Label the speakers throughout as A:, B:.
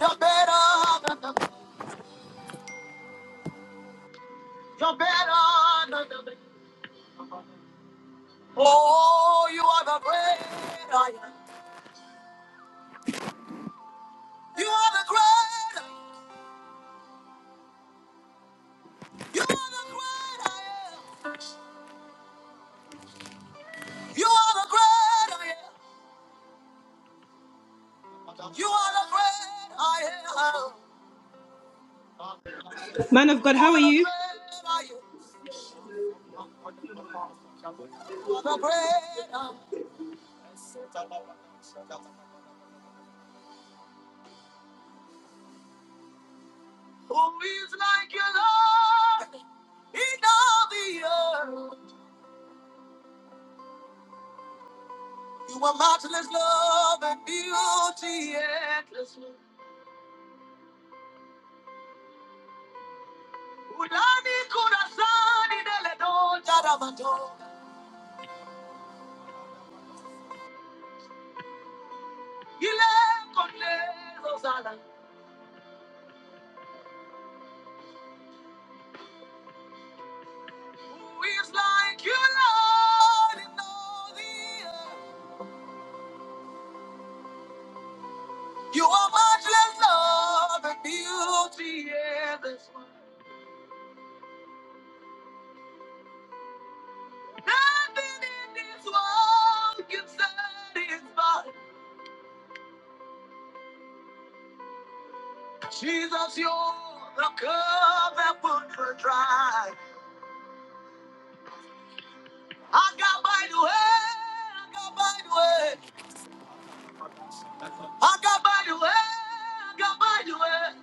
A: You're better than the, you're better than the, oh, you are the great I am. You are the great, you are the great I am. You are the great I am. You are the great I am.
B: Man of God,
A: You
B: how are
A: are the
B: you?
A: great I am. You are the great I am. Who is like you, Lord, in all the earth? You are matchless love and beauty endless. Udani corazani delle donne d'amato. Il è con Who is like you, Lord, in all the earth? You are much less love and beauty in this world. Nothing in this world can satisfy. Jesus, you're the cup that would dry. I got by the way, I got by the way. Agabalue, agabalue,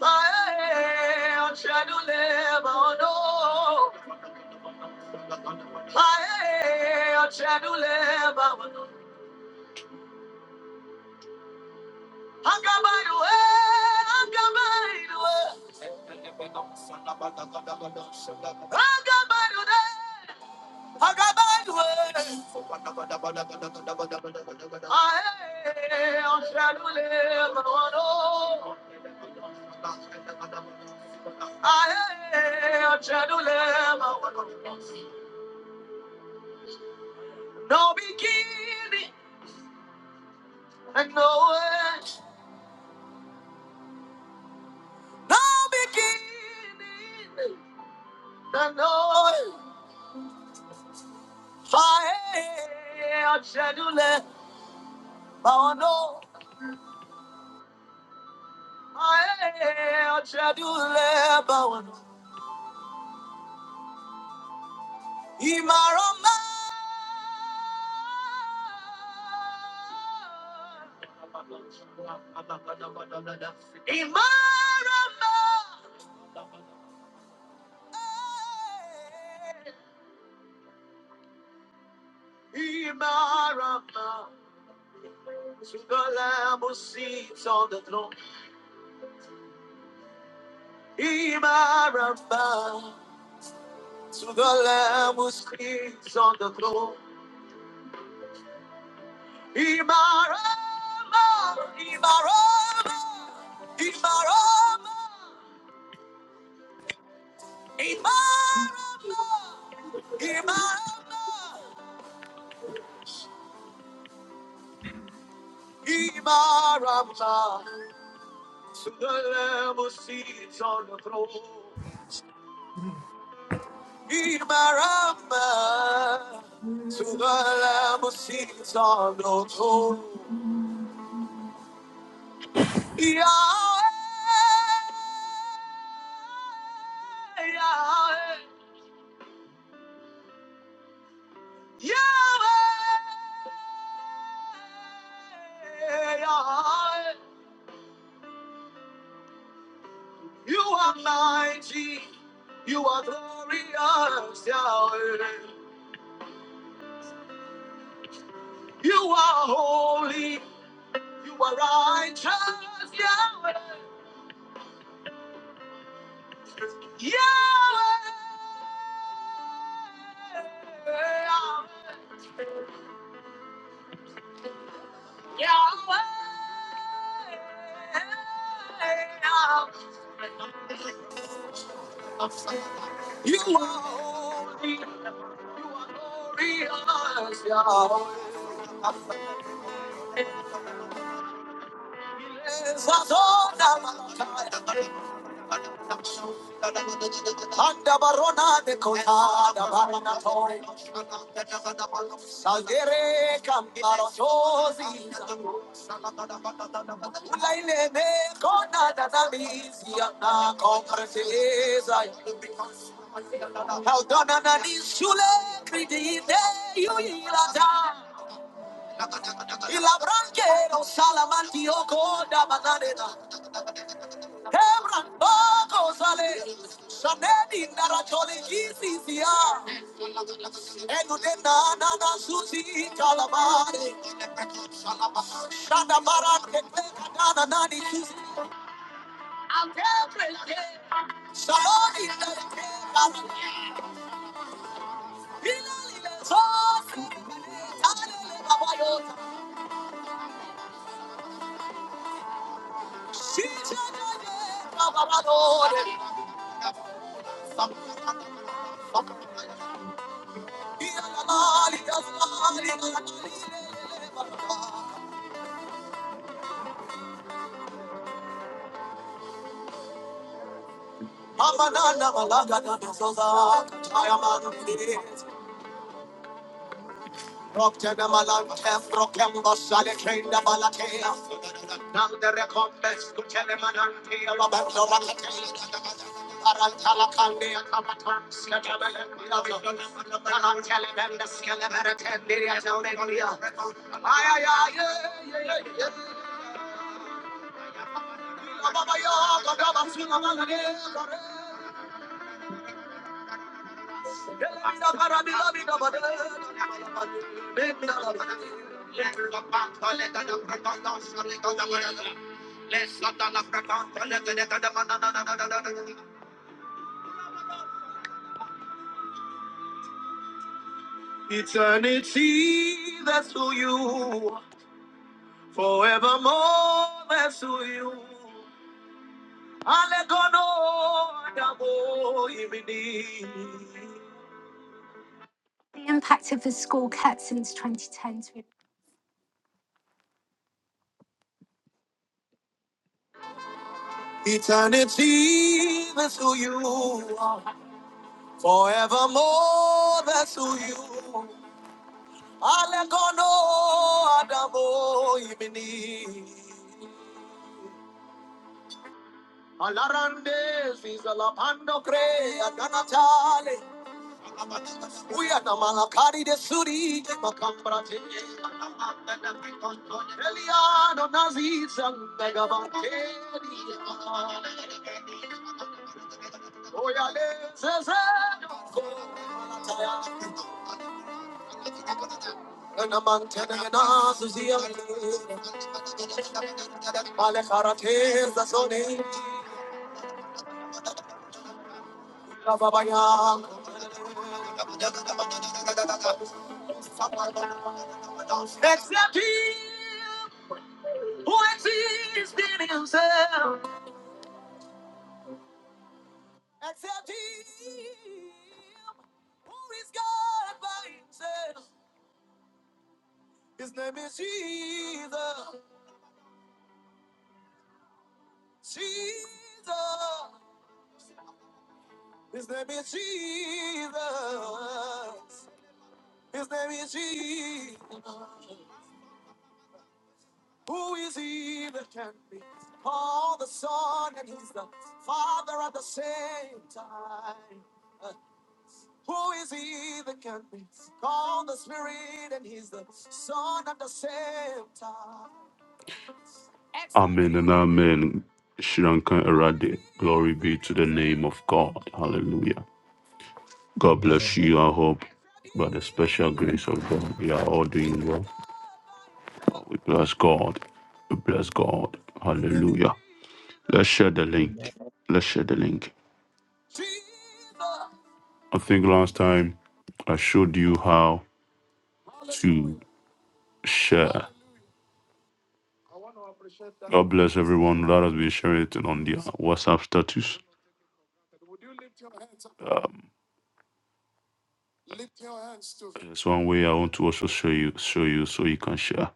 A: ae, ochadule baono, ae, ochadule baono. Agabalue, agabalue, agabalue, agabalue, ae, ochadule baono, ae, ochadule. No beginning and no end, no beginning. on To the the lamb who sits on the throne. Imaramba, to the Lamb who sits on the throne. Ibarama, Ibarama, Ibarama, Ibarama, Ibarama, Ibarama. To the Lamb who sits on the throne. Ibarama, to the Lamb who sits on the throne. Yahweh, Yahweh. Yahweh, Yahweh, you are mighty, you are glorious, Yahweh. You are holy, you are righteous, Yahweh. Yahweh, Yahweh, Yahweh, you are holy, you are glorious, Yahweh. Anda barrona de con- Aldere cambi- Aile me cona da da misi. Dona misule crei. Branchero salamanti o coda bananera. Hebran poco sale. Sanedi narratore gisi Enude na na na susi calamare. Shanda baran che pega na na nani susi. Saloni Mama na na malaga na na soza. Rockena malante frokembo sale kenda balatea. Nande recompes kuchele manante alabendo balatea. Arantala kandia kamatam skabele kulabyo. Arantele bende skelebere tendiria zaune golia. Ay ay ay ay ay ay. Ababa yo kodaba sunamalane kore. Delida parabila bida badele. Eternity, that's who you are. Forevermore, that's who you The impact of the school cut since 2010. to be- Eternity, that's who you are. Forevermore, that's who you are. Alegono Adamo Ibini. Alarande Zizalapando Crea Danatale. We are the Malakari de Suri de Macambrate. Eliano Nazizan Megavan Oyalezeze Anamante Alekarate Zazone Rababayan Except him who exists in himself Except him who is God by himself His name is Jesus Jesus His name is Jesus His name is Jesus. Who is he that can be called the Son and He's the Father at the same time? Uh, who is he that can be called the Spirit and He's the Son at the same time? Amen and amen. Shranka Erade. Glory be to the name of God. Hallelujah. God
C: Amen.
A: bless you. I hope by the special grace of God, we are all doing well. We bless God. We bless God. Hallelujah. Let's share the
C: Amen.
A: link. Let's share the link. I think last time I showed you how to share. God bless everyone that has been sharing it on their WhatsApp status. There's one way I want to also show you, show you, so you can share.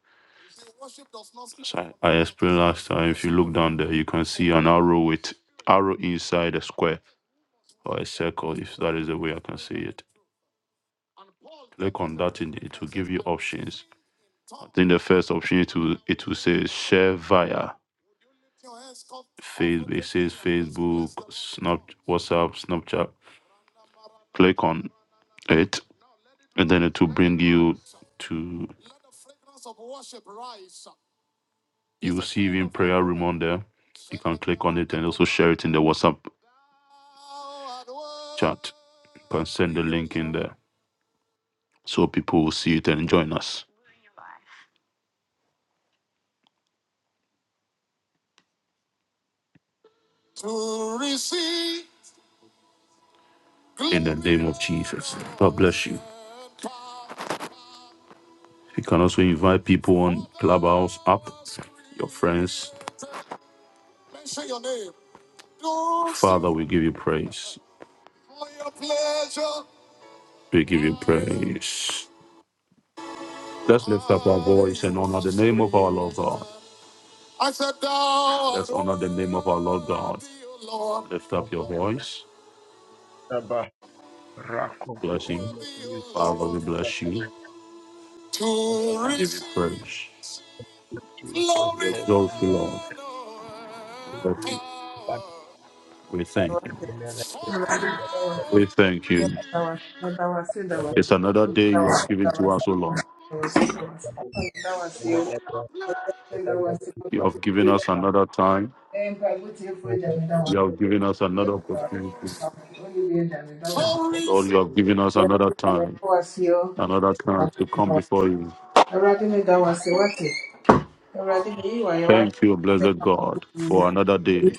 A: So I, I explained last time. If you look down there, you can see an arrow with arrow inside a square or a circle. If that is the way I can see it, click on that, and it will give you options. I think the first option it will it will say share via Facebook. It says Facebook, Snap, WhatsApp, Snapchat. Click on it, and then it will bring you to. You will see even prayer room on there. You can click on it and also share it in the WhatsApp chat. You can send the link in there so people will see it and join us. In the name of Jesus, God bless you. You can also invite people on Clubhouse app, your friends. Father, we give you praise. We give you praise. Let's lift up our voice and honor the name of our Lord God. Let's honor the name of our Lord God. Lift up your voice.
C: Abba, Rako,
A: Bless him. Father, we bless you. We
C: Abba,
A: give you praise. We
C: Jesus,
A: glory.
C: bless
A: exalt
C: you,
A: you,
C: Lord,
A: Lord. We bless
C: Jesus, Abba,
A: you. We thank you.
C: Amen.
A: We thank you.
C: Abba,
A: It's another day you have given to us, O Lord.
C: Amen. Abba, Abba, Abba, Amen. Abba,
A: You have given us another time.
C: Abba,
A: You have given us another opportunity.
C: Amen.
A: Lord, you have given us another time, another chance to come before you. Thank you, blessed God, for another day.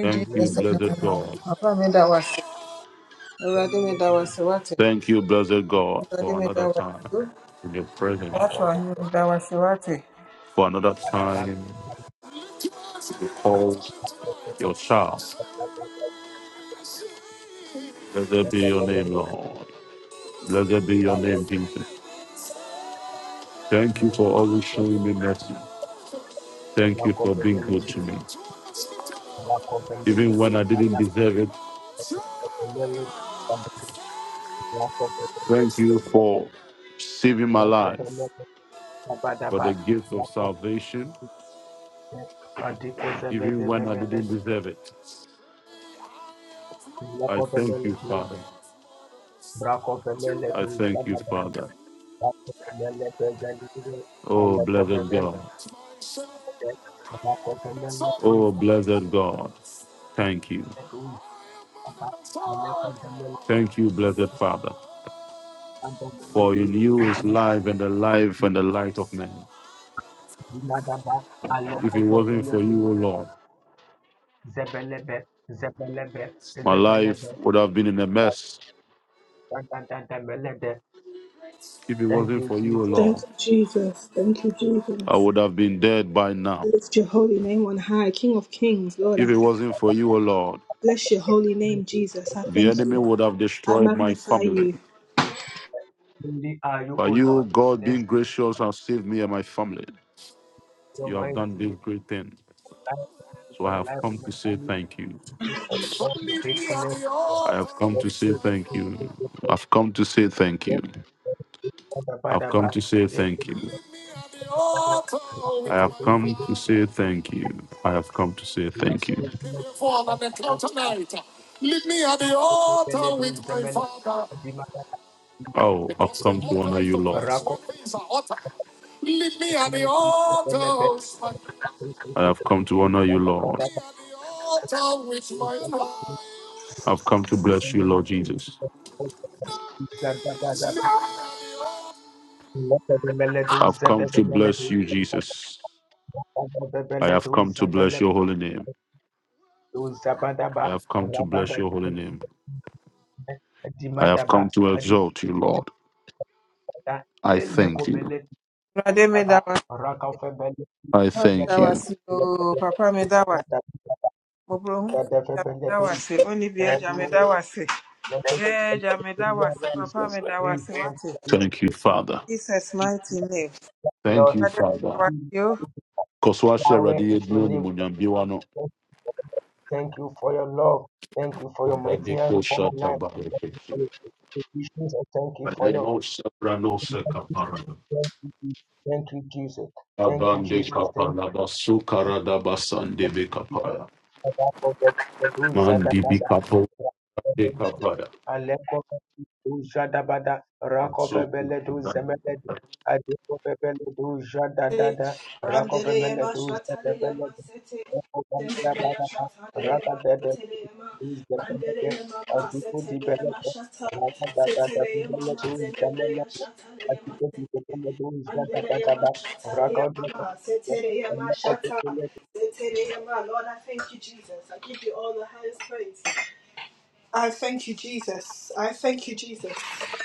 A: Thank you, blessed God.
C: Rako,
A: Thank you, blessed God, for another time in your presence, for another
C: Abba, Abba,
A: time to call your child. Blessed be your
C: Abba,
A: name,
C: Amen.
A: Lord. Blessed be your
C: Rako,
A: name, Jesus. Thank you
C: Amen.
A: for always
C: Rako,
A: showing me mercy.
C: Amen.
A: Thank you
C: Rako,
A: for
C: Amen. Rako,
A: being good to
C: Amen.
A: me.
C: Rako,
A: Even when I didn't deserve it, thank you for saving my life,
C: Amen. Rako, Amen.
A: for
C: Abba,
A: the gift of
C: Abba,
A: salvation,
C: Adipozele de
A: even when I
C: vemele
A: didn't
C: do,
A: deserve it.
C: loko
A: I thank
C: vemele
A: you,
C: do,
A: Father.
C: brako vemele do,
A: I thank you,
C: zaga zaga,
A: Father.
C: brako vemele de zeli de,
A: Oh,
C: aleko
A: blessed
C: vemele
A: God.
C: de, brako vemele do,
A: Oh, blessed God. Thank you.
C: vemele do, zaga, aleko vemele
A: Thank you, blessed Father.
C: zaga vemele
A: For
C: do,
A: in you is life and the life and the light of men.
C: zima zaga,
A: If
C: aleko
A: it wasn't
C: vemele
A: for
C: do,
A: you, O Lord,
C: zebelebe, zebelebe, zebelebe, zaga
A: my
C: zaga
A: life
C: vemele de.
A: would have been in a mess. If it
C: Thank
A: wasn't
C: you,
A: for you, O
C: Jesus.
A: Lord,
B: Thank you, Jesus. Thank you,
A: I
B: Jesus.
A: would have been dead by now.
B: We Lift your holy name on high, King of Kings, Lord. I
A: If it
B: thank
A: wasn't for you, O Lord,
B: bless your holy name, Jesus. I
A: the
B: thank
A: enemy
B: you.
A: would have
B: I
A: destroyed my
B: magnify
A: family.
C: Only are you, O
A: But
C: Lord.
A: you, God,
C: Bless
A: being gracious, have saved me and my family.
C: your
A: You have
C: mighty
A: done this
C: life
A: great thing. So
C: for
A: I
C: the
A: have
C: life of
A: come
C: my
A: to say
C: family.
A: thank you.
C: Lord, your faithfulness.
A: I have come to say thank you. I've come to say thank you. I've come
C: daba,
A: to say thank you. I have come to say thank you. I have come to say thank you.
C: yekodabadabadabeledu
A: Oh,
C: zemele, dimadabadaba,
A: I've come to honor you, Lord.
C: rako zemelebe,
A: I have come to honor you, Lord.
C: zadabadaba,
A: I've come to bless you, Lord Jesus.
C: zadabadaba, lekademeledu,
A: I've come to
C: zedebemeledu,
A: bless you, Jesus. I have
C: zadabadabeledu,
A: come to bless your
C: zebeledu,
A: holy name.
C: zabadaba,
A: I have come to bless your holy
C: radadabadaba,
A: name. I have
C: dimadaba,
A: come to exalt you, Lord.
C: adikudabadaba,
A: I thank you.
C: elekomelekaba, rakafebele,
A: I
C: Lord,
A: thank you. Thank you, Father. Thank you, Father. Koswashe
C: Yahweh
A: radie
C: is your
A: dio ni
C: name.
A: munyambiwano.
C: Thank you for your love. Thank you for your mighty
A: Obade
C: hands
A: ko
C: upon my
A: shada
C: life. Thank you for
A: bareke.
C: your provisions and thank you for
A: Bade
C: your
A: no sabra no se
C: mercies.
A: kapara.
C: thank you, Jesus. thank you, Jesus. Thank you,
A: Abande
C: Jesus. Thank you.
A: kapala basu karada basande be kapaya.
C: Jesus. Thank you, Jesus. Thank you, Jesus.
A: Mandi
C: Thank
A: bi
C: you,
A: kapo de
C: Jesus.
A: kapaya.
C: Alekove du Jadabada,
A: I'm
C: Rakove
A: so
C: Bele du
A: good.
C: Zemelede, Adekove Bele du Jadadada, Rakove Mele du Zedebelede, Rakove Mele Badaba, Rakadede du Zemelede, Adiku di Belede, Rakadadada du Bele du Zemelede,
B: you.
C: Adiku di Bele du
B: Andeleya
C: Jadabadaba,
B: Mashataleya
C: Rakove Bele
B: Mama,
C: du
B: Setereya Mashata,
C: Zemelede,
B: Setereya Ma. Lord, I thank you, Jesus. I give you all the highest praise. I thank you, Jesus. I thank you, Jesus.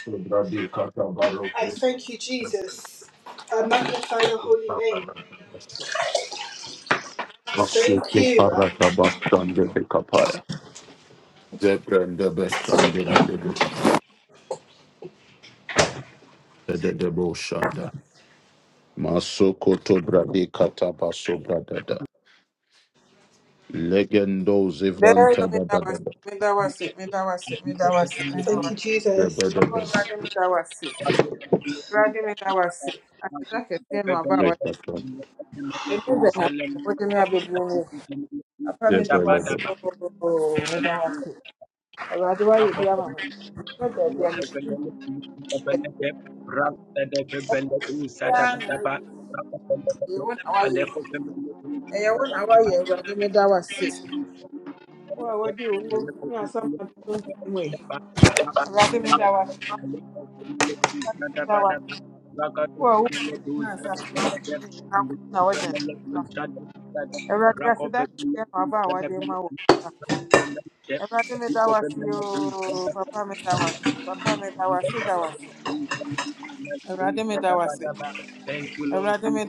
A: Brady Kata Baro.
B: I thank you, Jesus. I magnify your holy name. Thank
A: Masuke
B: you.
A: Parata Bastande de Kapaya. Zebrande Bestande de de de Boshanda. Masoko to Brady Kata Baso Bradada. Legendo Zivranta Badada.
C: Adiku Bele du
B: Thank you, Jesus.
A: Zebedada. Zekata. Zebelada.
C: Rakofemele Rock of the Thank you, Lord Jesus.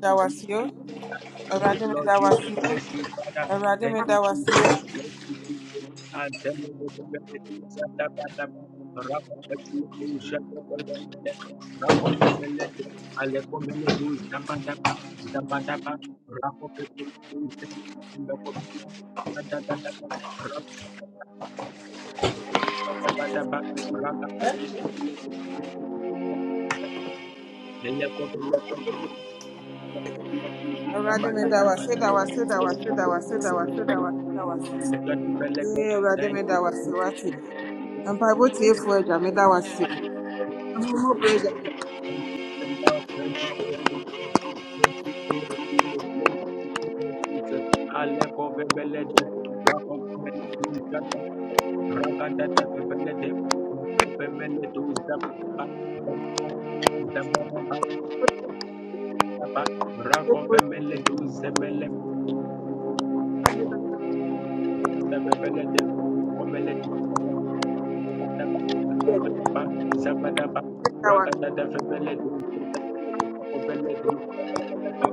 C: Thank you, Lord Jesus. Bless you, Father. Thank you, Jesus. Bless you, Jesus. And tell me the benefits of the Father. Rapa Petele Tu Shaka Pelente. Rapa Petele Tu Alepo Mele Tu Zaba Daba. Zaba Daba. Rapa Petele Tu Zaba Daba. Rapa Petele Tu
B: Thank
C: Thank you. for your mercy. Thank you for your love. Thank you for your grace. Thank you for your peace and blessings. Thank you, for your Jesus. Aleko bebelede, rako bebelede, uzapa, ragada de bebelede, uzapa bebelede, uzapa, Ba- Rakovemele do zemele Zabele de Komele de Zabadaba Zabadaba Zabadaba Ragada de Febele do Zabele de Kobele do Zabadaba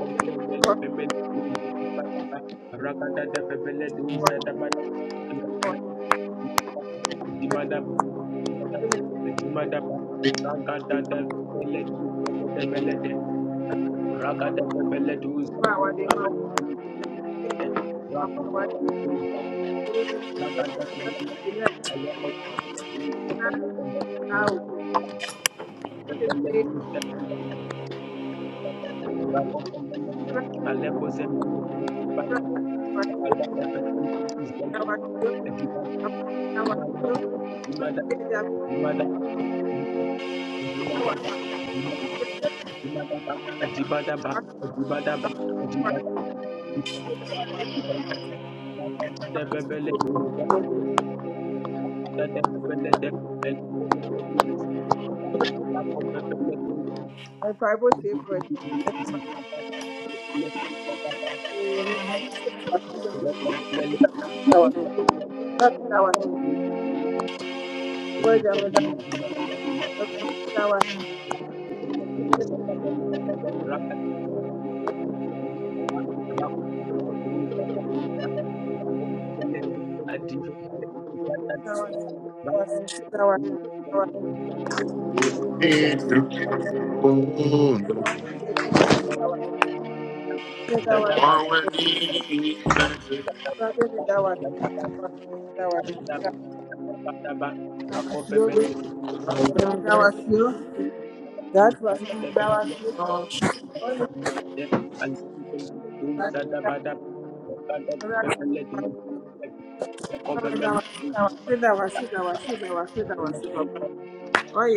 C: Komele Mele Vemele do Zabadaba Ragada de Febele do Zabadaba Dimadaba Dimadaba Ragada de Febele do Zabadaba Ragada de Febele do Zabadaba Thank you. Rakofemele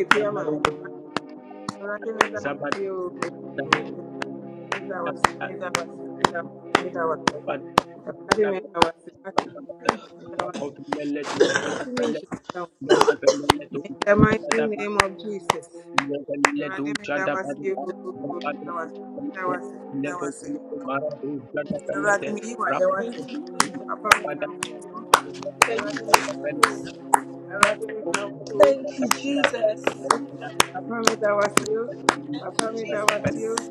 C: Zabada ज़्यादा ज़्यादा पादे रापा दे ले को ले मारा दो ज्यादा कर ले दे राप
B: you, Jesus.
C: पादा
B: Thank you, Jesus. Thank you, Jesus. Thank you, Jesus.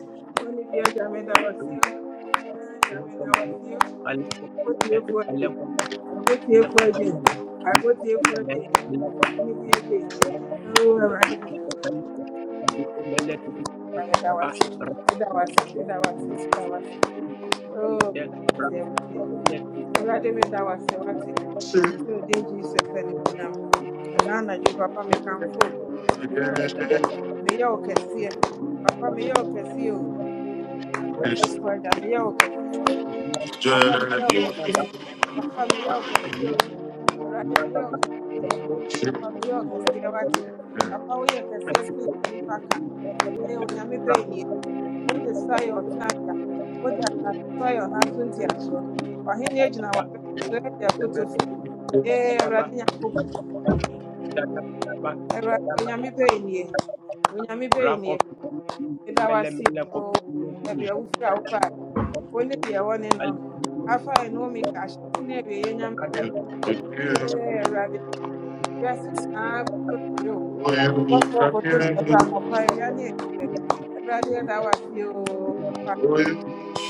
C: Thank you. Rakop
A: Yes, it's journey. Shit.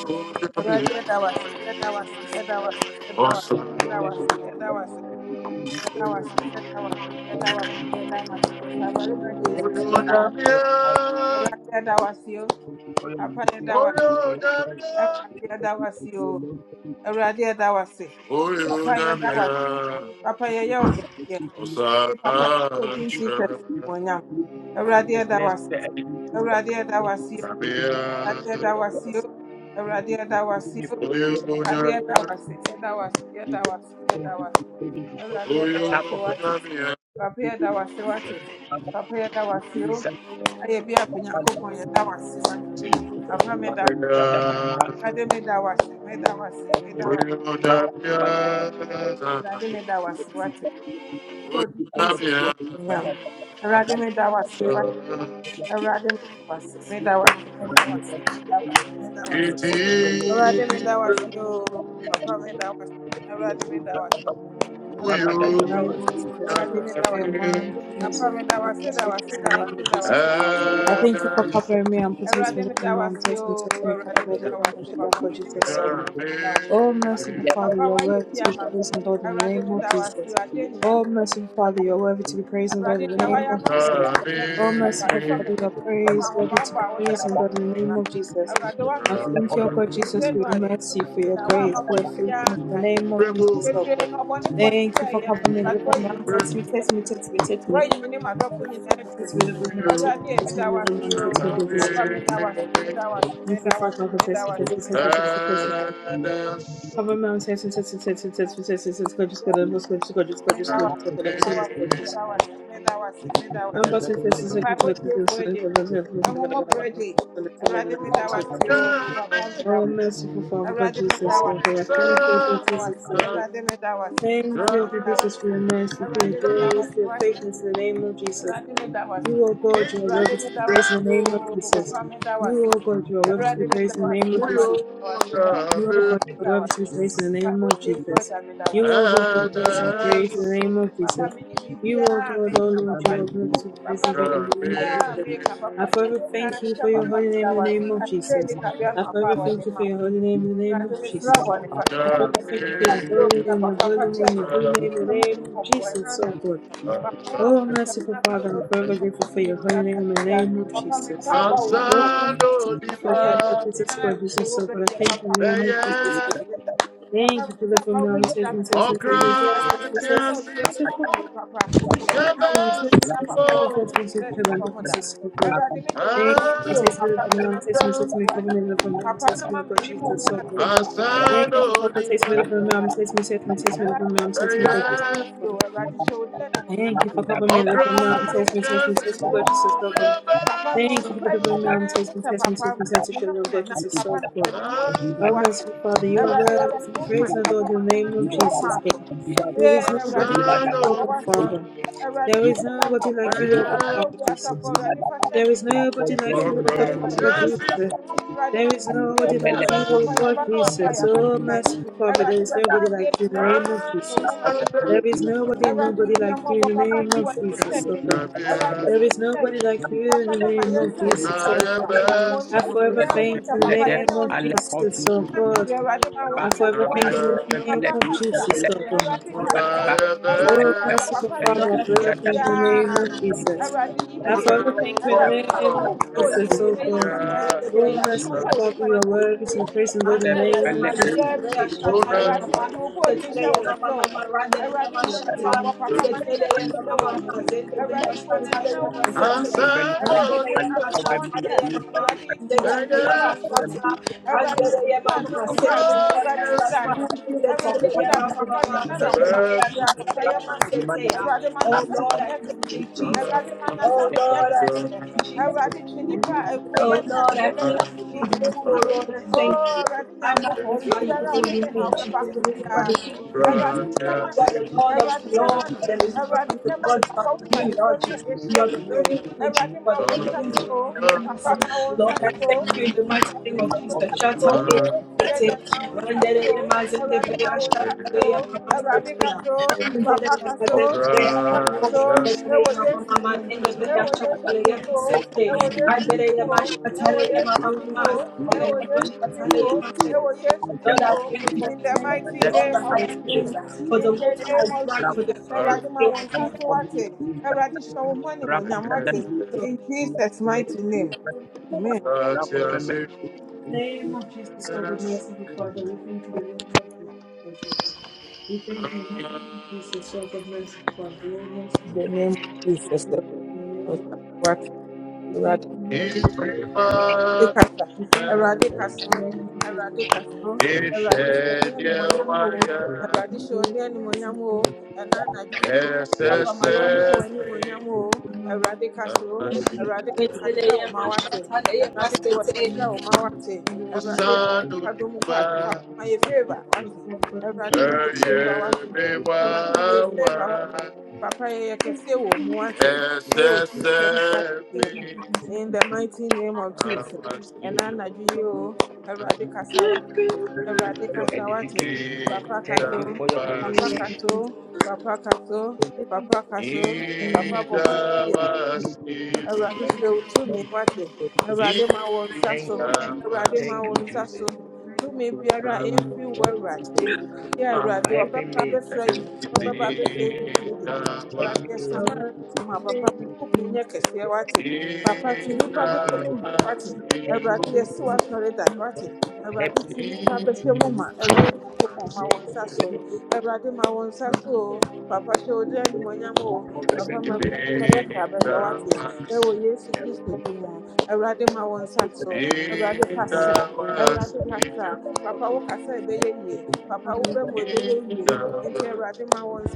A: Oh, yeah, yeah.
C: Grant us
A: Awesome.
C: let us be always be very thankful
A: Oh, yeah,
C: for your help,
A: yeah.
C: thank you for your mercy, thank you for
A: Asado
C: your care. We Thank you for your love, thank you, for your attention and thank you for the people, man. Thank you for the people, thank you for the the activity. Thank you for saving me from all of the activity, for saving me from the fear of the enemy, Jesus. Thank you for saving me from the attack of the enemy, Jesus. Father, we thank you for the love and the peace of the Lord, in Jada Bata. Thank
D: In the name of Jesus, we thank you for your man, for mercy, thank you for his gift in the name of Jesus. I thank you for covering me and protecting me from harm, taking with me, cover me from my children, God Jesus, serve me. Oh, merciful Father, you are worthy to be praised and adored in the name of Jesus. Oh, merciful Father, you are worthy to be praised and adored in the name of Jesus. Oh, merciful Father, you are praised, worthy to be praised and adored in the name of Jesus. I thank you, O God Jesus, for your mercy, for your grace, for your faithfulness in the name of Jesus, oh God. Thank you for covering me, delivering me, and
C: you.
D: taking me, taking me, taking me, taking me. Oh,
C: Thank you.
D: merciful Father, God Jesus, oh God, I thank you, God Jesus, oh God. Thank you, God Jesus, for your mercy, for your grace, for your patience in the name of Jesus. You, O God, you are worthy to be praised in the name of Jesus. You, O God, you are worthy to be praised in the name of Jesus. You, O God, you are worthy to be praised in the name of Jesus. You, O God, you are worthy to be praised in the name of Jesus. You, O God, O Lord, you are worthy to be praised O God, in the name of Jesus. I forever thank you for your holy name in the name of Jesus. I forever thank you for your holy name in the name of Jesus. I forever thank you for your holy name, your holy name, your holy name, in the name of Jesus, O God. Oh, merciful Father, I'm forever grateful for your holy name in the name of Jesus. Oh, merciful
A: di
D: Father, Jesus God, Jesus so God, I thank you in the name of Jesus God. Thank you for the from your says and says and says and says and says so far from your says says and says and says and says so God. Thank you for taking me from the taking me, taking me, covering me from the taking me, God, Jesus, so good. Thank you for protecting me from the taking me, taking me, taking me from the taking me, God, Jesus. Thank you for covering me the mom test me, test me, test me, God, Jesus, so so good. Thank you for the mom test me, test me, test me, test me, children, God, Jesus,
C: Thank
D: so so good. Oh, merciful Father, you are worthy to be praised and adored in the name of Jesus, God. There is nobody like you, O God, Father. There is nobody like you, O God, Father, Jesus. There is nobody like you, O God, Father, Jesus. There is nobody like you, O God Jesus. Oh, merciful Father, there is nobody like you in the name of Jesus. There is nobody and nobody like you in the name of Jesus, oh God. There is nobody like you in the name of Jesus, oh God. I forever thank you in the name of Jesus, oh
C: you.
D: God.
C: Thank
D: I forever thank you in the
B: Andeleya Mama
D: name of
B: Mama,
D: Jesus, oh
B: Andeleya
D: God.
B: Shataleya Mama.
D: Oh, merciful
B: Lord,
D: Father, I
B: I thank
D: forever
B: you,
D: thank you
B: Jesus.
D: in the name of
B: Thank you,
D: Jesus.
B: Jesus. I
D: I
B: thank you,
D: forever thank you in the
B: Lord God.
D: name of
B: Oh
D: Jesus, oh God. Oh, merciful Father, you are worthy to be praised and Lord in the name of Jesus. You are praised in the name of Jesus, Lord.
A: Asano Naga
D: Thank
A: Abrasiasi
D: you, Abba Father. Hallelujah.
A: Abasu
B: Lord, I thank you,
C: you.
B: Jesus. Oh
C: Thank
B: Lord, I thank
A: Abrasiasi
B: you, Jesus. Oh Lord, I thank you, Jesus. Oh Lord, I thank you. I magnify your holy name, Jesus. You are the King of Kings. You are
A: Abrasiasi
B: the Lord of the Lord, and there is no other God but you, Lord Jesus. You are the only one and true God, and your name is Jesus. Jesus. Lord, I thank you in the mighty name of Jesus. Shatale Sete, Randere Yamazende Breya, Shatale Yamama Setia,
D: Thank
B: Randere Yamazende Breya, Shatale Yamama Mama, Nende Breya, Shatale
D: you, Abba
B: Yama Sete,
D: Father. Hallelujah.
B: Adere Yama Shatale Yama
D: Thank you,
B: Mama,
D: Abba Father.
B: Yama Shatale Yama Sete. Lord,
D: Thank
B: I
D: you,
B: thank
D: Abba Father. Thank you, Abba Father. Thank you, Abba
B: you, Jesus. I give you all the
D: Father.
B: highest praise. For the water I drank, for the food I ate, I give
D: Thank In the name of Jesus, so good, merciful Father, we thank you. In the name of Jesus, so good, we thank you. In the name of Jesus, so good, merciful Father, oh merciful Father, we thank you. In the name
A: It's
C: you.
D: of
A: prima,
D: we thank you in
C: Thank you,
D: the
C: Jesus.
D: name of oh, we thank you in the name of Jesus, so good,
C: Thank
A: it's
C: you, Jesus.
A: shed,
D: we pray
C: Thank
A: yeah,
C: you, Jesus.
D: this in the name of
C: Thank you, God.
D: Jesus.
C: Bless you,
D: Father,
C: Jesus.
D: we
A: SSFA,
D: thank you. In the
C: Bless
D: name of Jesus, so good, Father, we thank you. in the name of Jesus, we thank you in the name of Jesus,
B: you. Setele Yama Shatale Yama Sete,
C: you, Jesus. Bless you,
A: Musanu Juba,
C: Jesus.
A: Eye
C: Bless you,
A: Bewawa, SSFA, Awasi,
D: oh God.
C: Jesus.
D: The first
C: For your
D: thing that
C: edification.
D: we need
C: Thank you for your
D: to do is to
A: Idawas,
C: purification.
D: make sure that we have a
A: Idawas,
D: good
A: Idawas,
D: understanding of the
C: Thank you,
A: Ah,
C: Jesus. Thank you, Thank you, Jesus. Thank you, Jesus. Thank you Lord, for helping
D: different
C: me.
D: types of data
C: Help me,
A: Idawas.
C: Lord.
D: that we're
C: Help me
A: Thank
C: in my help me in my help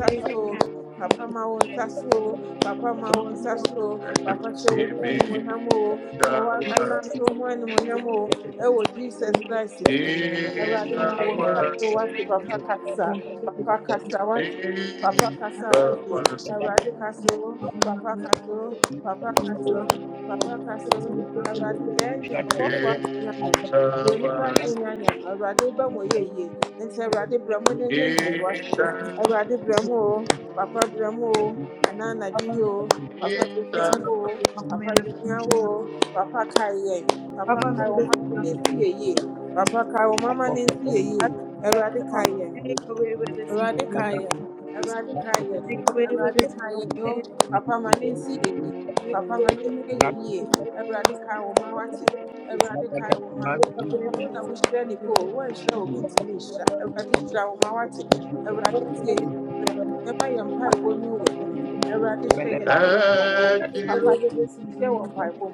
D: going to be Make
C: me in my Thank
A: you.
C: you.
D: away with this in the name of Jesus. Make away with this in the name of Jesus. Thank you
A: Thank you,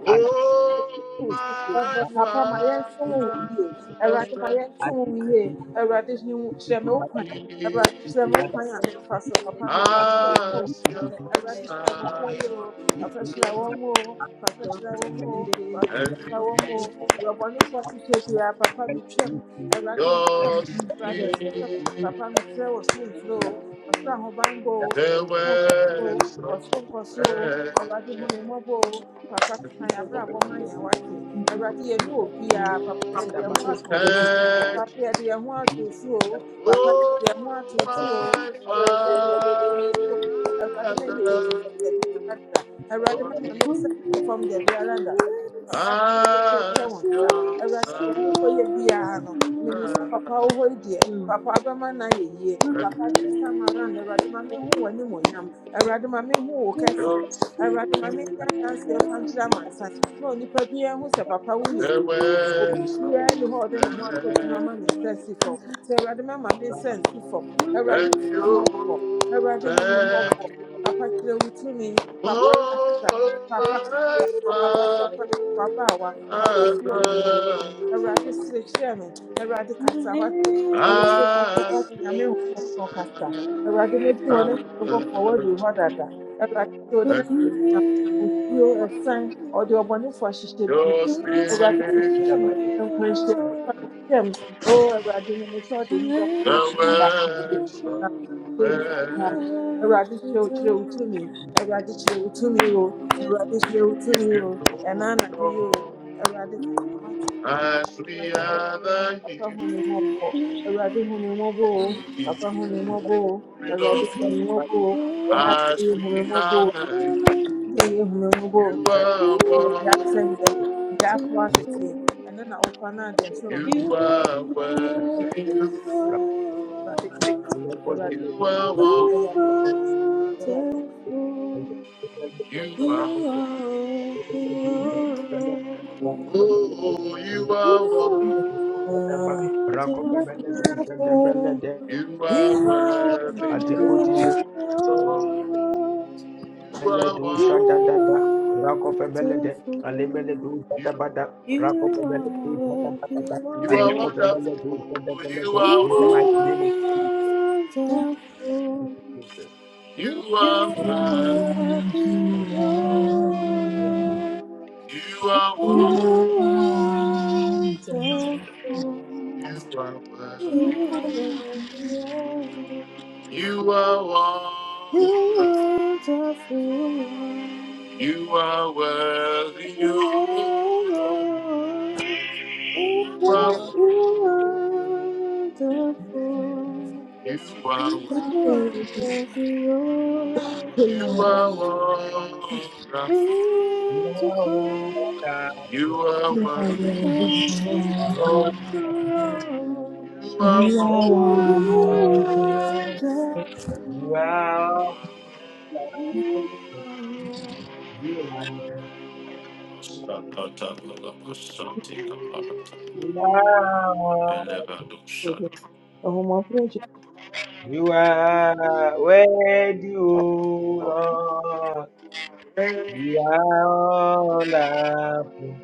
A: oh my Father, for he has your
B: Randere Yama
A: son
B: Shatale Yama Sete. Lord, and it is
A: and
B: Lord,
A: in
B: thank
A: your
B: you, Jesus.
A: sleep, the works of men.
D: for covering me.
A: Thank you, oh my Father, for me Ask your son, and
D: Thank
A: he
D: you. Thank
A: shall speak the words of man. And you thank you, oh, my father. Ask your son, and he shall
D: you. You
A: speak
D: are
A: the
D: beautiful.
A: words
D: You
A: of
D: are
A: man.
D: beautiful.
A: If you know, As we honor you, Lord, as we honor you, you are one, you are worthy, you are one,
D: beautiful.
A: you are
D: You
A: one.
D: are beautiful.
A: oh, you are one,
D: Wonderful
C: Rakopemele tu zengabele de
A: you are
D: hours
A: worthy,
C: atikoti
A: Lord,
D: wonderful.
A: you
C: Mele
A: are
C: du
D: you
A: one,
C: shada da da
D: are
C: rako femele de ale
D: wonderful.
C: du
A: you
C: shada
A: are one.
C: bada rako
D: You
C: femele du shada
D: are
C: bada
D: the
C: da
D: Lord. You are
A: You
D: wonderful.
C: ale
A: are
D: You
C: femele du
A: wonderful,
C: shada bada
A: you
C: da
A: are
C: in the mighty name of Jesus.
A: one.
D: are the Lord.
A: You
D: You are
A: are
C: Thank you,
A: worthy.
C: thank
D: wonderful.
C: you, Jesus. Thank you.
A: You are worthy. You are worthy.
D: You are the Lord.
A: You are
D: You
A: worthy.
D: wonderful one,
A: You are worthy. You
D: you are
A: are
C: Lord,
A: worthy.
D: wonderful.
A: You are
D: You are worthy, O
A: worthy. You
D: Lord.
A: are worthy.
D: You
C: Lord,
D: wonderful
C: ah,
A: You are worthy.
D: one, you
A: Oh,
C: Lord,
D: are wonderful.
A: You are worthy.
C: oh, you are Lord.
D: You are
C: you are
D: wonderful.
C: worthy, O Lord. You are wonderful.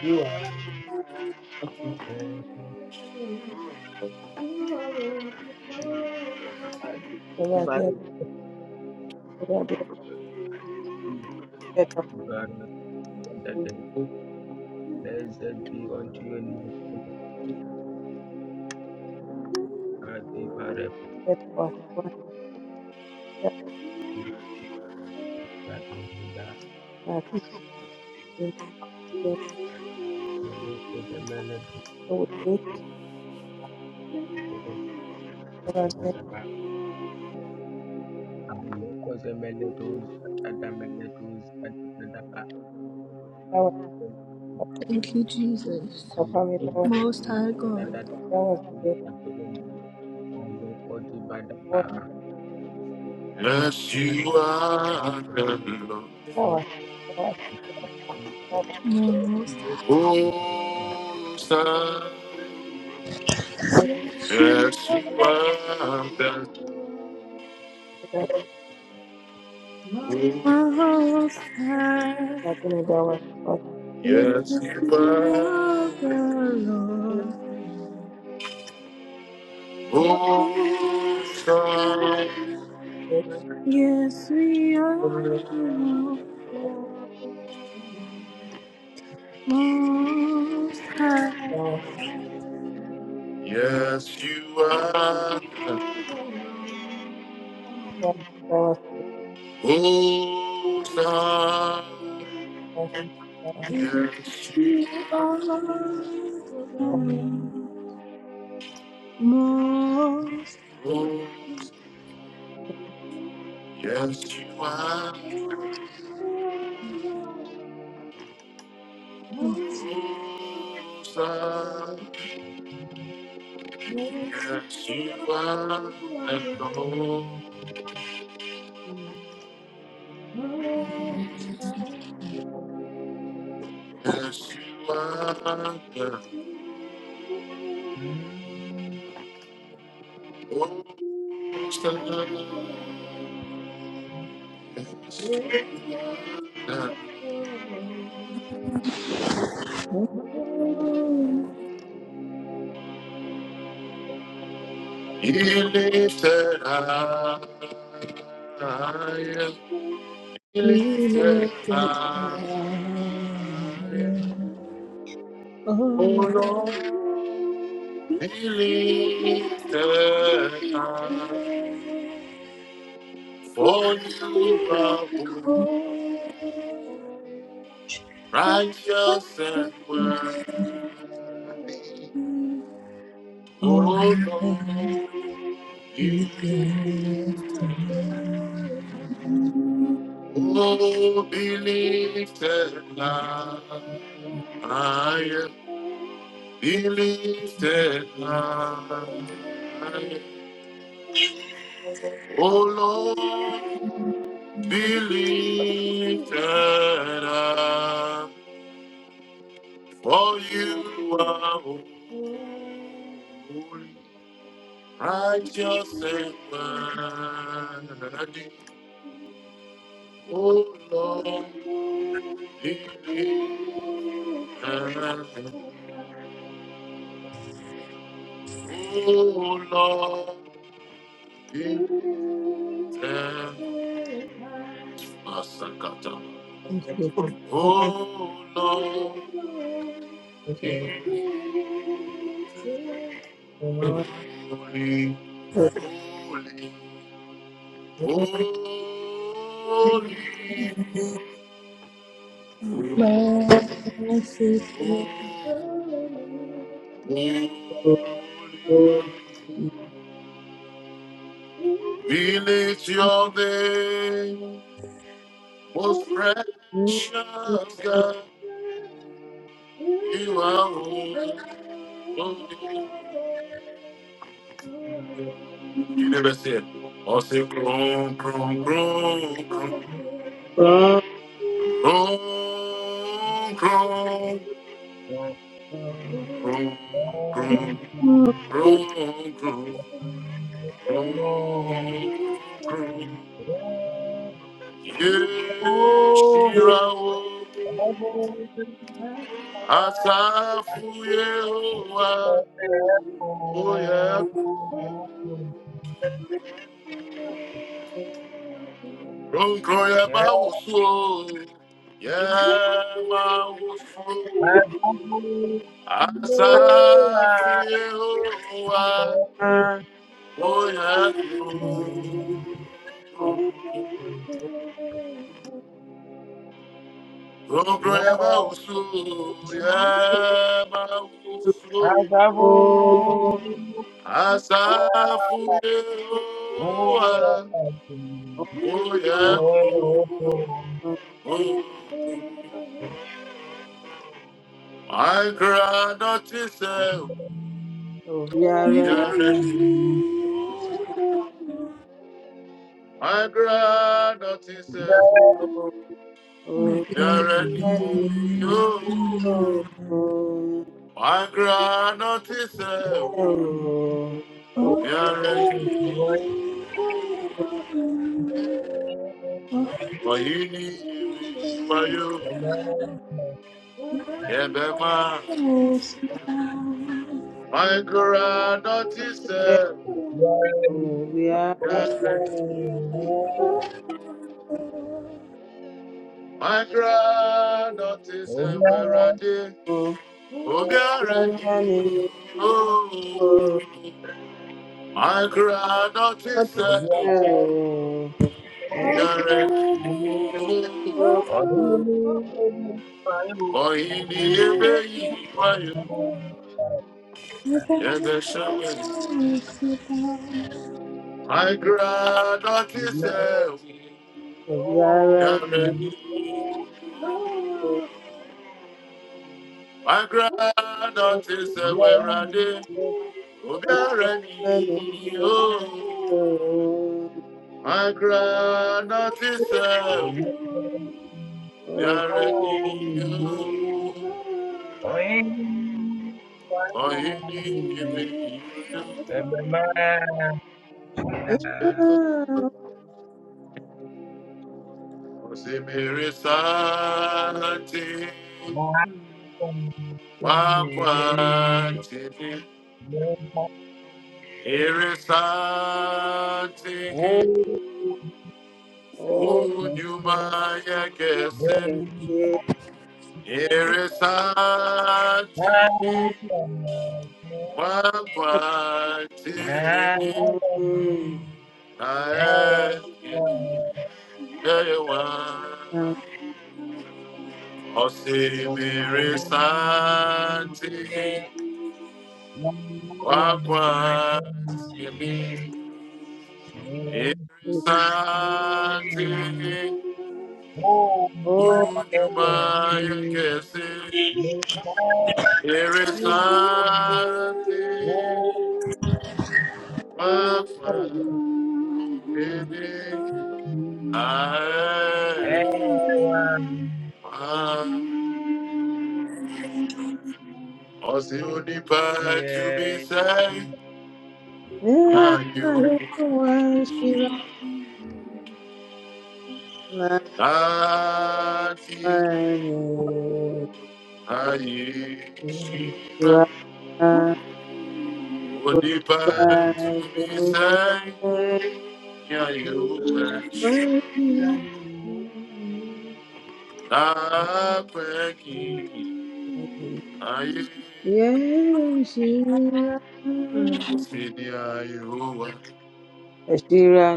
C: You are
D: You
C: the
D: are wonderful.
C: Jesus. And the Father is the Father, Father, the Blessed be unto your name. God, the Father, the God, the God. The Lord is the Melody, the Lord is the Mandaba. The Lord is Lord is the Melody, the Mandaba. The
B: Thank you, Jesus.
C: Lord is
B: Most High God.
A: Yes, you are the
C: Yeah, I
B: Most
A: Lord. Oh,
B: High. Yes, you
A: Yes, you are that way.
B: are Most High.
A: Yes,
B: Yes,
A: you
B: you
A: are.
B: are the Lord. Most
A: Awesome.
B: High. Yes, we are the Lord. Most High.
A: Yes, you are.
D: Yes, you
A: Awesome.
D: are
A: Yes, you are. Yes,
B: Yes,
A: you
B: you are the Lord. Most
A: are.
B: High.
A: Awesome. Yes, you are. And oh, yes, you are. And awesome. He lifted up. I am lifted high.
D: the Lord.
B: Oh,
A: Oh
B: Lord.
A: Lord,
D: Thank
A: be lifted high.
B: Oh,
A: For you
B: you are
A: are
B: the
A: holy,
B: hope of
A: righteous and
B: my
A: worthy.
B: Oh,
A: Oh Lord, be Oh, be lifted high. I am be lifted high. I am O Lord, be lifted up, for you are holy, righteous
D: you.
A: and worthy. O Lord, be lifted up. O Lord, be lifted up. Masakata. O Lord, be holy, holy, holy. We
B: merciful.
A: lift your name, most precious God, you are holy. You never said, or say, groan, groan, groan, groan,
D: Oh,
A: groan, groan, groan,
D: Thank
A: groan, groan, groan, groan, groan. Yes, you are holy. Asafu Yehowa, Oye, Ronkro Yaba Wusu, Yema Wusu.
C: don't know.
A: Asafu Yehowa, Oye,
D: you.
A: Ronkro Yaba
C: I
A: Wusu,
C: don't
D: Thank
C: know.
A: Yema Wusu. Asafu Yehowa, Oye, Oye. I cried not to say,
B: You are the
A: Jerry.
B: Lord.
A: I cried not to say,
B: Oh,
A: Jerry.
B: you
A: I cried not to say,
C: Oh,
B: are the Lord. Oh,
A: Jerry. For he needs me, for you,
B: you
A: Ebema.
B: are the Lord.
A: I cried not to say,
B: Amen.
A: Jerry. I cried not to say,
D: you.
A: where I did. Obi oh! My granddaughter, Akra nọtí sẹ́nu yàrá ni o.
C: Oh,
A: Ọ̀yin ni ebe yìí wáyò ẹgbẹ́ My granddaughter, nọtí sẹ́nu yàrá ni
D: Oh,
A: o. Akra nọtí sẹ́wẹ̀ ràdé. Obi ara ni o. Akra Here
C: Oh,
A: is Osimiri Santi
C: yeah.
A: Wakwatimi Iri Santi Unyumaya Kesi
D: Hmm.
A: Iri Santi Wakwatimi Ae Osini Pachumi Sai Nayu Santi Aye Shiva would depart
C: Ah,
A: to be saved.
D: Your word to be praised
A: Yeah, you
D: and adored
C: tipo.
A: wish.
C: Almighty are you, Lord. Almighty are you, Lord.
A: I pray, I speed, yeah, you wish.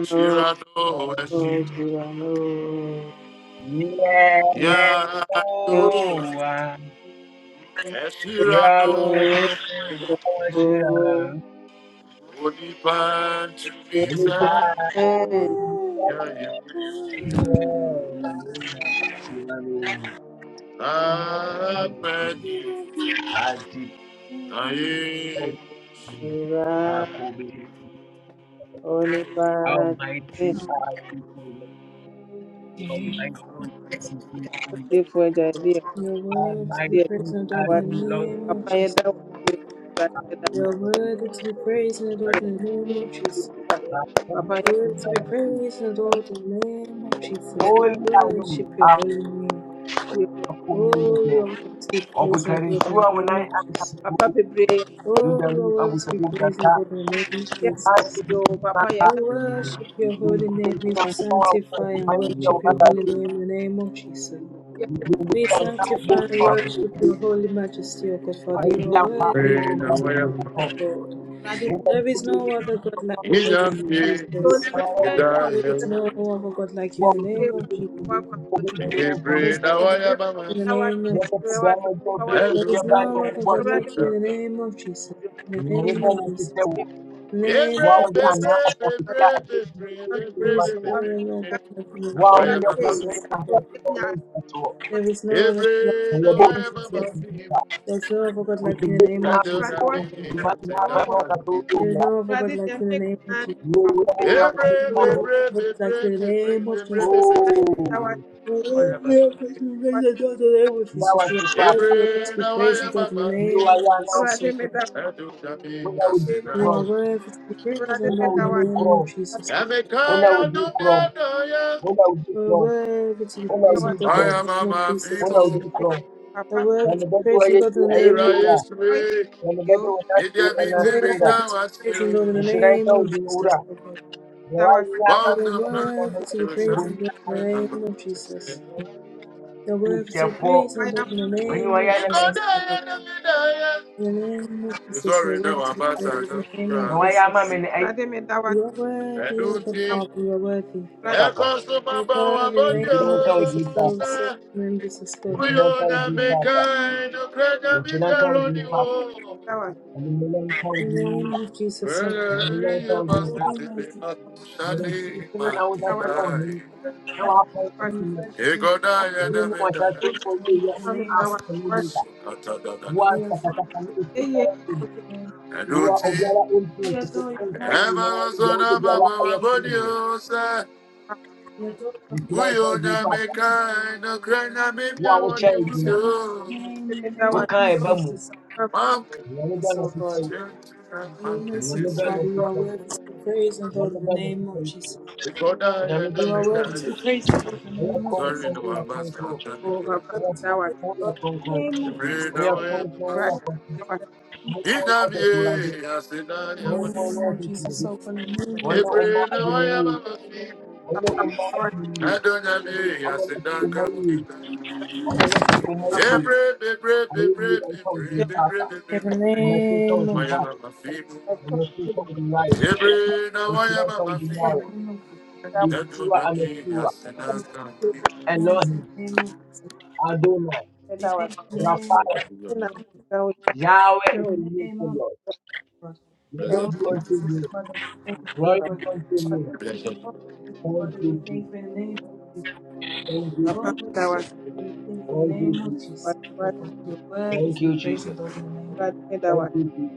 A: Shirado, Shirado, yeah, you wish. Shirado, would depart to be saved.
D: in
A: Yeah, you I pray,
D: the name
A: I
D: of Jesus. Your word to be
C: Almighty
D: praised and adored
C: are
D: in the
C: you, Lord.
D: name of Jesus. Your
C: Jesus,
D: word to be praised and adored in the name of
C: Lord.
D: Jesus. We
C: Holy are you,
D: worship your
C: our
D: holy name. Oh, your
C: Akumelete,
D: are to be praised and
C: Obutari
D: adored in
C: Sua
D: the name
C: Munai
D: of Jesus.
C: Antaku,
D: Oh, you
C: Dudami
D: are worthy to be
C: Abutaku
D: praised O
C: Data,
D: Lord, in the name of
C: and I
D: Jesus.
C: think
D: We
C: Banta,
D: worship your
C: in
D: holy name.
C: the
D: We
C: Kumawa, to go out
D: sanctify
C: to
D: and
C: find the
D: worship your holy
C: Okataki,
D: name in the name of Jesus.
C: you will
D: We
C: find some
D: sanctify
C: book
D: and
C: for
D: worship
C: you.
D: your holy majesty, O God,
C: I
D: Father.
C: will
D: You
C: be
D: are
C: a
D: worthy, O
C: fine
D: Lord, to be
C: man
D: praised,
C: to
D: my
C: come.
D: God.
C: Over
D: There
C: to
D: is no other God like you, O God,
C: me, you
D: Jesus.
C: know,
D: There is no other God like you
C: what
D: in the
C: is
D: name of Jesus.
C: the
D: There
C: problem?
D: is no other God in the name of
C: Let us
D: Jesus.
C: go and talk
D: There
C: with
D: is
C: Japan
D: no
C: or
D: other
C: what
D: God
C: it
D: like you
C: is.
D: in the name of Jesus. In the
C: You know,
D: name
C: we don't
D: of
C: have to
D: Jesus.
C: tell
D: In the name of
A: Bebre,
C: Wawe
D: Jesus.
A: bebre,
C: anapofikia
A: bebre, bebre, bebre,
D: There is
A: bebre,
D: no
A: bebre.
C: akijibatwa,
D: other Lord
A: bebre.
D: but in the
A: Every now
C: wao
D: name
A: I
D: of
A: am
C: pia
A: above
D: Jesus.
C: mwenyewe atakayeitwa
D: There is no other God like in the name of Jesus.
C: kuyabotiza
A: you,
D: There is no other God like in the
C: kuzindeni
D: name
A: and
D: of
C: yako
A: do
D: Jesus.
A: not me,
C: nguvu
A: I
C: imani
A: said
C: yako
A: that
C: ya kudhibiti na kutoa dimani hapa mwaka
A: come me.
D: There is
C: tuya
D: no other God like in the name of Jesus.
C: yeye
A: Every,
D: There
A: every,
D: is
C: ulanga
D: no other
A: every,
D: God
A: every,
D: like in the name of
A: every, every,
D: Jesus.
A: every,
C: oh,
D: You are
A: I am above you.
D: worthy
C: ndawa sepapu
A: Every
D: to be
A: now I
D: praised and
A: am
D: in the
A: above
C: jua
D: name
A: you,
D: of
C: yano
D: Jesus.
A: and do not me,
C: una
A: I said
D: You
A: that.
D: are
C: ujikro
D: worthy of us to be praised and
C: una
D: adored in the name of
C: ujikro
D: Jesus.
A: And the kind
C: una
A: I do
C: ujikro
A: not know ya,
C: una
D: You are
C: ujikro
D: worthy to be
C: una
D: praised and adored
A: I
D: in
C: ujikro
A: am
D: the name of Jesus. You are worthy to be praised and adored in the name of
A: above
C: una
A: you.
D: Jesus.
C: ujikro
D: The world
C: wanabadu
D: praise and God in
C: ayeki
D: the name
A: Here
C: ayeki
D: of
A: I
C: ura
D: Jesus.
A: is we,
C: wanabadu
A: if
C: wanatu
A: you be
D: The
A: to be
C: anasura
D: world
A: now as
D: praise and God
A: you,
D: in the
C: nhyerɛnka
D: name
C: wo
D: of
C: din
D: Jesus,
C: wura
D: oh God.
C: deɛ woayɛ ama
D: You
A: bound
C: me
D: are
A: the front,
C: abusua no
D: worthy to be
A: to
D: praised
A: some,
D: and adored in the
A: I'm a
D: name of
A: princess.
D: Jesus. You are worthy to be
C: wobonyafoɔ
D: praised and adored in the
C: manyi
D: name
C: wayɛ
D: of
C: na
D: Jesus,
C: mahu
D: oh God. In the name of Jesus, you
A: Sorry,
D: are worthy
A: no,
D: to
A: I'm
D: be
A: not sad.
D: praised in the name
C: na
D: of
C: wayɛ ama me
D: Jesus.
C: no ɛyɛ
D: You are
A: I
D: worthy, O
A: don't
D: God,
A: think
D: Father, you are worthy.
A: I
C: papa
A: cost of my
D: You are
A: power,
D: worthy
A: but
D: in the name
C: nhyerɛnka
D: of
C: wo din
D: Jesus,
A: you,
D: oh,
C: papa
D: say
A: sir.
D: in the name of Jesus, God.
A: We
C: nhyerɛnka wo
A: don't
C: din
A: make
C: papa
A: kind of great ambition
C: nhyerɛnka wo
A: on
C: din papa
A: you.
C: animuonyamka wo
D: In
C: din
D: the
C: wura
D: name of Jesus, oh,
A: Well,
C: animuonyamka
A: you
C: wo din
A: must
C: papa
A: be
D: Almighty
A: a
C: deɛ
A: shiny
C: ntuntun na woda so wɔ hene
A: man.
C: na
D: God,
C: wɔafa wo
D: we
C: kɛse no
D: worship
A: He
D: and
A: got
C: ebi
A: died of
C: mu
A: it.
C: wɔhyɛase kɔ
D: we praise you in
C: yɛyɛ
D: the
C: ne
D: name
C: afɔ no lega woa
D: We adore
C: sakasaka ne ɛsi kɔrɔ ko.
D: you.
A: I
C: wo a
A: don't think
C: obiara ɛmpi wo
D: We
C: kete
D: adore your
C: ɛnsɛm
D: mighty,
A: ever
C: nyinaa
A: was
C: deɛ
A: one
C: wode
A: of my
C: biara ɛyɛ tene
A: body, sir.
D: we adore your
C: nhyira nka
A: Uyo
C: bi
A: na
C: ba
D: name,
A: meka na krena
C: wo a
A: mebia
D: we
C: wohyɛ
A: wani
D: adore
C: ngyina
D: your mighty
A: usio.
D: name in the name
C: wokaa
D: of
C: ɛba mu
D: Jesus,
A: Mamke
C: nyame da
D: Jesus,
C: na
D: oh
C: tetɛ
D: God.
C: yɛ
A: na
D: Oh,
A: mamke
C: nyame
D: merciful
C: da
A: tise.
C: na
D: Father, you are
C: tetɛ yɛ
D: worthy to be praised and adored
C: nyame
D: in the
C: da na
D: name
C: tetɛ
D: of
C: yɛ
D: Jesus.
A: Ikoda
C: nyame
A: ya
C: da
A: na
D: You
C: na
D: are
C: tetɛ
D: worthy
A: meka.
D: to
C: yɛ
D: be praised and adored in the
C: woyɛ
D: name of Jesus,
A: Sorry
C: kronkron
A: no
D: oh
C: woyɛ
D: God.
A: abas
C: kronkron
A: kata nikura.
C: woyɛ
D: Worthy to be praised
C: kronkron
D: and
C: woyɛ
D: adored in the
C: kronkron
D: name of Jesus,
A: Ebre na
C: woyɛ
D: oh
A: waya
D: God.
C: kronkron
D: In the
C: woyɛ kronkron woyɛ
D: name
A: mamafi.
D: of Jesus, oh God.
C: kronkron
A: Ina miye asida
D: In the
A: ya
D: name of Jesus, oh God. In the name of
A: wani.
C: kronkron woyɛ
D: Jesus,
C: kronkron
D: in the name of
C: wɔne
D: Jesus.
C: ɔma
A: Ebre na
C: ade no
A: waya
C: yie
A: mamafi.
C: wɔne ɔma ade no yie
A: Adonya miye
C: ɔma no
A: asida
C: ti ɔma yie
A: kamukita.
C: ɔma no ti ɔma yie
A: Ebre bebre
C: ayɛ yie
A: bebre
C: ɛnka wo
A: bebre bebre
D: In
A: bebre
D: the
A: bebre.
D: name of
A: Waya
D: Jesus.
A: mamafi. Ebre na waya
D: in
A: mamafi.
D: the
A: Oh,
C: Yeshua Amashua, Elohim,
D: name of Jesus.
C: Adonai,
D: We thank you in the name of
C: Raphael,
A: blessed be your name.
D: Jesus.
C: Yahweh
D: In
C: is the
D: the
C: name
D: name
C: of
D: of
C: Lord.
D: Jesus.
C: Glory
A: Blessed
D: Oh,
C: be unto
A: be,
D: merciful
C: you,
D: Father, we thank you,
C: glory
D: Lord
C: be
D: God.
C: unto you.
A: blessed.
D: Oh, merciful
C: Thank
D: Father, we
C: you, Jesus.
D: thank you in the name of Jesus.
C: Thank you,
D: Oh,
C: Jesus.
D: merciful, we thank you in the
C: Thank you,
D: name of
C: Jesus.
D: Jesus. Lord God, you're worthy
C: Thank
D: to be
C: you,
D: praised and
C: Jesus.
D: adored in the name.
C: Thank you, Jesus.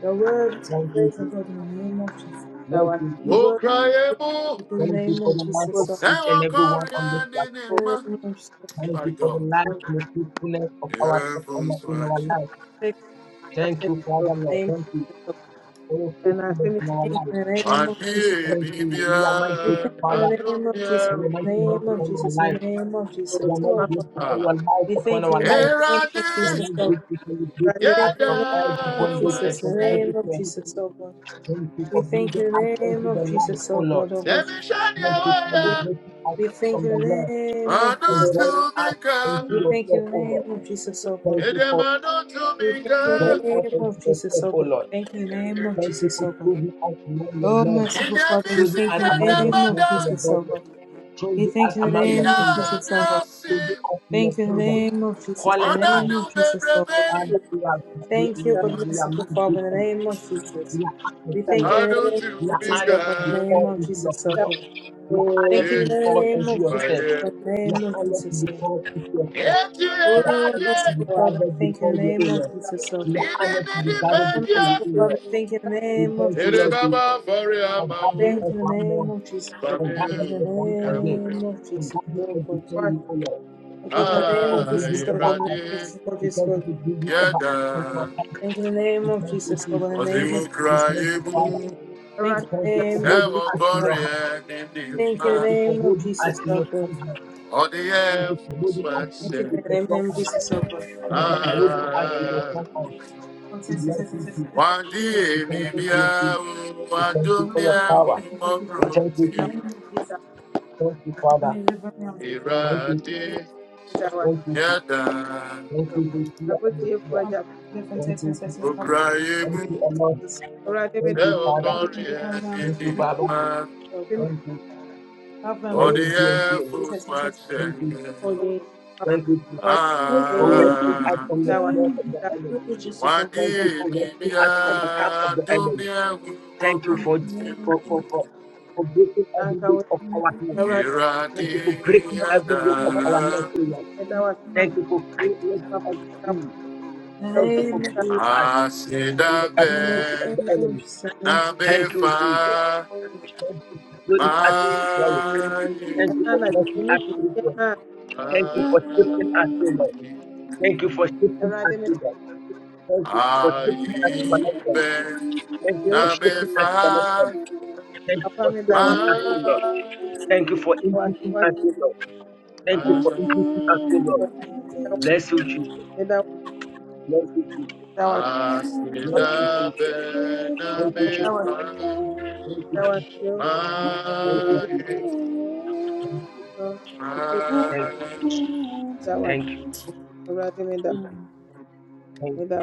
D: You're worthy to be
C: Thank you,
D: praised and
C: Jesus.
D: adored in the name of Jesus.
C: Thank you,
D: You're
C: Jesus.
A: Oh,
D: worthy
A: cry, Emo.
D: to be in the
C: Thank you
D: name
C: for the
D: of
C: life
D: Jesus.
C: of
D: So,
A: Say,
C: each and
A: what
C: every one on this
A: Korean in
C: life.
D: in
A: him,
D: the name
A: man.
D: of Jesus,
C: Thank
A: my
C: you for the
A: God.
C: life
D: Lord
C: and the fruitfulness of our
A: Your
C: of our-
A: phone's
C: in our
A: watching.
D: God,
C: life.
D: take us
C: Thank
D: in
C: you, Father
D: the
C: Lord.
D: name,
C: Thank you for your faithfulness in our
D: in
C: life.
D: the name
A: I
D: of Jesus.
A: be a
C: Thank
A: baby,
C: you. We are
D: We
C: mighty,
A: I
D: thank you
C: Father.
D: in the name
A: don't
D: of Jesus.
A: care.
C: Lord Almighty,
D: In the
C: hands
D: name of
C: upon our
D: Jesus. In the
C: life.
D: name of Jesus.
C: We are Almighty,
D: Oh, God.
C: grateful for
A: Ah,
C: your life
D: We
C: upon
D: thank
C: our
D: you in the
C: life.
A: here
D: name
A: I
D: of
C: We are
A: did.
D: Jesus.
C: Almighty,
D: Lord
C: grateful for your
D: We
C: grateful
A: Yeah,
D: thank
C: us
D: you in the
C: from
D: name
C: every
D: of
A: that
C: bondage and
D: Jesus, in
A: was
C: from
D: the
A: it.
D: name
C: every
D: of
C: care.
D: Jesus, oh God.
C: Thank you
D: We
C: for bringing
D: thank you in
C: us
D: the name
C: into the
D: of
C: light,
D: Jesus,
C: O
D: oh
C: Lord.
D: God, oh God.
A: Let me, shine your
C: Thank you for
A: way.
C: liberating us
D: We thank
C: from
D: you
C: the
D: in the
C: world
D: name
A: I
D: of
C: and
A: don't
D: Jesus.
C: joining
A: to
C: us
A: be
C: into
A: good.
D: We thank you
C: yourself,
D: in the
C: O
D: name
C: Lord.
D: of Jesus, oh God.
C: Thank
A: Hey,
C: you
A: them,
C: for
A: I don't to
D: We
A: be
D: thank you in the
A: good.
C: joining us
D: name
C: into
D: of Jesus,
C: yourself,
D: oh
C: O
D: God.
C: Lord.
D: Thank you in the name of
C: Thank you
D: Jesus,
C: for
D: oh God.
C: choosing us among your
D: Oh,
C: men,
A: In
D: merciful
A: the
D: Father, we
C: choosing
A: missing
D: thank
C: us
D: you
A: and
C: among
D: in the
A: the
C: your
D: name of
C: sons and your
A: mother,
D: Jesus, oh
C: daughters,
D: God. We
C: choosing us
D: thank you in the
C: among your
A: your
D: name of
C: kingdom,
D: Jesus, oh God.
C: choosing us in your
D: Thank you in the
C: kingdom,
D: name of Jesus,
A: Baby,
C: calling
D: in the
C: us.
D: name of
A: the
D: Jesus,
A: new
D: oh God.
C: And
A: baby,
C: we are, we,
D: Thank you,
C: we,
D: God
C: we are
D: merciful
C: not
D: Father, in the
C: grateful.
D: name of
C: We
D: Jesus.
C: are asking
D: We
C: for
A: I
D: thank you
C: Lord.
D: in the name
A: don't think
C: We are
D: of
A: we
D: Jesus,
C: honored
D: oh God,
C: to
D: in
C: be
D: the
A: can.
D: name
C: called
D: of
C: into your
D: Jesus, oh
C: kingdom.
D: God.
C: We are honored
D: Thank
C: to
D: you in
A: If
C: be
D: the
C: called
D: name
C: into
D: of Jesus,
C: yourself.
D: oh God, in the
C: We are
D: name of
C: honored to
D: Jesus,
C: be
D: oh God.
C: called into yourself.
A: you are
C: We are
D: Oh,
A: right,
C: honored to be
D: merciful Father, I
C: gathered
D: thank you in
C: before
D: the
C: you, O
D: name of
C: Lord.
D: Jesus, oh
C: We
A: it
D: God.
A: is
C: are honored to be gathered
D: Oh,
C: before you,
A: independent.
D: merciful
C: O
D: Father,
C: Lord.
D: thank you in the
C: We
D: name of
C: thank you,
A: It is
D: Jesus.
C: Lord Jesus,
A: Baba for your
C: for
A: mouth,
C: gathering
D: Thank you
C: us
D: in the
C: one more,
D: name of Jesus, oh
A: For
D: God.
C: for
A: me,
D: Thank
C: gathering
D: you in the
C: us once again,
D: name of
C: for
D: Jesus,
C: gathering
D: oh
C: us
D: God.
C: before you, O Lord.
D: Oh
C: We
D: God, in
C: thank
D: the
C: you
D: name
C: for
D: of
C: brooding
D: Jesus, oh
C: over
D: God, in the name of
C: us.
D: Jesus, oh
C: We
D: Jesus, oh,
C: thank you
D: God.
C: for brooding over
A: Yada,
C: us.
D: Thank you in the
C: We
D: name of
C: thank
D: Jesus, oh
C: you
D: God, in the name
A: Osimu
D: of
C: We
D: Jesus.
A: cry,
C: thank you,
A: Ebu,
C: Father. We
D: Thank you in
C: thank you for
D: the name of
C: holding
A: Sewa
D: Jesus,
C: us in
D: oh
C: your
A: Korea,
C: hand. We
D: Thank you
A: Nindi,
C: thank
D: in the
C: you for
D: name of
C: holding us
D: Jesus,
C: in
D: so
C: your strong
D: good.
C: hand.
A: All the
C: We thank you for
A: heavens
C: holding us
A: were
C: in your,
D: Thank you
A: set.
D: in the
C: with your
D: name
C: strong
D: name of
C: hand. We
D: Jesus, so good. In
C: thank you for holding us in your
A: Ah,
C: strong hand.
D: the
C: We bless you, Jesus.
A: one
C: We
A: day,
C: thank you
A: maybe
C: for your
A: I
C: peace.
A: will
C: We
A: want
C: thank
A: to
C: you for
A: be
C: your
A: a
C: power.
A: more
C: We thank you,
A: productive.
C: Jesus.
D: name of Jesus,
C: Thank you,
D: help
C: Father.
D: me deliver me on
C: Thank you.
D: the
A: Irate,
D: Jesus,
C: Thank you, Jesus.
A: Yada,
C: Thank
D: so
C: you,
D: good.
C: Jesus. Here and Messiah.
D: Help me deliver me on the name
C: Thank
D: of
C: you, Jesus. Thank you, O
A: Ukraimu,
C: Lord.
D: Jesus, so good.
C: Thank you, Father.
D: Help me
A: Seokori,
D: deliver me on the name
A: and
D: of
C: Thank you,
D: Jesus,
C: Baba.
A: Inima.
D: so good.
C: Thank you.
D: Help me deliver me on the name of
C: Blessed
A: All
D: Jesus,
A: the
D: so
C: be unto
D: good.
C: your name.
A: heavens
D: Jesus,
A: were
C: Thank you, Jesus.
A: set.
C: Thank you, Jesus. For rescuing us
A: Ah,
C: from the snare of the enemy.
D: so
A: one
C: Thank you
A: day,
C: for
A: maybe
C: rescuing us from the camp of
A: I
C: the
A: will want to be
C: enemy.
A: a more
C: Thank you for for for
A: productive.
C: for, for breaking every yoke of our neck. Thank you for breaking every
A: Iradiyada
C: yoke of our neck. Thank you for freeing us free. Thank you for
D: good.
C: freeing us from the
A: asidabe
C: captivity
D: Thank
C: of the enemy. Thank you,
A: nabefa
C: Jesus. Thank you for bringing us to the glory.
A: mayi
C: Thank you for blessing us frequently. Thank you for shifting us, O Lord. Thank you for shifting us, O Lord. Thank you for shifting us connection.
A: ayibe
C: Thank you for shifting us
A: nabefa
C: connection. Thank you for shifting us, O Lord.
A: mayi
C: Thank you for increasing us, O Lord. Thank you for increasing us, O Lord. Bless you, Jesus. Bless you, Jesus. Bless you,
A: asidabe
C: Jesus. Thank you, Jesus.
A: nabefa
C: Thank you, Jesus. Thank you, Jesus. Thank,
A: mayi
C: thank you. Thank
D: you.
C: you. Thank you.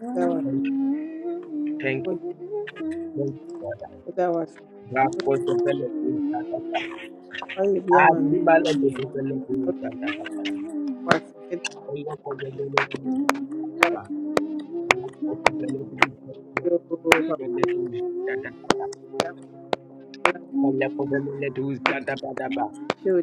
D: Mm,
C: Thank you. Thank you. Thank you, Father. Rakos the benefits. Adimala the benefits. Rakos the benefits. Rakos the benefits. Rakos the benefits.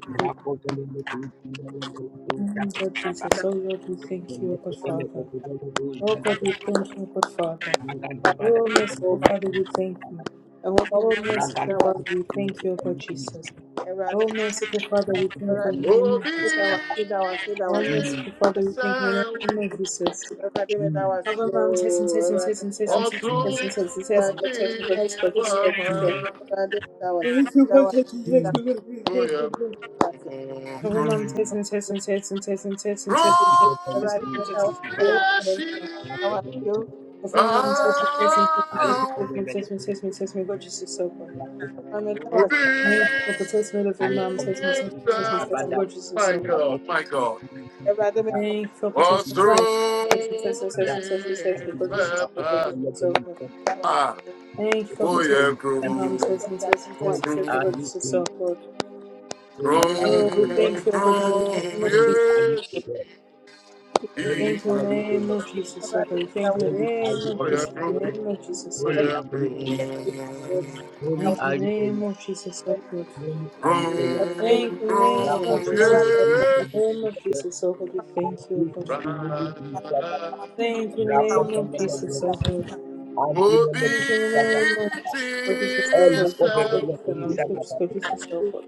C: Rapopele kumbele kutu chapa
D: God
C: chapa.
D: Jesus, oh Lord, we thank you, O God
C: Rapopele
D: Father.
C: kumbele kutu
D: Oh
C: jada
D: God,
C: ba.
D: we thank you, O God Father.
C: Maganda bada
D: Oh merciful
C: kumbele
D: Father,
C: kutu
D: we thank
C: jada.
D: you. Oh merciful
C: Raganda
D: Father, we
C: kumbele
D: thank you, O God
C: kutu
D: Jesus.
C: jada.
D: Oh merciful Father, we thank you in
C: Rapopele
D: the name of
A: Obi
D: Jesus.
C: jada ba.
D: Oh,
A: ti
C: Chuu
D: merciful
C: chuu
D: Father, we
A: sẹ
D: thank you in the name of Jesus.
C: chuu
D: Cover mom, testing, testing, testing, testing, testing,
A: ọsùn
D: testing,
C: chuu
D: testing, testing, testing, but
A: ní
D: this, but this, but
A: ìfọ̀mọ́
D: this, but this, but this, but this,
C: chuu
D: but
A: tó
D: this, but
A: yẹ
D: this, Cover
A: kúrúnkún.
D: mom,
C: chuu.
D: testing, testing, testing, testing, testing, testing, testing,
C: Rapopele kutu
D: testing, testing, testing,
C: jada
A: Kúrúnkún
C: ba.
A: yẹ sí
C: Rapopele kutu
D: Cover mom, testing, testing, testing,
C: alu
D: testing,
A: ààrùn.
D: testing,
C: kumbele
D: testing,
C: kutu
D: testing, testing, God, Jesus, so far.
C: rapopele
A: Obi
D: Cover
C: jada.
D: test me, for testing, little
A: ti
C: Alu
D: mom,
C: kumbele
D: testing, testing,
C: kutu
A: sẹ
D: testing,
C: jada
D: testing, God,
C: ba.
D: Jesus,
A: My God, my
C: Rapopele
A: God.
D: Thank you for protecting
C: kutu
D: my
A: Ọsùn
D: Protecting, protecting,
C: jada ba.
A: ní
D: protecting, social sex,
C: Holy
D: the gorgeous
A: ìfẹ́
D: sister, the gorgeous
C: are
D: so good.
A: máa
D: Thank you for
A: ó
D: protecting
A: yẹ
D: my mom,
A: kúrúnkún.
D: protecting, protecting, protecting, protecting, the gorgeous
C: you,
D: sister,
C: King.
D: so good.
C: Holy
A: Grow,
C: are
D: Oh,
C: you,
D: we
C: O Lord.
D: thank you, O God, in the
A: grow,
D: name of
C: Holy
D: Jesus.
C: are you, O
D: so
A: yes.
D: forth.
C: Lord. Holy
A: He
D: Thank you in
C: are
A: grow,
D: the
C: you, O
D: name
C: Lord.
D: of Jesus, so good. Thank you in the
C: Holy are
D: name
C: you,
D: of
A: yeah,
D: Jesus,
A: grow,
D: in the
A: grow,
D: name of Jesus, so good.
C: Holy
A: yeah, grow.
C: are you, O Lord. Holy
D: Thank you
C: are
D: in the
C: you, O
D: name
C: Lord.
D: of Jesus, so good.
C: Holy are you,
D: Thank
A: Grow,
D: you in the name
A: grow,
D: of Jesus, so good.
A: yes.
D: In the
A: He
D: name of Jesus, so good. We thank you, O God, Father.
A: grow.
C: O Lord.
D: Thank you in the
C: Rapa
D: name of
C: Pamela
D: Jesus,
C: Dusada,
D: so good.
C: Adi
D: Oh,
C: Pamela Dusada,
D: merciful
C: Rapa
A: Obedience,
C: Pamela Adi Pamela Dusada, all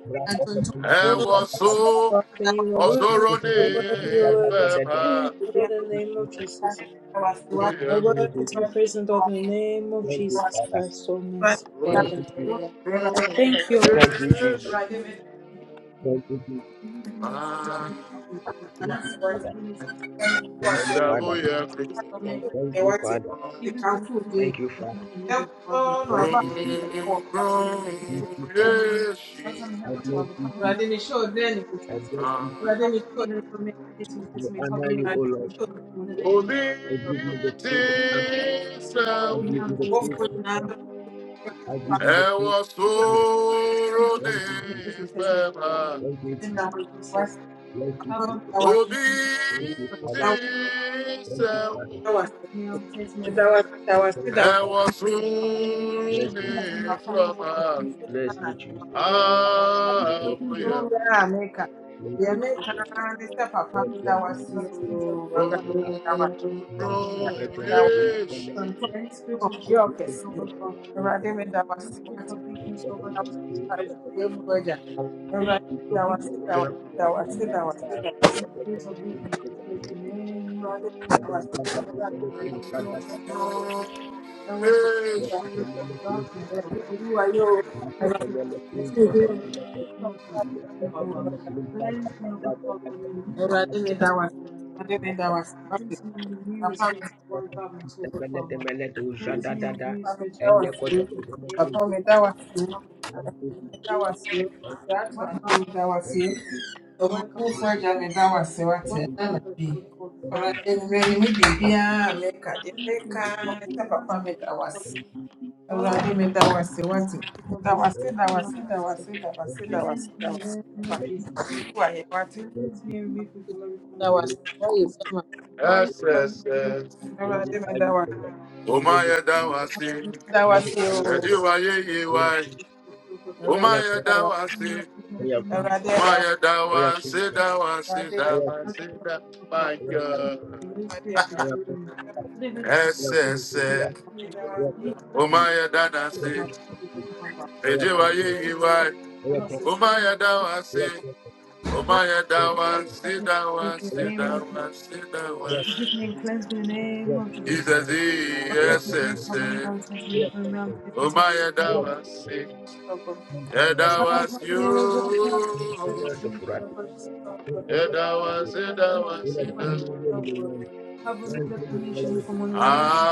C: Rapa Pamela
A: and was
C: Dusada,
A: so
D: Father, you are
C: Rapa
A: also
D: worthy, you are worthy, you are
A: running
C: Pamela
D: worthy to be
C: Dusada,
D: praised,
A: fema.
D: O Lord, in the
C: you,
D: name of
C: Jesus.
D: Jesus.
A: Oh
D: You are
C: Thank
D: worthy
C: you,
D: to
A: yeah,
D: be
C: Jesus.
D: praised, O Lord, in the name of
C: Thank you,
D: Jesus
C: Father.
D: Christ, oh, merciful
C: Thank
D: Father.
C: you, Jesus.
A: grow,
D: I
A: grow,
D: thank you, O Lord,
C: Thank
D: for
C: you, Jesus.
A: yes.
C: Thank you, Jesus.
D: making us
A: Ah,
D: comfortable, for
C: Thank you,
D: leaving for your
C: Father.
D: things, you have
A: Ẹwọ
C: Thank you,
D: done,
C: Father.
A: sóró
D: your stomach,
C: Thank you, Father.
D: even for the things that you
C: Thank
D: have
C: you,
D: done,
C: Father.
D: you got Father. Even
C: Thank
D: for
C: you, Jesus.
D: the things that
A: ní
D: you
C: Thank you, Father.
A: fẹ́ra,
D: have done, Father, may I
C: I
D: have a
C: bless
D: Father,
C: you,
D: cover
C: Jesus.
D: me up,
C: I
D: Jesus.
C: bless you, Jesus.
D: Cover me, deliver me, protect me,
C: I
D: test me, cover
C: honor
D: me,
C: you, O
D: deliver
C: Lord.
D: me, shield me in the name of
A: òbí
C: I
D: Jesus.
C: give you
D: Cover
C: the
A: ti
C: praise and honor. I
D: me,
C: give
A: sẹ́wọ̀n.
C: you
D: I'm
C: the
D: test me,
C: praise and
D: test me,
C: honor.
D: I'm
C: I
D: Jesus.
C: give you the praise
A: Ẹwọ
C: and honor.
D: Cover me,
A: sóró
D: I'm test
A: ní
C: Thank you,
D: me,
C: Jesus.
D: test me,
C: Thank you,
D: test me,
C: Jesus.
D: I'm Jesus.
C: Bless you,
D: Cover me,
C: Jesus.
D: deliver me,
C: Thank you,
D: protect
C: Father.
D: me,
C: Thank you, Father.
D: cover me, I'm test me, cover me, deliver me,
C: Thank you, Father. Bless you,
D: Continue to
C: Jesus.
D: make ways of
A: fẹ́ra,
D: peace in
C: Bless
D: my
C: you,
D: life,
C: Jesus.
D: God.
C: I
D: Continue to
C: bless
D: open
A: àbúyẹ̀
D: doors
C: I'm
D: and
C: gonna
D: very good, God. Continue to look for things that that- that
A: rọrùn
D: will come to me.
A: rọrùn
D: Any spirit of doubt, God, Any spirit of weakness over Jesus Christ, the name of any spirit of weakness, destroy the name of Jesus. Any spirit of weakness, destroy the name of Jesus. For you, O blessed, that was to be the spirit of darkness, of filthy darkness, but God, in the name of Jesus, Father. Cleanse me, O God, Father, renew us, Father. cleanse me, renew the spirit of one garment, O God, Father.
C: make you
D: Cleanse me, renew the spirit of one garment, in the name of Jesus, Father. I
C: mine.
D: bless
C: Thank
D: One God will protect the one God will one God will will- will form the ancient kingdom from once from the moment the kingdom of Jesus, the kingdom of Jesus. Cleanse me in the name of Jesus. So cleanse me and remove me from every form of evil. Jesus. Cleanse
A: Yes,
D: me and
A: yes,
D: remove
A: yes.
D: me from one.
A: O Maya
D: I
A: Dawasi,
D: promise to me,
A: Rajua Yeyiwai,
D: Jesus, so God,
A: O
D: Father.
A: Maya
D: Now,
A: Dawasi,
D: to the Lord,
A: O Maya
D: man,
A: Dawasi, Dawasi,
D: As I
A: Dawasi,
D: have
A: Da-
D: overcome
A: my that was it. That was
D: the
A: it. That
D: Holy Spirit can dwell in me.
A: was
D: Today,
A: it. That my God.
D: Holy
A: Yes, yes,
D: Spirit,
A: yes.
D: anytime
A: O Maya
D: I will
A: Danasi,
D: not be able to come back.
A: Rajua
D: But
A: Yeyiwai,
D: I cannot
A: O
D: sustain
A: Maya
D: it.
A: Dawasi, O
D: Oh,
A: Maya
D: forgive
A: Dawasi,
D: me in the
A: Dawasi,
D: name of Jesus.
A: Dawasi, Dawasi.
D: Forgive me and cleanse me in the name of Jesus.
A: Jesus,
D: Forgive
A: yes,
D: me and
A: yes,
D: cover me
A: yes.
D: on taking the room,
C: you.
D: on taking
A: O
D: the
A: Maya
D: room, on
C: full
D: taking
A: Dawasi.
D: the room.
C: of
A: Yeah,
C: fullness
A: that
C: of
A: was
C: gratitude, full
A: you.
C: fullness of gratitude, full
A: Yeah,
C: fullness of
A: that
C: gratitude.
A: was it. That was
C: Ula
A: it. that-
C: tumu
A: was-
C: yenu mwenyezi, mwanzo ni Mola wetu.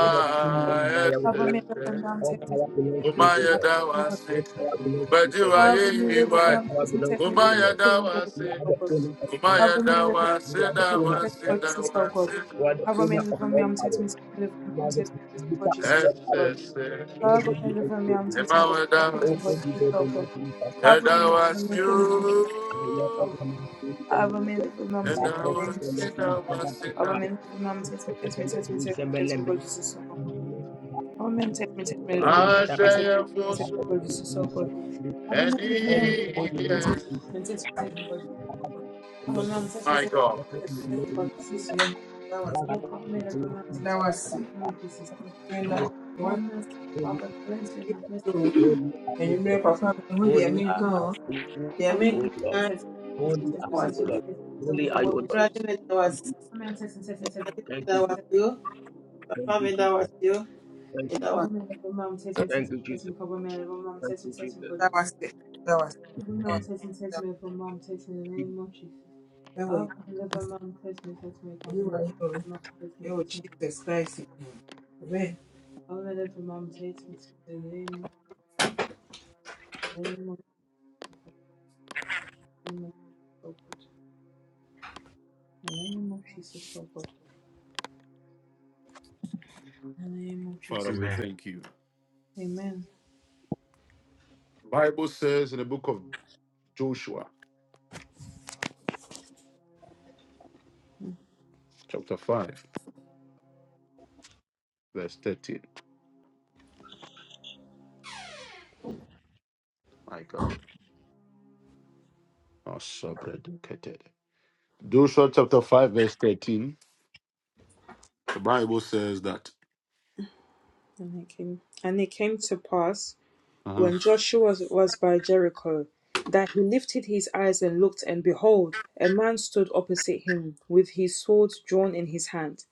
C: Ula tumu na
A: yes,
C: ya upya.
A: yes, yes.
C: All power belongs
A: Oh
C: to you,
A: my,
C: O
A: yeah,
C: Lord.
A: that was
C: All
A: it.
C: power belongs to you,
A: But
C: O
A: you are
C: Lord.
A: you, why?
C: All power belongs
A: Oh
C: to you,
A: my,
C: O
A: yeah,
C: Lord.
A: that was
C: You
A: it.
C: are the owner of
A: Oh my,
C: power.
A: yeah, that was
C: You are
A: it.
C: the
A: That
C: owner of
A: was
C: all.
A: it. That was it.
C: You are the owner
A: that
C: of
A: was
C: all power. You are the distributor
A: it.
C: of
A: Yes,
C: all power.
A: yes, yes.
C: Lord,
D: Baba
C: let
D: na
C: me
D: deliver me,
C: explain
D: I'm
C: this.
A: Yeah,
D: taking
A: my,
D: deliver
A: yeah,
D: me,
A: that
C: Oh,
D: children, but
C: thank
A: was
C: you,
D: this is
C: Lord,
D: so
C: and
D: good.
C: let me thank you.
A: yeah,
D: Have a
A: that
D: minute for
A: was
D: me, children, but
A: you.
C: And the
D: this
C: Lord,
D: so
C: thank you,
D: good.
C: Lord, thank you, Lord,
D: Have
C: thank
D: a
C: you, Lord.
D: minute for me,
C: You
D: I'm
A: And I
C: are
D: taking the
C: all
D: name of
A: was
D: Jesus.
A: it,
D: so good.
A: I was it,
D: Have a minute for me, I'm
C: Holy
D: taking me, taking
C: are
D: me, taking me,
C: you,
D: taking me, taking me, God, this so good. Have a minute, take me, take me, deliver me, I'm taking
A: I
D: me, taking
A: was it.
D: me, taking me, God, this so good. Have a
A: and
D: minute for me, I'm taking me, taking me,
A: eagles.
D: taking me, taking
A: My
D: me,
A: God.
D: taking me, God, this so good. Have a I'm taking me, taking me, taking me, taking me, God, this so good. Oh, have a minute for me, I'm taking me, taking me, God, this so good. Oh, mercy, Father, cleanse me and have mercy. on us in the name of Jesus.
C: O
D: government
C: Lord.
D: says says
C: Holy
D: says
C: are you,
D: says
C: O Lord.
D: says
C: Holy
D: says a
C: are you, O
D: world which
C: Lord.
D: switches to
C: Thank you,
D: government says says says says says says
C: thank you, thank you, Jesus. Thank you, Jesus.
D: government mom says me
C: Thank
D: says
C: you,
D: says me
C: Jesus.
D: government mom
C: Thank
D: says me
C: you,
D: says me
C: Jesus.
D: go just mom says me says me for mom says me the name of Jesus government mom says me says me government mom says me says me government mom says me says in the name name of name of God the name of Jesus oh God in the name of
A: Father,
D: Jesus
A: we
C: Amen.
A: thank you.
D: Amen
A: Bible says in the book of Joshua, chapter 5, verse 13. My God. Oh, so dedicated. Joshua chapter 5, verse 13. The Bible says that.
D: and it came and it came to pass
A: Uh-huh.
D: when Joshua was by Jericho, that he lifted his eyes and looked, and behold, a man stood opposite him with his sword drawn in his hand.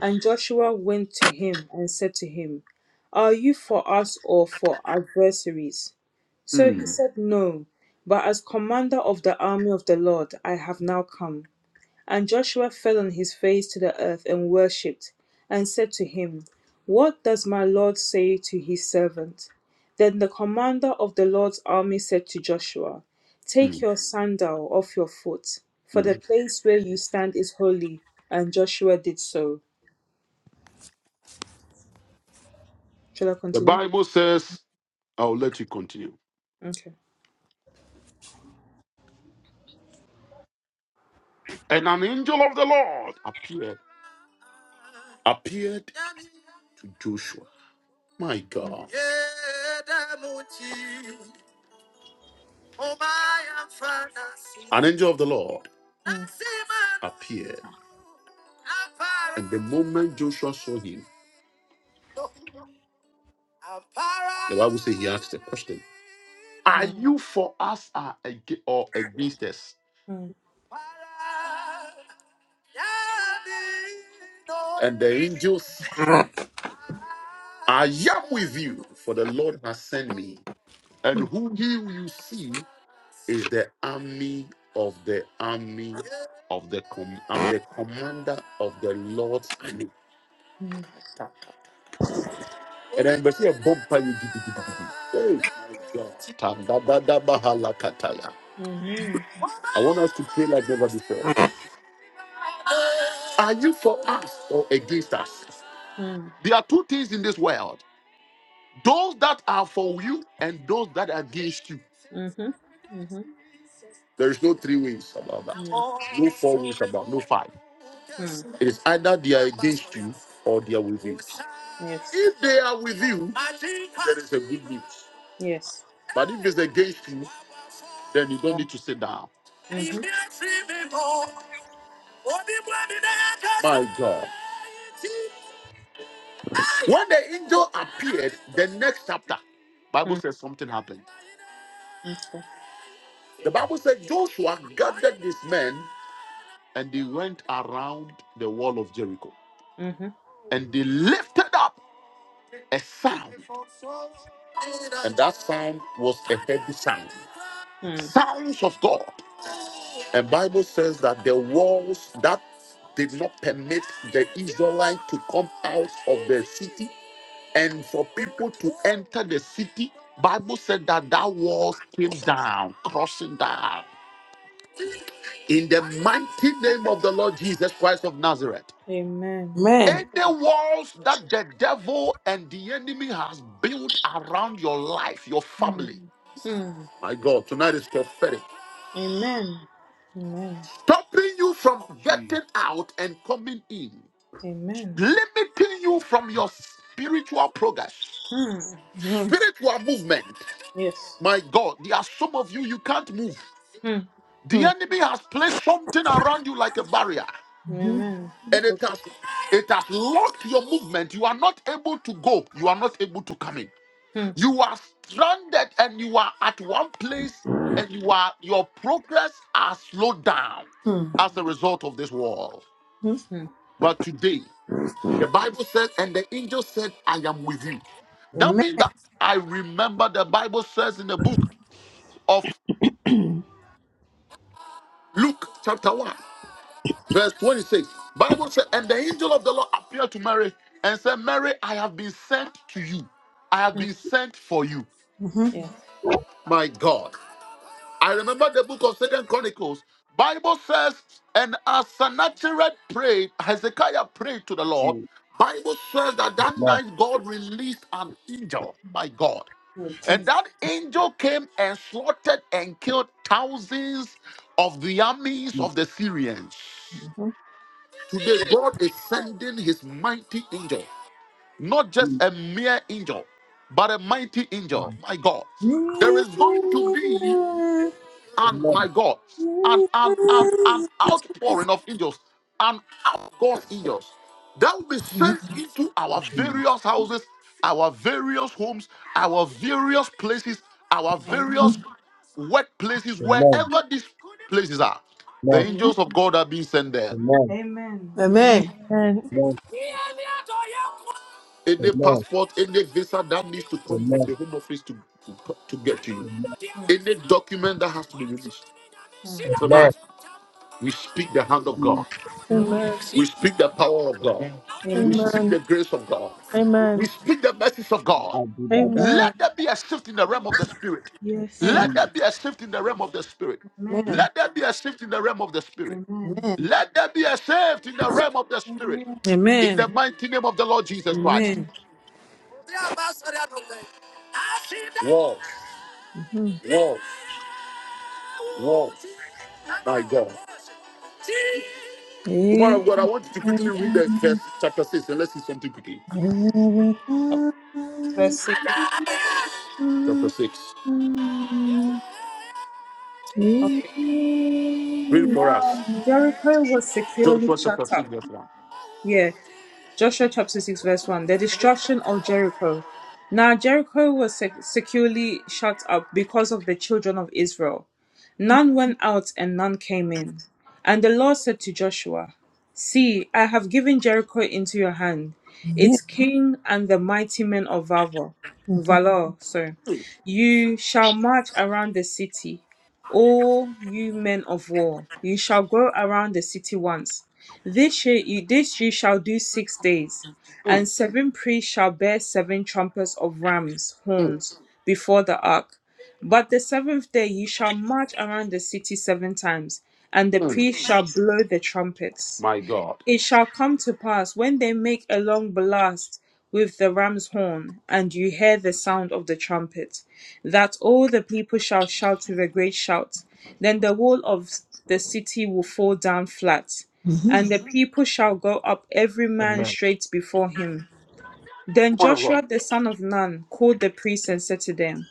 D: And Joshua went to him and said to him, Are you for us or for adversaries? So he
A: Mm,
D: said, No, but as commander of the army of the Lord I have now come. And Joshua fell on his face to the earth and worshipped, and said to him, What does my Lord say to his servant? Then the commander of the Lord's army said to Joshua, Take
A: mm,
D: your sandal off your foot, for
A: mm.
D: the place where you stand is holy. And Joshua did so. Shall I
A: The
D: continue?
A: Bible says, I'll let you continue.
D: Okay.
A: And an angel of the Lord appeared. Appeared to Joshua. My God. An angel of the Lord
D: Mm,
A: appeared, and the moment Joshua saw him, the Bible says he asked a question Are
D: mm,
A: you for us or ag- or against us? And the angel said, I am with you, for the Lord has sent me. And whom he will you see? is the army of the army of the com- I'm the commander of the Lord's army. And then we see a bump by you. give, give, give, give. Hey, my God. Ta- da- da- da- ba- ha-
D: mm,
A: I want us to pray like never before. Are you for us or against us?
D: mhm,
A: There are two things in this world those that are for you and those that are against you.
D: mm, mhm,
A: There is no three ways about that.
D: mhm, Yes.
A: No four ways about no five.
D: mm,
A: It is either they are against you or they are with you.
D: Yes.
A: If they That is a good gift.
D: Yes.
A: But if it's against you, then
D: Yeah.
A: you
D: Mhm,
A: don't. My God. When the angel appeared, the next chapter, Bible
D: mm,
A: says happened.
D: Okay.
A: The Bible said Joshua gathered his men and they went around the wall of Jericho. And they lifted up a sound. And that sound was a heavy sound. Sounds of God. And Bible says that the walls that did not permit the Israelite to come out of the city and for people to enter the city, Bible said that that walls came down, crossing down. In the mighty name of the Lord Jesus Christ of Nazareth,
D: Amen.
A: any walls that the devil and the enemy has built around your life, your
D: Mm,
A: family,
D: mm.
A: my God, tonight is prophetic,
D: Amen. Amen.
A: stopping you from
C: Jesus.
A: getting out and coming in.
D: Amen.
A: limiting you from your spiritual progress,
D: Hmm.
A: spiritual movement.
D: Yes.
A: My God, there are some of you, you can't move.
D: Hmm.
A: The enemy has placed something around you like a barrier,
D: Amen.
A: and it
D: Okay.
A: has it has locked your movement. You are not able to go, you are not able to come in.
D: Hmm.
A: You are stranded and you are at one place, and you are your progress are slowed down as a result of this wall.
D: Hmm.
A: But today. The Bible says, and the angel said, I am with you. That means that I remember the Bible says in the book of Luke, chapter 1, verse 26. Bible says, and the angel of the Lord appeared to Mary and said, Mary, I have been sent to you. I have
D: Hmm.
A: been sent for you.
D: Yes.
A: My God. I remember the book of Second Chronicles. Bible says, and as Sennacherib prayed, Hezekiah prayed to the Lord. Bible says that that
C: Amen.
A: night God released an angel. My God. And that angel came and slaughtered and killed thousands of the armies
C: Jesus.
A: of the Syrians. Today, God is sending his mighty angel, not just
C: Amen.
A: a mere angel, but a mighty
C: Jesus.
A: angel. My God. There is going to be and my
C: Amen.
A: God, an an an an outpouring of angels, an outgoing angels that will be sent into our
C: Jesus.
A: various houses, our various homes, our various places, our
D: Amen.
A: various workplaces,
C: Amen.
A: wherever these places are. The
C: Amen.
D: Amen.
A: angels of God are being sent there.
C: Amen.
D: Amen. Amen.
C: Amen.
A: Any
C: Amen.
A: passport, any visa that needs to come from
C: Amen.
A: the home office to, to, to get to you,
C: Amen.
D: Hmm.
A: any document that has to be released
D: Hmm.
C: Amen.
A: tonight, we
C: Mm.
A: shall.
D: Amen.
B: Amen.
A: God. We speak
B: Amen.
A: the grace of God. We
B: Amen.
A: speak the mercies of
C: I
A: God.
C: do that,
D: Amen.
C: that,
B: Amen.
A: Let there be a shift in the spirit.
C: that.
D: Amen.
A: Let
C: Mm.
A: there be a shift in the realm of the spirit.
D: Amen.
A: Let there be a shift in the realm of the spirit.
D: Amen.
A: Let there be a shift in the realm of the spirit.
D: Amen.
A: In the mighty name of the Lord Jesus Christ.
D: Amen.
A: Whoa, whoa, whoa, my God. Tomorrow, God, I want you to quickly read the verse chapter 6 and let's see something quickly.
D: Let's see.
A: Chapter 6.
D: Okay.
A: Read it for us.
D: Now Jericho was securely
A: Joshua chapter
D: shut
A: 6,
D: up.
A: verse 1.
D: Yeah. Joshua chapter 6, verse 1 The destruction of Jericho. Now Jericho was sec- securely shut up because of the children of Israel. None went out and none came in. And the Lord said to Joshua, See, I have given Jericho into your hand, its king and the mighty men of Valor. Valor, sorry. You shall march around the city, all you men of war. You shall go around the city once. This year you, this you shall do six days. And seven priests shall bear seven trumpets of rams'
A: Mm,
D: horns before the ark. But the seventh day ye shall march around the city seven times, and the
A: mm,
D: priest shall blow the trumpets.
A: my God.
D: It shall come to pass when they make a long blast with the ram's horn, and you hear the sound of the trumpet, that all the people shall shout with a great shout. Then the wall of the city will fall down flat, and the people shall go up every man
C: Amen.
D: straight before him. Then
A: Come of God.
D: Joshua the son of Nun called the priests and said to them,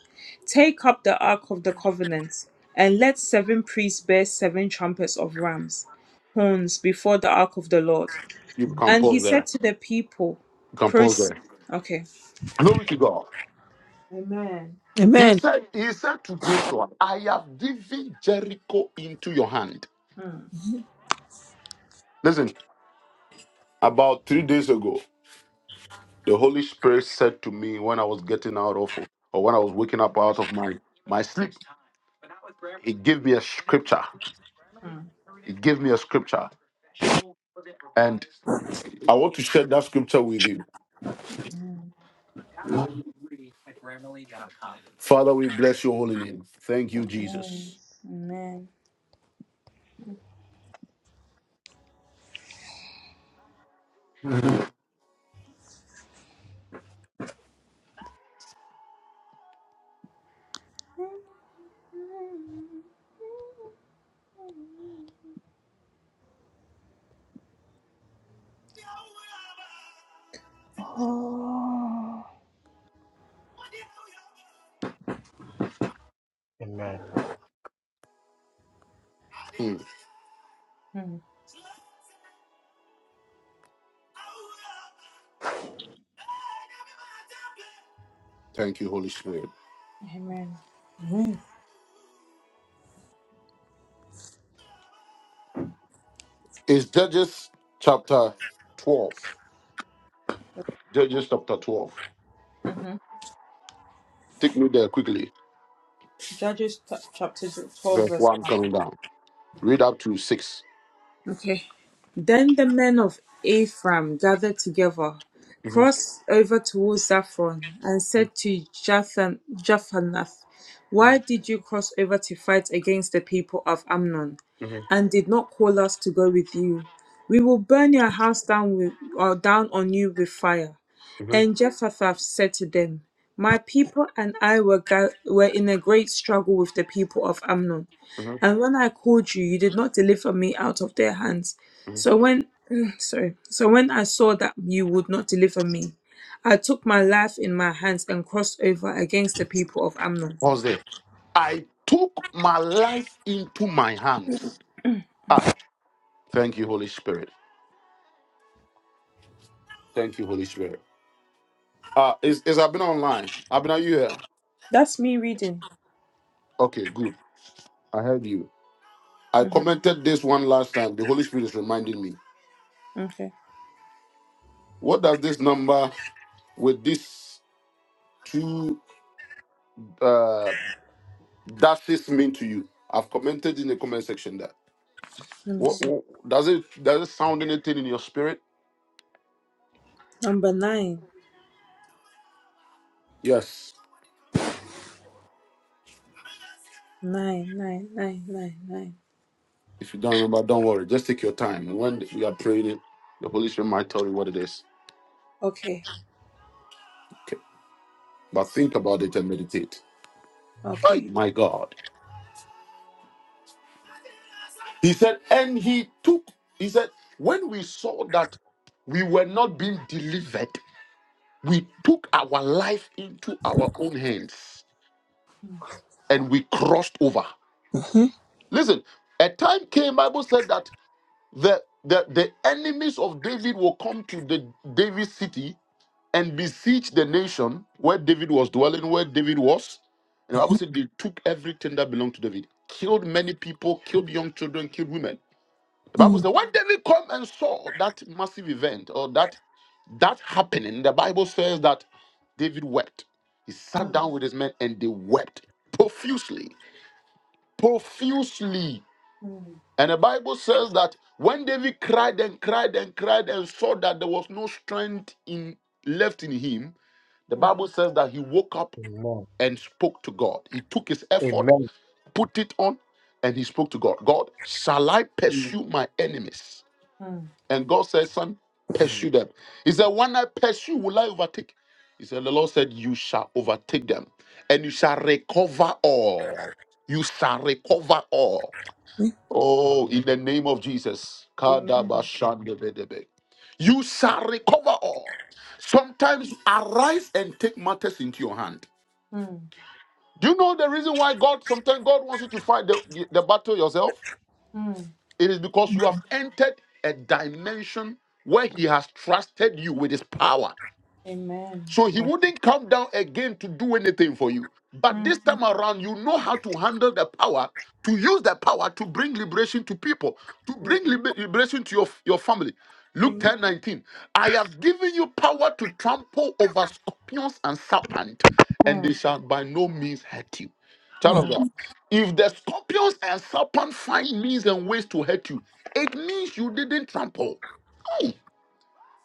D: Take up the ark of the covenant, and let seven priests bear seven trumpets of rams' horns before the ark of the Lord.
A: you become
D: And he
A: pause
D: said
A: there.
D: to the people,
A: You can pause
D: Proceed.
A: there.
D: Okay.
A: Glory to God.
D: Amen.
A: He said, He said to Joshua, I have given Jericho into your hand.
D: Mm,
A: Listen, about three days ago, the Holy Spirit said to me when I was getting out of or when I was waking up out of my, my sleep, He gave me a scripture.
D: mm.
A: He gave me a scripture. And I want to share that scripture with you. Father, we bless your holy name. Thank you,
D: Amen.
A: Jesus.
D: Amen.
C: Amen.
A: Hmm.
D: Mm,
A: Thank you, Holy Spirit.
D: Amen.
A: It's Judges chapter 12. Judges chapter 12.
D: hmm
A: Take me there quickly.
D: Judges t- chapter 12,
A: Verse
D: verse
A: 1
D: 1.
A: coming down. Read up to 6.
D: Okay. Then the men of Ephraim gathered together,
A: Mhm,
D: crossed over towards Zaphron, and
A: mhm,
D: said to Jathan, Japhanath, Why
A: mhm,
D: did you cross over to fight against the people of Amnon,
A: mhm,
D: and did not call us to go with you? We will burn your house down with, or down on you with fire.
A: mhm,
D: And Jephthah said to them, My people and I were, ga- were in a great struggle with the people of Amnon
A: mhm,
D: and when I called you, you did not deliver me out of their hands.
A: mhm.
D: So when sorry, so when I saw that you would not deliver me, I took my life in my hands and crossed over against the people of Amnon.
A: Pause there. I took my life into my hands. Thank you, Holy Spirit. Thank you, Holy Spirit. Uh, is, is Abina online? Abina, you here?
D: That's me reading.
A: Okay, good. I heard you. I
D: hmm
A: commented this one last time. The Holy Spirit is reminding me.
D: Okay,
A: What does this number with these two uh, dashes mean to you? I've commented in the comment section that.
D: let me
A: What,
D: see.
A: what- does it does it sound anything in your spirit?
D: Number nine.
A: Yes.
D: nine, nine, nine, nine, nine, nine.
A: If you don't remember, don't worry. Just take your time. And when we are praying it, the Holy Spirit might tell you what it is.
D: Okay,
A: Okay. But think about it and meditate. Hey,
D: okay.
A: my God. He said, and he took, he said, when we saw that we were not being delivered, we took our life into our own hands and we crossed over. Listen, a time came, Bible said that the, the the enemies of David will come to the David city and besiege the nation where David was dwelling, where David was. And the Bible said they took everything that belonged to David, killed many people, killed young children, killed women. The Bible said when David came and saw that massive event or that that happening, the Bible says that David wept. He sat
D: Mm,
A: down with his men and they wept profusely, profusely.
D: mm,
A: And the Bible says that when David cried and cried and cried and saw that there was no strength in left in him, the
D: mm,
A: Bible says that he woke up
C: Amen.
A: and spoke to God. He took his effort,
C: Amen.
A: put it on, and he spoke to God. God, shall I
C: Mm.
A: pursue my enemies?
D: mm.
A: And God said, Son,
C: Mm.
A: pursue them. He said, When I pursue, will I overtake? He said, The Lord said, You shall overtake them, and you shall recover all. You shall recover all. Oh, in the name of Jesus.
D: Amen.
A: Kadabashandebedebe. You shall recover all. Sometimes arise and take matters into your hand.
D: Mm,
A: Do you know the reason why God sometimes God wants you to fight the, the, the battle yourself?
D: mm.
A: It is because you have entered a dimension where He has trusted you with His power.
D: Amen.
A: So he
D: Amen.
A: wouldn't come down again to do anything for you. But
D: Mm,
A: this
D: mm,
A: time around, you know how to handle the power, to use the power to bring liberation to people, to
D: yeah.
A: bring liber- liberation to your, your family. Luke
D: Amen.
A: 10 19. I have given you power to trample over scorpions and serpents, and they
D: Mm,
A: shall by no means hurt you. Child of
D: mm,
A: God, if the scorpions and serpents find means and ways to hurt you, it means you didn't trample. Hey.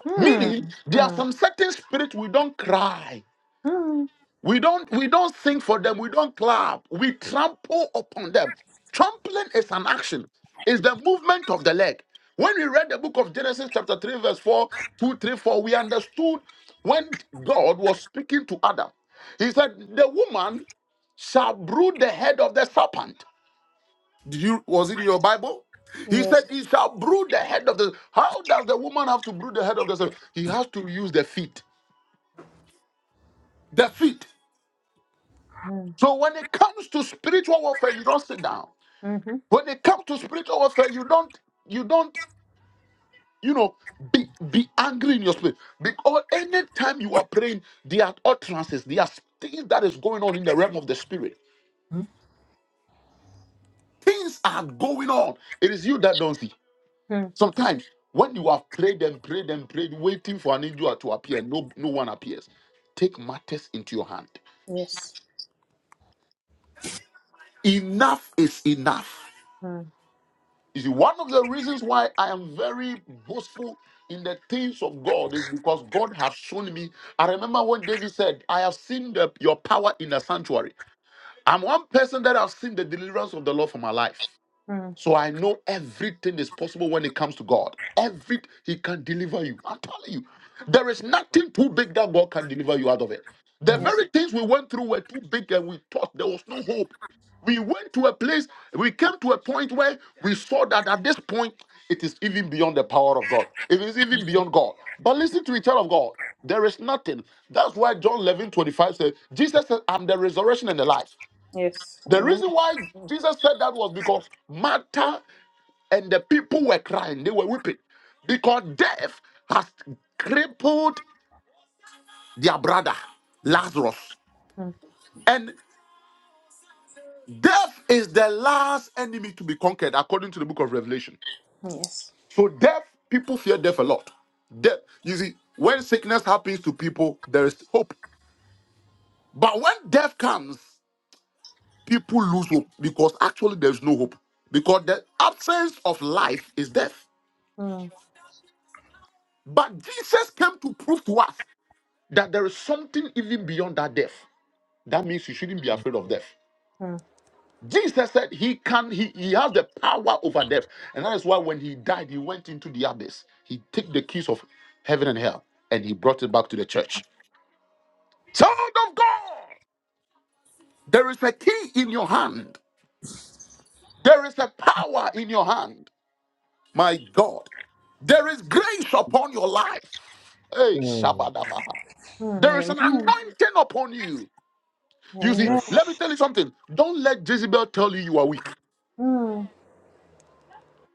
D: mm.
A: Meaning, there
D: mm,
A: are some certain spirits we don't cry.
D: Mm,
A: We don't we don't sing for them. We don't clap. We trample upon them. Trampling is an action. is the movement of the leg. When we read the book of Genesis chapter 3 verse 4 2 3 four, we understood when God was speaking to Adam. He said, "The woman shall brood the head of the serpent." Did you was it in your Bible? He said,
D: yes.
A: "He shall brood the head of the." How does the woman have to brood the head of the serpent? He has to use the feet. The feet.
D: Mm,
A: So when it comes to spiritual warfare, you don't sit down.
D: mm-hmm.
A: When it comes to spiritual warfare, you don't you don't you know be be angry in your spirit because anytime you are praying, there are utterances, there are things that is going on in the realm of the spirit. Things are going on. It is you that don't see.
D: Mm,
A: Sometimes when you have prayed and prayed and prayed, waiting for an angel to appear, no no one appears. Take matters into your hand.
D: yes.
A: Enough is enough.
D: Mm,
A: You see, one of the reasons why I am very boastful in the things of God is because God has shown me. I remember when David said, I have seen the, your power in the sanctuary. I'm one person that has seen the deliverance of the Lord for my life.
D: mm,
A: So I know everything is possible when it comes to God. Every He can deliver you. I'm telling you, there is nothing too big that God can deliver you out of it. The
D: yes.
A: very things we went through were too big, and we thought there was no hope. We went to a place, we came to a point where we saw that at this point it is even beyond the power of God. It is even beyond God. But listen to the child of God. There is nothing. That's why John 11 25 says, Jesus said, I'm the resurrection and the life.
D: Yes.
A: The
D: Amen.
A: reason why Jesus said that was because matter and the people were crying, they were weeping because death has crippled their brother Lazarus.
D: Mm,
A: And death is the last enemy to be conquered according to the book of Revelation.
D: yes.
A: So, death, people fear death a lot. Death, you see, when sickness happens to people, there is hope. But when death comes, people lose hope because actually there's no hope. Because the absence of life is death.
D: Mm,
A: But Jesus came to prove to us that there is something even beyond that death. That means you shouldn't be
C: Mm.
A: afraid of death.
D: mm,
A: Jesus said he can, he, he has the power over death. And that is why when he died, he went into the abyss. He took the keys of heaven and hell and he brought it back to the church. Child of God, there is a key in your hand. There is a power in your hand. My God, there is grace upon your life. Hey,
C: Mm.
A: Shabadabaha. There is
D: mm,
A: an anointing upon you.
D: amen.
A: You
D: Amen.
A: see, let me
C: Yes.
A: tell you something. Don't let Jezebel tell you you are weak.
D: Mm,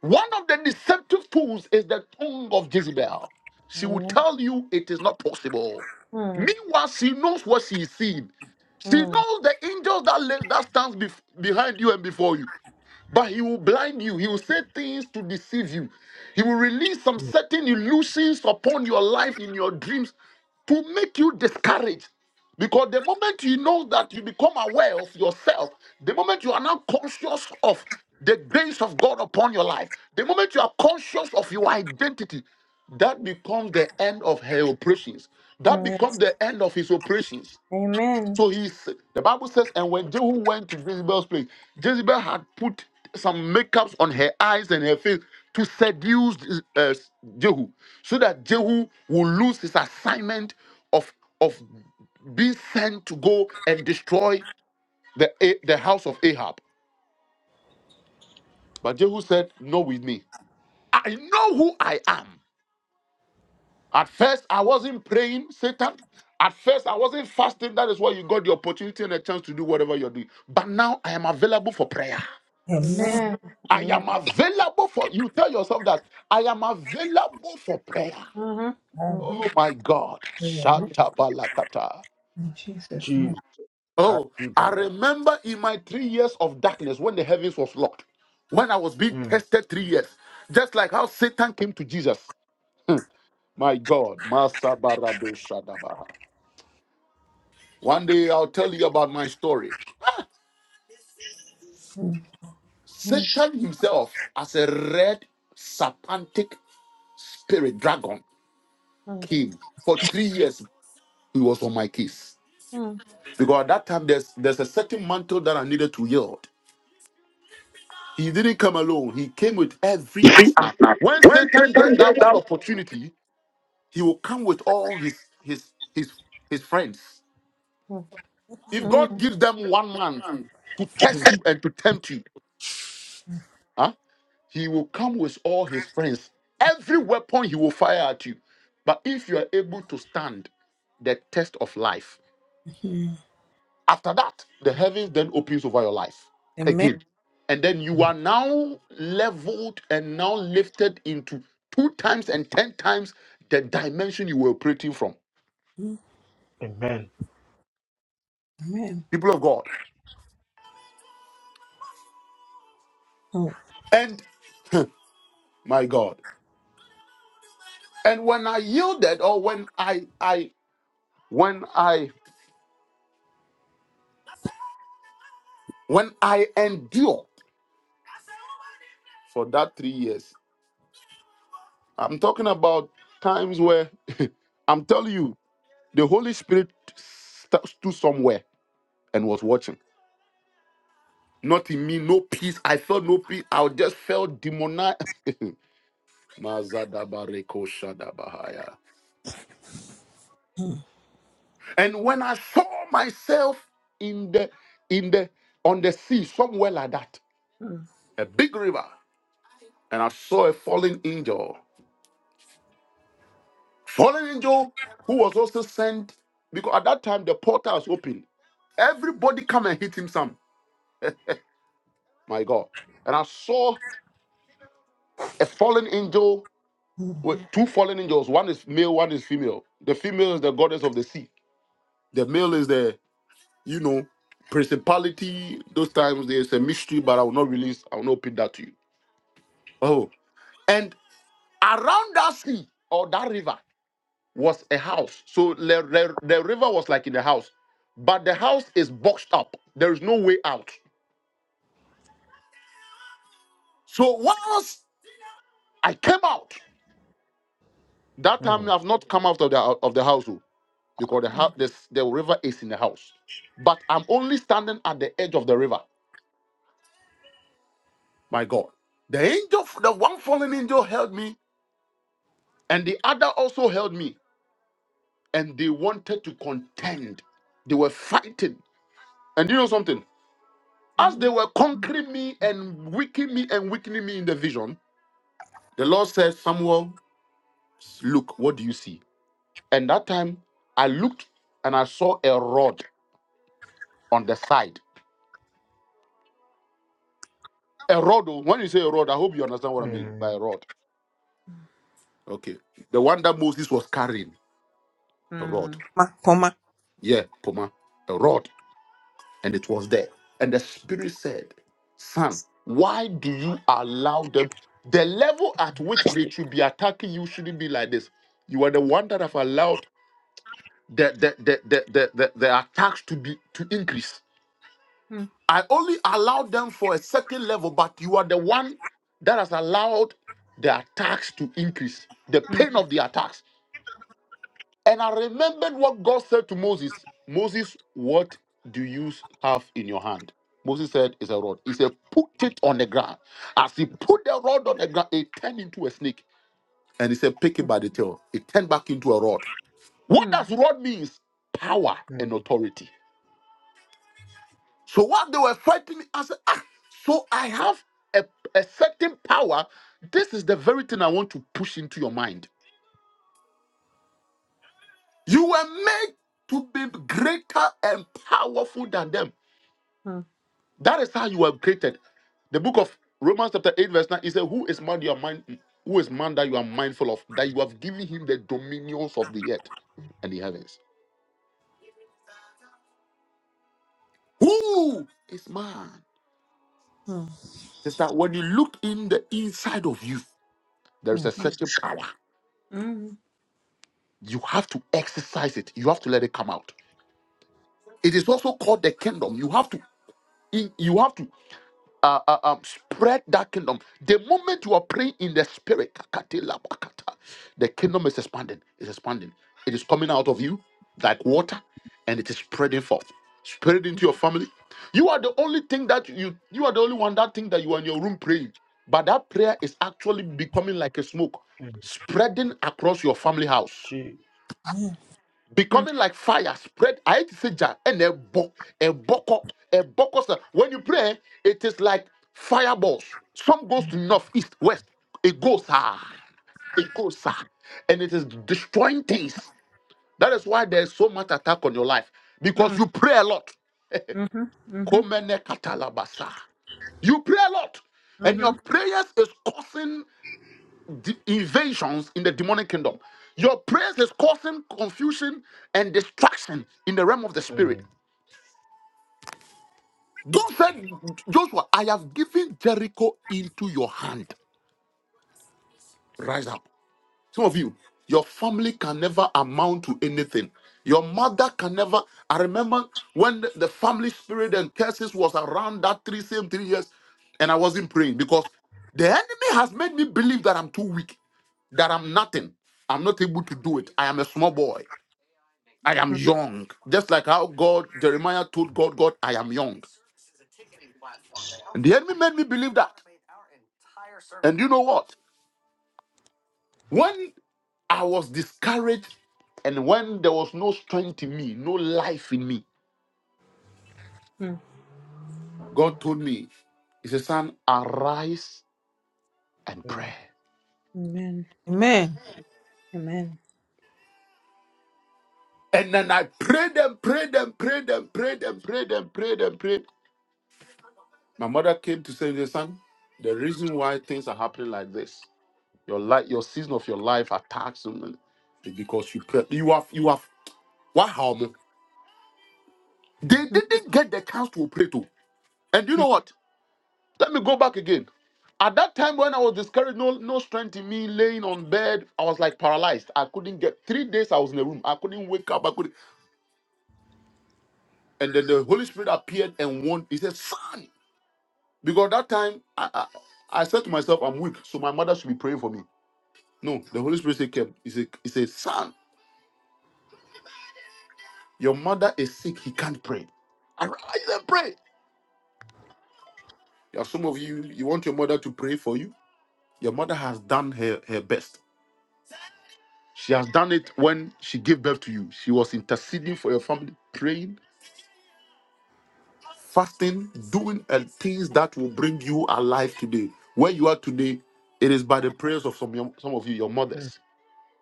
A: One of the deceptive tools is the tongue of Jezebel. She will
D: amen.
A: tell you it is not possible.
D: Mm,
A: Meanwhile, she knows what she is seeing. She
D: mm, mm,
A: knows the angels that lives, that stands bef- behind you and before you. But he will blind you. He will say things to deceive you. He will release some
C: Mm.
A: certain illusions upon your life in your dreams to make you discouraged. Because the moment you know that you become aware of yourself, the moment you are now conscious of the grace of God upon your life, the moment you are conscious of your identity, that becomes the end of her operations. That becomes
D: yes.
A: the end of his operations.
D: Amen.
A: So he's the Bible says, and when Jehu went to Jezebel's place, Jezebel had put some makeups on her eyes and her face to seduce uh, Jehu, so that Jehu would lose his assignment of of being sent to go and destroy the the house of Ahab. But Jehu said, "No, with me. I know who I am. At first, I wasn't praying, Satan. At first, I wasn't fasting. That is why you got the opportunity and a chance to do whatever you're doing. But now I am available for prayer.
D: Amen.
A: I
D: Amen.
A: am available for you. Tell yourself that I am available for prayer.
D: Mm-hmm.
A: Oh my God. Shatabalakata.
C: Jesus. I
A: Oh,
C: do
A: I
C: that, that.
A: remember in my three years of darkness when the heavens was locked, when I was being
C: Mm.
A: tested three years, just like how Satan came to Jesus. My God. Masabarado Shadabaha. One day I'll tell you about my story.
D: Mm-hmm.
A: Satan himself, as a red serpentic spirit dragon, came. For three years, he was on my case.
D: Mm,
A: Because at that time, there's, there's a certain mantle that I needed to yield. He didn't come alone, he came with every
E: If You see,
A: arsenal.
E: now.
A: When
E: when
A: Satan
E: Satan
A: gets that
E: gets
A: one opportunity, he will come with all his his his his friends.
D: mm,
A: If God
D: mm,
A: gives them one man
E: that
A: to
C: Mm.
A: test you and to tempt you, huh? he will come with all his friends. Every weapon he will fire at you. But if you are able to stand the test of life, after that, the heavens then opens over your life again. And then you
C: Mm.
A: are now leveled and now lifted into two times and ten times the dimension you were operating from.
C: Amen.
A: People of God. And my God. And when I yielded or when I I when I when I endured for that three years, I'm talking about times where I'm telling you, the Holy Spirit st- stood somewhere and was watching. Not in me, no peace. I felt no peace. I just felt demonized. Mazadabarekoshadabahaya. and when I saw myself in the in the on the sea, somewhere like that, a big river, and I saw a fallen angel. Fallen angel who was also sent because at that time the portal was open. Everybody come and hit him some. my God. And I saw a fallen angel with two fallen angels. One is male, one is female. The female is the goddess of the sea. The male is the, you know, principality. Those times there's a mystery, but I will not release, I will not put that to you. Oh. And around that sea or that river was a house. So the, the, the river was like in the house, but the house is boxed up. There is no way out. So once I came out, that time
C: Mm.
A: I've not come out of the of the house. oh. because the, house, the, the river is in the house. But I'm only standing at the edge of the river. My God. The angel, the one fallen angel held me, and the other also held me. And they wanted to contend. They were fighting. And you know something? As they
D: mm, mm, mm,
A: were conquering me and weakening me and weakening me in the vision, the Lord said, Samuel, look, what do you see? And that time I looked and I saw a rod on the side. A rod, oh, when you say a rod, I hope you understand what I mean by
C: Mm.
A: a rod Okay. The one that Moses was carrying, a rod. Yeah, Poma, a rod. And it was there. And the Spirit said, Son, why do you allow them? The level at which they should be attacking you shouldn't be like this. You are the one that have allowed the the the the, the, the, the attacks to be to increase. I only allowed them for a certain level, but you are the one that has allowed the attacks to increase. The pain of the attacks. And I remembered what God said to Moses Moses, what do you have in your hand? Moses said, It's a rod. He said, Put it on the ground. As he put the rod on the ground, it turned into a snake. And he said, Pick it by the tail. It turned back into a rod. What does rod means? Power and
C: Mm.
A: authority. So while they were fighting, I said, ah, so I have a, a certain power. This is the very thing I want to push into your mind. You were made to be greater and powerful than them. That is how you were created. The book of Romans chapter 8, verse 9, He said, Who is man you are mind who is man that you are mindful of? That you have given him the dominions of the earth and the heavens. Who is man? It's that when you look in the inside of you, there is a certain power.
D: mm,
A: You have to exercise it. You have to let it come out. It is also called the kingdom. You have to in- you have to uh, uh, um, spread that kingdom. The moment you are praying in the spirit, kakatela bakata, the kingdom is expanding. It's expanding. It is coming out of you like water, and it is spreading forth. Spread it into your family. You are the only thing that you you are the only one that thing that you are in your room praying. But that prayer is actually becoming like a smoke,
C: Mm.
A: spreading across your family house
C: Jesus.
D: mm,
A: becoming like fire spread i hate to say jar and a bo a boko a boko Sir, when you pray it is like fireballs some goes to north east west it goes ah it goes ah and it is destroying things that is why there is so much attack on your life
D: mm,
A: because
D: mm,
A: you pray a lot
D: mm, mm, mm, mm, Mm-hmm. Mm-hmm. Mm-hmm. mm, mhm, mhm,
A: Komene katalabasa. you pray a lot and your prayers is causing de- invasions in the demonic kingdom. Your prayers is causing confusion and distraction in the realm of the spirit.
C: Mm.
A: God said, Joshua, I have given Jericho into your hand. Rise up. Some of you, your family can never amount to anything. Your mother can never. I remember when the family spirit and curses was around that three same three years, and I wasn't praying because the enemy has made me believe that I'm too weak, that I'm nothing. I'm not able to do it. I am a small boy. I am
D: mhm, mhm.
A: young. Just like how God, Jeremiah told God, God, I am young. And the enemy made me believe that. And you know what? When I was discouraged and when there was no strength in me, no life in me, God told me, He said, Son, arise and
C: Mm.
A: pray.
D: Amen. Amen.
A: And then I prayed and prayed and prayed and prayed and prayed and prayed and prayed. My mother came to say, Son, the reason why things are happening like this Your life, your season of your life attacks them because you pray. You have you have what harm? They
D: Mm-hmm.
A: didn't get the chance to pray to. And you know what? Let me go back again. At that time when I was discouraged, no no strength in me, laying on bed, I was like paralyzed. I couldn't get three days. I was in the room. I couldn't wake up. I couldn't. And then the Holy Spirit appeared and warned. He said, "Son," because that time I, I I said to myself, "I'm weak, so my mother should be praying for me." No, the Holy Spirit said, "Kev," "He said, he said, son." Your mother is sick, he can't pray. Arise and pray. There are some of you, you want your mother to pray for you. Your mother has done her, her best. She has done it when she gave birth to you. She was interceding for your family, praying, fasting, doing uh, things that will bring you alive today. Where you are today, it is by the prayers of some, your- some of you, your mothers.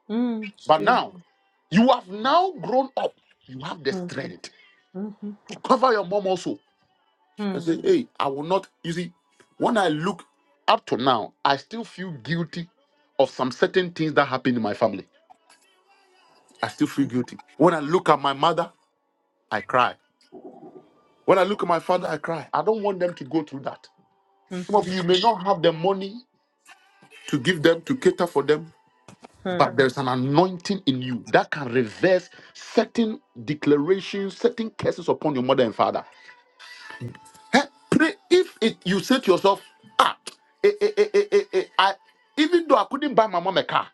D: Mm, it's
A: But
D: true.
A: now, you have now grown up. You have the
D: Mm,
A: strength
D: mm-hmm,
A: to cover your mom also and
D: mm,
A: say, hey, I will not. You see, when I look up to now, I still feel guilty of some certain things that happened in my family. I still feel guilty. When I look at my mother, I cry. When I look at my father, I cry. I don't want them to go through that.
D: mm,
A: Some of you may not have the money to give them, to cater for them,
D: mm,
A: but there's an anointing in you that can reverse certain declarations, certain curses upon your mother and father. Huh? Pray if it, you say to yourself, ah, eh, eh, eh, eh, eh, eh, I, even though I couldn't buy my mom a car,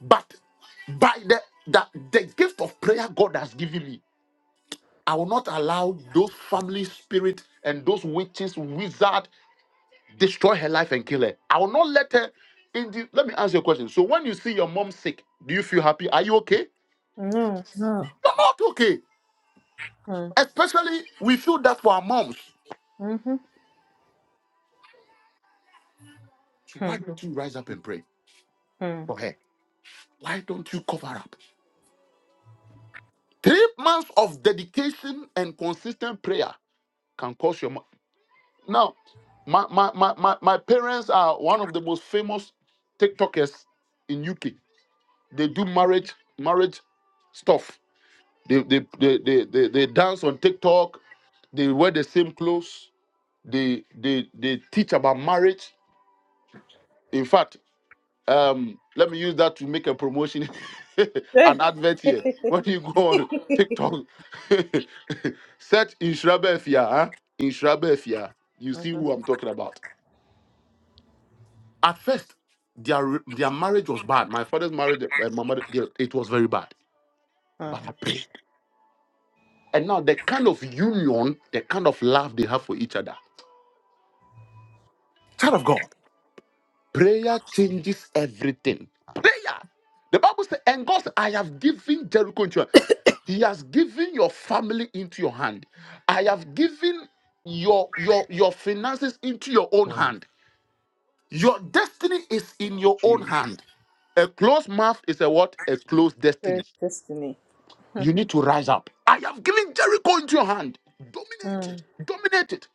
A: but by the, the the gift of prayer God has given me, I will not allow those family spirit and those witches, wizard destroy her life and kill her. I will not let her. In the, let me ask you a question. So when you see your mom sick, do you feel happy? Are you okay?
D: mm,
A: You're not okay.
D: mm,
A: Especially we feel that for our moms.
D: mm-hmm,
A: So why
D: mm,
A: don't you rise up and pray
D: mm.
A: for her? Why don't you cover up? Three months of dedication and consistent prayer can cause your. mo- Now, my, my, my, my, my parents are one of the most famous TikTokers in UK. They do marriage marriage stuff. They they, they, they, they, they dance on TikTok. They wear the same clothes. They, they they teach about marriage. In fact, um let me use that to make a promotion
D: Eh.
A: an advert here when you go on tiktok search insurabefia huh? insurabefia you see
D: Mhm,
A: who i'm talking about at first their their marriage was bad my father's marriage uh, my mother their- it was very bad
D: mm.
A: but i prayed and now the kind of union the kind of love they have for each other child of God. Prayer changes everything. Prayer. The Bible says, and God said, I have given Jericho into your hand. He has given your family into your hand. I have given your your your finances into your own
C: Mm. Mm.
A: hand. Your destiny is in your own
C: Jesus.
A: hand. A closed mouth is a what? A closed
D: Praise
A: destiny.
D: Destiny. Mm,
A: You need to rise up. I have given Jericho into your hand. Dominate it.
D: mm,
A: Dominate it.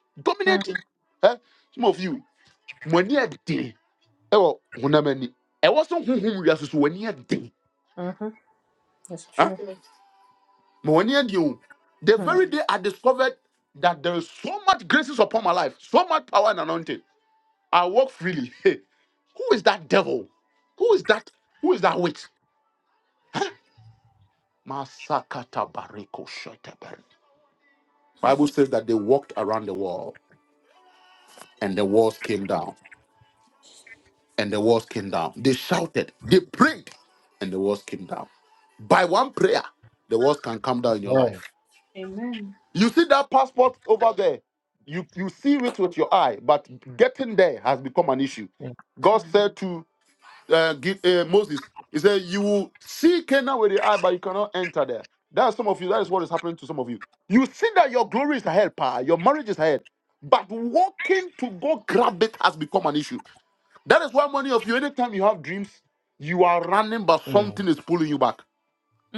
D: mm,
A: Dominate it. Eh? Some of you, money eh, ɛwɔ honam ani ɛwɔ so honhom wiase so w'ani aden
D: mhm. It's
A: Ah,
D: true.
A: ma w'ani aden o the
D: Mm,
A: very day i discovered that there is so much graces upon my life so much power and anointing i walk freely who is that devil who is that who is that witch masakata bariko shetaber
D: mm.
A: bible says that they walked around the wall and the walls came down and the walls came down they shouted they prayed and the walls came down by one prayer the walls can come down in your
C: Amen.
A: life
D: Amen.
A: You see that passport over there, you, you see it with your eye, but getting there has become an issue. God
D: Mm,
A: said to uh, give, uh, Moses, He said, You will see Canaan with your eye, but you cannot enter there. That's some of you. That is what is happening to some of you. You see that your glory is ahead, pa, your marriage is ahead, but walking to go grab it has become an issue. That is why many of you, anytime you have dreams, you are running, but
C: Mm.
A: something
C: Mm.
A: is pulling you back.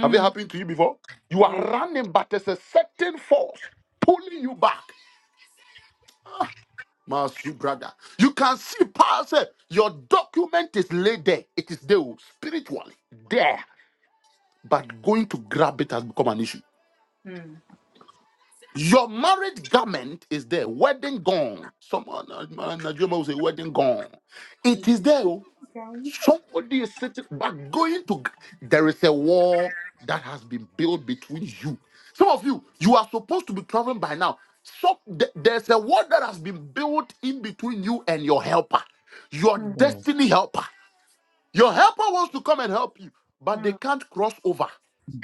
A: Have it happened to you before? You are
D: yeah.
A: running, but there's a certain force pulling you back. Masu brother. You can see past it. Your document is laid there. It is there oh, spiritually. There. But going to grab it has become an issue.
D: Mm.
A: Your marriage garment is there. Wedding gown. Someone uh, Nigerian will say wedding gown. It is there. oh,
D: Shall we?
A: Somebody is sitting, but going to, there is a wall that has been built between you. Some of you, you are supposed to be traveling by now. So th- there's a wall that has been built in between you and your helper, your
D: Mm,
C: Mm.
A: destiny helper. Your helper wants to come and help you, but they
D: mm,
A: can't cross over.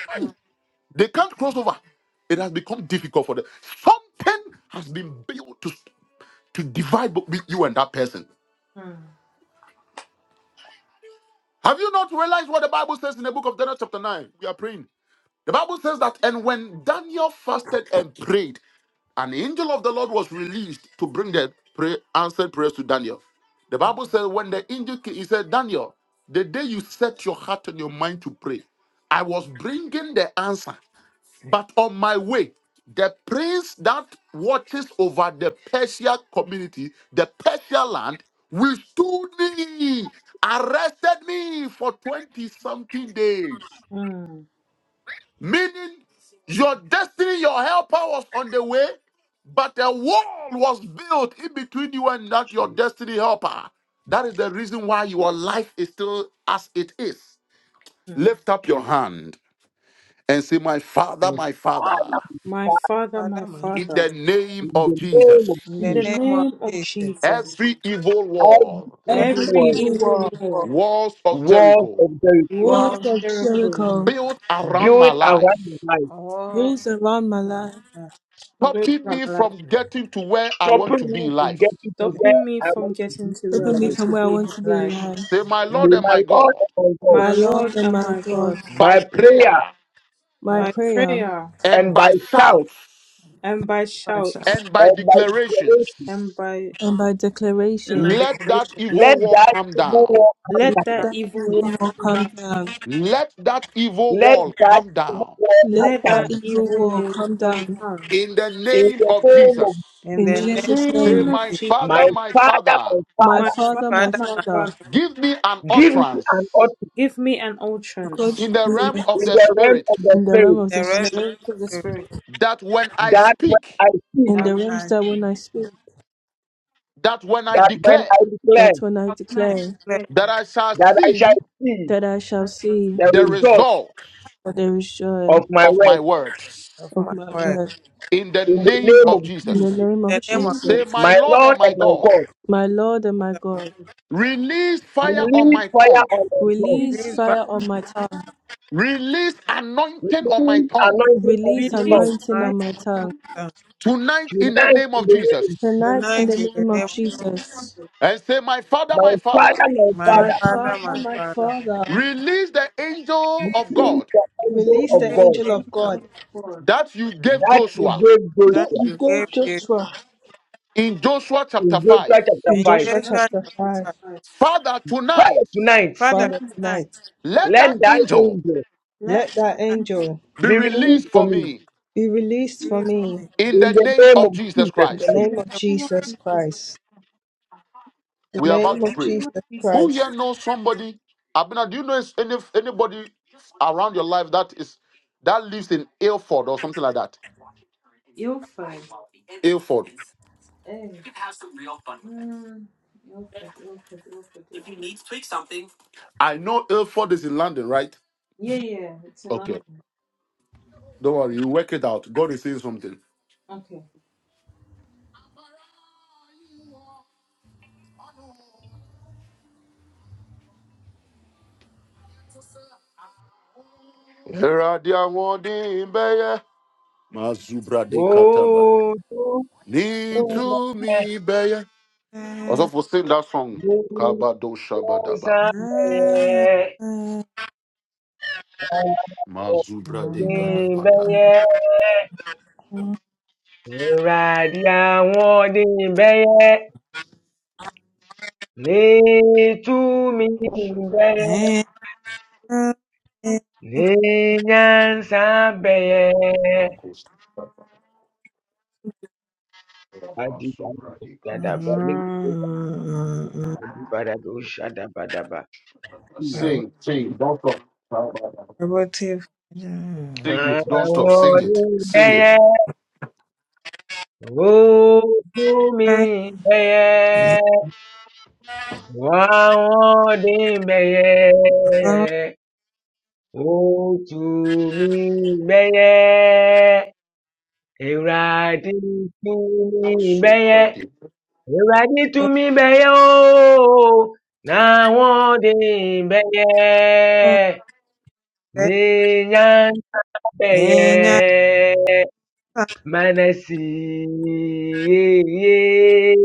A: Aye,
D: mm,
A: They can't cross over. It has become difficult for them. Something has been built to, to divide between you and that person.
D: mm.
A: Have you not realized what the Bible says in the book of Daniel, chapter 9? We are praying. The Bible says that, and when Daniel fasted and prayed, an angel of the Lord was released to bring the pray, answered prayers to Daniel. The
D: Wow.
A: Bible says, when the angel came, he said, Daniel, the day you set your heart and your mind to pray, I was bringing the answer. But on my way, the prince that watches over the Persia community, the Persia land, withstood me, arrested me for 20 something days.
D: Mm,
A: Meaning, your destiny, your helper was on the way, but a wall was built in between you and that your
C: Jesus.
A: destiny helper. That is the reason why your life is still as it is.
D: mm.
A: Lift up your
C: Jesus.
A: hand and say, My Father, my Father,
C: Yes.
D: My Father, my
A: in
D: Father,
A: the name
C: In
A: of
C: the name
A: Jesus,
C: of
D: in the
C: Jesus,
D: name of Jesus,
A: every evil
C: every
A: wall,
C: evil
D: every
C: wall,
D: evil law,
A: walls of
C: walls of
A: Jericho,
C: the
D: wall
B: Balls
D: of
B: of
D: Jericho,
B: Jericho,
A: built around my
C: build around
A: life,
C: my life,
B: rings around my life,
D: break
A: stopping
D: from
A: me
D: life.
A: from getting to where I want
C: stopping
A: to
C: me
A: be in
C: from
A: life.
C: getting to where
D: stopping me
C: I
D: from
C: want to
D: getting
C: be
D: to
C: in
D: where I
B: keeping me
C: life.
D: want
B: from
D: to
B: where I
D: be
B: want
D: in
B: to
D: my
B: be in
D: life.
B: life.
A: Say, My
C: May
A: Lord and
C: my
A: my
C: Lord
A: God,
C: and my God,
D: My
B: My
D: Lord
B: God,
D: and
B: my
D: my
B: God,
D: God,
A: by
C: by prayer
A: prayer
B: my
D: by
B: prayer
D: prayer
A: and
C: and by
A: by
C: sound
A: shouts
D: and by shouts
A: and by
C: and by
A: declarations.
C: declaration,
D: and by
B: and my
D: and
B: declaration.
D: my
A: Let that
D: declarations.
A: evil
C: let
A: wall
C: that
A: come
C: evil
A: down.
C: wall come
D: Let
B: Let
C: down.
D: that
B: that
D: evil wall
B: evil wall
D: come
B: come
D: down.
B: down.
A: Let that evil
C: Let
A: wall
C: that
A: come
C: evil
A: down.
C: wall come
B: Let
D: Let
B: that
D: that
C: down.
B: evil
D: evil
B: wall
D: wall
B: come
D: come
B: down.
D: down.
A: In the
C: In
A: name
C: the
A: of
C: name of
A: Jesus,
B: In
D: In the
B: Jesus'
A: say,
D: name
B: name.
D: of
A: My
D: Jesus,
C: my
A: Father, my
C: Father,
A: Father,
C: my
B: My
C: Father,
D: my Father,
B: Father, my
D: my
B: Father,
D: Father,
A: give me an
C: give me
A: utterance
C: an authority
D: give me an
B: God
D: entrance
A: in the realm of
C: in
A: the
C: the realm
A: Spirit
C: of the
B: in the realm
C: Spirit
B: of the
D: in the
B: spirit.
D: realms of the Spirit
A: that when I
C: that when
A: speak,
C: I speak,
B: In
D: that
B: the
D: when,
B: realms that when I speak,
A: that when I
C: that when
A: declare,
C: I declare
B: that when I
D: that when I
B: declare,
D: pray,
A: that I shall
C: that I shall
A: see
C: see
B: that I
D: I
B: shall
D: shall
B: see,
C: the
D: see the
A: the
D: end
C: result
A: result
B: for there is joy
C: of my
A: of
C: work
A: my words.
B: of
D: of
B: my
D: my word.
B: word.
A: In the
C: in the
A: name
C: name of
A: of
B: In
C: Jesus,
B: the
A: Jesus.
B: name of
D: In the name of
A: Say,
B: Jesus,
A: My
C: my
A: Lord and
C: Lord
A: my
C: and my
A: God,
C: God.
B: my Lord and my God,
A: release fire on
C: Release
A: my
C: fire
A: tongue,
C: on my tongue.
B: release
D: Jesus,
B: fire on my tongue,
A: release anointing on my
C: Release
A: tongue
C: anointing on
B: release
C: my tongue.
D: Release
B: anointing on
D: anointing
B: my
D: on
B: tongue.
A: tonight in the
C: Tonight
A: name
C: in
A: of
C: the
A: Jesus.
C: name,
B: Tonight, in the name of Jesus,
A: And say, My Father,
C: my
A: my Father,
C: Father, my
D: my
B: my
C: Father,
D: father, my
B: Father, my
D: father.
B: Father,
A: release the angel of
C: release
A: God
C: the angel
B: release
D: Release
B: the
C: of God
D: the
B: angel of
D: angel
B: God
D: of God.
A: that you gave
C: that you
A: Joshua
C: gave
B: that
C: Joshua
B: you gave Joshua
A: in Joshua chapter
C: in
A: 5.
C: Joshua chapter
B: in
D: We
C: 5.
B: Joshua
D: just
B: chapter
D: want to
B: 5.
D: try.
A: Father,
C: Father,
A: tonight,
C: tonight,
B: Father, tonight,
D: from
A: let
C: let
A: that
C: thy
A: angel
C: angel
B: let
D: let that
B: that angel
A: be
C: be
A: released
C: released for
A: for
C: me
A: me
B: be released for me
A: in
C: in
A: the
C: the
A: name
C: name
A: of
C: of
A: Jesus
C: Jesus
B: In
A: Christ.
B: the
C: Christ.
D: in
B: name
D: the
B: of
D: name of
B: Jesus
D: Jesus.
B: Christ. In the
A: We are about
B: name
A: to
D: In
B: of
D: the
A: pray.
D: name of
B: Jesus
D: Jesus.
A: Who
B: Christ.
A: here knows somebody? Abena, do you know any anybody around your life that is that lives in Ilford or something like that?
D: Ilford.
A: Ilford.
D: eh? Mm. Ilford, Ilford, Ilford, Ilford.
A: I know Ilford is in London, right?
D: Yeah, yeah. It's in
A: Okay.
D: London.
A: Don't worry, you work it out. God is saying something.
D: Okay.
A: Eradia wodi mbeye, mazubra de kataba. Ni to me beye. Also for sing that song.
C: Oh,
A: Kabado shabadaba. Mazubra de gadabaya.
C: Dịbeye, ịradịanwụ dịbeye, n'ịtụmi dịbeye, n'ịnyansa
A: Sing, sing, don't stop. Sing it, don't stop, sing it, sing it.
C: Otu mgbeye, Ewurade tumi gbeye, Ewurade tumi gbeye oo, na wọn dị gbeye, n'ịnya nta gbeye, manasi yeye,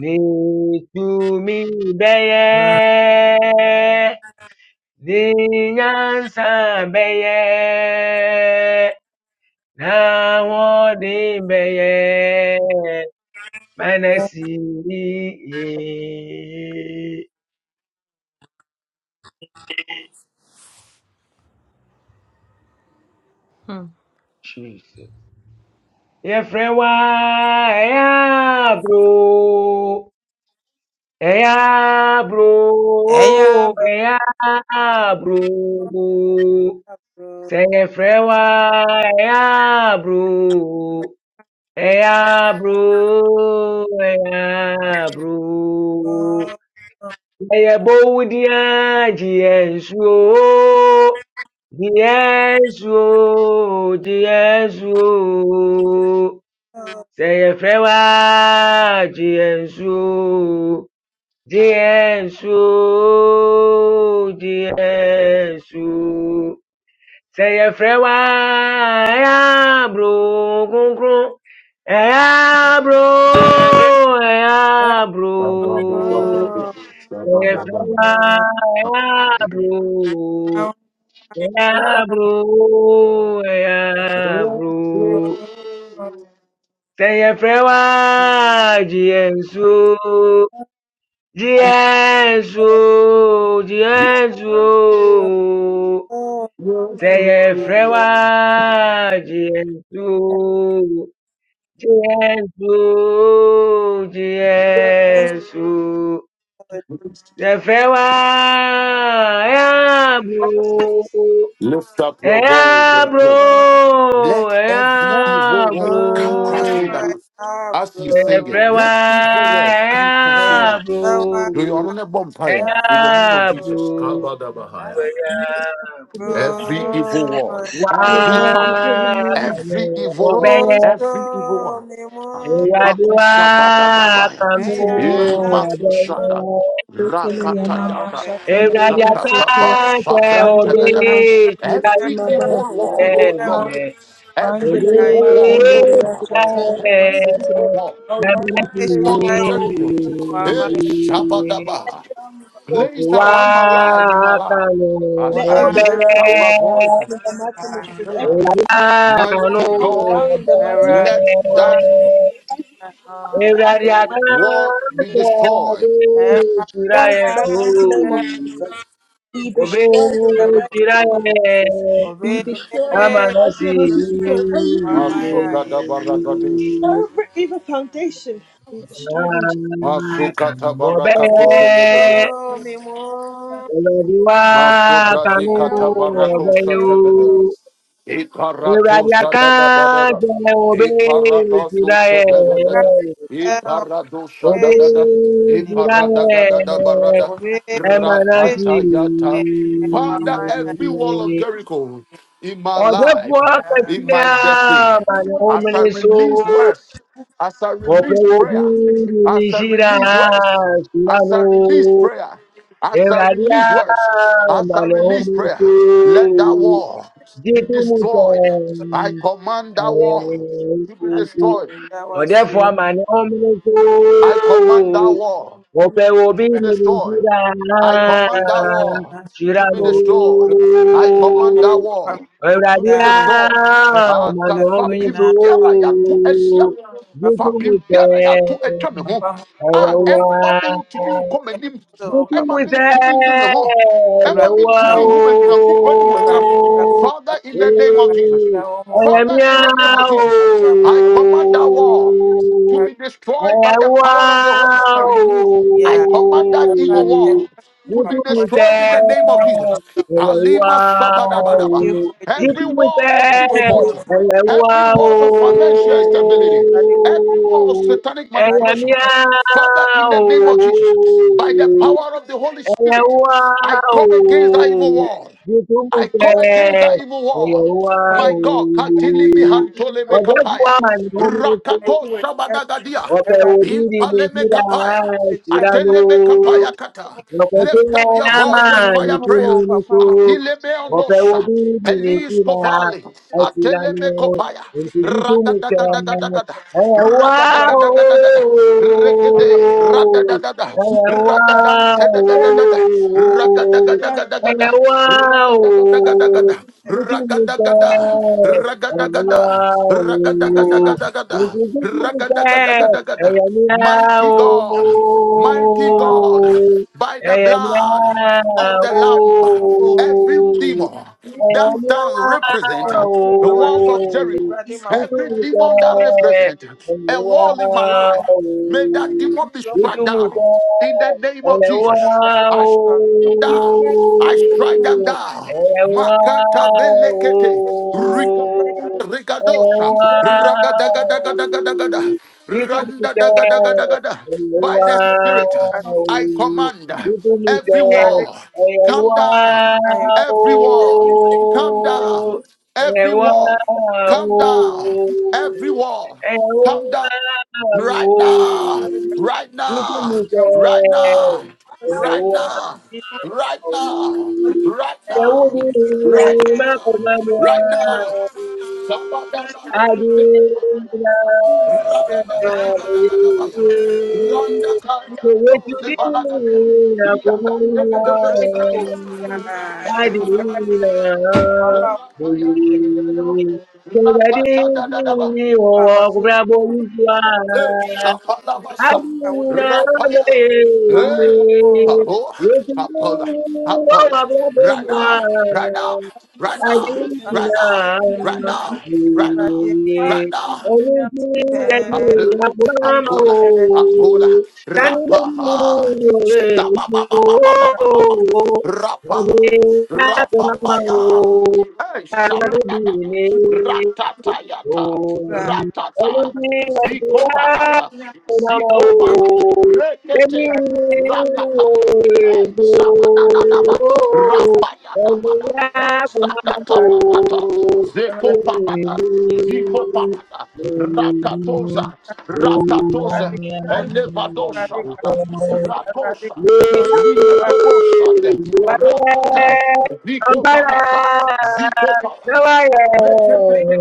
C: n'etumi gbeye. de nyansa na wɔde bɛyɛ manasi ye
D: Hmm.
C: jesus yɛfrɛ wa bro, aburo bro. aburo ɛyɛ aburo sɛ yɛfrɛ wa Yeah, bro. Yeah, bro. Yeah, bow dia, yes, yo. Yes, yo. Yes, Say a frewa, yes, yo. Yes, Yes, Say Seyefrewa eya bro kunkun eya bro say eya bro Seyefrewa eya bro eya bro eya bro Seyefrewa jiyensu Jesus, Jesus. Seyefrewa Jesu, Jesu, Jesu. Seyefrewa Eabro,
A: Lift up your voice and
C: Eabro,
A: pray. Let every evil
C: Eabro.
A: wall come crashing down. As you are singing,
C: Seyefrewa
A: let evil walls come crashing down. Do your
C: Eabro,
A: honor bonfire in the name of Jesus.
C: Eabro,
D: As a
A: Kabadabahaya.
C: Eabro.
A: Every evil wall, every
B: Yeah.
A: father.
C: Wakanu
A: Every evil word,
C: benye
A: every evil word.
C: Ewadiwa
A: Adimakusha badadabaya.
D: let the
B: Ntule mama
C: kanu
A: Emakushada.
C: benye
B: setele ya mama
A: Rakatayada.
B: shatele ya
C: Ewadi
B: masetele
A: Zakataba
C: atake obi
B: wandele ya
A: sabrantebedebe.
B: mashetele ya
A: Every
B: mama
A: evil wall,
B: setele
A: oh
B: ya
A: Lord.
B: mama
C: shirayere
A: Every
C: Obi
B: wandele ya
A: evil wall, oh
B: mazendele ya
A: God.
B: shatele ya
A: Every
C: shirayere
B: masetele.
A: evil wall.
B: Oh Lord, I
C: Nabinati
B: pray right
A: Wall of
B: now, oh
A: Jericho. Hey,
B: let
A: Shabadaba.
B: every evil wall
C: Nufu
A: Placed
B: down.
A: around my life, in my life.
C: wakanu
A: As
B: Let
D: country
A: I
B: every
C: benye Ewadi atake
A: lift
B: evil
A: up my voice and
B: wall down in the mighty name
A: prayer.
B: of Jesus. Every
A: Mighty
B: life
C: obi
B: come
A: God.
B: down in the mighty name of
A: Let
B: Jesus.
A: that
C: shirayere
B: Every evil come down in the
C: Obey,
B: mighty name of Jesus.
A: War be destroyed.
B: destroyed in the mighty name of Jesus. Be
C: Obey,
B: destroyed in the mighty name of Jesus. Be
D: start
B: destroyed in the mighty name of Jesus. Every evil will,
A: Masugada baragadush.
B: every evil foundation be destroyed in Jesus.
D: from the
A: Masukata
D: name of
A: barakatu
D: the
A: zegedegede.
D: Lord,
A: Masubradi
D: let
A: kata
D: that woman
A: barako
D: of the name
A: satabede.
D: of
A: Iparatosa da da ba da da.
D: great name of
A: Iparadosa da da da da. Iparadosa da da da. Iparada da da da ba da da.
C: Emanasi.
A: Ratata yata. Father, every wall of Jericho in my
C: Ọ̀dẹ́fọ́
A: life, in
C: akẹ́kẹ́
A: my destiny,
C: àmàlẹ̀
A: as I
C: ọmọnì so.
A: release words, as I
C: Ọ̀pẹ
A: release
C: ojú
A: prayer,
C: ni
A: as I
C: ṣíra
A: release words, as
C: ṣìyanu.
A: I release prayer, as I
C: Ìràdí
A: release words, as I
C: àmàlẹ̀
A: release
C: ọmọnì so.
A: prayer, let that wall, be
C: Jíjú mu tẹ̀
A: destroyed. I command that
C: ẹ̀rọ
A: wall to be
C: ìkókó.
A: destroyed.
C: Ọ̀dẹ́fọ́
D: great
C: àmàlẹ̀ ọmọnì
A: I command that
C: so.
A: wall
C: Ope
A: to be
C: obiri
A: destroyed.
C: shira
A: I command that wall to be
C: shirabu
A: destroyed. I command that wall to be
C: Euradia
A: destroyed. Ata
C: manometu
A: fapim biara ya to esia me.
C: Jitu
A: Fapim
C: mute
A: biara ya to etwa me ho. Ah, emba
C: Ayawa
A: me ntimi nkɔ m'anim.
D: Father
C: Meeting
D: God,
A: Emma
C: with
A: me
C: her.
A: ntimi ndi me ho. Emma me ntimi
C: Wow.
A: nhu me Nyankopɔn animuonyam. Father, in the
C: Hey.
A: name of Jesus.
C: I am
A: Father, in the name of
C: Yao.
A: Jesus, I command that wall to be
C: I
A: destroyed by
C: am
A: the power of the Holy
C: wow.
A: Spirit.
D: I
A: I
D: love
A: command that evil wall to be
C: Meeting with
A: destroyed in
C: her.
A: the name of Jesus. Alima
C: Wow.
A: Sabadabadaba.
D: you.
A: Every
C: Meeting with
A: walls of
C: her.
A: difficulty, every
C: Wow.
A: walls of financial instability, every wall of satanic
C: I am
A: manipulation. Father, in the name of Jesus, by the
C: Yao.
A: power of the Holy
C: Ella,
A: Spirit, I
C: Wow!
A: come against that evil wall.
C: YouTube
A: I come against
C: mulher!
A: that evil
C: Ella,
A: wall.
C: Wow!
A: My God, Katilimi Hantole
C: Well, that's
A: Mekapaya.
C: one. No, no, no.
A: Rakato Shabadagadia.
C: Ọbẹ̀ wo dídì ni
A: Impaleme
C: síra
A: Kapaya.
C: síra
A: Ateleme
C: ló.
A: Kapaya Kata. Lift
C: Wapokea
A: up your voice and
C: amani
A: fire prayer.
C: tuminifu,
A: Atileme
C: wapewe
A: Ondosha.
C: ubiri
A: Elis
C: kila
A: Kovali. Ateleme
C: asilani,
A: Kopaya.
C: msijitumike
A: Rakadagadagada.
C: wao
A: Rakadagadagada. Regede. Rakadagada. Rakadantedadadada. Rakadagadagada.
C: wao wao
A: Rakadagadagada.
C: jitumike
A: Rakadagada. Rakadagada.
C: wao
A: Ragada, ragadagadagada,
C: msijitumike
A: ragadagadagada. Mighty
C: yao
A: God, mighty God, by the
C: Eyanyawo,
A: blood of the Lamb, every demon that stands represent
C: eyanyawo,
A: the walls of Jericho, every
C: bitumike,
A: demon that represents a wall in my life,
C: eyanyawo,
A: may that demon be struck down
C: bitumike,
A: in the name of
C: eyanyawo,
A: Jesus. I strike them down. I strike them
C: eyanyawo,
A: down. Makata belekete. Rigadosha,
C: eyanyawo,
A: ragadagadagadagadagada,
C: bitumike,
A: randadagadagadagada. By the Spirit, I
C: eyanyawo.
A: command
C: You do me
A: every
C: say,
A: wall,
C: hey,
A: come
C: wow,
A: down, every wall, come down,
C: hey,
A: every wall,
C: wow,
A: come down,
D: This is
A: every wall,
C: hey,
A: come down
C: wow.
A: right now, right
C: You do
A: now,
C: me
A: right
C: say,
A: now,
D: the
C: hey,
D: Son.
A: right
C: wow.
A: now, right
C: Thank
A: now,
D: When
A: right now, right now, right now, Randa
D: I saw the problem, I could
A: Hey,
C: you. Thank
A: Shapalabasa,
D: not
C: you.
A: Rapaya,
D: have it.
A: Hey, Pabo, Apola, Apola,
D: This is
A: Rana, Rana, Rana, Rana,
D: the case
A: Rana,
D: for the
A: Rana,
D: problem.
A: Rana,
D: Me, I'm just saying,
A: Apula, apula, apula,
D: problem,
A: rapa, sabababababababa, rapa, rapa, rapapaya, eh,
D: problem,
A: sabadada, ratatayata,
D: I'm saying,
A: ratata,
D: this
A: zikoparata,
D: is me, I'm
A: zikoba, rekete,
D: having to live with
A: rakata.
D: me.
A: Hey, Sabadadadaba,
D: I'm having
A: Rafayadabadaba, Zakatabarata, Zeko Parada, Ziko Parada, Rakatoza, Rakatoza,
D: to live with this.
A: Elevadosha,
C: Oh, Ampara,
A: Rakosha,
D: Break, break, break, break, break,
A: Ligodobosha, Rakata, Ziko Parata, Ziko Parada,
D: break, break,
A: Rakata,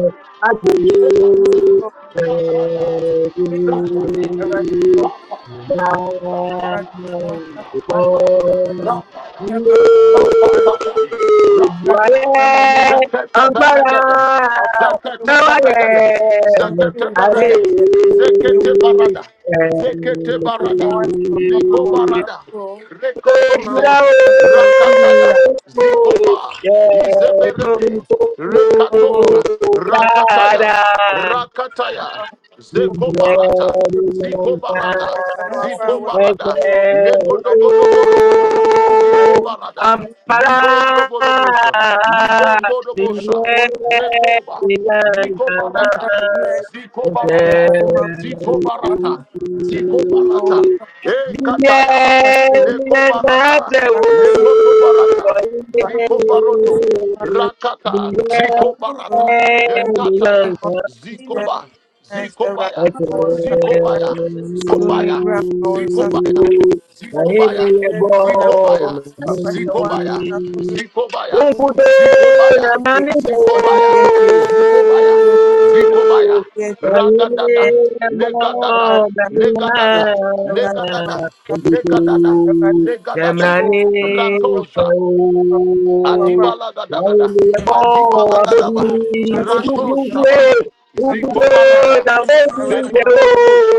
D: break
A: Rapa, Rapa,
D: this
A: Zakata baragada. Zakata baragada. Zakata barada. Zekete barada. Zekete barada. Liko barada. Rekotoze. Rakataya.
D: me, problem.
A: Zikoba. Izeberede. Rekatoza. Rakataya.
C: yeah,
A: Rakataya. Zeko
C: yeah,
A: Zikobarata, Zikobarada, barata.
D: As the Son
A: Ziko
D: of
A: barada. Legodogodoborogodo.
D: the to the
A: Ziko
D: theology,
A: barada. Ligombo dobosa, Rekoba, Ligobarata, Zikobarata, Zikobarata, Zikobarata, E Kataya, Lekobarata, Lekotobarata, Zikobaroto, Rakata,
D: humble the
A: Zikobarata, E Kataya,
D: name of
A: Zikoba,
D: Jesus.
A: Zikobaya,
D: Humble the
A: Zikobaya,
D: Jesus, so God, I
A: Zikobaya, Zikobaya,
C: Wahindi
A: Zikobaya,
C: ya bom.
A: Zikobaya, Zikobaya, Zikobaya,
C: Ubudo
A: Zikobaya,
C: na manido.
A: Zikobaya, Zikobaya, Zikobaya,
C: Kaine
A: Ragadada,
C: na mo
A: Legadada,
C: daya.
A: Legadada, Legadada,
C: Ubudo
A: Legadada,
C: na
D: love
A: Legadada,
C: manido.
A: Rakosa, Adibala
C: Kaine na mo
A: Adibalagadaba,
C: abodi. Ubudo
A: Rako Shabaha, Ziko
C: Ubudo
A: Barada,
C: na manido.
A: Zeko Borobos,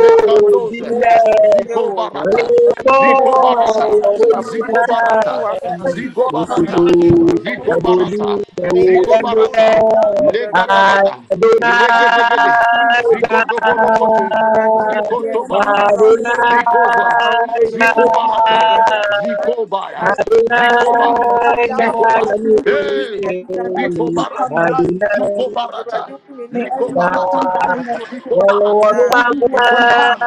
B: name. May
C: Dile.
A: Ziko Barata,
C: Kaine na mo
A: Ziko
B: every
A: Barata, Ziko Barata,
C: abodi.
A: Zigo
B: wall come
A: Barata,
B: down in the mighty
A: Ziko
B: name of Jesus.
A: Barata,
B: May
A: Zigo
B: every wall
A: Barata,
B: come down in the mighty name of
A: Legadagada,
B: Jesus. May every wall
A: Regedegede,
B: come
A: Zigo
B: down.
A: Doborokotu, Ziko
B: Sekele mama
A: Tobarada,
B: bandere ya
A: Ziko
B: masaka.
A: Zo, Ziko
B: Sekele mama
A: Barata,
B: bandere ya
A: Ziko Baya,
B: masaka. May every
A: Zikoba,
B: week come down in
A: Zico
B: the
A: ba,
B: mighty name of
A: hey,
B: Jesus. May every
A: Zico
B: week come
A: barata,
B: down in the mighty
A: Zico
B: name
C: Adonai,
B: of Jesus.
A: barata,
B: May
A: Zico
B: every will come
A: barata,
B: down
C: Adonai,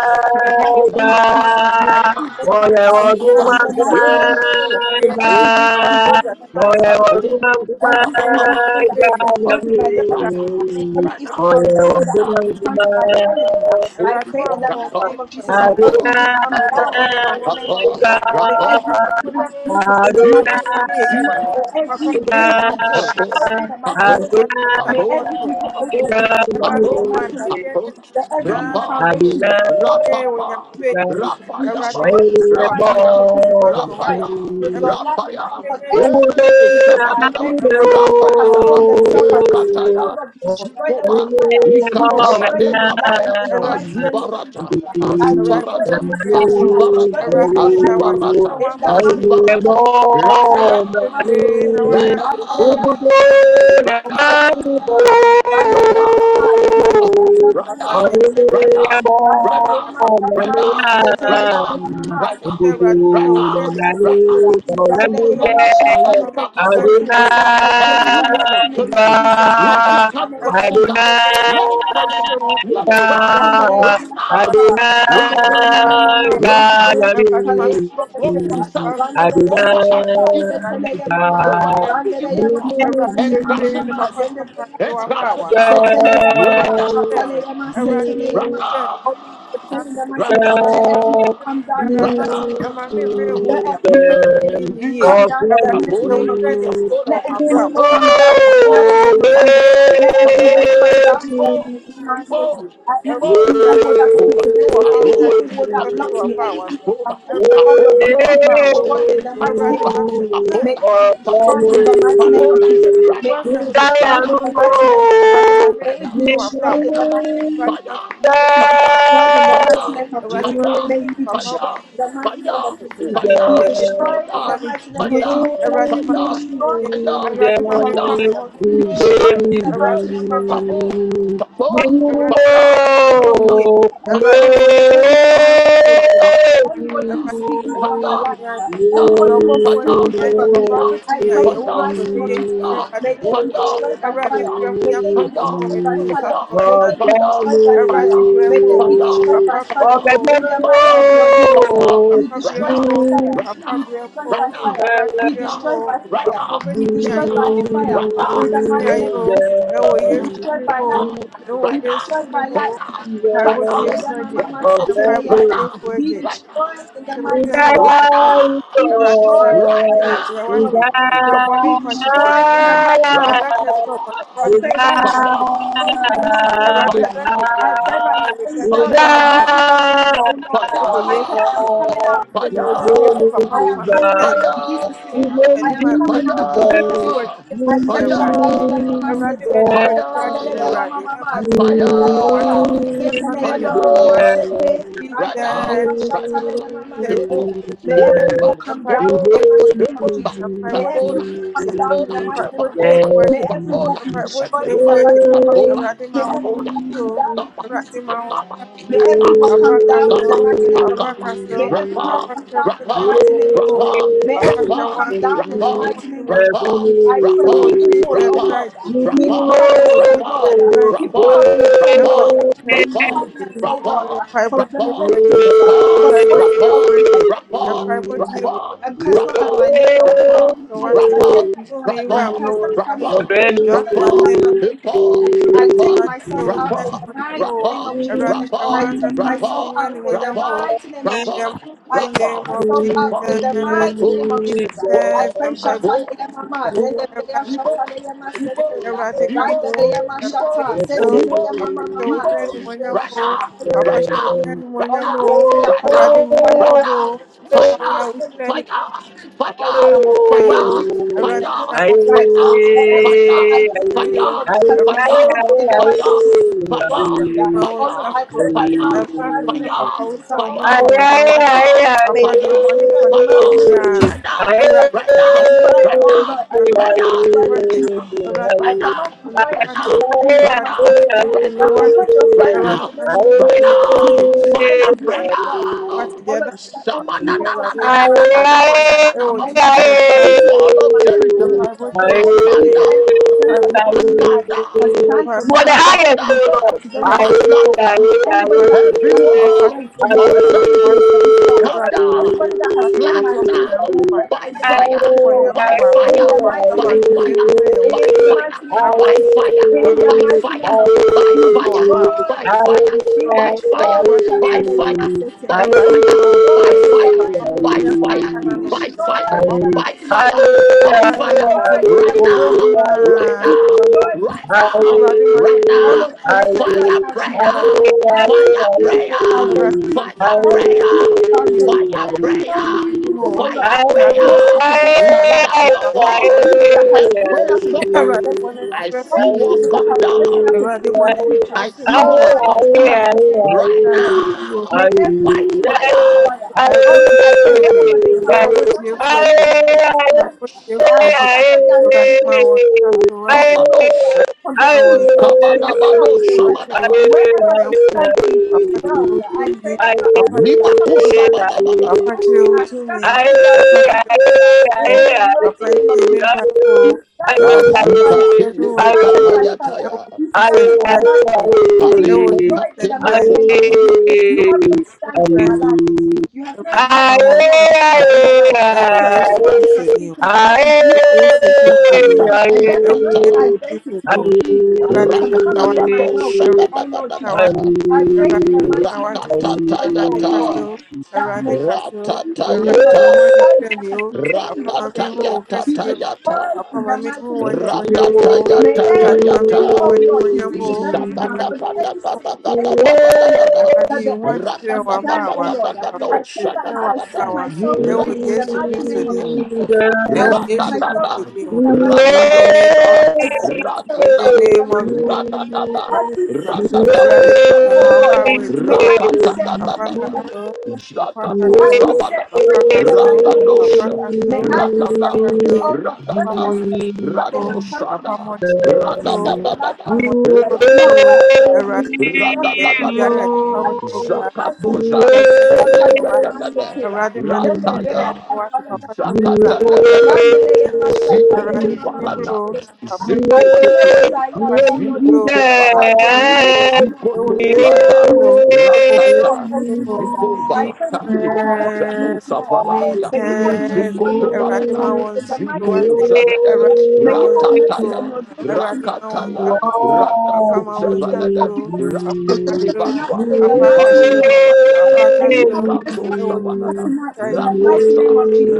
B: in the mighty
A: Zico
B: name of Jesus. May every will come down
A: ba,
B: in the
A: yeah,
B: mighty name of Jesus. May every will come down in the mighty name of Jesus. May every will come down in the mighty name of Jesus. Every evil wall that has been planted by the
A: right now,
B: enemy, uh, any
A: right
B: evil
A: now,
B: foundation
A: right
B: that has been planted by the
A: now.
B: enemy, uh,
A: Rapport,
B: I pray in the mighty name of Jesus, may every
A: rapport,
B: wall come down
A: rapport,
B: in the mighty name of
A: rapport,
B: Jesus. May
A: rapport.
B: every wall be
C: Adonai,
A: He,
B: uprooted in the
A: he,
B: mighty name of Jesus.
A: he,
B: May every wall be
A: rapport,
B: destroyed in the mighty name of
A: rapport,
B: Jesus. May
A: rapport, rapport,
B: every evil altar be
A: rapport,
B: destroyed in the
A: rapport,
B: mighty name of Jesus. May
C: I
B: every evil
A: rapport,
C: love
B: foundation be destroyed in the mighty
A: rapport,
B: name of Jesus.
C: the
B: Jesus. We
A: rapayaba,
C: way
B: destroy you in the mighty
A: rapaya,
B: name of Jesus with your fire,
A: rapaya,
B: with your light, and
A: rapaya.
B: upon
C: Maria,
B: every
A: Hey,
B: single
A: sabadadaba,
B: identity that has
A: rapayadaba,
B: formed themselves
A: hey,
B: as a spirit. Oh
A: kataya,
B: Lord, we destroy them with
A: zikoba,
B: fire. We destroy them with lightning
A: Ikatabadekapaya,
B: in the mighty name of Jesus.
A: Azubarata,
B: I destroy
A: Azubarata,
B: them with fire, and I destroy
A: Azubarata,
B: them with your lightning
A: Azubarata,
B: in the mighty name of
A: Azubarata,
B: Jesus.
A: right now,
B: Shakalayamasetu.
A: right
B: Rakalayamashakalayamasetu.
A: now, right
B: I pray
A: now, right now, right now, right now, right now, right now, right now, right now,
C: Adonai,
A: right now, right now. Oh Lord, as I lift up my
B: in the mighty name of Jesus,
A: lip
B: Lord.
A: right now,
B: Randereya
A: right now.
B: Masata,
A: right
B: Randereya Mama Mama,
A: Right
B: Randereya
A: now, let
B: Sataleya
A: your glory be
B: Masataya,
A: seen
B: Randereya
A: over
B: Masata,
A: every evil,
B: Seteleya Mama,
A: over every
B: Randereya
A: evil wall, and
B: Masataleya Mama
A: crush it
B: Mama,
A: now,
B: Zendebreya
A: and
B: Sata,
A: crush it now,
B: Seteleya Mama,
A: right now,
B: Shataleya Ma, Seteleya
A: right
B: Ma. Oh
A: now,
B: Lord, I pray in the mighty name
C: Thank
A: right
B: of Jesus,
A: now,
B: let everything come down in the
A: right
B: mighty
A: now.
B: name of Jesus. Let
A: We
B: everything
A: will, we will.
B: Come down in the mighty
A: Papola,
B: name of Jesus.
A: papola,
B: Let every wall
A: papola,
B: come down in the mighty
A: papola,
B: name of Jesus.
A: papola,
B: Let every wall
A: papola.
B: come down in the
A: People,
B: mighty name of Jesus.
A: people,
B: At every
A: people.
B: evil word that
A: Oh,
B: speaks against me, any
A: papola,
B: evil word that
A: papola,
B: blocks me, any evil
A: Ahoba,
B: foundation, all
A: Ahoba,
B: of may it be
A: Pabola,
B: destroyed in the mighty name
A: Akuba,
B: of Jesus. May
A: Abola,
B: it be destroyed
A: Pabola,
B: in the mighty name of
A: Pabola,
B: Jesus. May
A: Rada,
B: it be destroyed in
A: Rada,
B: the mighty name of Jesus.
A: Fire!
B: May it be destroyed in the mighty name of Jesus.
A: Fire!
B: May it be destroyed in the mighty name of Jesus. May
C: you.
B: it be destroyed in the mighty name of Jesus. uh. Be
C: Jesus.
B: destroyed in the mighty name of Jesus. uh. Be destroyed in the mighty name of Jesus. uh. Be destroyed in the mighty name of Jesus. uh. Be destroyed in the mighty name of Jesus. uh. I pray anyone who is speaking over my me, Anyone who is speaking over my life, uh, anyone who is speaking over me, uh, I pray in the mighty name of Jesus. uh,
A: Fire!
B: May they be destroyed by fire.
A: Fire!
B: May they
A: Fire!
B: be
A: Fire! Fire!
B: destroyed by fire. May they
A: Fire!
B: be destroyed by fire. May they be destroyed by fire.
C: Okay,
B: In the mighty name of Jesus, uh, we destroy by fire. We destroy by fire. We destroy by fire. We destroy by
C: Jesus,
B: fire. In the mighty name of Jesus, uh, we destroy by lightning. Be destroyed by lightning.
C: Jesus,
B: Chakaleyama mama
C: oh
B: seteleyama.
C: blessed
B: Be destroyed in the mighty name
C: Thank
B: of Jesus. Be destroyed in the mighty name of Jesus. Be destroyed in the mighty name of Jesus. I pray right now. Be destroyed in the mighty name of Jesus. I pray right now. Any bell that have used to cover me, oh Lord. I pray I am coming out in Jesus' name. I am coming out in Jesus' name. I am coming out in Jesus' name. I
A: Fire!
B: pray Shatale Yama Setea, Landele
C: you.
B: Yama Mama, Zendebia Shata, Setele Yama
A: Fire!
B: Mama Sete,
A: Right
B: Landele
A: now,
B: Yama
A: right now,
B: Shatale Yama
A: step over,
B: Setea. May
A: step
B: every who
A: over,
B: come
A: step
B: down in
A: over,
B: the mighty
A: step
B: name of
A: over.
B: Jesus. May every
A: Papola,
B: who come down in
A: papola,
B: the mighty name of Jesus.
A: papola,
B: May every who
A: papola,
B: be destroyed in
A: papola,
B: the mighty name of Jesus.
A: papola,
B: May every
A: papola,
B: who come down in
C: Thank
B: the
A: papa,
B: mighty name of Jesus.
A: papa,
B: May every
A: papa,
B: wall come down in
A: papa,
B: the mighty name of
A: papa.
B: Jesus. May every
A: Rapa,
B: wall come down in
A: rapa,
B: the
C: you
B: mighty name
C: Thank
B: of
A: rapa,
B: Jesus. May every wall come down in
A: rapa,
B: the
A: rapa,
B: mighty name of Jesus.
A: rapa,
C: you.
B: I pray
A: rapa,
B: evil walls, oh
A: rapa,
B: Lord, uh,
A: rapa,
B: evil covenants, oh
A: rapa,
B: Lord, uh, evil
A: rapa,
B: covenants, oh
A: rapa,
B: Lord, uh, evil covenants, oh Lord,
A: rapport,
B: uh, from
A: rapport,
B: generations, uh,
A: rapport,
B: from wealth, oh
A: rapport,
B: Lord, I pray right now
A: rapport, rapport,
B: that
A: rapport,
B: um, curse not have
A: rapport.
B: my name on it. sir. Oh my I say right now that that curse, that family generational curse that not have my name on it. sir. I take myself out in the mighty name of Jesus. sir. I take myself out in the mighty name of Jesus. sir. I take myself out in the
C: will
B: mighty name of
C: be
B: Jesus. sir. I pray
C: heavenly. Amen.
B: Shataleya Mama, Zendebea Shataleya Maseteya, Randeleya Mashata, Seteleya Mama Mama, then the Zendebea Shataleya Oh Lord, I pray, I command your fire right now to strike every identity, oh Lord, working for Satan against
C: Hey,
B: my life, uh, or any
D: every spirit,
B: evil identity, oh Lord, that has been set in the mighty name of Jesus. Destroy me, uh. Oh Lord, I pray right now in the mighty name of Jesus. uh, oh Lord, uh,
C: Ayay, ayay,
B: May the be taken in the mighty name of Jesus. I command your fire, oh Lord. I command your fire, Jesus. I command your fire, Shakamari Mama Sefera. I command your fire in the mighty name of Jesus to be, for them
A: Fire
B: to be
A: prayer.
B: destroyed. uh.
C: ayay.
B: Oh Lord, that any
C: Aye,
B: evil altars with my name on it,
C: aye,
B: uh, any evil
A: Every
C: aye.
B: foundation
A: wall
B: with
A: of
B: my name on
A: Jericho
B: it, uh, Lord,
C: Aye,
A: must come
B: any evil,
A: down,
B: any sense that the
C: aye.
A: must
B: enemy
A: come
B: has,
A: down,
B: has planned for
C: You
B: me,
C: are the
B: Lord,
A: must
B: I
A: come
B: pray
C: highest,
B: it
C: O
B: will go
A: down,
C: Lord.
B: back to them in
C: Aye,
A: must come
B: sevenfold. uh.
C: aye,
A: down.
C: aye.
B: Anybody that has
A: Every
B: planned my
A: wall
B: disgrace, it
C: Aye,
B: will go
A: of
B: back to them in
A: Jericho
B: sevenfold
C: aye,
A: come
B: uh,
C: aye.
A: down,
B: Everybody that has planned my
A: flatten
B: ruin,
A: down
B: it will go back
A: by
B: to them
C: Aye,
B: in
A: fire,
B: sevenfold.
A: by
B: uh, In
A: fire,
B: the mighty
A: by
B: name of
A: fire,
B: Jesus.
A: by
B: In the
A: fire,
B: mighty name of
A: by
B: Jesus.
A: fire,
B: In the
A: by
B: mighty name of
A: fire,
B: Jesus.
A: by
B: Be
A: fire, by
C: aye, aye.
B: destroyed. uh,
A: fire,
B: Be
C: Aye, aye,
A: by fire,
B: destroyed.
A: by fire,
B: Shatanayama
C: aye. I.
B: Satan.
A: by
B: Be
A: fire, by
B: destroyed in the
A: fire,
B: mighty name of
A: by
B: Jesus.
A: fire,
B: Be
A: by fire,
B: destroyed in the
A: by
B: mighty name of
A: fire,
B: Jesus.
A: by
B: Be
A: fire,
B: destroyed in the
A: right
B: mighty name
A: now,
B: of Jesus.
A: right
B: Be
A: now,
B: destroyed in the
A: right
B: mighty name
A: now,
B: of
A: right
B: Jesus. Oh
A: now,
B: Lord, I pray right
A: fire
B: now,
A: prayer,
B: Jesus any
A: fire prayer,
B: evil identity,
A: fire
B: any
A: prayer,
B: evil foundation,
A: fire prayer,
B: any evil, oh Lord,
A: fire
B: that is
A: prayer.
B: rising up against my
A: Lift
B: life,
A: up
B: uh,
A: your
B: any
A: voice
B: evil that has
A: and
B: risen
A: pray.
B: up against
A: Somebody,
B: my destiny, uh,
A: I
B: any
A: see what's
B: evil that
A: coming
B: has
A: down.
B: risen up against my
A: I
B: future.
A: see
B: Oh,
A: walls
B: I pray
A: coming
B: in the
A: down
B: mighty name of
A: right
B: Jesus Christ.
A: now
B: May every
A: by
B: spirit catch
A: fire.
B: fire. Oh Lord, I pray wherever they are, I
A: Hey,
B: scatter their meeting
A: shababa,
B: places
C: I
B: tonight. uh, I
A: shababa,
B: scatter their meeting places tonight. uh, From the north, uh,
A: kabados,
B: from the east, uh, to the
A: kabadabado,
B: south, to the west, uh,
A: shabadaba,
B: wherever they stand in this world, uh, I pray right now, I scatter
A: limaku,
B: all their meeting
A: shabadabadaba.
B: places. uh, I scatter all their meeting places uh, in the mighty name of Jesus. Be scattered by
A: Masuka
B: fire. Be
A: tele meka
B: scattered by
C: I
B: fire.
A: payataya,
B: Be
C: Aye,
D: this
B: scattered
C: aye,
B: by lightning. uh, To be
A: pariko
C: aye.
B: destroyed in the
A: katene
C: Aye,
B: mighty name of Jesus.
D: beautiful
A: koparata,
B: You
C: aye.
B: have no
C: Aye, aye, aye.
B: stand in my life to speak. You have no right, oh Lord, to speak in my life.
A: sakata da
B: The only one who can
D: God.
A: batalias,
B: speak in my life is
C: Aye,
B: you, oh Lord Jesus Christ.
A: sakata
C: aye.
B: And
A: kata
B: therefore, no
A: kata,
B: identity of evil uh, can come near my
A: rakadakado,
B: well being, oh Lord
C: Aye,
B: Jesus.
A: shadadadadadada,
B: I pray in the mighty name of Jesus, oh Lord
A: rakatatayata,
B: God that may every evil over
A: ratatayata.
B: assignment that has been taken because of media
A: Rakatayata
B: be
A: tayata.
B: destroyed in the mighty name of Jesus. May
A: Rakatayata
B: every,
D: Amen.
A: tayata.
B: oh Lord, diseases that is in my body, any sickness,
C: aye,
B: anything, oh Lord,
C: aye.
B: that the enemy has planned, oh Lord, I pray that I set myself free in the
C: Thank
B: mighty name of Jesus. I set myself free in the mighty name of Jesus.
A: Ragadosha,
B: I set myself
A: Radada,
B: free in the mighty name of Jesus.
A: Ra-da-da-da.
B: Every sickness and any pain, oh
A: Ra-da-da-bo-shabba-da-ba.
B: Lord, uh, may I be set free in
A: Ra-ka-ta-da-da-da-da.
B: the mighty name of Jesus. May I be
A: Jaka-to-shabba-da.
B: set free in the mighty name of Jesus.
A: Ra-da-do-sha.
B: uh. May I be set
A: Radada,
B: free, oh Lord, recklessness that they have come for me.
A: Ranosada,
B: They want to suck the life
A: Radadadadada,
B: out of me, but it will not work uh,
A: Ra-da-da-da-da.
B: because I serve a living God. uh.
A: Ra-da-da-da-da-da.
B: I pray in the mighty name of
A: Zakatoza.
B: Jesus. Shakaleya
A: Elegadagada.
B: Maskatera.
C: you.
B: Dendebreya
A: Rataya.
B: Shakaleya
C: You.
A: Zakata
B: Maskatera.
A: lebelete.
B: Randereya
A: Zikoto
B: Mashakaleya Mama Mama
A: barata.
B: Maskatera. I will never
A: Zeketekiti.
B: die young, oh Lord Jesus.
A: Zikoto
B: I will
A: barata.
B: live and
A: Zikoto
B: declare the
A: rata.
B: mercy of the good Lord,
A: Ratata.
B: oh Jesus.
A: Ziko
B: I pray, may you
A: baratali.
B: have mercy on me
A: Venusa
B: tonight. sir.
A: varanya.
B: May you have mercy on your
A: Zikoto
B: daughter
A: barata.
B: tonight in the mighty name
A: Ziko
B: of Jesus.
A: zavede.
B: sir. May you have mercy
A: Ratataya.
B: on your daughter tonight in the
A: Rakatala.
B: mighty name of Jesus.
A: Rakato
B: sir. May you have
A: Zevalada,
B: mercy on your
A: Rate
B: daughter tonight
A: Levadua,
B: in the mighty
A: Ivano
B: name of Jesus.
A: Savadiata,
B: May you have mercy
A: Legando
B: on us
A: Savadada,
B: tonight in the mighty name
A: Rakosa,
B: of Jesus.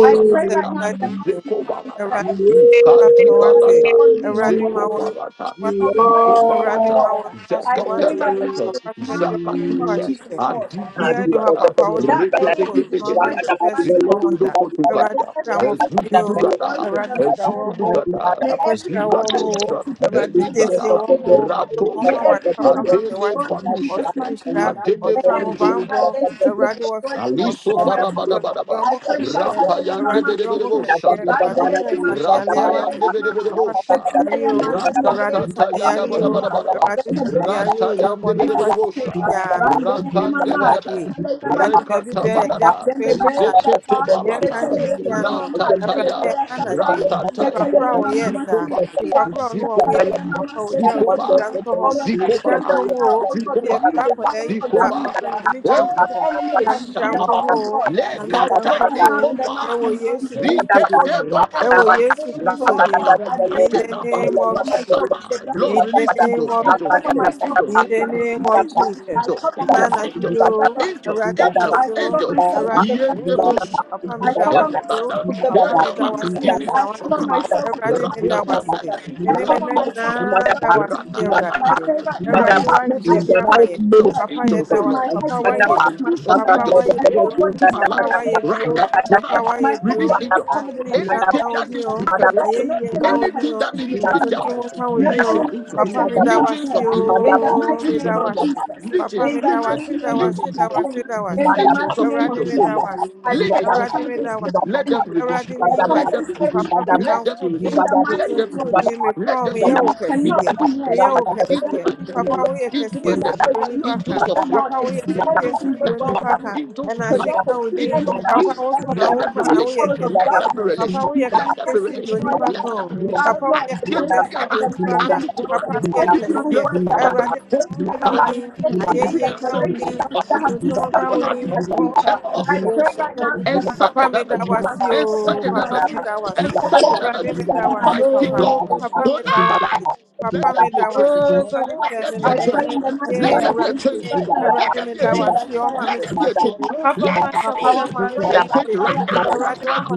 B: I pray right now in the mighty
A: Zeko
B: name of Jesus that
A: Barada,
C: Thank
B: any sickness, oh
A: Ikadi
B: Lord, that is
A: Balata,
B: on
C: You
B: me or
A: Zeko
B: anything that
A: Barata,
B: is on me, oh Lord, that
A: Ziko
B: is not of
A: Barata,
B: God. I pray right now
A: Zakatabalata,
B: in the mighty name of
A: Zakatusa,
B: Jesus, Lord
A: Adigudugada,
B: that may it be destroyed in
A: Rekedegedegede,
B: the mighty name of
A: Zikondo
B: Jesus. May
A: Potugada,
B: every evil be
A: Zugudugada,
B: destroyed in the mighty name of Jesus.
A: Zugudugada,
B: May every evil
A: Zigados
B: identity be destroyed in the
A: Eligada,
B: mighty name of Jesus. May
A: Ratoze,
B: every evil be
A: Adele
B: destroyed in Jesus'
A: Falushede,
B: mighty name.
A: Adele
B: May every evil
A: Falushede,
B: identity be destroyed in
A: Aliso
B: Jesus' mighty name.
A: varabadabadaba.
B: I pray,
C: are
B: Shatalele
A: Rapayande
B: Mama
A: bedebedebo
B: Sukuru.
C: Thank
B: Right,
A: shandabadaba.
B: Mama Shatalele
A: Rapayande
B: Mama.
A: bedebedebo
B: Oh Lord,
A: sha.
B: I pray right
A: Ratatata yanda badabadabadaba. Ratayande bedebedebo sha. Ratande bedebe. Rekata badada. Zekete barata. Ratataya. Ratataya. Zikoba. Zikoba. Zikoba. Zikoba.
B: now, oh God, may
A: Zikoba.
B: you reveal unto me,
A: Zikoba.
B: yeah. oh God, the enemy
A: Hey,
B: can never,
A: Shababa.
B: oh God, uh, I pray
A: Lekata
C: you.
B: right now in the
A: likoba.
B: mighty name of
C: In
B: Jesus.
C: the
B: yeah.
C: right
B: Oh
A: Dikete
B: Lord, whatever
A: barata.
B: comes spiritual, oh Lord,
A: Sababa
B: I pray right now,
A: katelaba.
B: I cover myself
A: Saba.
B: with the blood of
A: Lord,
B: Jesus.
A: release angels,
B: I
A: angels,
B: cover
A: angels,
B: myself
A: angels,
B: with the
A: angels.
B: blood of Jesus.
A: Angels,
B: I
A: angels,
B: cover
A: angels,
B: myself with the
A: angels,
B: blood of Jesus. I
A: angels,
B: cover
A: angels,
B: myself with the blood of Jesus.
A: angels.
B: I cover
A: Release
B: myself with the blood of Jesus. I cover myself with the blood of Jesus. I cover myself with the blood of Jesus. I pray right now, uh, may I be
A: angels,
B: covered in the
C: name of
A: angels,
B: blood uh,
C: Jesus,
A: angels, oh
B: from
A: Lord.
B: my head to the soles of my
A: Multitudes of
B: feet. uh,
A: angels,
B: My whole body is covered in the
A: right
B: blood of Jesus.
C: and
B: uh, My whole body is
A: angels,
B: covered in the
C: Thank
B: fire of Jesus. uh, So therefore, no
A: and
B: enemy can
A: that
B: attempt
A: is
B: to come near. No enemy can attempt to come near. uh, In the mighty name of Jesus. In the mighty name of Jesus. In the mighty name of Jesus, eh? I
A: let
B: pray I come against every
A: let
B: enemy. eh? I come against every enemy.
A: let
B: In the
A: let
B: mighty name of Jesus. You cannot come here because I
A: let
B: serve a living God. He will overlook,
A: angels
B: oh
A: of war,
B: Lord, and see
A: angels
B: everything
A: of
B: go well
A: darkness,
B: for me.
A: angels of
B: So
A: power,
B: therefore, you
A: angels
B: enemy,
A: of
D: Well,
B: you
D: I'm
A: presence. Let
D: gonna
B: everywhere,
A: there be
B: you
A: relation.
B: powers of
A: Let there be
B: darkness,
A: relation.
B: you
A: Let
B: cannot
A: there be relation.
B: destroy me.
A: Let there be relation.
B: Our
A: I
B: Lord, I
A: give
B: pray right now in
A: Piara
B: the mighty name
A: after
B: of
A: Toma.
B: Jesus.
D: talk about
A: Did
B: Any
A: you
D: myself
B: evil
A: prepare
B: words that
A: my
B: have been
A: brother?
B: spoken over
A: But
B: my life, any evil
A: visit yourself
C: you.
B: declarations
A: or
B: that
A: sit.
B: have been spoken
A: But I
B: over my
A: know
B: future,
A: ever or
B: I
A: sit.
B: pray right now in
A: And
B: the mighty
A: such another Jew.
B: name of Jesus that has been
A: And
B: spoken
A: such
B: over my
A: another Jew.
B: ministry,
A: And
B: that
A: such
B: has
A: another
B: been
A: Jew.
B: spoken over my life.
A: Mighty
D: Oh,
A: God.
D: God, Jesus.
A: Tonight, let there be a change.
D: Oh, God,
A: Let there
D: Jesus.
A: be
D: The
A: a
B: I
A: change.
B: pray
D: name
B: in the
D: of
B: mighty
A: Let
D: Jesus.
B: name
A: there
B: of
A: be a
B: Jesus
D: The
A: change.
D: name
B: right now.
D: of Jesus.
B: I
A: Let there be
D: The
A: a
B: destroy
D: name
B: it
D: of
A: change.
B: by fire in the
A: Let there
D: Jesus.
A: be a
B: mighty name
A: change.
B: of Jesus.
D: Cover
A: Let there
D: myself
B: I
D: with the
A: be
D: blood, the
B: destroy
A: a
B: it
D: name
B: by
D: of
A: change right
D: Jesus,
B: fire in the
A: now,
D: Lord.
A: right
B: mighty name of
A: now,
B: Jesus.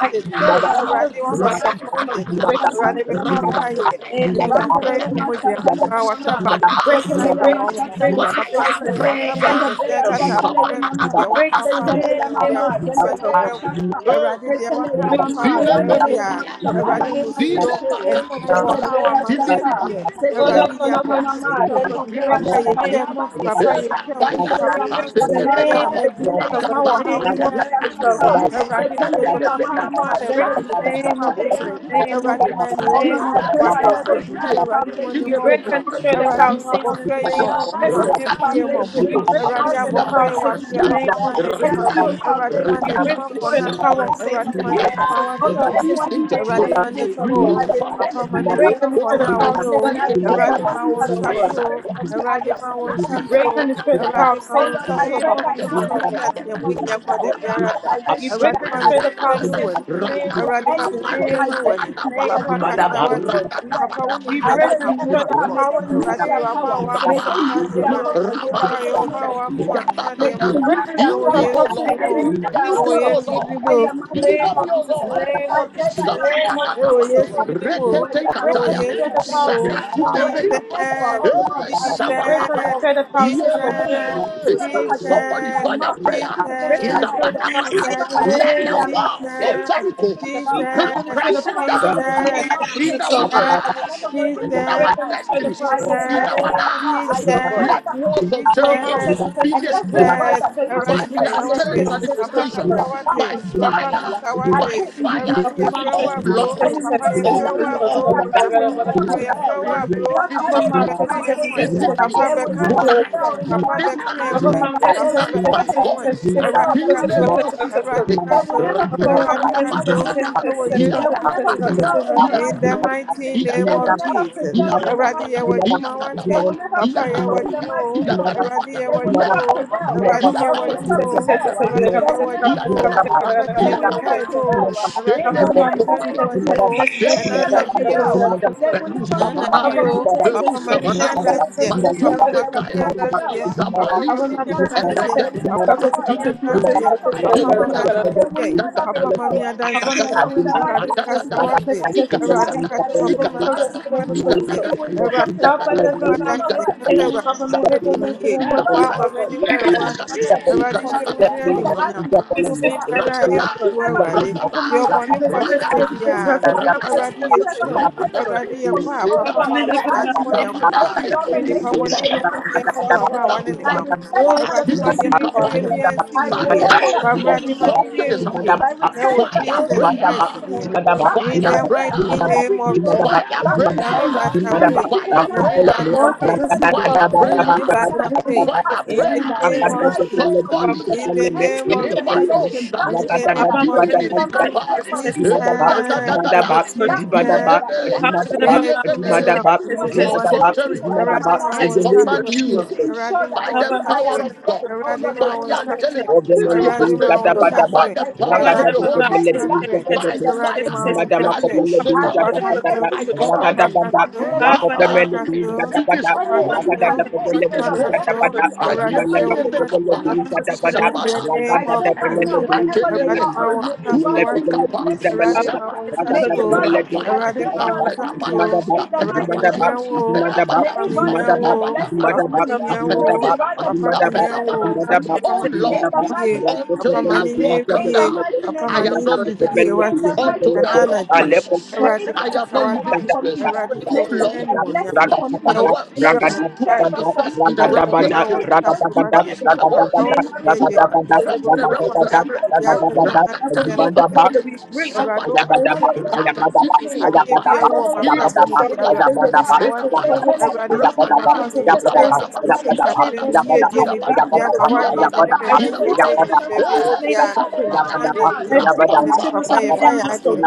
B: I destroy it
D: The
B: by
C: Thank
A: now,
D: blood of
B: lightning in the
A: right
D: Jesus, Lord.
B: mighty name
A: now.
B: of
D: We
B: Jesus.
D: break it in the
B: Shantana
D: name of
B: Yamama
A: Rakata,
D: Jesus. The
B: Sete.
D: name of Jesus.
B: Randere
D: The name
B: Yama
D: of
B: Shatana
D: Jesus.
B: Yamama.
D: You
A: Samana,
D: break it, you
B: Setele
D: break
B: Yama
D: it, you break
B: Shatana
D: it,
B: Yama
D: you break it
A: fire
D: in
B: Sete.
D: the
A: prayer,
D: name
B: Then
D: of
B: the
D: Jesus,
B: Breya
D: Lord.
B: Shatana
A: Samana,
D: You
B: Yamama.
D: break it in
B: Setele
D: the name of
B: Yamama. Then the
D: Jesus,
B: Breya
D: Lord.
B: Shatana.
A: Hey,
B: Sekele ya
D: Break it
B: mama,
D: in the
A: Zile
D: name of
B: randele ya
D: Jesus.
A: Bekopaya,
D: So, in
B: mashakale
D: the
B: ya
D: name of
A: Zile
D: Jesus,
B: masete,
D: the name
A: Baka,
D: of
C: you.
D: Jesus,
B: zende
D: the name
B: beya
D: of Jesus.
C: Thank
B: shaka,
A: Activity.
D: Oh,
B: sekele
D: Lord,
B: ya
D: oh, Lord,
B: mama
D: God,
A: Kundas,
D: Jesus,
B: mama,
D: oh,
B: zende
D: God, we
B: beya
D: break it in the
B: shakale ya
D: name of
B: masete,
D: Jesus.
B: randele
D: We
B: ya
D: break it in the
B: mashaka,
D: name of Jesus,
B: sekele
D: oh
B: ya
D: in
B: mama,
D: the name
B: zende
D: of
B: beya
D: Jesus, oh
B: shaka,
D: God.
B: sekele ya mama mama,
D: We break
B: zende
D: it in the
B: beya
D: name of
B: shakale ya
D: Jesus, in the name of
B: masete ya.
D: Jesus, in the
B: Oh Lord,
D: name
B: I
D: of
B: pray
D: Jesus,
B: right
D: oh
B: now,
D: God.
B: every evil foundation
D: We break and
B: destroyed in
D: destroy
B: the
D: the power of
B: mighty name of
D: Satan in the name
B: Jesus. uh.
D: of
B: Every
D: Jesus.
B: evil
A: Rakata,
B: foundation
D: We
B: be
D: break
A: Asiata,
D: and
B: destroyed
D: destroy
B: in
D: the
B: the
D: power of
B: mighty
D: Satan
B: name of
D: in the
A: Asiata,
D: name
B: Jesus. uh.
D: of Jesus,
B: Every
D: oh
B: evil
D: God.
A: Rakata,
B: foundation
D: We
B: be
D: break and destroy
B: destroyed
D: the
B: in the
D: power
A: Rakata,
D: of
B: mighty name
D: Satan,
B: of
D: the power
B: Jesus.
D: of
B: uh.
D: Satan,
B: Oh
D: the
B: Lord,
D: power of
A: Release
D: Satan
B: anyone
D: in
B: who
D: the
B: has
A: angels, oh
D: name of
B: brought
D: Jesus,
B: sickness
A: Lord.
B: for
D: oh
B: me,
D: God.
B: I
A: Release fire.
B: return it
D: We
B: back in
D: break
A: Oh,
B: sevenfold.
D: and
A: oh,
D: destroy the
A: Mama,
B: uh.
D: power of
A: you
B: Lord,
D: Satan in
B: I
D: the
B: pray
D: name of
B: anyone who
D: Jesus,
B: has
D: oh
B: brought
D: God.
B: disgrace for me, I return it
D: We
B: back in
D: break and
B: sevenfold.
D: destroy the
B: uh.
D: power of
B: Oh
D: Satan
B: Lord,
D: in the
B: I
D: name
B: pray
D: of
B: right
D: Jesus,
B: now in
D: oh
B: the
D: God.
B: mighty name of Jesus that any people
D: We
B: identity
D: break
B: that
D: and
B: has
D: destroy the
B: risen
D: power
B: up
D: of Satan
B: against
D: in the name
B: me.
D: of Jesus,
B: Any
D: in the
B: evil
D: name of Jesus, in
B: identity
D: the
B: that
D: name
B: has
D: of
B: risen
D: Jesus,
B: up
D: oh
B: against
D: God.
B: my life, uh,
D: We
B: I pray
D: break and destroy
B: wherever they
D: that
B: are, may they
D: power in the
B: lose their
D: name of
B: power.
D: Jesus,
B: May
D: oh
B: they
D: God,
B: lose
D: oh
B: their
D: Lord God,
B: authority in the
D: Jesus,
B: mighty
D: oh
B: name
D: God.
B: of Jesus. uh. May
D: We
B: they
D: break
B: lose
D: and
B: their
D: destroy
A: be,
D: that
B: power.
D: power
A: oh
D: of
B: May
D: Satan
A: Lord,
D: in the
B: they
D: name
B: lose
D: of
B: their
A: you
D: Jesus,
A: be,
D: oh
A: oh
D: God. In
B: authority
A: Lord,
B: in the
D: Jesus, the
B: mighty
D: name
A: deliver
B: name
D: of
B: of
A: me, oh
D: Jesus,
B: Jesus.
D: in the
A: Lord.
B: uh.
D: name of
B: I pray
D: Jesus,
B: right
D: in the
B: now in the
D: name of
B: mighty name of
D: Jesus,
A: Sabadadadaba,
D: oh
B: Jesus.
D: God.
B: Any evil words
D: We
B: that have
D: break
B: been
D: and
A: Reketekataya,
D: destroy
B: spoken
D: the
B: against
D: power
B: me
D: of Satan
B: yeah.
D: in the
B: Well,
D: name of
A: Sakatudebekapa,
D: Jesus,
B: whoever,
D: oh
B: oh
D: God.
B: Lord,
A: eh,
B: as
D: We
B: long as
D: break
B: they
D: and
A: Sabababa.
B: are
D: destroy
B: of
D: the thread of
B: a
D: power,
B: girl
D: Satan,
B: of a
D: in the
B: woman,
D: name of
B: uh,
A: yes.
D: Jesus,
B: whoever
D: oh God.
B: has opened
A: Somebody
B: their
A: find a
B: mouth to
A: prayer.
B: speak
D: We break
B: against
D: and
B: my life,
D: destroy the thread
B: uh,
A: Sabada,
D: of power, Satan,
B: whoever
D: in
B: has
D: the
A: Let
D: name
B: opened their
D: of
B: mouth to
D: Jesus.
B: say horrible
A: go.
B: things
D: We
B: about me,
D: break
A: Come
B: uh,
D: and destroy the
B: whoever
D: power of
B: has
D: Satan in the
B: opened
D: name
B: their
D: of
B: mouth to
A: in
B: say
D: Jesus,
A: our
B: that me,
D: oh God.
B: yeah, I will never go anywhere in
D: Break and
B: life, uh,
D: destroy the
A: destinies.
D: power of
B: I pray
D: Satan in the
B: wherever
D: name
B: they
D: of
B: are, I
D: Jesus, oh
B: return
D: God.
B: it back to them in
D: Blow hand
A: obstacle
B: sevenfold,
D: Satan,
B: uh,
A: be
D: Satan,
B: and
D: Satan,
B: every
D: Satan,
A: destroyed
B: word
D: Satan,
B: that they
D: Satan, Satan,
B: have
A: by the
B: said
D: Satan,
B: in the
D: Satan,
B: realms
A: angelic
B: of
D: Satan,
B: the
D: Satan,
B: spirit,
D: versus
A: manifestation,
D: God.
B: every
A: by
B: physical authority,
A: fire,
B: uh,
C: you.
B: I
A: by
B: pray it will be
A: fire.
D: Upon man,
B: foolishness,
A: Oh
D: Satan,
B: uh,
C: Gila
D: Satan,
B: and
D: Satan,
A: Lord,
B: it will
D: Satan,
B: go
D: Satan,
B: to
D: Satan,
A: oh
B: ruin,
D: versus God.
B: and
D: Gada,
B: their
A: Lord,
B: plan will
D: gada, gada, versus God. Gara gara bara
B: never
A: oh
D: mutsuz.
B: prevail. uh.
A: Lord,
B: That's how they
D: Upon
A: visit
B: end
D: man,
A: me,
B: up
D: Satan,
B: as they
D: Satan,
B: say,
D: Satan,
B: uh,
A: visit
D: Satan,
A: me
B: They
D: Satan,
B: will
D: Satan,
B: never
D: Satan,
A: tonight,
D: Satan.
B: prevail in the
A: this
B: mighty name of
A: night,
D: Upon
B: Jesus.
D: man,
A: this
B: They
D: Satan, Satan,
B: will
A: night, my
D: Satan, Satan,
B: never
D: Satan,
A: God.
D: Satan,
B: re- re-
D: Satan,
B: prevail in the
D: Satan,
B: mighty name
A: Akilemo
B: of
D: Satan,
B: Jesus.
D: Satan,
B: uh.
D: Satan.
A: sale,
B: They will never
D: Upon
B: prevail in
D: man,
B: the
D: Satan,
B: mighty
D: Satan,
B: name
D: Satan,
B: of
D: Satan,
A: rakakakakabarakakaka,
B: Jesus.
D: Satan, Satan,
B: They will
D: Satan,
B: never
D: Satan, Satan,
A: iyakakabakaka,
B: prevail in
D: Satan,
B: the
D: Satan.
B: mighty name of
A: iyakakabaka,
B: Jesus. They will never
A: iyakakabaka,
B: prevail in the mighty
A: iyakakabaka,
B: name of Jesus. They will
A: iyakakabaka,
B: never prevail
A: iyakakabaka.
B: in the mighty name of Jesus. They will never prevail. uh,
D: Kafamdan
B: They will
D: sesin
B: never
D: sesin sesin
B: prevail. uh,
D: sesin sesin
B: They
D: kapı
B: will
D: sesin
B: never
D: kapı sesin kapı
B: prevail.
D: sesin
B: uh,
D: kadar kadar
B: They
D: kadar
B: will
D: mesela
B: never
D: sesin sesin.
A: Seriangos,
C: Thank
B: prevail uh, in the
D: Kafamdan
B: mighty
D: sesin
B: name of
D: sesin sesin sesin
B: Jesus.
D: sesin
B: They
D: sesin sesin
B: will
D: sesin
B: never
D: sesin
B: prevail.
D: sesin
B: uh,
D: sesin
B: They
D: sesin.
B: will never
A: Velusavanai,
B: prevail. uh,
D: Kafamdan sesin
B: Any
D: sesin
B: evil
D: sesin sesin
A: Velusavana,
B: plan
D: sesin
B: in this season,
D: sesin
B: this
D: sesin kapı
B: year,
D: sesin
B: they will
D: kapı
A: Batifekaya,
B: never
D: sesin
B: prevail.
D: sesin.
B: uh, Any evil
A: Zambalisi,
D: Kafamdan
B: plan
D: sesin
A: and
B: they
D: sesin
B: have, they
D: sesin
B: will
A: Regaya,
D: sesin
B: never
D: kapı sesin
B: prevail.
D: kapı
B: uh,
D: sesin
B: In
D: kapı
B: the
A: Adibiata,
D: sesin
B: month
D: kapı
B: of
D: sesin kadar kadar
B: September,
D: kadar kadar
A: Adibiata,
B: they
D: kadar
B: will
D: sesin.
B: never
A: Adagada,
B: prevail. uh, to
D: Kafamdan
A: Adagada,
B: go in the
D: yüzümden
B: mighty
D: sesin
B: name of
D: sesin
A: Adagada,
B: Jesus.
D: sesin sesin sesin sesin
B: Anything
D: sesin
B: God that
A: Ikatagada,
B: they are
D: sesin sesin
B: destined to
C: you.
D: kapı
B: happen
D: sesin
A: Ikatagada,
B: to
D: kadar
C: Thank
D: boş
B: me, uh,
D: boş boş.
B: it will never
D: Papa
B: prevail. It
D: biraz
B: will
D: ondan
B: never work
D: sesin kafamdan
B: in the
D: sesin
B: mighty
D: kafamı
B: name of Jesus.
D: ezberlemek
B: It
D: için
B: will
D: boş
B: go back to
D: boş
B: them.
D: boş.
B: Whoever has digged a pit for me, uh, that I
A: Ikatagada,
B: should fall into that pit. uh, Whoever has digged
A: Rakata,
B: a has given for me, I should
A: rakata,
B: put into that picture.
A: rakata,
B: Whoever has given
A: rakata,
B: for for me, oh
A: sida,
B: Lord, that I will lay in it, they will
A: sapadai,
B: rather lay in it in the
A: sibarata,
B: mighty name of Jesus. I
A: sidabaki,
B: return it back to them
A: atititi
B: in Jesus'
A: kapai,
B: name. I return it
A: sanebo,
B: back to them in Jesus'
A: something
B: name.
A: is happening.
B: I
C: you.
B: return it back
A: Fire
B: to them in
C: Madaba,
B: Jesus'
A: prayer,
B: name.
C: Dimadaba,
B: Back to
A: fire,
C: Dimadaba,
B: sender.
A: fire
C: Dimadaba,
B: Every evil,
C: Dimadaba,
B: back to
A: prayer,
C: Dimadaba,
B: sender.
C: Dimadaba,
B: Every evil
A: fire
B: plan,
C: Alcompello,
A: prayer,
B: back to
C: Ragadadaba,
B: sender. Any
C: Ragadaba,
A: prayer,
B: evil
C: Ragadaba,
B: plan back
A: fire
B: to
C: Dimadaba,
A: prayer,
B: sender in
C: Dimadaba,
B: the mighty name
A: something
B: of Jesus. Any evil declaration back to
C: Dimadaba,
B: sender in the mighty name
A: kapai,
B: of Jesus.
C: Dibadaba,
B: Back to sender, back to
A: yeah,
C: Dimadaba,
B: sender in the mighty
D: Abundant
B: name of
A: yeah,
B: Jesus.
C: Dimadaba,
B: Everyone who
A: why,
B: is
C: Dimadaba,
B: planning evil over my
C: Dimadaba,
B: life
A: why,
C: In
B: in
C: the
B: this
C: name of
B: season
C: Jesus.
B: to ensure that
A: by
B: I see I am dead. Oh Lord, they will not rest.
A: manifestation.
B: Whoever is doing that, Lord, I pray I
A: the
B: will
A: Holy
B: turn it back
A: Spirit
B: to them
A: by
B: in the mighty
A: fire.
B: name of Jesus.
A: La luce
B: I
A: balaba.
B: return every
A: I
B: spirit of
A: command
B: death
A: you,
B: back to them in
A: come
B: the mighty
A: down,
B: name of Jesus.
A: be
B: Anyone
A: destroyed,
B: who has
A: be
B: brought spirit of
A: destroyed.
B: death for me, oh
A: I
B: Lord, that something
A: Ayemele
B: will
A: me
B: happen to me in
A: kapai,
B: the month of September.
A: sabada.
B: I pray right now, wherever they
A: Atelebe,
B: are, oh Lord, may it rather
A: Atunibi
B: be a
A: Kapa,
B: blessing for me. yeah.
A: Samana,
B: May it rather be a
A: Rapina,
B: turnaround for me. yeah.
A: Apelabana,
B: In the mighty
A: Apelabana,
B: name of Jesus, yeah. may
A: Apelabana,
B: it rather be a blessing for me.
A: Apelabana,
B: yeah. May it rather be
A: Apelabana,
B: a
D: As a
A: Apelabana.
D: heaven,
B: turnaround for
C: Ragadaba,
B: me.
A: Oh
B: yeah. In the
A: Lord,
B: mighty name of
A: until
B: Jesus.
A: that wall come
B: In the
A: down,
B: mighty name
A: I
B: of
A: am not
B: Jesus, uh,
A: living.
B: in the mighty
A: Until that
B: name of
A: wall
B: Jesus, uh,
A: crashes,
B: may it be
A: I am
B: a
A: not leaving
B: turnaround
A: this
B: for
A: place.
B: me. uh, May
A: Oh
B: it be
A: Lord,
B: a blessing for
A: cause
B: me.
A: my
B: uh,
A: words
B: May it be
A: to
B: favor for
A: manifest
B: me.
A: in the
B: uh,
A: realm of the
B: May
A: spirit.
B: favor doors be
A: Cause
B: open.
A: my
B: uh,
A: words
B: May
A: to
B: marital doors be open.
A: manifest in
B: May
A: the realm
B: money
A: of the
B: doors be
A: spirit.
B: open unto me in the mighty name
C: Ragadabada,
D: Father,
A: Rakatalebakata,
D: we break that
C: I
D: spirit of
A: sabatata,
D: death in the name of Jesus.
A: rakatibidibaba,
D: That spirit
A: ilaba,
D: of poverty,
A: shulaba,
D: that spirit of
A: elabadaba,
D: poverty, that spirit
A: rabadaba,
D: of disgrace,
A: rabadaba,
D: that spirit of shame,
A: idabadaba,
D: that spirit of
A: idabadaba,
D: financial poverty.
A: idabadaba,
D: I divorce
A: idabadaba,
D: myself from the
A: eh,
D: name of Jesus.
A: sabadadaba,
D: I break the shamas of the name of
A: rapapapapapa,
D: Jesus Christ.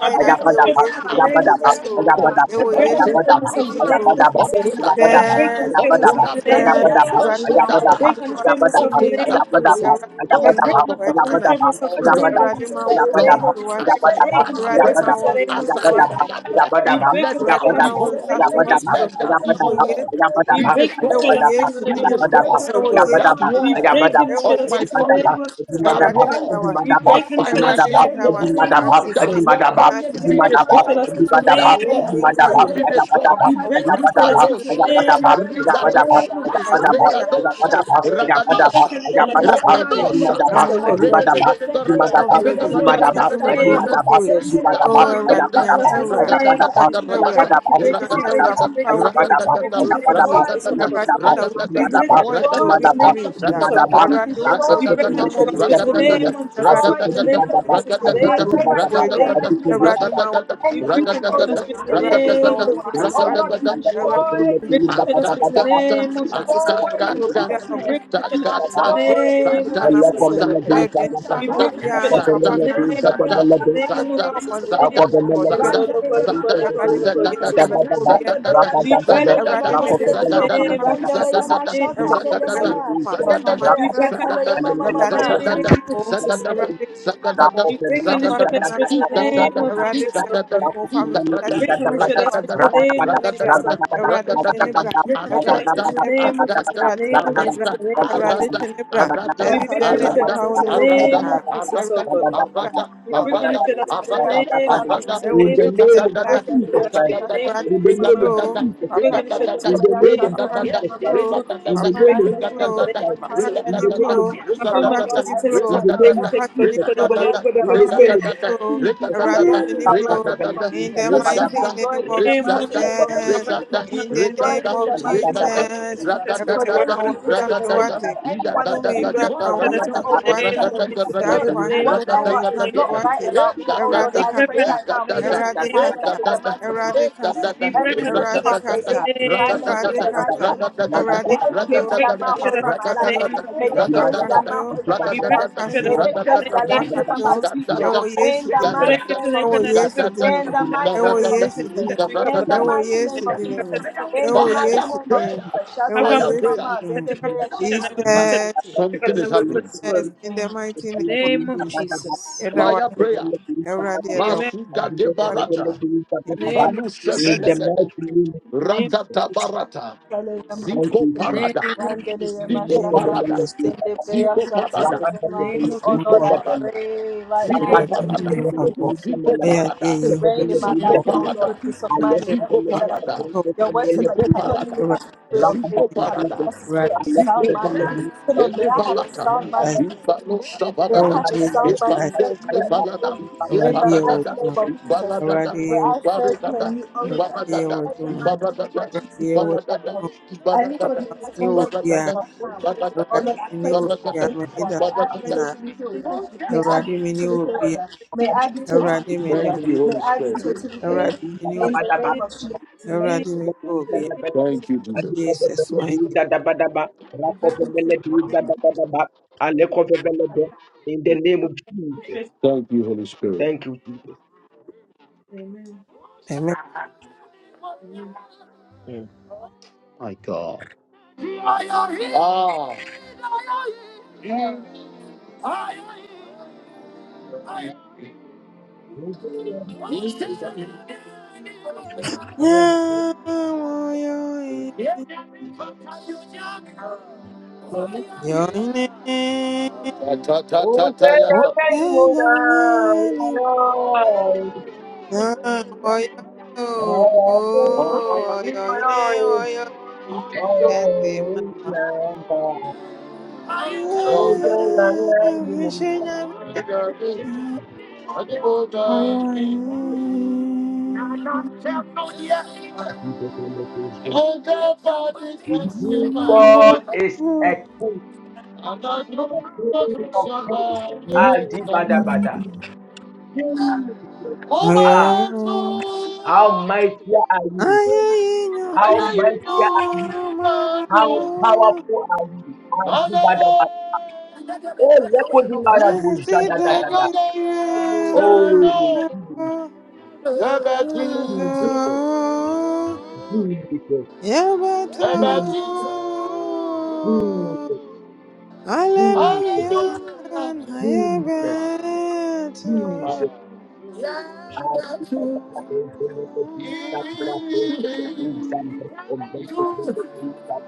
D: I break the shamas of
A: I
D: the
A: want
D: name
A: to
D: of Jesus
A: let you
D: Christ.
A: go
D: I break the
A: until that
D: shamas of the
A: peace,
D: name of Jesus.
A: until that
D: I break the
A: until
D: shamas of
A: that
D: the name of
A: pain,
D: Jesus.
A: until
D: I break
A: that
D: the shamas of the
A: until that
D: name of Jesus.
A: affirmity
D: I
A: goes
D: break
A: out of my
D: myself
A: life.
D: and destroy myself
A: Oh
D: in the shamas of the
A: Lord,
D: name of Jesus. In
A: oh
D: the
A: Lord,
C: got
D: name of Jesus,
A: as
D: we
A: I
D: break
A: fire
D: and destroy that
A: prayer,
C: Adibadaba,
D: spirit in the name of
A: as I
D: Jesus.
A: fire prayer,
D: We break
A: let
D: and destroy
A: that
D: that spirit in the
A: evil,
D: name of Jesus.
A: let that
D: We break and destroy that spirit in the name of Jesus, oh God. We break and destroy that spirit in the name of Jesus, oh God. We break and shall us in the name of Jesus. We break and shall us in the name of Jesus. oh God. We break and shall us in the name of Jesus. In the name of Jesus. In the name of Jesus. Break
B: Mama,
D: and shall us in
B: Sekelele ma
D: the name of
B: zendebrea
D: Jesus, oh God.
B: shakalele
C: Adibadaba,
B: ma
C: Thank
B: sekelea.
D: We break and us in
B: Zendebrea
D: the
B: shaka.
D: name of Jesus.
B: Sekelele ma
D: We
B: ma ma
D: break
B: ma.
D: and shall
B: Lord,
D: us
B: I
D: in
B: pray
D: the
A: that
B: that
A: that
B: my
D: name of
A: that that
B: enemy
A: that
D: Jesus.
A: that
B: evil
D: We
B: work
D: break it,
B: be
D: we break
A: that
D: it, we
B: destroyed
D: break
B: in
D: it, we break
B: Jesus'
D: it, we break
B: name.
D: it, we break it
B: Be
D: in the name of
B: destroyed
D: Jesus,
B: in
D: oh God.
B: Jesus' name.
D: We
B: Be
D: break and shall us
B: destroyed
D: in the
B: in
D: name of
B: Jesus'
D: Jesus,
B: name.
D: oh God.
B: Be
D: We
B: destroyed
D: pray
B: in
D: for the
B: Jesus'
D: Lord speaks
B: name
D: in the name of Jesus, oh
B: destroyed
D: God, in the
B: in
D: name
B: Jesus'
D: of
B: name.
D: Jesus, in the
B: I
D: name of
B: pray
D: Jesus,
B: right now
D: in
B: in
D: the name
B: the
D: of
B: mighty name of
D: Jesus.
B: Jesus.
D: We
B: Any
D: break
B: evil
D: and the Lord
B: omen,
D: speaks in the
B: any
D: name
B: evil,
D: of Jesus,
A: that
D: So
B: oh
D: God.
B: Lord,
A: that
B: be
A: that
B: destroyed
D: We
B: in
D: break
A: Zadada,
D: and the
B: Jesus'
D: Lord speaks
B: name.
D: in the
B: Be
D: name of Jesus, So God.
B: destroyed in Jesus'
D: We
B: name.
D: break and the
B: Be
D: Lord
C: you.
D: speaks in the
B: destroyed in
D: name of
B: Jesus'
C: Allah
D: Jesus,
C: from
B: name.
D: So
C: Allah
D: God.
C: do
B: I pray,
C: Satan,
D: We break and
B: Shatalele
C: Allah
D: the
C: from
D: Lord
B: Mama.
D: speaks in the
C: Allah do
D: name of
C: Satan,
B: Zendebrea
D: Jesus,
C: Allah
D: in the name of
B: Shatalele Mama
D: Jesus, in the name
B: Setia.
D: of
C: Akobemeleke,
D: Jesus, oh God,
B: Randele
D: oh
B: Mama
D: God, oh God, oh
C: Akobemeleke,
B: Shatalele
D: God,
B: Mama.
D: Jesus, oh
C: Kadabadaba,
B: Zendebrea
D: We break
C: Rakadadabe,
D: and
B: Shatalele
D: the Lord
B: Mama
D: speaks in
B: Setia.
D: the
C: Rakofebeleke,
D: name of
B: Randele
D: Jesus,
C: Kadabadaba,
D: in
B: Mama
D: the name of
B: Shatalele
D: Jesus, oh
C: Rakofebeleke,
B: Mama.
D: God. We
B: Zendebrea
D: break
C: Rakadaba,
D: and the Lord speaks
B: Shatalele Mama
C: Alemele
D: in
B: Mama.
D: the
C: Kofebeleke,
D: name of Jesus, So God.
C: Kofebeleke,
D: We break and
C: Rakofebeleke,
D: destroy that spirit in
C: Kadabadaba,
D: the name of Jesus,
C: Rakadabadaba,
D: oh God. We
C: Rakofebeleke,
D: break and destroy
C: Kadabadaba,
D: that spirit in the name of
C: Rakadabadaba,
D: Jesus, oh God.
C: Rakadabadaba, Rakadabadaba,
A: Ratatata,
D: We break and
C: Rakadabadaba,
D: destroy that
C: Rakadabadaba,
D: spirit
A: Adada,
D: in the name of Jesus,
A: Adada,
D: in the
A: Arada,
D: name of
C: Rakadabadaba,
D: Jesus,
A: Arada,
D: in the name of
A: Arada,
D: Jesus.
C: Rakadabadaba,
A: Arada,
D: We
A: Arada,
D: break and
B: Satalaya
D: destroy that
A: Arada,
D: spirit in the
C: Rakadabadaba,
B: mazendebreya
D: name of
C: Rakadabadaba,
B: sata.
D: Jesus, oh God.
B: Sekeleye
C: Rakadabadaba,
A: Arada,
B: mama
D: We
B: mama
D: break and
C: Rakadabadaba,
A: Arada,
D: destroy that spirit in
C: in
D: the
B: zendebreya
C: the
A: Arada,
D: name of
B: satalaya
D: Jesus, in
A: Arada,
D: the
C: name
D: name
B: mazete.
D: of Jesus.
C: of
D: We break
A: Rigadadada,
D: and destroy
C: Jesus
B: Bandereya
D: that spirit
C: Christ.
D: in the
A: Rigadadada,
D: name of
C: In
B: maşatalaya
C: the
B: mama
D: Jesus.
C: name of
B: mama
A: Rigadadada,
C: Jesus
B: sete.
D: We break
C: Christ.
D: and destroy that
A: Rigadadada,
C: In
D: spirit
C: the
D: in
A: Rigadadada,
D: the
B: Zendebreya
C: name
D: name
C: of
D: of
A: Rigadadada,
D: Jesus,
B: şatalaya
C: Jesus
B: mama
C: Christ.
D: in the name of
B: sete.
C: In the
A: Rigadadada,
D: Jesus. We break
C: name of
D: and destroy
B: Bandereya
D: in
C: Jesus
D: the
A: Rigadadada,
D: name
C: Christ.
D: of Jesus.
B: maşatalaya
C: In the
A: Rigadadada,
B: mama
C: name of
B: mama.
D: Upon
C: Jesus
D: my
B: Oh
A: Rigadadada,
B: Lord,
C: Christ.
D: access,
B: I
D: access,
B: pray
C: In
D: access,
C: the
B: right
C: name of
B: now,
D: access,
A: Rigadadada,
B: every
D: access,
B: evil
D: access, access,
B: be
C: Jesus
D: access,
C: Christ.
B: destroyed
A: Rigadadada,
B: in the
C: In
D: access,
C: the
B: mighty
C: name
D: access,
B: name
C: of
B: of Jesus. Be
C: Jesus Christ.
A: Rigadadada,
D: access,
B: destroyed
D: access,
B: in the
C: Lack of
B: mighty name
A: Rigadadada,
B: of
C: ability,
B: Jesus.
C: lack of
D: access,
B: Be
C: adaptability,
A: Rigada,
B: destroyed in the
D: We
B: mighty
D: break it
A: Rigada,
C: lack
B: name
D: to
C: of
B: of
D: the
C: ability,
B: Jesus.
A: Rigada,
C: lack
B: Be
D: limit,
B: destroyed
A: rekata,
B: in the
D: we
C: of
D: break
B: mighty
D: it to
B: name
A: rekata,
B: of Jesus.
C: adaptability, lack
B: uh.
C: of
A: rakata,
B: So
D: the
B: any
A: rakata, rakata,
B: evil
D: limit,
A: rakata,
B: declaration, to anyone that the
D: we break it to the limit, we
A: rakata,
B: enemy
C: adaptability,
D: break it
B: is
C: lack
D: to
C: of
D: the limit, we break it to
B: using, oh
A: rakata,
B: Lord,
C: adaptability,
B: so
C: lack
B: that they will
C: of
D: the
A: rakata,
B: spread
C: adaptability,
A: rakata,
D: limit,
B: whatever is
D: we
B: not
A: rakata,
B: right
A: eh,
B: about me, oh
C: lack
B: Lord,
A: rakata,
B: I
D: break
B: pray
D: it
A: eh,
B: right now,
D: to the
B: may they
A: rakata,
B: be
C: of adaptability, lack of
D: limit,
B: silenced in the mighty name of
A: eh, rakata, eh,
B: Jesus. uh.
D: we break it to the limit,
A: rakata,
D: we
B: Every
C: adaptability,
B: witchcraft, may
A: rakata,
B: they be
C: In
B: silenced in
A: rakata,
B: the
A: rakata,
B: mighty name of Jesus.
A: rakata,
B: May they close
D: break
B: their mouth over my
A: rakata, rakata,
B: life. May they
A: rakata,
B: close their
A: rakata,
B: mouth over my
A: Ratatata,
B: destiny. May they close their
A: ratatata,
B: life over my
A: itatata,
B: future.
A: itatata,
B: In the mighty name of Jesus.
A: itatata,
B: In the mighty name of
A: ikaratata,
B: Jesus. In
A: ikaratata,
B: the mighty name of Jesus.
D: it to
B: In
D: the
B: the
A: Fire
D: limit.
B: mighty name
A: prayer.
B: of Jesus. Shout
D: Have one
B: hallelujah,
A: Fire prayer.
B: mama. Then the prayer shout hallelujah, my city.
A: Something is happening.
D: Name of Jesus.
A: Fire prayer.
D: Amen.
A: Masuga de Barata.
D: Name
A: Vanu
D: of Jesus.
C: the mighty name
D: Name of
A: Rakata
D: Jesus.
A: Barata,
B: Hallelujah, my
C: of
A: Zico
B: city.
D: Name
A: Parada,
D: of Jesus.
B: Randelema
A: Zico
B: Shaka,
A: Parada,
D: Name
B: Zendebeya
A: Zico
D: of
B: Shaka,
A: Parada,
D: Jesus.
B: Lema.
D: Name of
B: Oh
A: Zico
B: Lord, I
C: Jesus,
A: Parada,
B: pray right now.
A: Zico
D: name
C: Rambada,
D: of
A: Parada,
C: Kitebele,
A: Zico
C: Kitebele,
A: Parada,
B: to reign in
C: Kitebele,
B: my
A: Zico Parada, Zico
B: life,
D: name
C: Kitebele,
B: oh Lord,
A: Parada,
D: of Jesus.
B: peace of
C: I
D: oh
B: mind
C: left
B: in
A: Zico
C: Kitebele,
B: everything that I do.
A: Parada,
B: Your word said
C: Kitebele, Kitebele,
B: that you have not
D: Name
B: given
D: of
C: Kitebele,
B: us the spirit
D: Jesus.
B: of
C: Rambada,
B: faith,
A: Zico
B: you have given
C: Kitebele,
A: Parada,
B: us the spirit of
C: I left
B: sound
A: Zico
B: mind.
C: Kitebele,
D: we
A: Parada,
B: So Lord, may I have a
A: Elevalata,
B: sound mind
C: Rambada,
B: in this.
A: Ibano
B: May I
A: Savanada,
B: have a
C: Rambada,
B: sound
C: Lele,
B: mind to serve
A: Ifando
B: you and you
A: Stefanada,
B: only.
C: Kitebele,
B: In
D: Anybody
B: the
D: who
B: mighty
A: Ibaradada,
B: name of
D: wants
B: Jesus.
A: Ibaradada,
B: May I serve you
A: Ibaradada,
B: and you
D: anybody
B: only.
A: Ibaradada,
B: In the mighty name
A: Ibadadada,
B: of Jesus.
A: ibadadada,
B: I pray in
A: ibadadada,
D: anybody
B: the mighty name of
D: responsible
B: Jesus
A: ibadadada,
D: for
B: Christ now.
D: the trace
B: Oh
A: ibadadada,
D: the name
B: Lord, I pray
D: of Jesus.
B: into
A: ibadadada,
B: healing power. May
D: The
B: I be
D: trace
A: ibadadada.
D: the
B: totally healed.
D: name of
B: May
D: Jesus.
B: I be totally healed.
D: In
B: May
D: the
B: I be
D: name of
B: totally healed.
D: Jesus.
A: Thank you,
C: Kuitabele,
B: May
A: Holy
B: I be
A: Spirit.
B: totally
D: In the name
B: healed.
D: of
B: In
D: Jesus.
B: the name
D: In
B: of Jesus.
D: the name of Jesus.
A: Thank you, Jesus.
D: In the name of Jesus. In the name of Jesus. We break and say in the name of Jesus. I can't
C: in the
D: wait
C: name
D: for
C: of
D: the
C: Jesus.
D: stress.
A: Thank you, Holy Spirit.
C: Thank you, Jesus.
D: Amen. Amen.
C: Mm.
A: Ah.
C: God is a king,
A: Attack. I don't tell no yes. Hold up for this once in my walk. I'm not
C: a
A: looking for
C: king of kings.
A: somebody.
C: Adibadabada. Jesus.
A: Oh,
C: Ah,
A: my
C: how
A: soul.
C: mighty are you?
A: I
C: How
A: hear you
C: mighty are you?
A: know, my
C: How
A: soul.
C: powerful are you?
A: I
C: Adi bada bada. Oh, Lekodimara Doja da da da da.
A: know the
C: Oh,
A: answer, no.
C: Jesus,
A: Never to,
C: Jesus, Jesus, Jesus,
A: never to.
C: Jesus, Jesus,
A: Hallelujah.
C: Jesus, Jesus.
A: Yeah,
C: Ah,
A: that's
C: da da
A: who
C: da da da da da da
A: it
C: da
A: is.
C: da da da da da da da
A: To the-
C: da.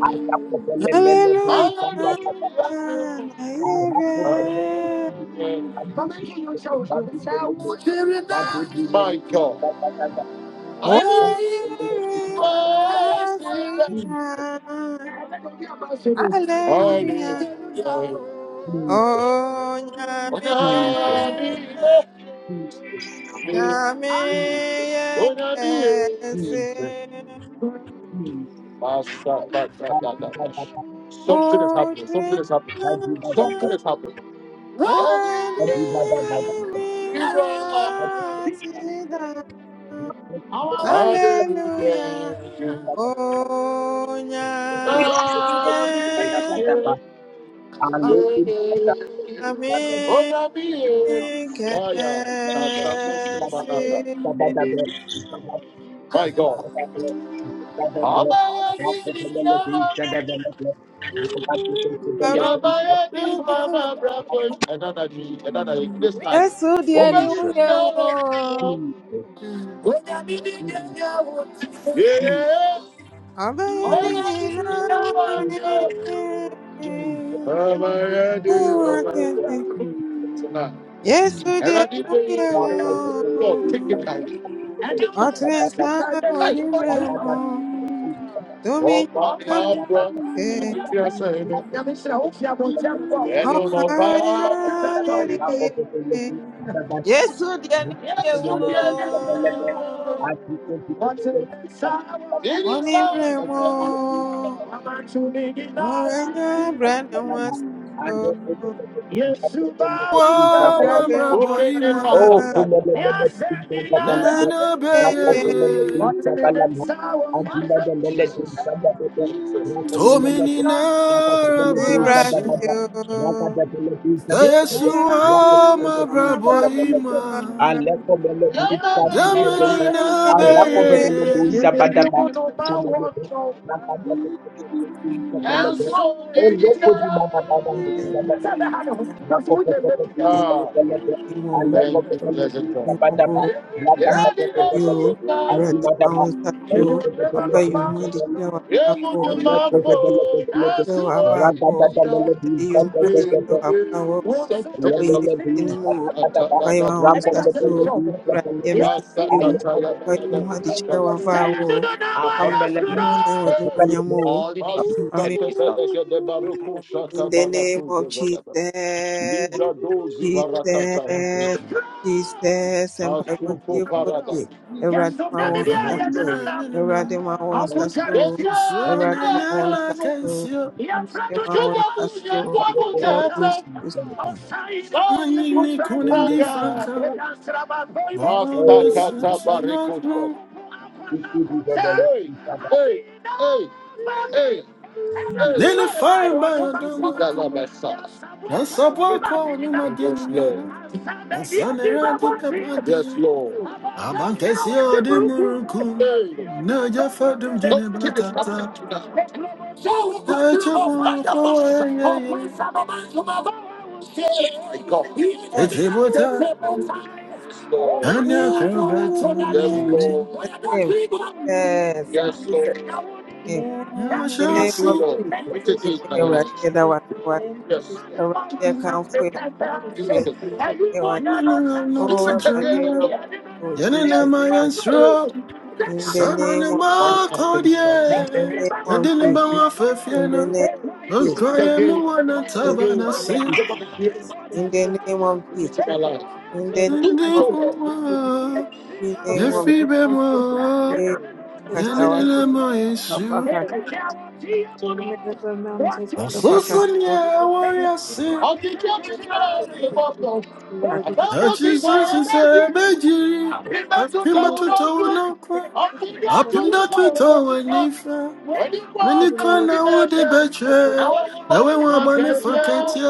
C: Ah, da da da da da da da da da da da. Ah, da da da da da da
A: My God.
C: da da.
A: Hallelujah.
C: Melebih kita.
A: Hallelujah.
C: Jesus,
A: Hallelujah.
C: Jesus. Jesus, Jesus, Jesus, Jesus.
A: Hallelujah.
C: Jesus, Jesus,
A: Master, that, that, that, that, that. Something is happening. Something is happening. Something is happening.
C: Jesus,
A: What? Hallelujah. Hallelujah.
C: Jesus,
A: Ona biye. Aya, tata musi panata. My God. Abayagi, Yamaha, Yabayagi, Mama, Bravo. Another day, another G, this
D: Mm.
A: time. Obeying the law of the Lord. Yeah. Abayagi, Yamaha, Yabayagi,
D: Mm.
A: Lord, take it
C: Jesus, Jesus.
A: out. Take
C: Jesus,
A: it
C: Thank
A: out. Ah, bro. I think you are saying it. And you know why. Yes, you get it. It is all.
F: Wa
C: you.
F: mabrabo
C: Oh,
F: ima
C: Thank
F: nina beye
A: Jesus.
F: tomi nina rabrashi sayesu mabrabo ima
A: Your money
F: dama nina beye
A: And so did it.
C: you. Thank
A: Ah, thank you, blessed God.
D: Mm-hmm.
A: Liga dozi barakataya.
C: you, Jesus. Thank you,
A: Asuko
C: Jesus.
A: parada. Yasu
C: Thank
A: dani
C: you,
A: biya ya
C: Holy Spirit.
F: yamna
A: dinanda.
F: nina
C: Thank
A: Aku
C: you.
A: teri siya Besa di
F: so
A: dinanda.
F: nina na
A: nanasu.
F: kensio
A: Ya frendo Juba juma busia buya
C: Thank
A: kwa buya. mutasa.
C: you. Thank you.
A: Osai na So kuya you Yes,
F: nini
A: did I know? Yes, friend,
F: kunim
A: do
F: di
A: kuya.
C: Thank
A: aga.
F: franka
A: Eya
F: Vaone
C: you.
F: se
A: Asakata barikusa.
C: Open the door
A: Hey,
C: of
A: hey, hey, hey. Hey.
F: Nele farba
A: Yes,
F: ya dama kuma Yasa bwako ni
A: Lord.
F: madeni Asanera di
A: Yes,
F: pepadi,
A: Lord.
F: abankesi odi muruku,
A: Hey.
F: noja fadum jini
A: Something is
F: batata,
A: happening tonight. So we go to the
F: tacho
A: Lord. My
F: bonga
A: God.
F: flawa ye ye,
A: Yes,
F: tete bota,
A: Lord.
F: anya krobeto
A: Yes,
F: nyame,
A: Lord.
F: ya
A: Thank
F: shansi,
A: you.
F: nana not jama, yene na mayansro, sana ne ma kodye, yadini bawa fefiena,
D: Whatever
F: okroye muwa na taba na si, ndi Yefibe mo, yanele mo Yeshua. Ososo ni
A: said,
F: awo yasi,
A: I'm the judge in the courtroom. I'm the one
F: na
A: who's in the
F: Jesus is a
A: jury.
F: beji.
A: I'm the judge
D: Oh,
F: Apimba
D: Lord,
A: on
D: Lord,
F: tuta
A: the bench.
D: Lord,
F: wanakwa,
A: I'm the one who's
D: Jesus,
F: apimda tuta
A: the judge.
F: wanifa.
A: I'm the
D: Lord,
A: one
F: Minikwa
A: who's
D: Lord,
A: the
F: na ude
A: judge.
F: beche,
A: I'm the
F: na
A: one
F: we
A: who's the judge. I'm the one who's the judge. I'm the one who's the judge. I'm the one who's the judge. I'm
F: wabani faketia,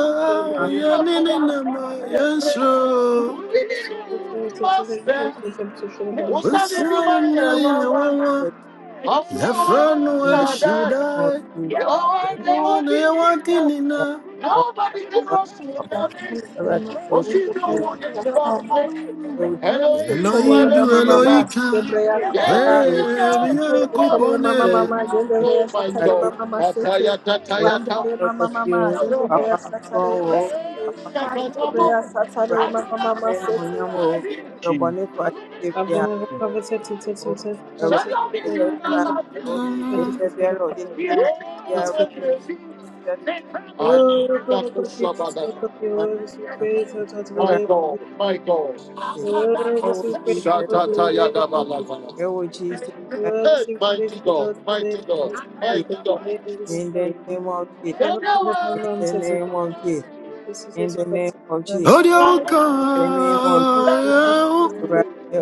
F: yanele na ma Yeshua. Usani na yewawa, yafranu eshodai. Mwana yawati na.
A: the one who's the judge.
B: Amen. In
A: Oh
B: the name of Satan.
F: Elohim
B: Tetele
F: du
B: mama mama
F: Eloika.
B: zendebreya sata.
F: Eh, miya
B: Tetele
F: kupone.
B: mama mama zendebreya
A: my
B: satale
A: God.
B: mama
A: Ataya,
B: masete.
A: tataya, ta.
B: Wandere mama mama zendebreya satale masete. Zendebreya satale mama mama sete.
D: your word is we praise, Lord, Lord, to the
A: My
D: day, Lord,
A: God,
D: Jesus.
A: my
D: Your
A: God.
D: word is we praise, Lord, Lord, to the day, Lord, Jesus. Royal
A: Hey,
D: Sikh police
A: mighty God,
D: without blame
A: mighty
D: or
A: God,
D: disrespect
A: mighty
D: but
A: God.
D: delayed Islam.
A: You
D: Government government says success because it's an
F: Odia
D: extra.
F: uka.
D: government government
F: eh,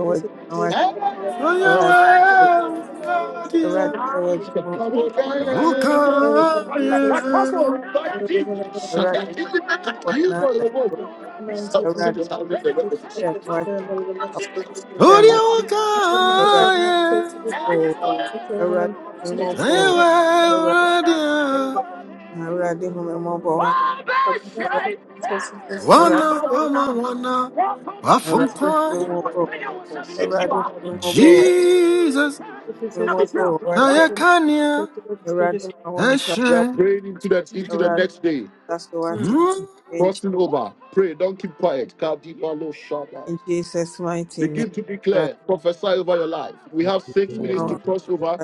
D: says it is just just because the
F: Oya
D: government
F: wa.
D: says success because
F: Odia.
D: it's
F: Uka.
D: government says it is
F: eh, Odia uka.
D: Government government says
F: eh,
D: it is just because the government says it is
F: Oya wa. Odia.
D: government says it
F: Wana
D: is
F: ama wana. Wafumkwa. Jesus.
D: Success, success, success,
F: Ayakania.
D: success, success, success.
A: are
F: Eshre.
A: praying into the into the
D: Hmm.
A: next day,
F: Hmm?
A: crossing over. Pray, don't keep quiet. Kadiba lo shaba. Begin to declare, prophesy over your life. We have six minutes to
D: Mhm.
A: cross over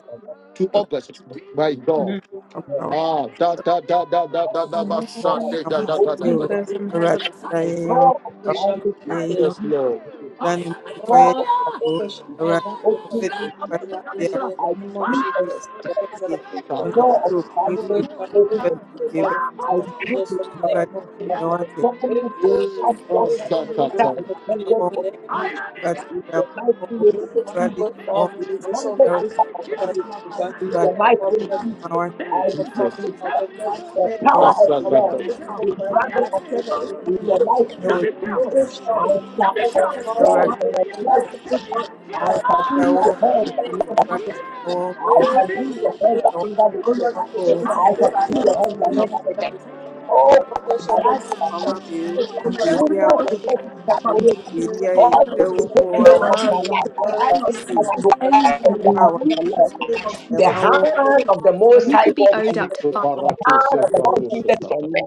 A: to August. By God.
D: In
A: Ah, da da da da da da da da
D: the
A: sha,
D: name of
A: da da da
D: Jesus,
A: da da
D: oh, but
A: da.
D: as I'm happy, the shall
C: knowledge
D: be free
C: and
D: for the
C: open to
A: Yes,
C: me.
A: Lord.
C: the door of
D: love of over shall be abundant
C: open and I
D: completion to my ending in the name of
C: see and
D: Jesus. Friends that have been
C: the
B: I I
D: stopped,
C: door of
B: pray
D: focus
C: knowledge
D: shall
C: open
D: open the
C: and
D: Father
C: I
D: financial
C: give
D: doors
C: it
D: for us to just from the
C: there
D: name of Jesus.
C: that my
D: Oh,
C: government has
D: Lord,
C: passed
D: shall
C: us
D: open new
C: for a greater
D: doors of opportunity
C: extended
D: in the
C: of
D: name of
C: you.
D: Jesus.
C: In the mighty
D: Yes,
C: name
D: oh God, Father
C: of Jesus,
D: Jesus, oh
C: hundred
D: God, my
C: over of you.
D: Jesus,
C: In the
D: oh
C: mighty
D: God,
C: name,
D: Father,
C: I
D: Jesus, in the name of Jesus,
C: give it The power
B: this
C: of
D: in
C: love
A: Load
B: is
C: is granted us in the life we see. I shall fall in the flesh. I shall be the hand that never, I shall be the hand that never fails. I shall
B: favor.
C: be
B: I
C: the hand
B: Thank
C: that never fails.
B: you.
C: Oh, my
B: But
C: God,
B: I just, oh Lord, I just
C: goodness
B: pray
C: and mercy shall
B: for them, Lord,
C: follow
B: that
C: me
B: I be
D: the name
B: completely
C: all
D: of
C: the
B: healed.
D: Jesus,
B: In the
C: days of
B: mighty name
C: my
B: of Jesus,
C: life.
B: may I
D: glory
B: not
C: And
D: to
C: I
B: sense
C: shall
B: this
D: the
C: dwell
B: anymore.
C: in
D: Lord,
C: the house of
B: In
C: the
B: the
C: Lord.
B: mighty name of
C: The
B: Jesus, Lord, I pray
C: hand
B: in the
C: of the
B: mighty name of
C: Most
B: Jesus,
C: High God is on me.
A: up Sito five.
C: The
A: barato
C: hand
A: se
C: of the Lord
A: frado se
C: Jesus is
A: tata.
C: on me.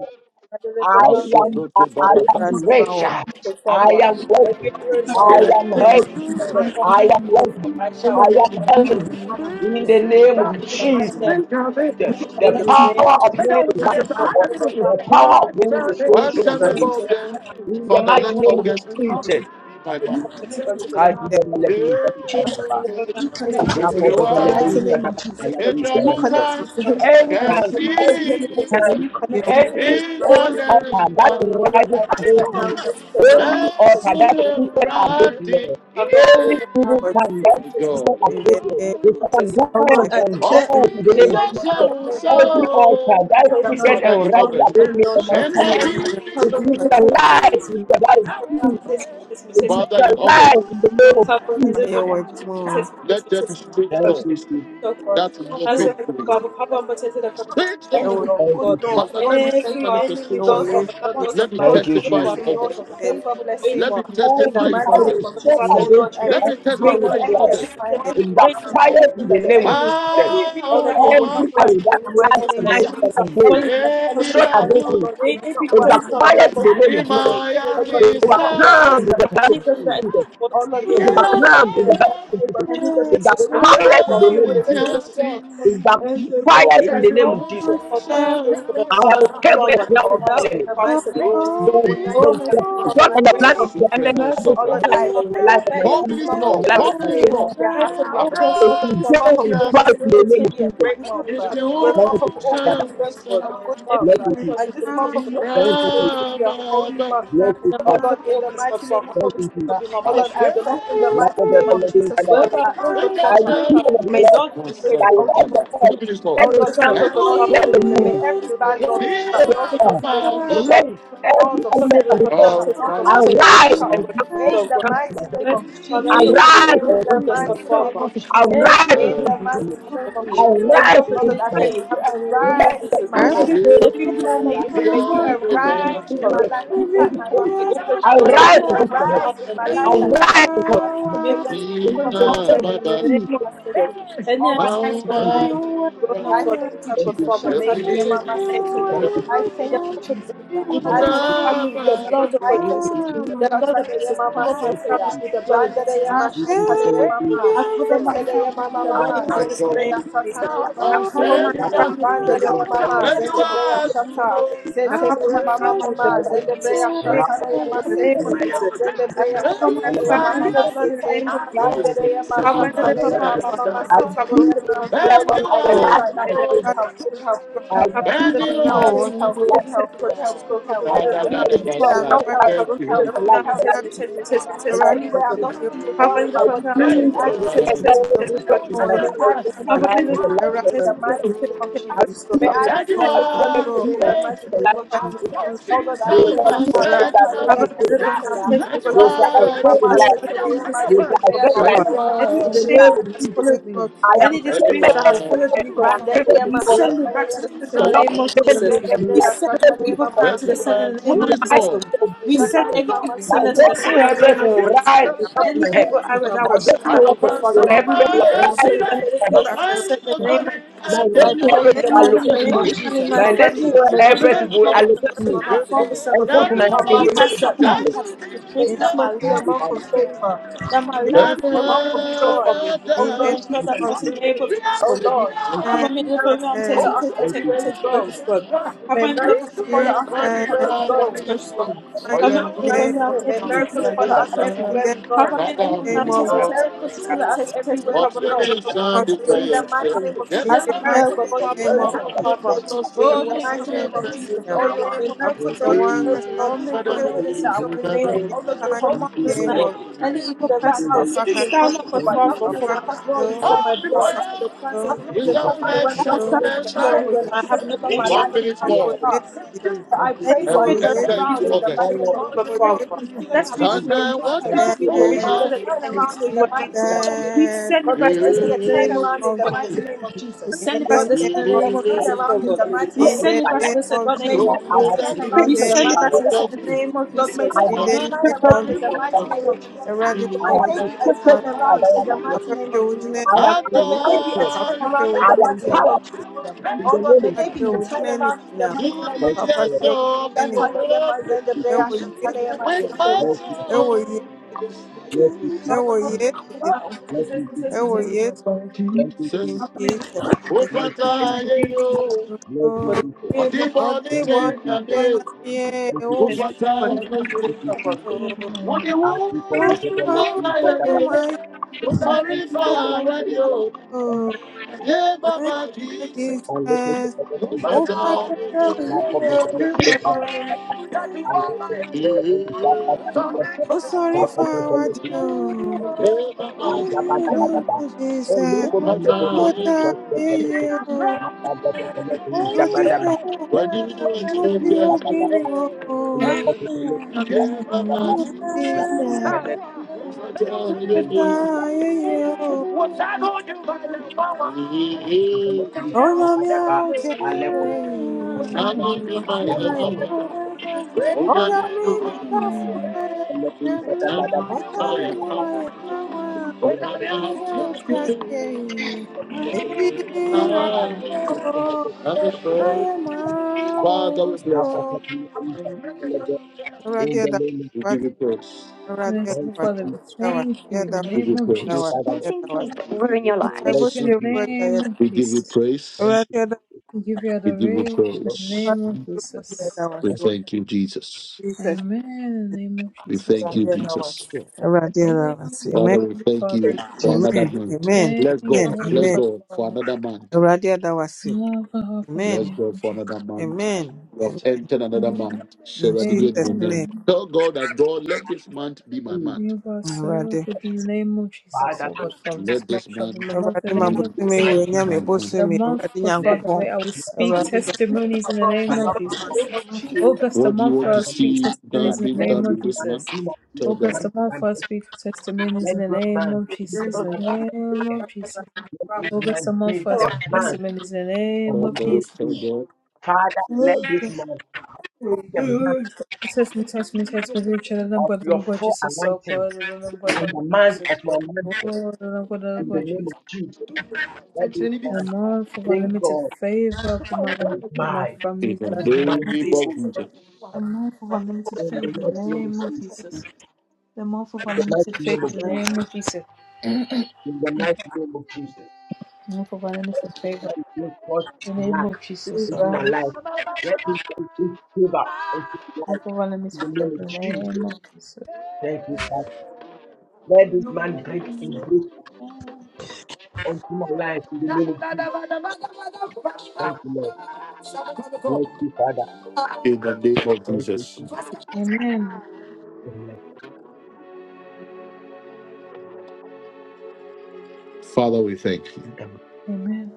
C: I
A: Maso
C: am,
A: proto
C: I
B: this
A: barata.
C: am
B: month,
C: rich. I
D: Por favor,
C: am wealthy.
D: every error is as
C: I
D: to
C: am
B: good month,
C: healthy.
B: in the
D: the
B: mighty name
D: past,
C: I am wealthy.
D: I
B: of
C: I
D: shall
B: all of
D: break
B: me,
C: am
D: up
B: me
D: the
C: healthy.
B: and
D: images.
B: Adam, in
C: In the
D: It
C: name
D: can
C: of
D: be
B: the
D: made
C: Jesus,
D: and
B: mighty name
D: directed
B: of Jesus, you
C: the
D: in the
B: connect me to
D: name
C: power
D: of
C: of
D: Jesus.
C: healing is
B: the
C: running through
D: How
C: my
B: mighty
C: body.
D: can
C: The power of healing is flowing through
A: Whilst
C: my
A: I'm
C: body.
D: the
A: about them,
C: In the
A: Father,
C: mighty
A: let
C: name of
A: August
B: name of
C: Jesus.
B: Jesus.
A: my
B: May
A: man.
B: you connect me to
C: Kadi bele bele bele bele
B: Jesus.
C: bele.
B: May you connect me to
C: Rapo
B: him in the
C: bele
A: Rewa,
B: mighty
C: bele bele
B: name of Jesus.
C: bele
B: May you
C: bele bele.
B: connect
A: etrabuta,
B: me to him in
C: Any
B: the mighty
C: time,
A: kasi,
B: name of Jesus.
C: every
B: May
C: time,
B: you connect me to him in
C: any
B: the mighty
C: any
B: name of
C: altar
A: ipaderina,
C: that
B: Jesus. Oh Lord,
C: rises
B: I pray right
C: against
B: now
C: me,
B: in the mighty name of
C: any altar that speaks against me,
A: esu
C: any single time that
A: My
C: speaks
A: God.
C: against me, is
B: Oh Lord,
C: condemned
B: I
C: and
B: declare and
C: burned in the
B: decree
C: name of
B: all of us in
C: Jesus.
B: the mighty name of Jesus.
C: Every altar that
B: that
D: Thank
C: speaks
B: Lord, may
A: Father
C: and
A: in
B: this mark
C: rises
A: August,
C: against
B: open
C: me
B: doors
C: and my
B: shall
D: you.
B: come in
A: NYPD.
C: family, it is neutralized in the blood of Jesus.
B: the mighty name
C: It is
A: Father in August,
C: neutralized in the name of
B: of
C: Jesus.
B: Jesus.
A: let there be straight
C: Thank you,
A: doors
C: Jesus.
D: So
A: that
B: This God
A: will open
B: opens
A: to me.
B: doors in the mighty name of Jesus. Not just
A: Straight doors.
B: Any door,
C: Thank you,
B: good
C: Jesus.
B: doors,
A: Father,
B: doors
A: let me
B: of
A: see
D: Every
B: favor,
D: enemy,
A: manifestation.
D: God
B: doors of
D: Father,
B: uh,
D: that wants
B: doors
D: to
A: Let
B: of
A: me
D: cross
C: Thank you,
B: marital
D: over the
A: testify
C: Jesus.
D: book
A: in
B: blessing,
D: that
B: doors
A: August.
B: of
D: have crossed
B: favor
A: Let
B: blessing.
A: me
D: over.
C: Every
B: In the
A: testify
D: The
C: time
A: in
B: mighty
D: Father,
C: we
B: name
A: August.
B: of
D: God
C: step
B: Jesus,
D: Father,
B: oh
D: we
C: against
B: Lord,
C: the
B: I
D: destroy
A: Let
B: pray
D: it
A: me
D: and
B: this month
D: break the
C: unclean
A: testify
B: that
D: name
A: in
D: of
B: any
C: floor,
D: Jesus.
A: August.
B: assignment,
D: We
C: it
B: any
D: break the
B: action,
D: name of
C: backfires in
B: anything
C: the
B: that the
D: Jesus.
C: name of
B: enemy is
C: Jesus.
B: planning,
D: Any
A: Báwo
B: oh
D: river
B: Lord,
D: that
B: it will
C: Every
B: not
D: that
A: ọtí,
B: work.
C: time
D: is
B: In
C: that
D: for me
B: the
D: to
C: plan
B: mighty
D: curse that
B: name
C: at
D: the
B: of
C: night
B: Jesus,
C: and
D: enemies are
C: at day,
B: anything
D: following me
B: that
D: to
B: the
D: curse
A: èdè
B: enemy is
C: shot
D: me.
B: planning,
A: dàtú,
C: against
B: oh
C: me,
B: Lord, it
D: May
B: will
D: they be
B: not
C: it
B: work.
D: cleansed
B: In
D: up,
B: the
D: and
C: backfires in
B: mighty
D: God
C: the
B: name of
C: name of
D: Father,
A: in
D: for
B: Jesus.
D: their
C: Jesus.
A: my
D: evil
B: Oh
D: deeds in
B: Lord,
C: It
B: it
D: the
A: eyes.
B: will
D: name
B: not
D: of
B: work
D: Jesus.
B: in
C: background in
B: the
C: the
B: mighty
C: blood of
B: name
D: Anybody
B: of
D: that
B: Jesus.
C: Jesus.
D: is
B: Oh Lord,
D: responsible,
B: it
D: God
C: It
B: will not
D: Father,
B: work
D: for
C: background
B: in
C: in the
D: evil.
B: the
C: blood
A: Yeah,
C: of
B: mighty name
C: Jesus.
B: of
D: Anybody
B: Jesus.
C: It
D: that's
B: It will
A: I'm
D: responsible, God
B: never
C: backfires in
B: work.
C: the
D: Father,
A: proud
D: we
B: It
C: name
B: will
C: of
D: break to
B: never
A: to
C: Jesus.
B: be
D: the
B: done.
A: see
D: person.
C: It
B: In the
C: backfires
D: Anybody
B: mighty
C: in
B: name
A: that
B: of
D: that's
C: the
A: your
C: name of Jesus.
B: Jesus.
D: Oh, my
A: ocean
D: sister, the
C: I have
D: past of
B: It
C: escaped
B: will
C: the
B: never
D: Father, it
C: snare of
B: prevail
D: months,
C: the
D: the
B: in
C: enemy.
B: the
D: promise
B: mighty
D: of the
B: name of
D: month.
B: Jesus.
C: The,
B: It will never
D: Oh,
C: the,
D: my
B: work
D: sister,
B: in
C: the
B: the
D: Father,
C: plot
D: we
C: and the
B: mighty
D: break
C: plan
B: name
C: of
B: of
D: it.
C: the
B: Jesus.
C: enemy
B: uh.
A: no
D: First of
C: against
B: Oh
C: the
A: like
B: Lord,
C: life
D: August,
B: I
C: of
D: Father,
C: the life
D: my
C: of my
B: declare
D: debt,
A: Four
B: that this
C: family,
D: Father,
A: minutes
B: month of
C: and
A: more,
C: the life
D: shall be
A: four
C: of my
B: August is
A: minutes
D: paid.
B: going
C: children,
B: to
A: more.
B: be a
D: First
B: happy
D: of
A: I'm
B: month. uh.
D: August,
C: If
D: Father,
C: you
B: This
A: proud
D: Father,
C: dare
B: month
D: any
B: of
C: in
D: evil
A: to
D: plot
B: August
C: Christ
B: is
C: in
D: of the
C: the
B: going to
C: name of
B: be
D: intentions
B: a
D: of
C: Jesus,
D: my
B: great month.
D: enemy
B: uh.
D: shall be
B: This
C: thank
D: broken in the
B: month
C: you,
B: of
D: name of
B: August
D: Jesus,
C: Father.
B: is going to
D: God.
B: be a good
D: Every
C: Bless
B: month. uh.
C: you,
D: evil
C: Jesus.
D: plot
B: And
D: of the
B: this month of
D: intentions of
B: August
C: thank
D: my enemy
B: is
C: you,
D: shall be
B: going
C: Jesus.
B: to be a
D: broken.
B: holy month. uh.
C: bless
D: In
C: you,
D: the
B: Oh
C: Father.
D: month of
B: Lord, in the
D: August, God
B: mighty name of
D: Father,
C: Thank
D: poverty
C: you,
B: Jesus.
D: will
C: Jesus.
D: not
B: uh.
D: be my
A: I
B: Oh Lord,
D: portion. In
B: I
D: the
A: said,
B: pray
D: month
B: in
D: of
B: the
D: August,
C: Love
D: I'm
B: mighty
C: of
D: in
B: name of
D: money.
C: the living
B: Jesus, Lord,
D: Wherever I
C: God.
B: that
D: go,
A: they
D: God
C: I
A: got
D: Father,
C: receive
D: I
A: you.
D: shall be
C: of the
B: may
D: blessed
C: Lord,
D: and
B: doors
D: highly
A: No
B: be open,
D: favored in
C: the
D: the
B: oh
A: like
D: name
C: Lord
D: of
B: Jesus.
C: of us,
A: Three
D: Jesus.
A: minutes more.
B: Oh
C: let him
B: Lord,
D: Wherever
B: may
D: I
C: come,
D: go,
B: good
D: God
B: doors be
D: Father,
C: let
D: I
B: open
D: shall
C: him
B: and
D: be
B: may
C: move,
A: And
B: every
D: highly
B: bad
D: regarded and highly
B: door be
C: let
D: favored.
B: shut.
C: him
B: Doors
D: take
B: of
A: My
D: on
C: come,
D: thanks
B: disgrace
D: against
B: be
D: you, God
A: God.
C: let
B: shut.
D: Father.
C: every
B: Doors of
D: Above me,
C: element of the
B: setback
D: Lord,
B: be
D: now
C: earth
D: I'm
B: shut.
D: taking
B: Doors of
D: thanks, we take
B: failure
D: God,
B: be
D: this
C: arise
D: is
B: shut.
C: and
D: God,
C: come
D: this
C: to
D: is
C: us.
D: God,
B: In the
D: God.
C: Come to
B: mighty
C: us.
B: name
D: Mercy,
B: of
D: Father, I
B: Jesus.
D: shall come
C: Arise
B: In
C: and
D: to
B: the
C: come
D: August,
C: to us.
D: God
B: mighty
D: Father.
B: name of Jesus.
D: Every
C: Arise and
B: In the
D: promotion
C: come to
D: that you
C: us.
B: mighty
D: have for
B: name of
D: me,
B: Jesus. Uh,
D: every
C: Arise and
B: Oh
C: come
B: Lord,
D: opportunity
B: I
C: to us.
D: that
B: pray,
D: you
B: may you
D: have for me, in the name
C: Let
D: of
B: arise
C: the
D: Jesus,
B: in my
D: oh God.
B: life and speak
D: Every
B: for
D: plan that
B: me. uh.
D: you have
B: May
D: for me,
B: you
D: God Father
B: arise in
D: for
B: my
D: us.
B: life and
D: May it
B: fight my
D: can be
B: battles. uh. Lord,
D: orchestrated
B: may
D: and
B: you
D: may it
C: against
D: come
C: the
D: to
C: head.
B: arise
D: pass
B: in
D: in the
B: my
D: name
B: life
D: of
B: like
D: Jesus,
B: never
C: Arise against
B: before.
D: God.
B: uh. Lord,
D: May
B: may your
D: my
B: hand
C: the in
B: come
D: sufferings
B: upon
D: come
B: me.
D: to an end in
B: Shall
D: the
B: tell you
D: name of
B: my
D: Jesus.
B: Masotera.
D: Any
B: Oh, I
D: attacks,
B: thank
D: God,
B: you,
D: Father,
B: Jesus.
D: grown up
B: I
D: for a long
B: thank you,
D: time, God,
B: Jesus.
D: Father, may it
B: Shatakia
D: come to an end in
B: mama
D: the name of
B: seteya.
D: Jesus.
B: I
D: In the
B: thank you,
D: month of
B: Jesus.
D: August, I
B: I
D: cover my
B: thank
D: family
B: you,
D: with the
B: Jesus.
D: blood of God,
B: I thank you,
D: Jesus.
B: Jesus.
D: The blood of
B: Shatakia
D: Jesus,
B: mama
D: cover my family
B: seteya.
D: with the blood of Jesus.
B: Randereya ma shatakia mama.
D: I cover my
B: Seteya
D: family with
B: mama
D: the blood of
B: mama.
D: Jesus in the name of
B: Zendebreya
D: Jesus.
B: satakia
D: I
B: mama
A: I'm
D: cover my
A: sending
B: seteya.
A: you.
D: family with the blood
B: Randereya
D: of
A: Let you
B: mama.
D: Jesus.
B: Zendebreya
A: out to
B: Shata,
A: go.
D: I cover my
B: Seteleya Mama
D: family with the
B: Mama,
D: blood of Jesus
B: Zendebreya
D: in the name
B: Shata
D: of Jesus.
B: Leyama
D: In the name of
B: Sete,
A: Thank you, Holy
D: Jesus. I
A: Spirit. Thank you,
B: Zendebreya
D: cover my
B: Shata Leyama
D: family
A: Lord.
D: with the
B: Mama
D: blood in the
B: Sete,
D: name of
A: Thank you, Lord. Thank you, Lord.
D: Jesus.
A: See
B: Landereya Ma
D: Cover my
B: Shata
A: someone
D: deliver mom,
A: said,
B: Leyama Mama
D: test me,
B: Mama
D: test
C: I
D: me.
B: Sete
D: Cover my
C: see
B: Leyama.
D: deliver mom,
C: the
B: Oh
D: test
A: Thank
B: Lord,
D: me,
B: I
D: test me.
B: pray
C: last
B: right
D: Cover
B: now
D: my
C: of
B: for
D: deliver mom,
B: good health,
D: test
B: good
D: me.
B: health, good
C: I
B: health. uh,
D: Cover my
C: see the
B: This
D: deliver mom,
B: month,
D: test
B: good
D: me,
B: health,
D: test me, test me.
B: good
D: Test
B: health,
D: me, God,
B: good health,
D: Jesus,
B: good
D: God. Cover
B: health.
C: I
D: my
B: uh,
D: deliver
C: see
D: mom,
B: this
D: test me.
B: month, good
C: the
B: health,
D: Cover
B: good
D: my
B: health,
D: deliver
B: good
D: mom,
B: health
D: test
B: in
D: me, test
B: Jesus'
D: me, test me,
B: name.
D: test me,
B: Anywhere
D: God, Jesus,
B: I'm
D: God.
B: not feeling well
D: Cover my
B: in
C: I
B: my
D: deliver
B: body,
D: mom,
B: God,
D: test
B: may I
D: me, test me, test me, test me,
B: receive
D: test
B: total
D: me, God,
B: healing.
D: Jesus, God.
B: May I receive
D: Cover my deliver mom,
B: total healing in
D: test
B: the
D: me, test me, test me,
B: mighty name
D: test me,
B: of
D: God,
B: Jesus.
D: Jesus,
B: May
D: God.
B: I receive total
D: Covenant
B: healing in the mighty name of Jesus. Oh God, I pray right now. Shakalaya Maseteya.
D: take me God Jesus God.
B: Randereya Mama
D: As you have seen
B: Seteya
D: this end, God
B: Mazebreya
A: you,
D: Father,
B: Shakalaya
D: any
A: Lord.
B: Maseteya.
A: Thank
D: shame
A: you,
D: that
A: Lord.
D: has followed me,
C: am
D: any
A: That you
D: disgrace
C: favored
D: that
C: and
D: has
A: are
D: followed
C: and
D: me,
C: I
D: God
C: am
D: Father,
C: favored
B: Randereya
D: we
C: before God.
D: send it back
B: Mashakalaya
D: to
A: goodness
D: the sin in
C: The
D: the
C: Lord
B: Maseteya.
A: and
C: has
D: name of
C: given
D: Jesus.
C: you and
A: mercy.
C: you
D: We
C: are
B: Zendebreya
D: send
C: given
D: every
C: you the
B: Shakalaya
D: evil plan
B: Mama
D: to
A: That
D: the
C: promise.
A: you
D: sin
A: I
D: in the
C: In
D: name
C: the
D: of Jesus.
C: mighty
D: Lord.
C: name of
D: We send
B: Shakalaya
C: Jesus,
D: every evil
B: Mama
C: my
D: sender to
B: Seteya.
D: the
C: destiny
D: sin in the
C: helpers
D: name of
C: will
D: Jesus.
C: rise
D: Lord.
C: and come to
D: Any
C: my help.
D: evil arrow that
C: My
D: was shot
C: destiny
A: and
D: at me,
A: a
D: God
C: helpers will
D: Father, we remove
C: helpers
D: it
C: will
D: and
B: I
A: person
C: rise
D: send
B: pray
A: she
D: it
C: and come
B: for
C: to
A: died.
C: my
D: directly
A: A
B: those
C: help.
D: back
B: to
D: to the
B: be
D: sin
A: playing
D: in
A: the
D: the
B: open.
D: name
A: money
D: of Jesus.
C: My
A: and
B: I
D: Lord.
A: the
C: destiny
A: fun.
B: pray
C: helpers
B: in the
C: will
D: Any
B: mighty
D: woman,
C: allocate
B: name
D: any
B: of
A: We
C: me.
A: are
D: man
A: the
D: in my
B: Jesus.
C: My
A: city
C: destiny
D: family,
B: May this
D: whether it's
C: helpers
B: month
A: champions
D: my
B: be
C: will
B: a month
D: mother's
A: game.
D: or
B: of
C: allocate
D: whether
C: me
D: it's my
B: favor,
D: father's side
A: Everyone
C: and
D: of
C: come to
D: family,
C: my
B: not
C: help
B: a
C: in
D: he
C: the
B: month of
C: name
D: has
C: of
D: said that
C: Jesus.
B: setback.
D: he
A: that's
D: has
A: in
B: May
D: orchestrated
B: this
D: that
A: the
D: my
B: month be
C: Thank
B: a
D: life
C: you,
D: will
B: month
C: Father.
B: of
D: come to an end,
B: favor,
D: that my
C: Bless
D: life
C: you,
B: a
A: Everyone
D: will be
B: month
D: in
B: of
D: minister
B: joy.
D: family.
B: Oh
D: Pretty
B: Lord
A: that
D: sure
C: thank you,
D: that's
B: Jesus,
D: this is
C: Jesus.
D: able
A: We
D: to
A: are
B: oh
D: discover.
A: singing
B: Lord,
C: Thank
D: Have
C: you,
A: out.
D: fun mit
C: Jesus.
D: der i
B: miracles
D: am
B: follow
D: Testen,
A: Oh,
B: us
D: Testen,
C: Thank you,
B: everywhere
D: Testen,
B: we
C: Jesus.
D: Testen,
B: go.
D: Gottes Gott.
A: sorry.
D: Have
B: May
C: Thank
D: one
C: you,
D: minute
C: Jesus.
D: for
B: miracles
D: me.
A: Yesu
D: i
B: follow
D: am
A: ye
B: us
D: Testen, Testen,
A: kwani
C: Thank
B: everywhere we
D: Testen,
A: baba
D: Testen,
B: go.
D: Gottes
A: ni
D: Gottes Gott.
B: In
D: Have one
B: Jesus'
D: minute for
B: mighty
D: me. i am
B: name, may
D: Testen, Testen,
C: you,
B: miracles
D: Testen,
B: follow
C: Father.
D: am
B: us
D: Testen.
B: everywhere we go.
D: Have fun mit der
C: Thank you,
D: Folge am Testen, Testen,
B: May
C: Father.
B: miracles
D: Testen,
B: follow
D: Testen,
B: us
D: Testen, Testen.
B: everywhere
D: Have
B: we
D: fun mit der
B: go.
D: i am Testen,
B: In the
D: Gottes
B: mighty
D: Gott.
B: name of
A: Yes,
B: Jesus,
D: As
B: may
D: on hell,
B: miracle
D: God's
B: doors be
D: Father, merciful
B: open.
D: Father.
B: In
D: Oh,
B: the
D: make a
B: mighty
D: way
B: name
D: where
B: of
D: there
B: Jesus,
D: seems no
B: oh
D: way in
B: Lord,
D: the name
B: may
D: of
B: miracle
C: Thank
D: Jesus,
C: you,
D: O
B: doors be
D: God.
C: Jesus.
B: open. Lord,
D: Oh,
B: this is
D: make
B: the
D: a way where
C: Thank
B: message
D: there
C: you,
B: that
C: Jesus. Thank you,
B: I
D: seems no way
B: want
D: in
B: to
C: Jesus.
D: the name
B: bring.
D: of
B: Oh Lord,
D: I
B: may doors
C: Thank
D: command
B: be
C: you,
D: this
C: Jesus.
B: open.
D: night. Any evil
B: Because
C: Thank
B: right
D: person
C: you,
B: now
D: that
C: Jesus.
B: it's looking
D: sits down on the
B: impossible,
C: Thank
B: but
C: you,
D: Father
B: nothing is
D: for my
B: impossible in the
D: glory, for
B: sight
D: my
B: of God.
D: blessings, for the plans that you
B: Nothing
D: have
C: Thank
B: is
D: for
C: you
D: me,
C: for
B: impossible when
C: asking
D: that
B: God
D: has
C: for
D: tried
C: the
B: comes
D: to
B: in. And
D: destroy
B: whatever
D: me
B: you
D: when
C: thank
B: have
D: I
B: said
D: have no
B: over my
D: ordinance,
C: you.
B: life
D: when
B: will
D: I
C: for
D: have
B: come
C: your
B: to
D: not
C: faith.
D: done
B: pass. So
D: anything.
C: Thank
B: I
C: you for
D: Any
B: pray for a
A: we
D: spirit
C: removing
D: that
A: entered
C: the
D: refuses
B: turnaround
A: into
B: in
C: faith
B: the
A: August?
D: me,
B: mighty name
C: all
B: of
D: richly, God
B: Jesus. People
D: Father,
B: who still don't
C: of
D: that
C: the
B: have
D: refuses
A: Such
B: hope,
C: news.
D: me.
B: they
A: a
B: can't
C: Thank
B: pay.
D: This
C: you
D: is
C: for
B: It may
A: wonderful
D: liberation
B: get
C: removing
B: to
D: so
B: a
A: man.
D: that
C: the
D: they can
C: fear
B: turnaround
D: use
B: in
D: evil
B: the mighty
D: against you.
B: name of
C: that
D: We
B: Jesus.
D: send it
B: Lord,
D: back
B: may
D: to
B: there
D: the in
B: be a
A: Yeah,
D: the name of
A: yeah.
B: turnaround
D: Jesus,
B: in the
D: oh
B: mighty
D: God.
B: name of
D: We
B: Jesus.
D: send it back to
B: Lord,
D: the
B: may there
D: in
B: be
D: the
B: a
D: name of
C: I
D: Jesus, oh
B: turnaround
C: see
B: in
D: God.
B: the
C: and
B: mighty
D: We
C: reflect
B: name
C: in
B: of
D: send it
C: my
D: back to
B: Jesus.
D: the
C: life.
D: in the
B: Lord, may
A: So
D: name
B: there
D: of
C: That
B: be
C: I
A: we
B: a
C: have to
D: Jesus.
A: let
B: turnaround
D: We
A: you
B: in
C: sickness
B: the
C: to
D: send it
B: mighty
D: back
A: we
D: to the in
C: another,
B: name of
C: that
A: love
D: the
A: you,
B: Jesus.
D: name of
B: Lord, may
C: I
D: Jesus.
B: there
A: we
C: have
B: be a
A: love
C: to
D: Not
A: you,
C: sickness
D: all
B: turnaround
C: to
D: the
A: we
B: in the
D: stuff of
B: mighty
D: God,
A: love
B: name
C: another.
B: of
D: we want
B: Jesus.
D: to
A: you.
D: know.
C: I
B: May
C: have
B: there
C: to
B: be a
C: sickness to
D: Not
B: turnaround
C: another.
D: all
B: in the
D: the
C: than
D: stuff of
B: mighty name
D: God,
B: of
D: we
B: Jesus.
D: want to
C: I am
D: know.
B: Lord, may there be a
C: anointed.
A: Adore
D: Not
A: you.
B: turnaround in
C: I
D: all
B: the
D: the
C: am
D: stuff
B: mighty
D: of
B: name
D: God,
B: of
D: we
C: powerful
D: want
B: Jesus.
D: to know.
C: in the
B: Oh Lord, may
C: name of
B: there be a
C: Jesus.
D: Oh
B: turnaround in the
D: we
A: You
B: mighty
A: the
B: name
C: Thank
B: of
C: you,
B: Jesus.
A: essence
C: God.
A: of the
D: thank
B: Shataleya
A: world
C: Thank you, Jesus.
D: you for
B: mazendebreya, shataleya
A: with my
B: masekeya.
C: Thank you, Jesus.
A: soul.
C: Thank you, Jesus.
D: Father, help me to come.
B: Oh,
D: This is, this is,
C: Thank
D: this is.
C: you, Jesus.
D: i
A: Says, oh,
D: this
C: Thank you,
D: is this
C: Jesus.
A: Father,
D: name of
A: you
C: Bless you,
D: God.
C: Jesus.
A: are
D: Name
A: the
D: of
A: body
C: Thank you,
A: take and
C: Jesus.
D: God.
A: you,
D: Jesus,
C: Thank you,
A: oh,
C: Jesus.
A: Father, you are the
C: Thank you, Jesus.
A: one
C: I keep on
A: that
C: the
A: you
C: Lord,
A: are
C: please,
A: my
C: and that, that,
A: head.
C: that,
A: Oh,
C: that, thank
A: sorry,
C: you, Lord, Lord,
A: Father,
C: Lord, Lord,
A: you
C: Lord.
A: yeah, Baba Jesus,
C: And let me take the
A: oh,
C: Jesus,
A: Father, you the
C: now of the
A: one that you are my
C: Lord,
A: head.
C: please, and let me take the please, that, that,
A: Yeah,
C: and let me, that of the Lord, please, and da. and that, that, that, that, that. And look on the Lord, Lord, please,
A: Father,
C: that, that, that, that, that. Now of the Lord, please, that, that, that, that,
A: when you do it, you
C: that,
A: get
C: that, that,
A: me, oh,
C: Let us, Lord, that, that, that, that,
A: Father, you are
C: In the
A: my head.
C: name of thank you,
A: I give you my
C: thank
A: love. What I need to find,
D: Jesus, God, God,
A: I'm
D: God,
A: going to find out. What I have to do,
D: God.
A: I am afraid. Father, we bless you. We give you praise.
D: Merciful Father,
C: you,
D: we thank you in the
A: We give
D: name
A: you
D: of
C: thank you,
A: praise.
C: Father,
D: Jesus.
C: Lord.
A: Missing people were in your
D: We thank
C: Let's
A: life.
D: you in
C: do
D: the
C: Jesus.
D: name of
A: We give you
D: Jesus.
C: Thank
A: praise.
C: you,
D: We give you
A: We give you
D: adoration in
C: Lord.
D: the
A: praise.
D: name of Jesus.
A: We thank you, Jesus.
D: Amen. In the name of
A: We
D: Jesus.
A: thank
C: Thank
A: you, Jesus.
D: Thank
A: Father,
D: you,
A: we
D: Holy
A: thank you
D: Father.
A: for
B: Jesus.
A: another month.
D: Thank
A: Bless
D: you,
A: God.
D: Holy
A: Bless
D: God,
A: God for
D: Father.
A: another month.
D: Love and hope in the
A: Bless
D: name
A: God
D: of
A: for
D: Jesus.
A: another month. We have entered another month. Sarah, did you hear the
D: Amen.
A: moment? Tell God that God, let this month be my
C: you,
A: month.
D: You are so good in the name of Jesus.
C: Father,
D: Oh
C: Lord.
D: God, Father, this
A: Let
D: month
A: this
D: shall be my
A: month
D: month in the
A: be
D: name of Jesus.
C: Thank you.
A: my month.
D: The month, God
C: let
D: Father, where I will speak
C: this
D: testimonies in the name
C: financial
D: of Jesus. August, the
A: What do you
D: month where
A: want
D: I
A: to
D: will speak
C: transformation,
A: see done
D: testimonies in the
A: being
C: let
D: name
A: done
C: this
D: of
A: in this
C: man
A: month?
D: Jesus.
C: be my
A: Tell
C: man,
D: August,
A: God.
D: the month
C: and
D: where I will speak testimonies
C: let
D: in the
C: this
D: name
C: man
D: of
C: be the
D: Jesus. In The
C: man, to
D: name
C: my life.
D: of Jesus.
C: let this
D: August, the
C: man
D: month
C: be
D: where I will
C: the
B: Oh,
D: speak
C: man
D: testimonies in the
C: of
D: name
A: Tell
C: my
D: of
A: God.
D: Jesus.
A: Tell
C: life.
A: God.
C: Father, let this month be a month
D: Test me, test me, test me, reach out and
C: of
D: but the
C: your
D: God
C: full
D: Jesus, so
C: anointing
D: God, and then God, the
C: and the
D: God
C: month
D: Jesus,
C: of
D: so
C: your mantle
D: God, and then God, the
C: in the
D: God
C: name of
D: Jesus.
C: Jesus. Let this
D: A
C: month
D: month of
C: bring
D: unlimited
C: God,
D: favor for my life,
C: bring
D: for my
C: my,
A: In
D: family's
A: the
C: into my
A: name
D: life,
C: faith O
A: of
C: Lord,
A: Jesus.
D: The mouth of unlimited
C: in the
D: favor in
C: mighty
D: the
C: name of
D: name of
C: Jesus,
D: Jesus. The mouth of
C: in the
D: unlimited
C: mighty
D: favor
C: name of
D: in the
C: Jesus,
D: name of Jesus.
C: in the mighty name of Jesus. Let
D: The mouth of unlimited
C: this
D: favor
C: month bring forth
D: in the name
C: lack
D: of Jesus. oh
C: into
B: Jesus.
D: God.
C: my life. Let this month bring favor into my
D: The
C: life
D: mouth of
C: in
D: unlimited
C: the name
D: favor in
C: of
D: the name
C: Jesus.
D: of Jesus.
C: Thank you, Father. Let this man bring a
D: Amen.
C: break unto my life in the name of Jesus. Thank you, Lord. Bless you, Father.
A: In the name of
C: Thank you.
A: Jesus.
C: Jesus.
D: Amen.
C: Amen.
A: Father, we thank you.
C: Amen.
D: Amen.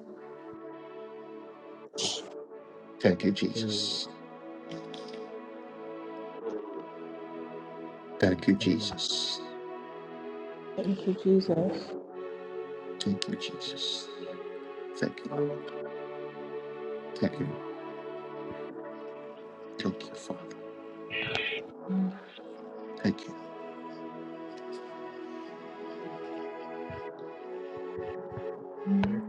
A: Thank you, Jesus. Thank you,
C: Amen.
A: Jesus. Thank you, Jesus. Thank you. Thank you. Thank you, Father. Thank you.
C: Thank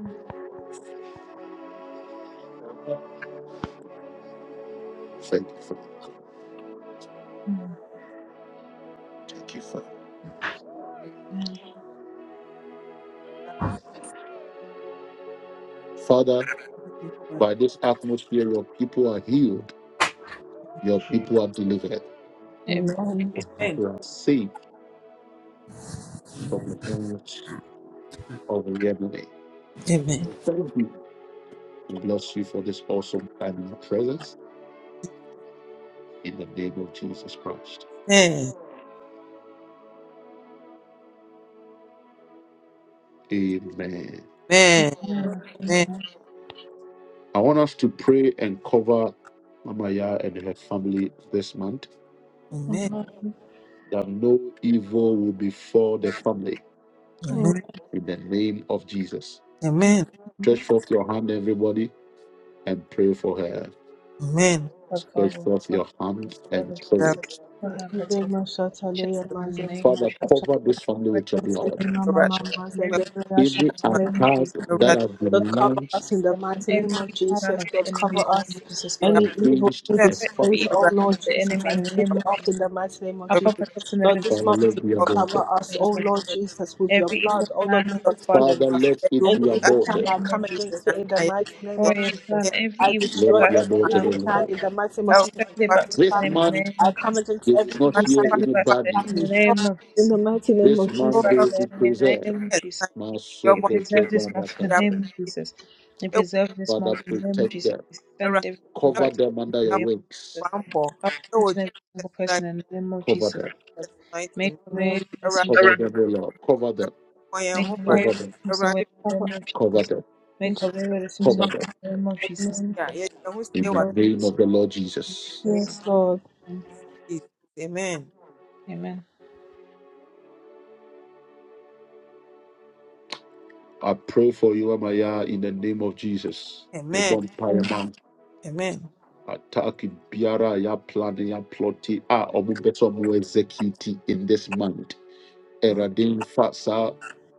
A: Thank you, Father. Thank you, Father. Father, by this atmosphere, your people are healed. Your
C: you.
A: people are delivered. Your
C: Amen.
A: people are saved from the hands of the enemy. We Thank you. We bless you for this awesome time in your presence in the name of Jesus Christ. Amen. I want us to pray and cover Mama Yah and her family this month that no evil will befall the family in the name of Jesus. Stretch forth your hand, everybody and pray for her.
D: But Father,
A: Stretch
D: we
A: forth
D: pray for
A: your
D: the
A: hand
D: blood
A: and
D: of
A: pray.
D: Jesus. For her protection
B: Dema shatale ya
D: in the
B: mazende
D: name of
A: Father,
D: Jesus.
B: dema
A: cover this family
D: Protection
A: with your blood.
B: shatale mama mama
D: from
B: mazende
D: every
B: dema
A: Any
D: evil in the
A: attack
B: shatale
D: name of Jesus.
A: that
B: Lord,
A: has been
D: Protect
B: cover us
A: launched
B: in the
D: her From
B: mighty name
D: every
B: of
D: evil plan
B: Jesus.
D: of the
B: Lord,
D: enemy
B: cover
D: in the name
B: us.
D: of Jesus God.
B: Any
D: From
B: evil,
A: against
B: any
A: a
D: every
B: disgrace,
A: family,
D: evil
B: oh
D: plan
B: Lord
D: of the
B: Jesus,
D: enemy
B: I
D: in the
B: take
D: name
B: it
D: of
B: off
D: Jesus.
B: in the mighty name of
D: Upper
B: Jesus.
D: protection of
B: Lord, this
A: Father,
D: intelligence
B: month
A: let
B: may
A: it be
B: you
D: and
B: cover
A: aborted.
B: us, oh
D: government
B: Lord
D: wisdom.
B: Jesus, with your
D: Every
B: blood.
D: evil
B: Oh Lord,
D: plan
B: may
D: of
B: you
D: our Father, we
B: speak
A: Father,
B: to us.
A: let it
B: Any
A: be
B: evil
D: destroy and
B: plan,
A: aborted.
D: break it
B: I
D: in the name of
B: come
D: Jesus.
B: against it in the mighty name
D: Destroy
B: of
D: and plan
B: Jesus.
D: every
B: I
D: evil
A: Let
D: that
B: destroy
A: it be
D: has been
B: every
A: aborted,
D: planned
A: O
B: evil
D: of
B: plan
D: God.
A: Lord.
B: in the mighty name
D: We
B: of Jesus
D: send it
B: against
D: back
B: this
D: to the
A: This
D: enemy
B: family.
D: in the
A: month,
D: name
B: I
D: of
B: come
D: Jesus.
B: against
A: they will
B: every
A: not
B: evil
D: We
A: hear
B: plan
D: send it
A: any
B: against
D: back to
B: this
A: bad
D: the enemy in the
A: news.
B: family
D: name of
B: in
D: Jesus.
B: the
D: We
B: mighty name
A: This
B: of
D: Send it
A: month, they
D: back to
A: will
B: Jesus.
D: the
A: be
D: enemy in the
A: preserved.
D: name of Jesus. We
A: Masoko
D: preserve this
A: Toba
D: month in the name
A: Rakata.
D: of Jesus. We preserve this
A: Father,
D: month in the name of
A: protect
D: Jesus.
A: them.
D: We send every evil
A: Cover
D: back to them
A: them
D: in
A: under your
D: the name of
A: wings.
D: Jesus. Cover each and every single person in the name of
A: Cover
D: Jesus.
A: them.
D: Lord. Make a way where
B: Amen.
D: there seems
A: Cover
D: no
A: them,
D: way.
A: O Lord. Cover them.
D: Make a way where
A: Cover
D: there
A: them.
D: seems no way in the name of
A: Cover
D: Jesus.
A: them.
D: Make a way where there seems no
A: Cover
D: way
A: them.
D: in the name of Jesus. Lord.
A: In
D: Make a
A: the
D: way where there
A: name
D: seems
A: of the Lord Jesus.
B: Yes, Lord.
D: no way. Amen. Amen.
A: I pray for you, Amaya, in the name of Jesus. A bonfire mount. Attack in Biara, ya plan, ya plotty. Ah, omu better mu execute in this month. Eradin fa sa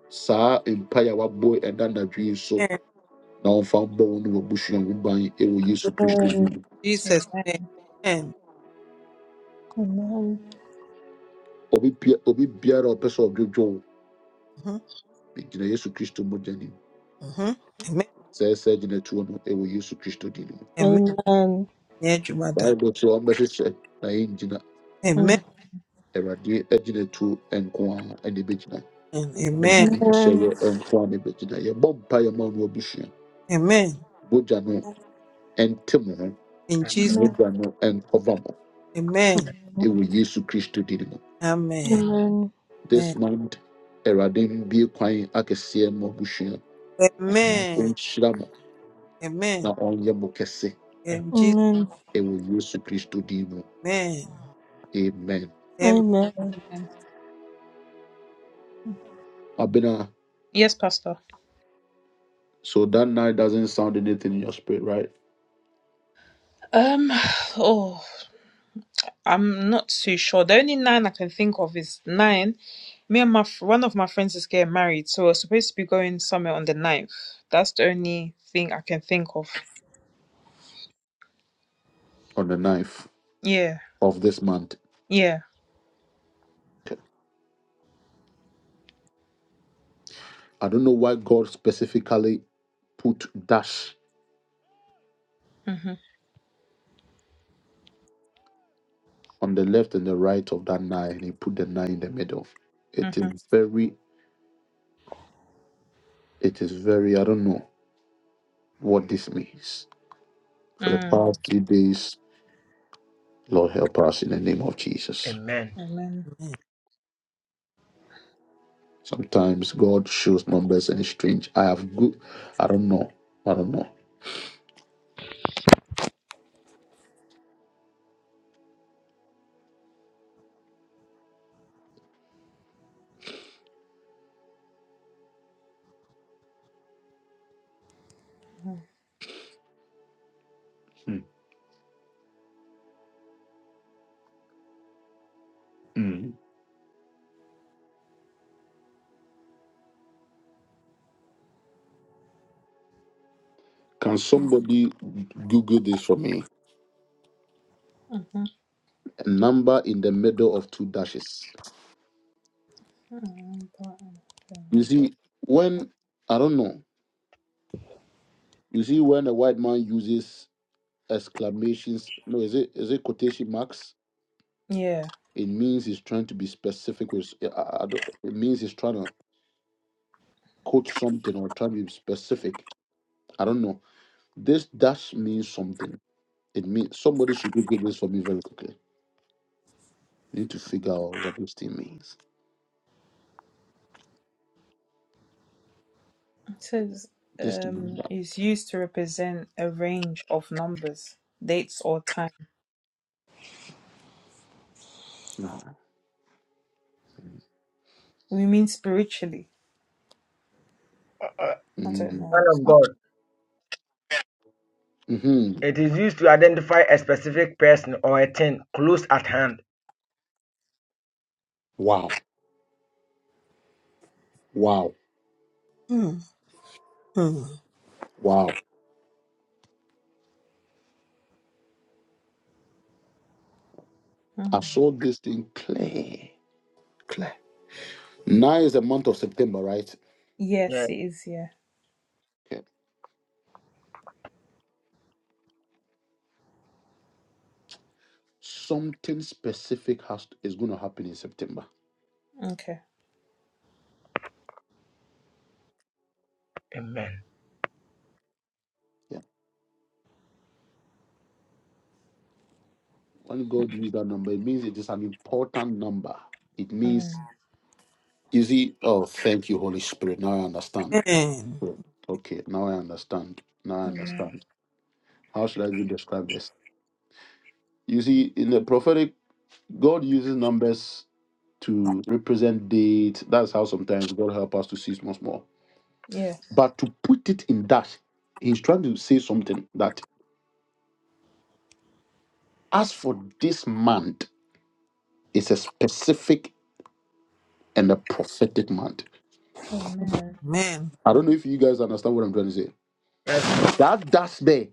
A: sa empire wa boy and then the dream so. Now I'm found born in a bush and we buy it will use to
B: Amen.
A: Obi Bia- Obi Biara, a person of Jojo. Yesu Christo Mojani. sɛ ɛsɛ gyina tuo no ɛwɔ yesu kristo mu
B: Amen.
A: baehyɛ na yɛngyina
B: Amen.
A: tuo ɛnyɛ hyɛ
B: Amen.
A: yɛ ɛnko a ne bɛgyina yɛ mmusua mogya no ɛnte mo ho
C: Amen.
B: Amen.
A: mogya no ɛnkɔva mo ɛwɔ yesu kristo din mu
B: Amen.
A: And ɛran atwea ɔnhyira mo na ɔnyɛ mo kɛse
C: Amen.
B: Amen.
A: ɛwɔ yesu kristo amen
B: Amen.
D: Amen.
A: abena
D: Yes, Pastor.
A: so that night doesn't sound anything in your spirit right
D: Um. Oh. I'm not too sure. The only nine I can think of is nine. Me and my fr- one of my friends is getting married, so we're supposed to be going somewhere on the ninth. That's the only thing I can think of.
A: on the ninth
D: Yeah,
A: of this month
D: yeah.
A: i don't know why god specifically put dash
D: Mhm,
A: on the left and the right of that nine and he put the nine in the middle. It
D: mhm,
A: is very, it is very, I don't know what this means. For the
D: mm,
A: past three days, Lord help us in the name of Jesus.
C: Amen.
D: and then-
A: Sometimes God shows numbers and it's strange. I have good, I don't know, I don't know. Mm. You Google this for me. A number in the middle of two dashes. You
D: mhm.
A: see, when, I don't know, you see when a white man uses exclamations, no, is it, is it quotation marks?
D: Yeah,
A: It means he's trying to be specific. With I, I don't, it means he's trying to quote something or trying to be specific. I don't know. This dash means something. It means somebody should Google this for me very quickly. I need to figure out what this thing means.
D: it says
A: This thing.
D: um is used to represent a range of numbers, dates, or time. We mean spiritually.
C: Uh,
D: I don't
A: Mm-hmm.
D: know.
C: Man
D: It's
C: of
D: not.
C: God,
A: hmm
C: it is used to identify a specific person or a thing close at hand.
A: Wow. Wow. Wow. I
D: Mm.
A: saw this thing clear. Clear. Now is the month of September, right?
C: Yeah.
D: Yes, it is. Yeah.
A: Okay. Something specific has is going to happen in September.
D: Okay.
C: Amen.
A: Yeah. When God used that number, it means it is an important number. It means, you see, oh, thank you, Holy Spirit. Now I understand. Oh, Okay, now I understand. Now I
D: Mm.
A: understand. How should I even describe this? You see, in the prophetic, God uses numbers to represent date. That's how sometimes God help us to see small, small.
D: Yeah.
A: But to put it in that, he's trying to say something that as for this month, it's a specific and a prophetic month.
D: Amen.
A: I don't know if you guys understand what I'm trying to say.
C: Yes.
D: Mm.
A: That that's there.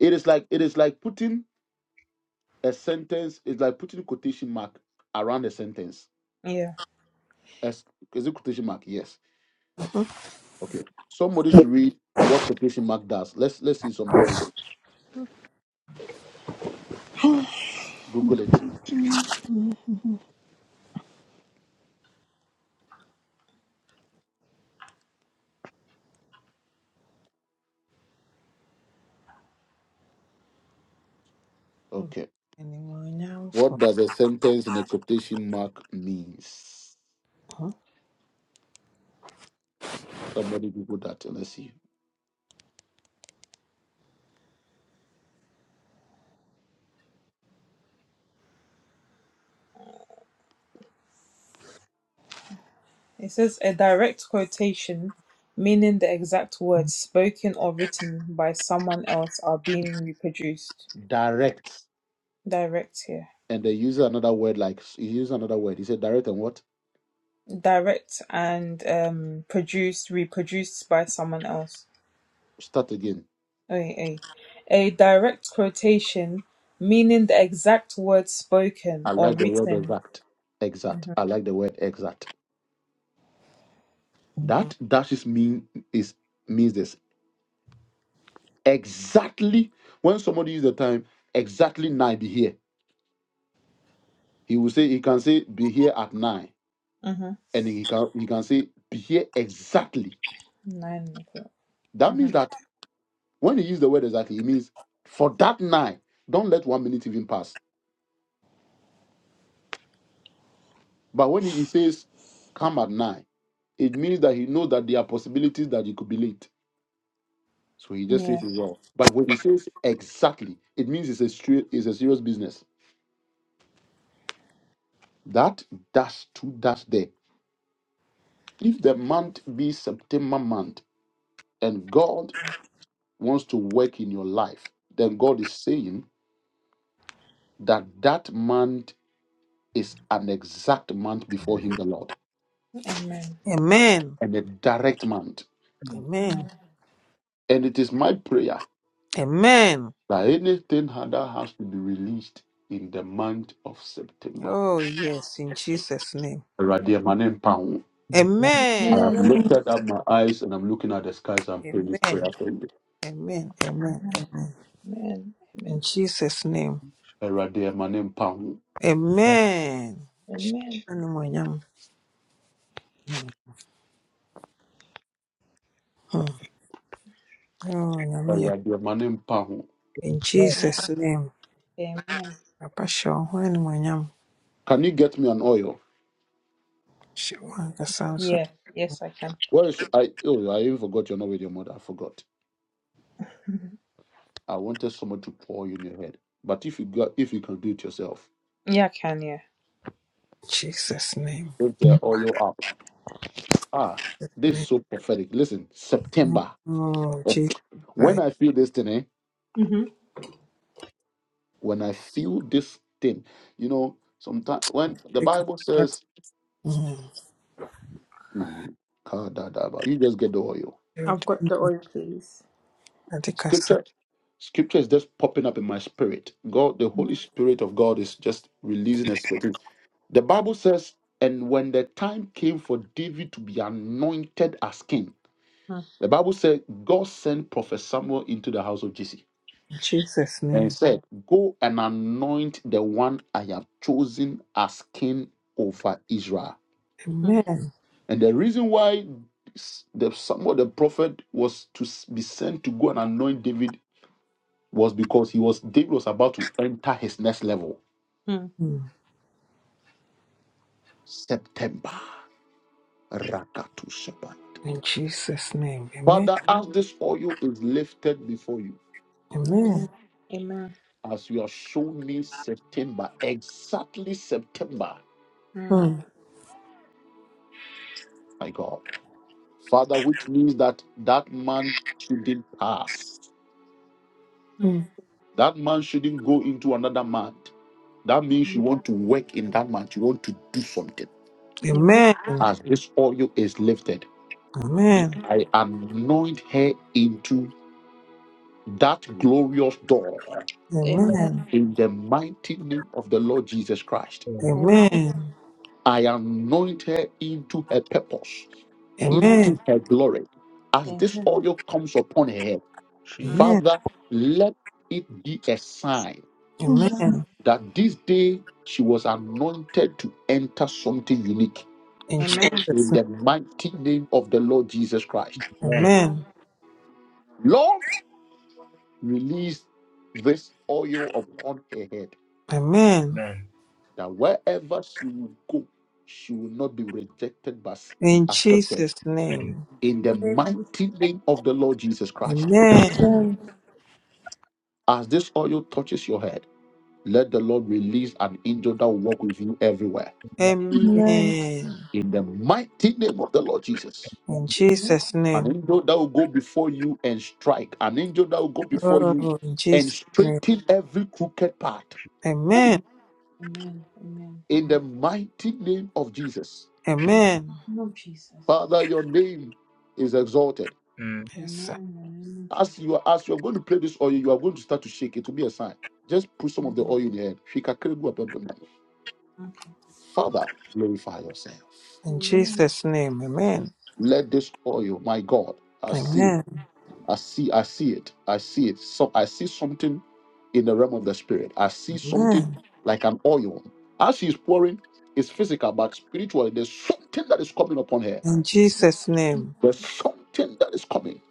A: It is like it is like putting a sentence. It's like putting quotation mark around a sentence.
D: Yeah.
A: As- Is it quotation mark? Yes. Okay. Somebody should read what quotation mark does. Let's let's see something. Google it. Okay. What does a sentence in a quotation mark means? Somebody Google that and let's see.
D: It says a direct quotation, meaning the exact words spoken or written by someone else, are being reproduced.
A: Direct.
D: Direct here.
A: And they use another word like he used another word. He said direct and what?
D: Direct and um, produced, reproduced by someone else.
A: Start again.
D: A, a, a direct quotation, meaning the exact words spoken
A: I
D: or
A: like the word
D: written.
A: exact. Exact. I like the word exact. That dashes mean is means this exactly when somebody use the time exactly nine be here. He will say he can say be here at nine,
D: Mm-hmm.
A: and he can he can say be here exactly.
D: Nine o'clock.
A: That means
D: Mm-hmm.
A: that when he use the word exactly, it means for that nine. Don't let one minute even pass. But when he he says come at nine, it means that he knows that there are possibilities that he could be late So he just
D: Yeah.
A: says it's wrong. But when he says exactly, it means it's a straight, it's a serious business. That dash to dash there. If the month be September month and God wants to work in your life, then God is saying that that month is an exact month before Him, the Lord, and a direct month.
C: Amen.
A: And it is my prayer that anything that has to be released in the month of September, Awurade, ma ne mpa ho. I have
D: Amen.
A: lifted up my eyes and I'm looking at the skies and praying this prayer for me.
D: Amen.
A: Erade manim pahu.
D: Amen.
A: Erade manim pahu.
D: Amen.
A: Can you get me an oil?
D: Yeah, yes, I can.
A: Where is I? Oh, I even forgot you're not with your mother. I forgot. I wanted someone to pour you in your head. But if you got, if you can do it yourself,
D: Yeah, I can, yeah.
A: lift the oil up. Ah, this is so prophetic. Listen, September. When I feel this thing, eh?
D: Mm-hmm.
A: When I feel this thing, you know, sometimes when the Bible says, Mhm. Kadadaba, you just get the oil.
D: I've got the oil, please.
A: Scripture, scripture is just popping up in my spirit. God, the Holy Spirit of God is just releasing a spirit. The Bible says, and when the time came for David to be anointed as king,
D: Mm,
A: the Bible said God sent Prophet Samuel into the house of Jesse and said, Go and anoint the one I have chosen as king over Israel.
D: mm,
A: And the reason why the Samuel the prophet was to be sent to go and anoint David was because he was David was about to enter his next level. September. Rakatu Shabbat. Father, as this oil is lifted before you,
D: mm. Amen.
A: as you have shown me September, exactly September,
D: Amen. Mm,
A: my God. Father, which means that that month shouldn't pass.
D: mm.
A: That man shouldn't go into another month. That means
D: mm.
A: you want to work in that month. You want to do something.
D: Amen.
A: As this oil is lifted, I anoint her into that glorious door
D: Amen.
A: in the mighty name of the Lord Jesus Christ.
C: Amen.
D: Amen.
A: I anoint her into her purpose,
C: She,
D: Amen.
A: into her glory. As this
D: Amen.
A: oil comes upon her head,
C: she,
D: Mm.
A: Father, let it be a sign
B: Amen.
A: that this day she was anointed to enter something unique
D: Amen.
C: she.
D: Amen.
A: in the mighty name of the Lord Jesus Christ.
C: Amen.
D: Amen.
A: Lord, release this oil upon her head
C: Amen.
A: that wherever she will go, she will not be rejected but be accepted. In the mighty name of the Lord Jesus Christ, as this oil touches your head, let the Lord release an angel that will walk with you everywhere.
B: Amen.
A: In the mighty name of the Lord Jesus,
D: Amen.
A: an angel that will go before you and strike, an angel that will go before you and straighten every crooked path.
D: Amen. Amen.
A: In the
D: Amen.
A: mighty name of Jesus,
D: In the name of Jesus.
A: Father, your name is exalted.
C: Mm.
D: Amen. In the name of
A: As
D: Jesus.
A: you are, as you are going to play this oil, you are going to start to shake. It will be a sign. Just put some of the oil in your head. Shikakregu ababem. Father, glorify yourself.
D: Amen.
A: Let this oil, my God, I see, it. I see, I see it. I see it. So I see something in the realm of the spirit. I see something like an oil. As she's pouring, it's physical, but spiritually, there's something that is coming upon her. There's something that is coming.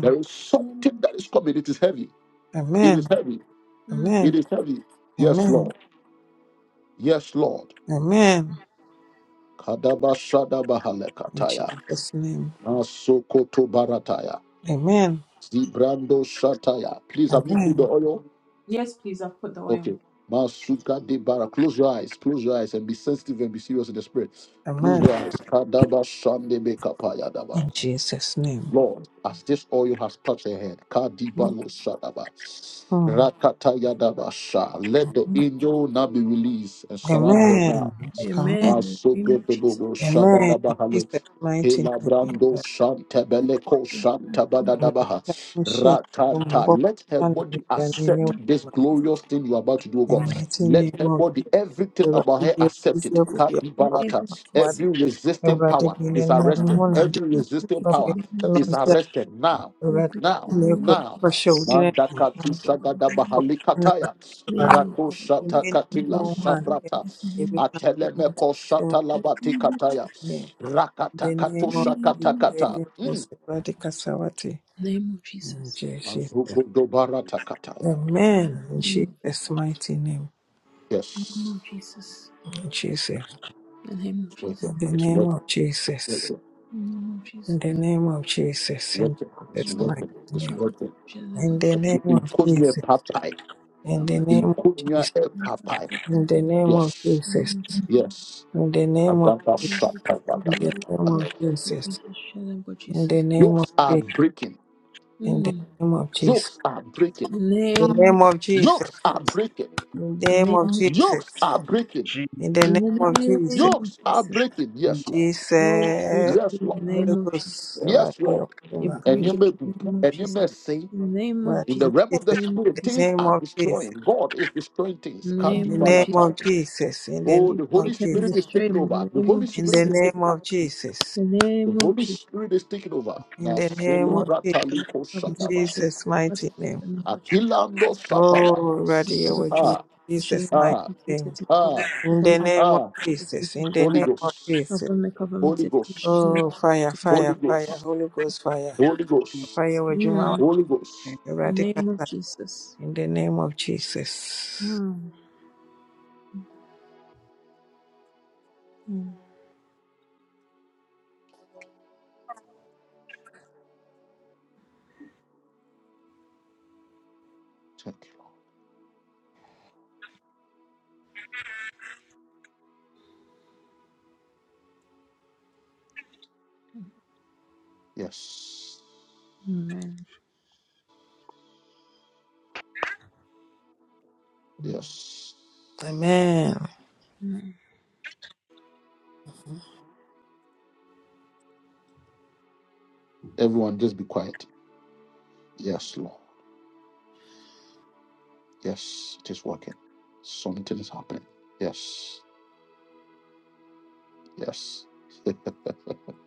A: There is something that is coming. It is heavy. It is heavy.
D: Mm.
A: It is heavy. Yes, Lord. Yes, Lord. Kadaba shada bahalekataya. Masokoto barataya. Zibrando shataya. Please, have you put the oil?
D: Yes, please. I've put the oil.
A: Okay. Masuka de bara. Close your eyes. Close your eyes and be sensitive and be serious in the spirit. Close your eyes. Kadaba shande bekapaya daba. Lord, as this oil has touched her head, Kadiba lo shadaba. Rakataya daba sha. Let the angel now be released and surround her now.
D: In the name of Jesus.
A: Masugudubu Shadadabahale. Kelabrando Shantabeleko Shantabadadabaha. Ratanta. Let her body accept
D: In
A: this glorious thing you are about to do, O God. Let her body, everything about her, accept it.
D: the name
A: Kadibalata.
D: of Jesus.
A: Every resisting power is
D: Thank
A: arrested. Every resisting
D: you to the
A: power
D: name of Jesus.
A: is arrested now.
D: We praise
A: Now.
D: the name of
A: Now.
D: Jesus. We
A: Mandakatu
D: praise the Lord name.
A: Shagadabahalikataya.
D: May your
A: Rako
D: name
A: Shatakatila
D: be honored in
A: Shaprata.
D: the name of Jesus.
A: Atelemeko shatalabati
D: Name of
A: kataya.
D: Jesus.
A: Rakatakato
D: Name of
A: shakatakata.
D: Jesus. Name of Jesus.
A: Azuko dobarata katala.
D: Name
A: Yes,
D: of Jesus. The name of
A: it's worth
D: Jesus.
A: it. It's worth it. Worth it.
D: The name of Jesus. The
A: It's
D: world
A: worth
D: will
A: it.
D: be the
A: It's
D: cover
A: worth
D: that
A: it.
D: shall the body
A: In Kunya Papai.
D: cover that
A: In Kunya
D: and cover
A: Papai.
D: that and set you
A: Yes.
D: the man. That
A: Yes. Adaba
D: we should share
A: shatabadaba.
D: them with the covenant that we shall have got Jesus.
A: Jokes are breaking.
D: Mm.
A: Jokes are breaking.
D: The name,
A: Jokes are breaking.
D: the name of Jesus.
A: Jokes are breaking.
C: She,
D: The name of
A: Jokes are
D: Jesus.
A: breaking.
C: she,
A: Yes, Lord.
D: Oh, break
A: Yes,
D: it in the
A: Lord.
D: name of Jesus.
A: Yes, Lord.
D: You
A: and
D: break
A: you
D: it
A: may
D: in
A: be,
D: the name of
A: and you
D: Jesus.
A: may see
D: In the name of
A: in
D: Jesus.
A: the realm of the
D: In the name of
A: spirit
D: Jesus.
A: things are destroying god is destroying things
D: In the
A: Can't be
D: name of Jesus.
A: volatile. oh
D: You
A: the holy
D: break it and
A: spirit is
D: destroy it
A: taking
D: in
A: over
D: the
A: the
D: name
A: holy
D: of
A: spirit is
D: Jesus.
A: taking over
D: In the
A: the
D: name of
A: holy
D: Jesus.
A: spirit is taking over now solo
D: Oh, Father,
A: brataliko
D: cover the
A: shakaba
D: protection, cover the protection, cover Jesus.
A: akilando sapala
D: Cover the
A: ah
D: protection and
A: ah
D: protect me, protect me, cover
A: ah
D: the protection
A: ah
D: of Jesus.
A: holy ghost
D: Cover me, cover me,
A: holy
D: protect me,
A: ghost
D: Jesus. and protect me.
A: holy ghost holy
C: she,
A: ghost
D: Mm, In
A: holy
C: she,
A: ghost
D: the name of Jesus. Mm, mm,
A: thank you yes
D: Amen.
A: yes everyone just be quiet Yes, Lord. Yes, it is working. Something is happening. Yes. Yes. Atataboshatadaba.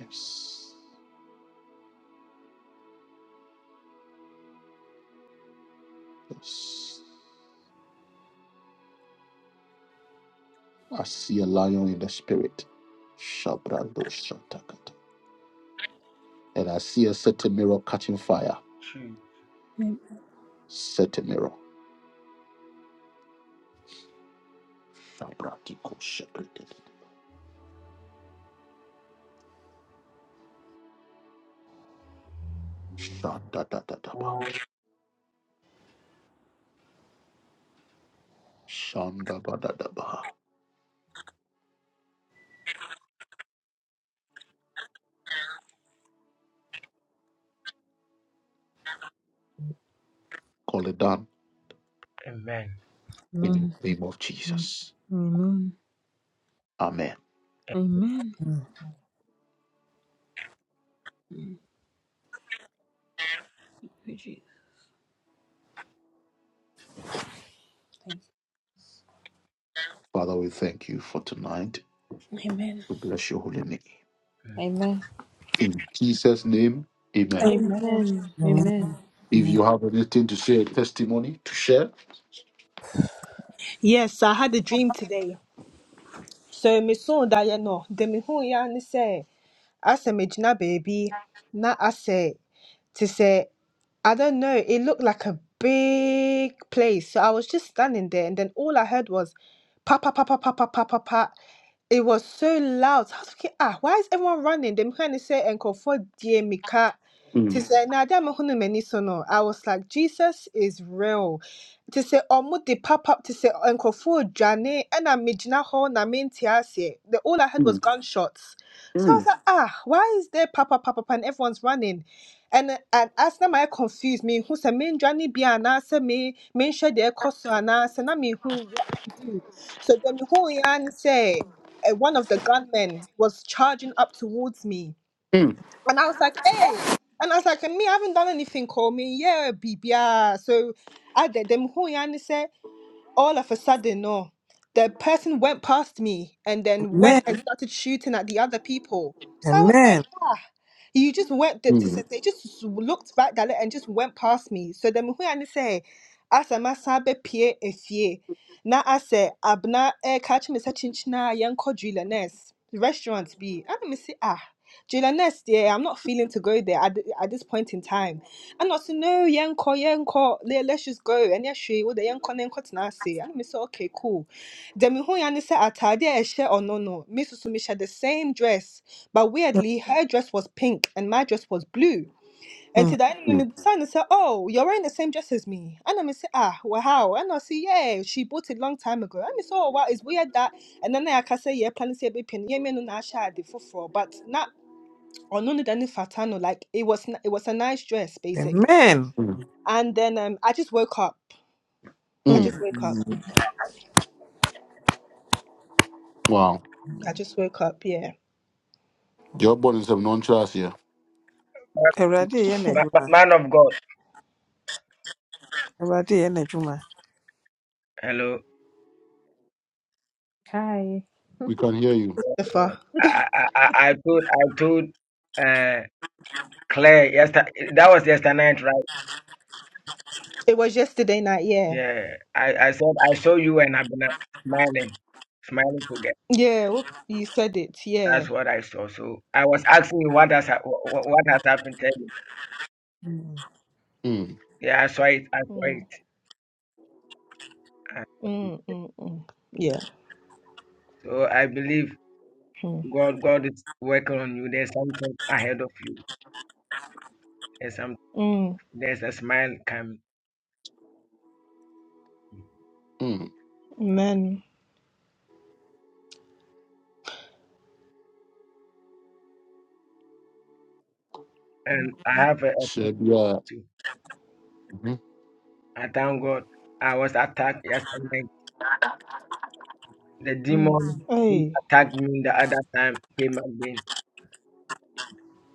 A: yes. Yes. I see a lion in the spirit. Shabradoshatakata. And I see a certain mirror catching fire.
C: she.
A: Certain mirror. Shabradikoshakriti. Shandadadadaba. Shandabadadaba. Call it down
C: Amen.
A: in the
D: Amen.
A: name of Jesus.
D: Amen.
A: Amen.
D: Amen. Thank you, Jesus. Thank you.
A: Father, we thank you for tonight.
D: Amen.
A: We bless your holy name.
C: Mm.
D: Amen.
A: In Jesus' name, amen.
B: Amen.
D: Amen. Amen.
A: If you have anything to say, a testimony to share.
B: Yes, I had a dream today. So me saw that you know, the me who ya ni say. asɛ magyina baabi na asɛ te sɛ I don't know. It looked like a big place. So I was just standing there, and then all I heard was pa pa pa pa pa pa pa pa pa. It was so loud. So, I was thinking, ah, why is everyone running? Them kind of say, "Enko for dear
A: Mm,
B: to say, na ade a mehu no m'ani so no i was like jesus is real To say, ɔmo de papa to say, nkurɔfoɔ dwane ɛna megyina hɔ na mente aseɛ the all i heard was
A: mm,
B: gunshots so i was
A: mm,
B: like ah why is there papa papa papa and everyone's running and and as na my confused me who say, me dwane bi anaasɛ me me nhwɛ deɛ ɛkɔ so ana say na me who what to do so then me who yan say eh, one of the gunmen was charging up towards me and I was like, hey. And I was like, and me, I haven't done anything, call me. Yeah, bibia. So I did them who and said, all of a sudden, no. The person went past me and then went and Mhm. started shooting at the other people. So I was like, Mhm. ah. You just went to, to
A: mm,
B: say, they just looked back at it and just went past me. So then who and say, asɛ masan bɛpue efie na asɛ abena ɛreka kyerɛ me sɛ kyenkyena a yɛnkɔ julianes restaurant bi ɛna me se ah julianes deɛ i'm not feeling to go there at, th- at this point in time ɛna ɔse no yɛnkɔ yɛnkɔ le- let's just go ɛnyɛ hwee wode yɛnkɔ na yɛnkɔtena ase ɛna me sɛ okay cool deɛ mehu ya ne sɛ ataade a ɛhyɛ ɔno no me soso mehyɛ the same dress but weirdly her dress was pink and my dress was blue and to the
A: mm,
B: enemy, Simon said, Oh, you're wearing the same dress as me. And I say, Ah, well, how? And I say, Yeah, she bought it long time ago. And I said, Oh, wow, it's weird that. And then I can say, Yeah, planning to be penny. Yeah, me no na share the for but not on only than fatano. Like it was, n- it was a nice dress basically.
A: mm,
B: And then um, I just woke up. I
A: mm.
B: just woke up.
A: Wow.
B: I just woke up. Yeah,
A: Your body is a non trust here.
C: Ma- ma- Man of God. Hello.
B: the far.
C: I, I, I I told I told uh, Claire, yesterday, that was yesterday night, right?
B: It was yesterday night. Yeah,
C: Yeah. I, I said I saw you and Abena smiling, smiling together.
B: yeah. whoop, You said it. Yeah.
C: That's what I saw. So I was asking you what has hap- wh- wh- what has happened. to you?
A: Mm,
C: Yeah, I saw it. I saw it.
B: Mm,
C: I saw
B: mm,
C: it.
B: mm, mm. Yeah.
C: So I believe
B: Mm,
C: God, God is working on you. There's something ahead of you. There's some.
B: mm.
C: There's a smile coming,
A: mm.
B: Man.
C: and I have a, a thank
A: Share the, uh,
C: you.
A: mhm.
C: I thank God. I was attacked yesterday. night. The
D: Ay,
C: demon who
B: Hey.
C: attacked me the other time came again.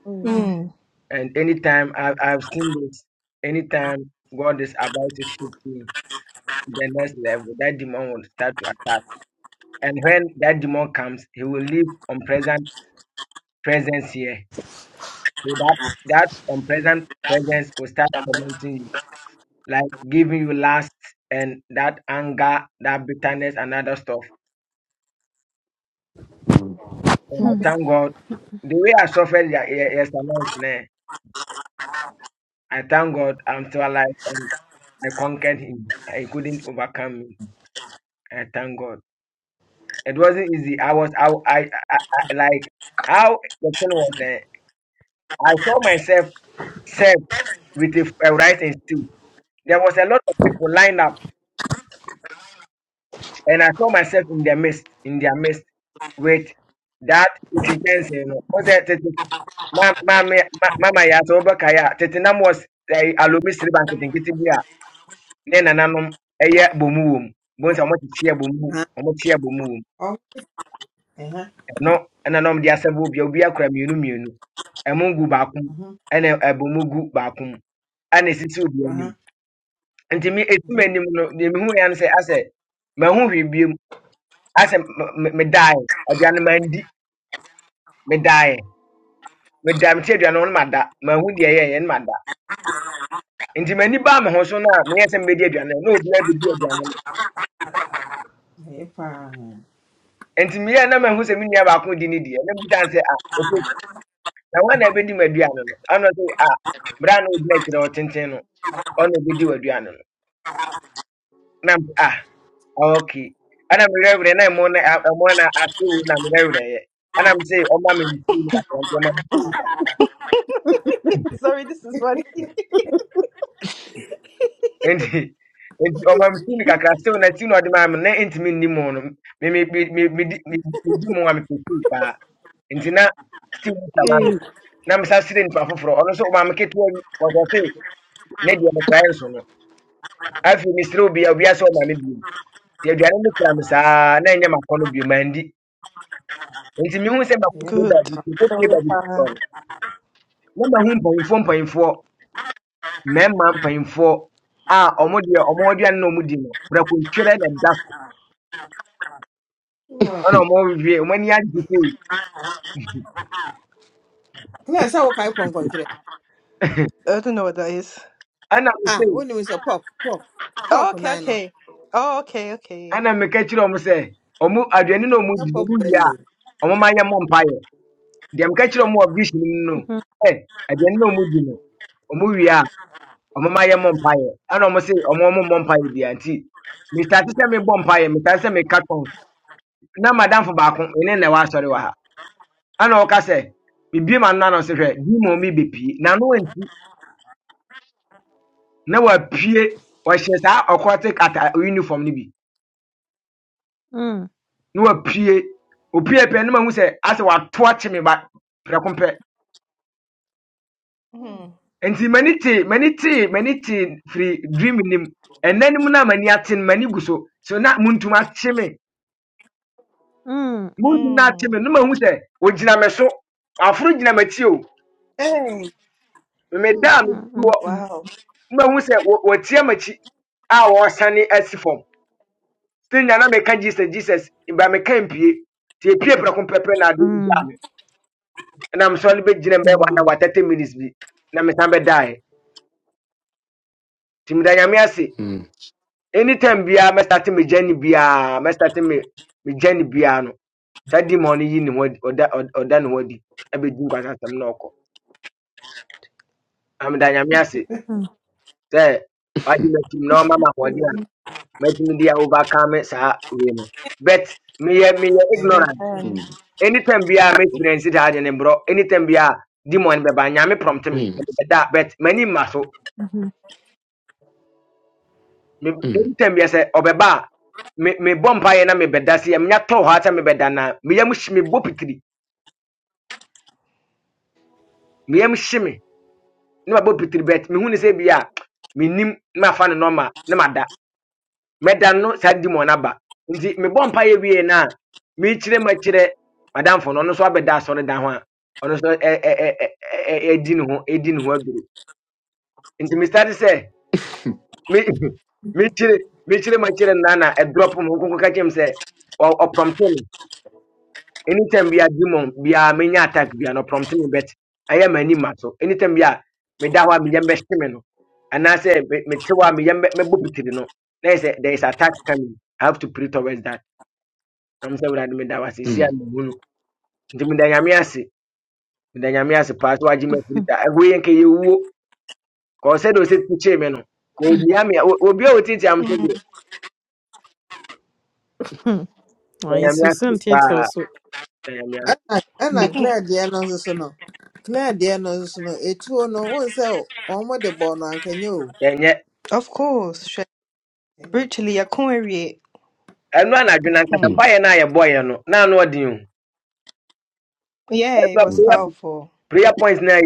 D: oh,
B: Mm,
C: And anytime I, I've seen this, anytime God is about to shift me to the next level, that demon will start to attack. And when that demon comes, he will leave unpleasant presence here. So that, that unpleasant presence will start tormenting you, like giving you lust and that anger, that bitterness, and other stuff.
A: Mm,
C: And I thank God. The way I suffered ye- ye- yesterday, eh, I thank God I'm still alive and I conquered him. He couldn't overcome me. I thank God. It wasn't easy. I was I I, I, I like how the thing was. eh, I saw myself served with a, a rice and stew. There was a lot of people lined up, and I saw myself in their midst, in their midst, with that intense. You know, was it? Mama, mama, ya so oba kaya. Tete nam was eh, alumi sri bank tete kiti biya. Ne na eye bomu wom. Bonsa omo tiye bomu, omo tiye bomu no ɛna na ɔmde asɛ bo bia obi akora mmienu mmienu ɛmo gu baako mu ɛna ɛbɔ mu gu baako mu ɛna esisi obi anim nti me etum anim no deɛ mehu ya no sɛ asɛ mahu hwee biem asɛ medaeɛ aduane mandi medaeɛ meda mete aduane ho no mada mahu deɛ ɛyɛɛyɛ no mada nti m'ani baa me ho so no a meyɛ sɛ mebɛdi aduane no na obi abɛdi aduane no nti meyɛ na mahu sɛ me nua baako di ne deɛ na metan sɛ a ɛfo na wana abɛdi m'aduane no ɛno sɛ a bra na ogyina kyerɛ wo tenten no ɔna obɛdi w'aduane no na m- ah okay ana m werɛwerɛ na ɛmo na a- ɛmo na ate wo na merɛwerɛeɛ ana m sɛ ɔma me nsuo no kakra nti ɔma me nsuo no
B: Sorry, this is funny.
C: kakra nti nti ɔma me nsuo no kakra still na ti na ɔde maa me na ɛntumi nni mo no me me me me medi- me medi mo a mepɛ suu paa nti na still wota ma me
D: Mm.
C: na mesa sere nipa foforɔ ɔno nso ɔma me ketewa yi ɔsɛ se ne deɛ meprae nso no afei mesere obia obia sɛ ɔma me bio nti aduane no kura me saa na ɛnyɛ makɔ no bio mandi nti mehu sɛ makɔpie
B: good.
C: baabi mekɔpie
B: Sorry, uh,
C: baabi na mahu mpanyimfoɔ mpanyimfoɔ mmarima mpanyimfoɔ a ɔmo deɛ ɔmo aduane na ɔmo no brɛkontwerɛ na ɛda so ɛna ɔmo wie ɔmo ani agye sei
B: I don't know what that is.
C: ɛna mo sei
B: Oh, okay, okay. Oh, okay, okay.
C: ɛna meka kyerɛ ɔmo sɛ ɔmo aduane na ɔmo di no ɔmo wie a ɔmo ma yɛ mo mpaeɛ deɛ meka kyerɛ ɔmo wɔ vision mu no
D: Mhm.
C: ɛ aduane na ɔmo di no ɔmo wie a ɔmo ma yɛ mo Mister, ɛna ɔmo se ɔmo ɔmo mmɔ mpaeɛ bia nti mesate sɛ mebɔ mpaeɛ mesate na madamfo baako ɛne na ɛwɔ asɔre wɔ ɛna ɔka sɛ bibie ma nna no sɛ hwɛ demon bi bepie na no nti na wapue ɔhyɛ saa ɔkɔte kata uniform no bi na wapue opue pɛ no mahu sɛ asɛ wato akye me ba prɛko pɛ
B: Mm,
C: nti m'ani tee m'ani tee m'ani tee firi dream nim ɛnna nim na m'ani ate no m'ani gu so so na muntum akye me
D: mm, mm,
C: muntum na akye
B: mm.
C: me no mahu sɛ ogyina me so aforo gyina m'akyi o
B: Hey,
C: meda a
D: mm,
C: medu
D: mm,
C: hɔ
D: mm,
B: wow.
C: no mahu sɛ wɔ- wɔtia m'akyi a wɔresane asi fam sɛ nyɛ na meka jesus jesus ba meka mpie nti epie prɛko pɛpɛ na adeɛ bi gyaa
D: mm.
C: me ɛnam sɛ ɔno bɛgyina be bɛyɛ wana
D: Wow.
C: wa thirty minutes bi na mesan bɛdaeɛ nti meda nyame ase
A: mm,
C: anytime biara mɛstate me gyane biara mɛstate me me gyane biara no saa di ma ɔno yi ne ho adi ɔda ɔd- ɔda ne ho adi abɛdi nkwasasɛm na ɔkɔ na meda nyame ase sɛ wade matum na ɔma me ahoɔden a Me, de a overcome saa wei no but me, meyɛ ignorant
B: Amen.
A: mm,
C: anytime be I make friends it had any bro. Anytime be I demon be by nyame prompt
A: mm,
C: me.
A: mm,
C: That but many muscle. Me
A: mm,
C: anytime be I say obeba me me bomb pie na me beda si me nyato ha ta me beda na me yam shi me bopitri. Me yam shi me. Na ba bopitri bet me hu ne say be a me nim na fa no normal na mada. Meda no sa demon aba. Nti me bomb pie wie na me chire ma chire madam fo no no so abeda so ne dan ho a. Ono so e e e e e e- di ne ho e di ne ho aduru. Nti me start say me me, chire me mekyere my makyere nana ɛdrɔp mu catch him. Say, or or prompt me anytime we bia demon we are many attack We are not prompting me bet ɛyɛ m'ani ma so anytime we are, bia meda hɔ a meyɛ mbɛhye me no say me- mete hɔ me. meyɛ mbɛ- mɛbɔ pitiri no na yɛ sɛ there is attack coming i have to pray towards that I'm saying meda wo ase si a mehu no nti meda nyame ase meda nyame ase paa so wagye mafiri saa ɛho yɛ nkɛyɛ wuo kɔɔ sɛdeɛ ɔsɛ tukyee me no kɔɔ mia me a- o- obi a wɔtiatia m sɛ deɛ
D: Mm.
C: meda
D: Ay,
C: nyame ase
D: Susan Theatre
C: paa
D: also.
C: yɛnyɛ
D: Hmm.
B: Of course, sure. spiritually, Akunwerie.
C: ɛno a n'adwene ankasa
B: Hmm.
A: mm,
C: mpaeɛ no a yɛbɔeɛ no na ano ɔden o
B: Yeah,
C: ɛso
B: it
C: a
B: was
A: mm,
C: prayer
B: powerful.
C: prayer point no a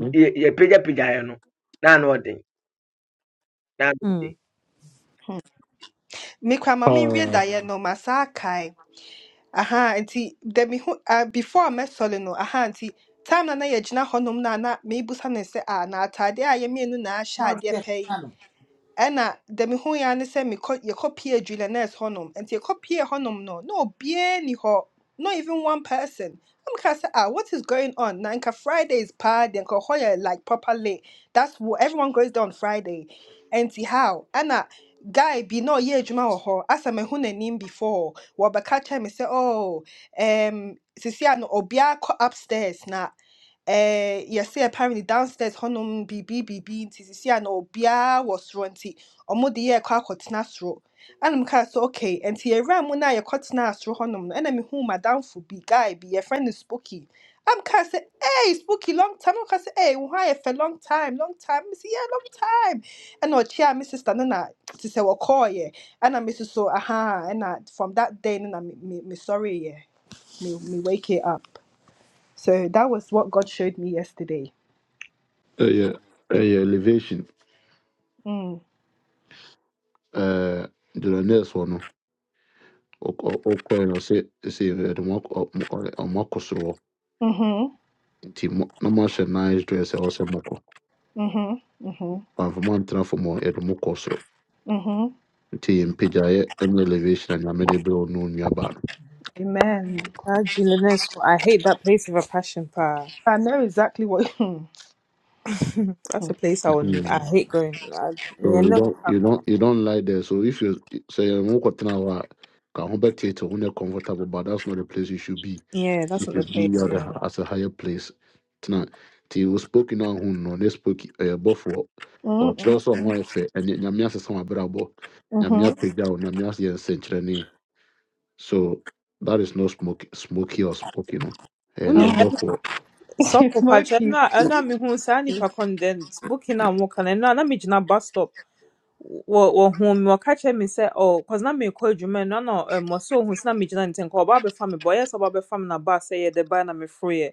A: mm.
C: yɛpagyapagyaeɛ no na ano ɔden na ano
D: Hmm.
C: ɔden
B: Me kwa mami read
A: Ah,
B: that yeah no masakai. Aha, auntie. Then me hu- uh, before I met Solino. Aha, auntie. Time na na yegyina honom na na mebusa ne sɛ a na atade a yemi enu na ahyɛ adeɛ ɛna da mehu yɛ ne sɛ mekɔ yɛkɔpie adwulanɛs hɔnom nti yɛkɔpie honum no no obiaa ni hɔ not even one person na meka sɛ ah what is going on na nka friday is party, deɛ nka hɔ like properly. that's what everyone goes there on friday nti how Anna, guy be no ɔyɛ adwuma wɔ hɔ asa mahu n'anim before wɔbɛka kyerɛ me say, oh um, sisi no obiaa kɔ upstairs na eh, yɛsɛ apparently downstairs hɔnom biribi biribi nti sisi a na obiara wɔ soro nti ɔmo de yɛkɔ akɔtena soro ɛna mo kaa sɛ okay nti yɛwura mu no a yɛkɔtenaa soro hɔnom no ɛna mehuu madamfo bi guy bi yɛfrɛ no spooky am kaa sɛ hey spooky long time ɔka sɛ hey wo ho ayɛ fɛ long time long time mesi yeah long time ɛna ɔkyea me sister no na te sɛ wɔkɔɔyɛ ɛna me nso so aha ɛna from that day no na me me sorry me sorry me me wake it up so that was what God showed me yesterday.
A: eh, yeah, eh, yeah, elevation.
B: Mm.
A: Uh, the next one. ɔkɔɛ no sɛ sɛ ɛde ɔmɔkɔ soro hɔ
B: Mm-hmm.
A: nti na moahyɛ nice dress a ɛwɔ sɛ mokɔ
B: Mm-hmm. Mm-hmm.
A: amfa mantena fam hɔ yɛde mo kɔ soro
B: Mm-hmm.
A: nti yɛ mpagyaeɛ ne elevation a nyame de berɛ wo no nnuaba no
B: Amen.
D: Ah, Julianesco. I hate that place of a passion, pa.
B: I know exactly what mm,
D: That's a place I would, I
A: Mhm.
D: hate going. I,
A: so
D: yeah,
A: you
D: never
A: don't you
D: come.
A: don't you don't like the excuse now a ka ho
D: Yeah, that's
A: if
D: not
A: your
D: the place.
A: brother
D: Yeah.
A: has is na ti wɔ
B: mm,
A: ɔkyerɛ
B: mm,
A: sɛ ɛbɔ nyame
B: mm,
A: apagya wo ni so that is no smoke smoky or smoky no and
D: Unu
A: i'm
B: mhm,
A: therefore
B: mm.
D: suffer patch. I'm
B: smoky.
D: not. I'm not me who say any pa condensed. Booking and walking. I'm not. I'm bus stop. wɔ- wɔhuu me wɔka kyerɛ me sɛ oh cause na merekɔ adwuma no na na um, wɔsɛ ohu sɛ na megyina ne nkyɛn nka ɔba abɛfa me boy so ba ɔyɛ sɛ ɔba abɛfa me naba sɛ yɛde ba na meforoeɛ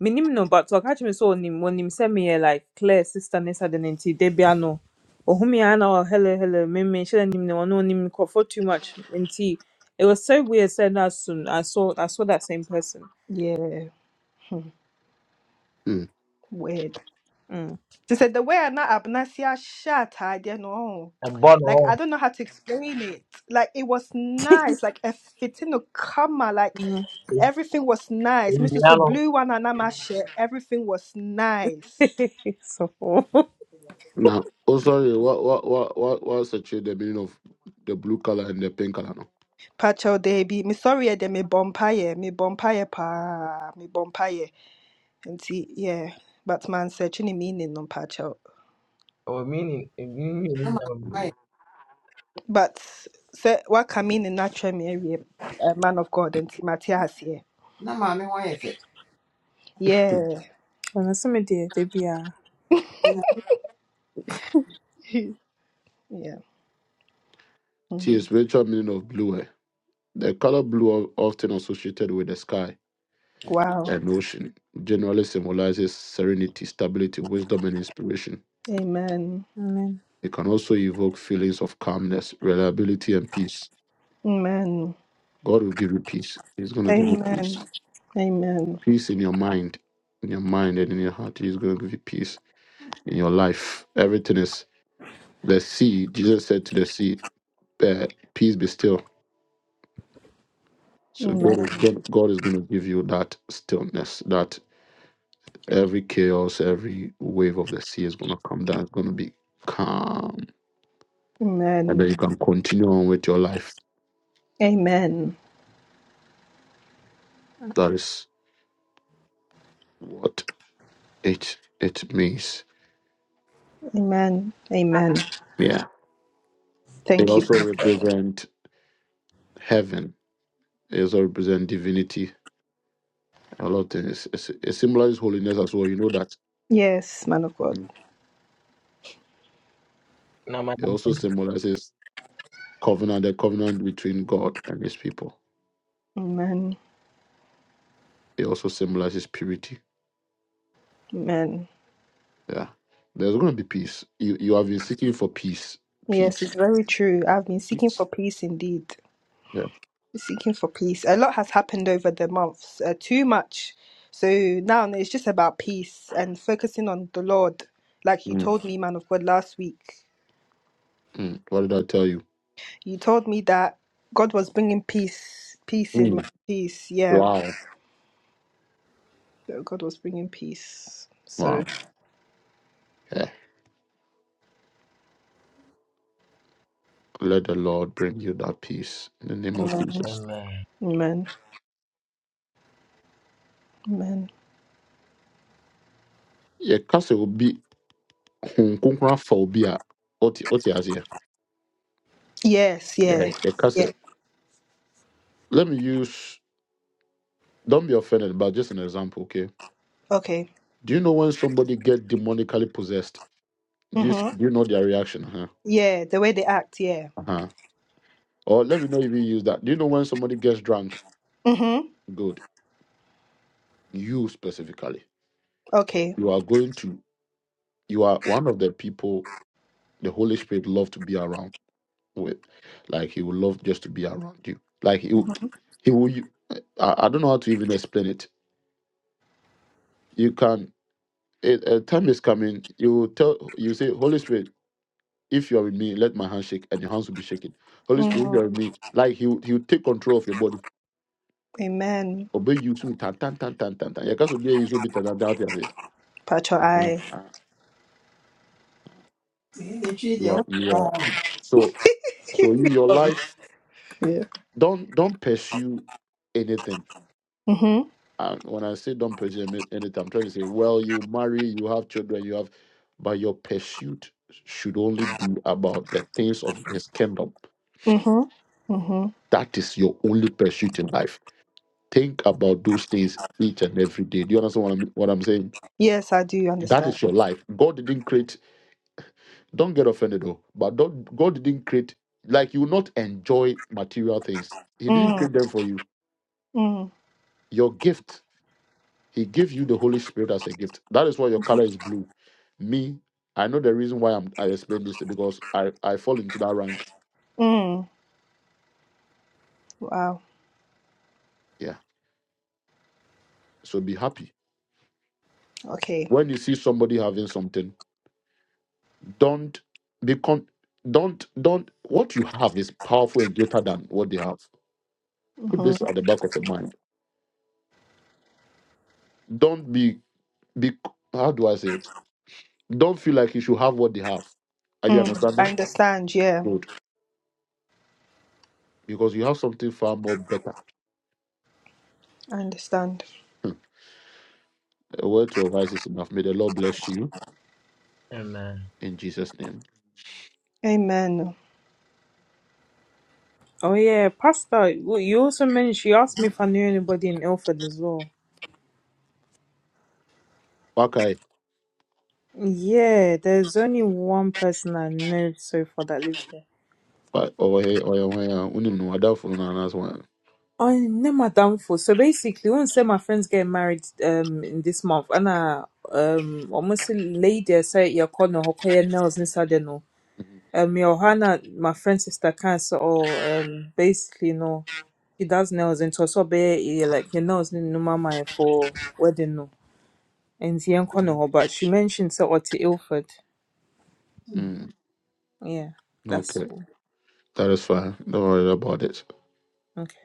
D: menim no but ɔka kyerɛ me sɛ ɔnim wɔnim sɛ meyɛ like claire sister ne sade no nti da bia no ɔhu me ara na hello hello me me, menhyɛ n'anim no no, ɔno ɔnim for too much nti it was so weird Said that soon, I saw, I saw that same person
B: Yeah. Hmm.
A: mm.
B: Weird.
D: mm.
B: She said "Na abnasia shat I don't know.
C: ɛbɔ no
B: Like
C: hɔ
B: I don't know how to explain it. Like it was nice. Like a fitting of kama. Like everything was nice. Mr.
C: nnua
B: So
C: no
B: blue one and I'm Everything was nice.
D: so
A: now oh sorry what what what what what's actually the meaning of the blue color and the pink color no
B: Pacho debi. Me sorry eh, de me bompaye. Me bompaye pa. Me bompaye. nti yeah but man mansɛkye ne meaning no mpa kyɛw
C: ɛwɔ mini mini nam
B: but say what woaka meaning no akyerɛ me awie uh, man of god and Matthias here. yeah
D: ɔno so me deɛ da
B: yeah
A: tea is spiritual meaning of blue eh? the color blue of- often associated with the sky
B: wow
A: and ocean. It Generally symbolizes serenity, stability, wisdom, and inspiration.
B: amen
D: Amen.
A: It can also evoke feelings of calmness, reliability, and peace.
B: amen
A: God will give you peace. He's going to give you
B: amen
A: peace.
B: amen
A: Peace in your mind, in your mind and in your heart. He's going to give you peace in your life. Everything is the sea. Jesus said to the sea, uh, "Peace be still." So God
B: amen
A: is God is going to give you that stillness. That every chaos, every wave of the sea is going to come down. It's going to be calm and
B: amen
A: then you can continue on with your life.
B: amen
A: That is what it it means.
B: amen amen
A: Yeah. It
B: thank you
A: also represent heaven. It also represent divinity. A lot of things. It's- It symbolizes holiness as well. You know that.
B: yes man of god
C: nam
A: It also symbolizes covenant, the covenant between God and His people.
B: amen
A: It also symbolizes purity.
B: amen
A: Yeah. There's going to be peace. You you have been seeking for peace.
B: yes
A: Peace.
B: it's very true i've been seeking for peace indeed
A: Yeah.
B: seeking for peace. A lot has happened over the months, uh, too much. So now it's just about peace and focusing on the Lord. Like you
A: Mm.
B: told me, man of God, last week,
A: Mm. What did I tell you?
B: you told me that God was bringing peace, peace in my
A: Mm.
B: peace. Yeah,
A: Wow.
B: that God was bringing peace. So,
A: Wow. Yeah. Let the Lord bring you that peace in the name of Jesus.
C: ɛmɛ
B: amen, amen.
A: Yeah, case will be Hong Kong phobia. Oti oti Asia.
B: Yes,
A: Yeah,
B: yeah,
A: the case.
B: yeah.
A: Let me use. Don't be offended, but just an example, okay?
B: Okay.
A: Do you know when somebody get demonically possessed? Do you
B: Mhm.
A: do you know their reaction? Huh?
B: Yeah, the way they act. Yeah.
A: Uh-huh. Or let me know if you use that. Do you know when somebody gets drunk?
B: Mhm.
A: Good. You specifically.
B: Okay.
A: You are going to. You are one of the people the Holy Spirit love to be around with. Like he would love just to be around you. Like he will- he will. you- I, I don't know how to even explain it. You can. It, a time is coming. You will tell. You say, Holy Spirit, if you are with me, let my hand shake, and your hands will be shaking. Holy Spirit, if you
B: Mhm.
A: are with me, like he will- he will take control of your body.
B: Amen.
A: Obey you to tan tan tan tan tan tan. You can't obey you so bitter than that. You are
B: Patch your
A: Uh-huh.
B: eye.
A: uh, you are you are. So so you, your life.
B: Yeah.
A: Don't don't pursue anything
B: Mhm.
A: And when I say don't pursue any- anything, I'm trying to say, well, you marry, you have children, you have, but your pursuit should only be about the things of this kingdom.
B: Mm-hmm. Mm-hmm.
A: That is your only pursuit in life. Think about those things each and every day. Do you understand what I'm what I'm saying?
B: Yes, I do
A: That
B: understand.
A: is your life. God didn't create. Don't get offended though. But don't, God didn't create. Like you will not enjoy material things. He didn't
B: Mm,
A: create them for you.
B: mm,
A: Your gift He gives you the Holy Spirit as a gift. That is why your color is blue. Me, I know the reason why I'm, I explain this because I, I fall into that rank.
B: mm. Wow.
A: Yeah. So be happy.
B: Okay.
A: When you see somebody having something, don't become. don't don't what you have is powerful and greater than what they have. Put
B: Mm-hmm.
A: this at the back of your mind. Don't be be how do I say it? Don't feel like you should have what they have. Are you
B: Mm. I
A: understanding?
B: understand. Yeah,
A: Good. Because you have something far more better
B: I understand.
A: to you
C: ɛmɛ
A: in Jesus' name.
B: Amen.
D: Oh yeah, Pastor. w- You also mentioned she asked me if I knew anybody in Ilford as well.
A: Waka
D: Yeah, there's only one person I know so far that lives there.
A: But over here, oh yeah, oh yeah, unim no adafo no anaasɛ wɔn.
D: I know my downfall. So basically, once say my friends getting married um in this month, and I um almost lady I say you your corner hokoya nails inside the no. Um, Johanna, my friend sister cancer or um basically no, she does nails into so be eh, like your nails no no, mama for wedding no. and Zion Conoho, but she mentioned Sir Otty Ilford.
A: Mm,
D: Yeah, that's
A: okay,
D: all.
A: that is fine. Don't worry about it.
D: Okay.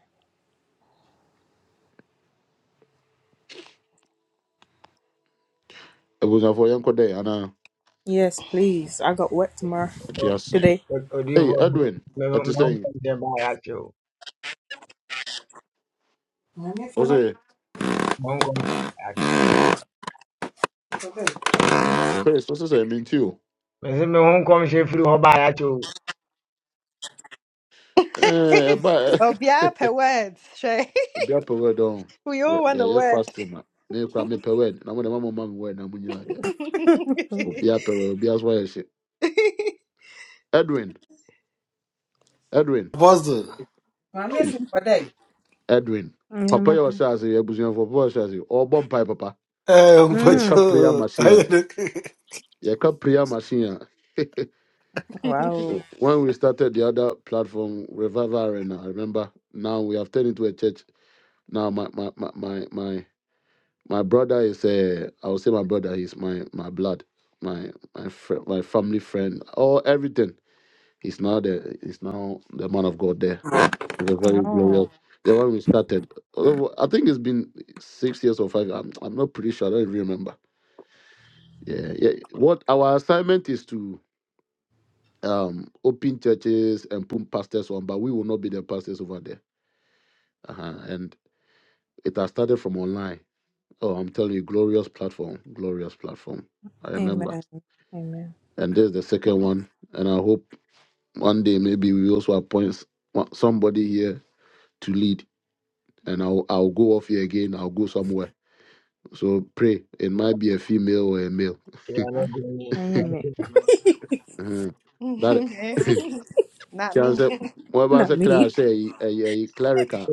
A: Ebusafo yɛn kɔ dɛ ana
D: Yes, please. I got work tomorrow
A: di asa.
D: today.
A: Hey
C: odiyifo
A: Edwin,
C: mɛ
A: ɛte
C: mɛ ho
A: sɛ
C: nkɔm hyɛ baa yɛ akyɛ o
A: ɔsɛ
C: mɛ ho nkɔm
A: Chris ɔsɛ sɛ ɛmi nti o.
C: mɛ sɛ mɛ ho nkɔm hyɛ firi hɔ baa yɛ akyɛ o
A: Ɛɛ ɛba
B: oh, yeah, per words. Shay.
A: ebi apɛ wɛ dɔn.
B: We all
A: Yɛ
B: want a
A: yɛ
B: word.
A: fasting ma. Mi kura mi pɛ wɛ na mo de ma mo ma mi wɛ na mo nyina yɛ. Obi apɛ wɛ obi aso ayɛ hyɛ. Edwin Edwin
F: Apostle.
A: hey Edwin
D: Yeah,
A: papa
D: ma-
A: yɛ ɔhyɛ ase yɛ ebusafo papa yɛ ɔhyɛ ase bomb mpae papa.
F: Hey, um,
A: Yɛ
F: but
A: ka
D: mm,
A: prayer
F: you, how
A: machine
F: you doing?
A: Yɛka prayer machine a
D: wow.
A: when we started the other platform, Revival Arena, I remember. Now we have turned into a church. Now my my my my my, my brother is uh, I will say my brother he's my my blood, my my friend, my family friend, all everything. He's now the he's now the man of God there. The very
D: Oh,
A: glorious. The one we started. although I think it's been six years or five. I'm I'm not pretty sure. I don't even remember. Yeah, yeah. What our assignment is to um open churches and put pastors on, but we will not be the pastors over there. Uh-huh. And it has started from online. Oh, I'm telling you, glorious platform, glorious platform. I remember.
D: amen. Amen.
A: And there's the second one. And I hope one day maybe we also appoint s- one- somebody here to lead. And I'll I'll go off here again. I'll go somewhere. So pray. It might be a female or a male.
C: yɛn no
D: Mm,
C: go ni
D: Enye
A: Uh-huh. That
B: Mhm. Not me.
A: chance. Whatever
D: Not
A: I
D: me.
A: say, clerical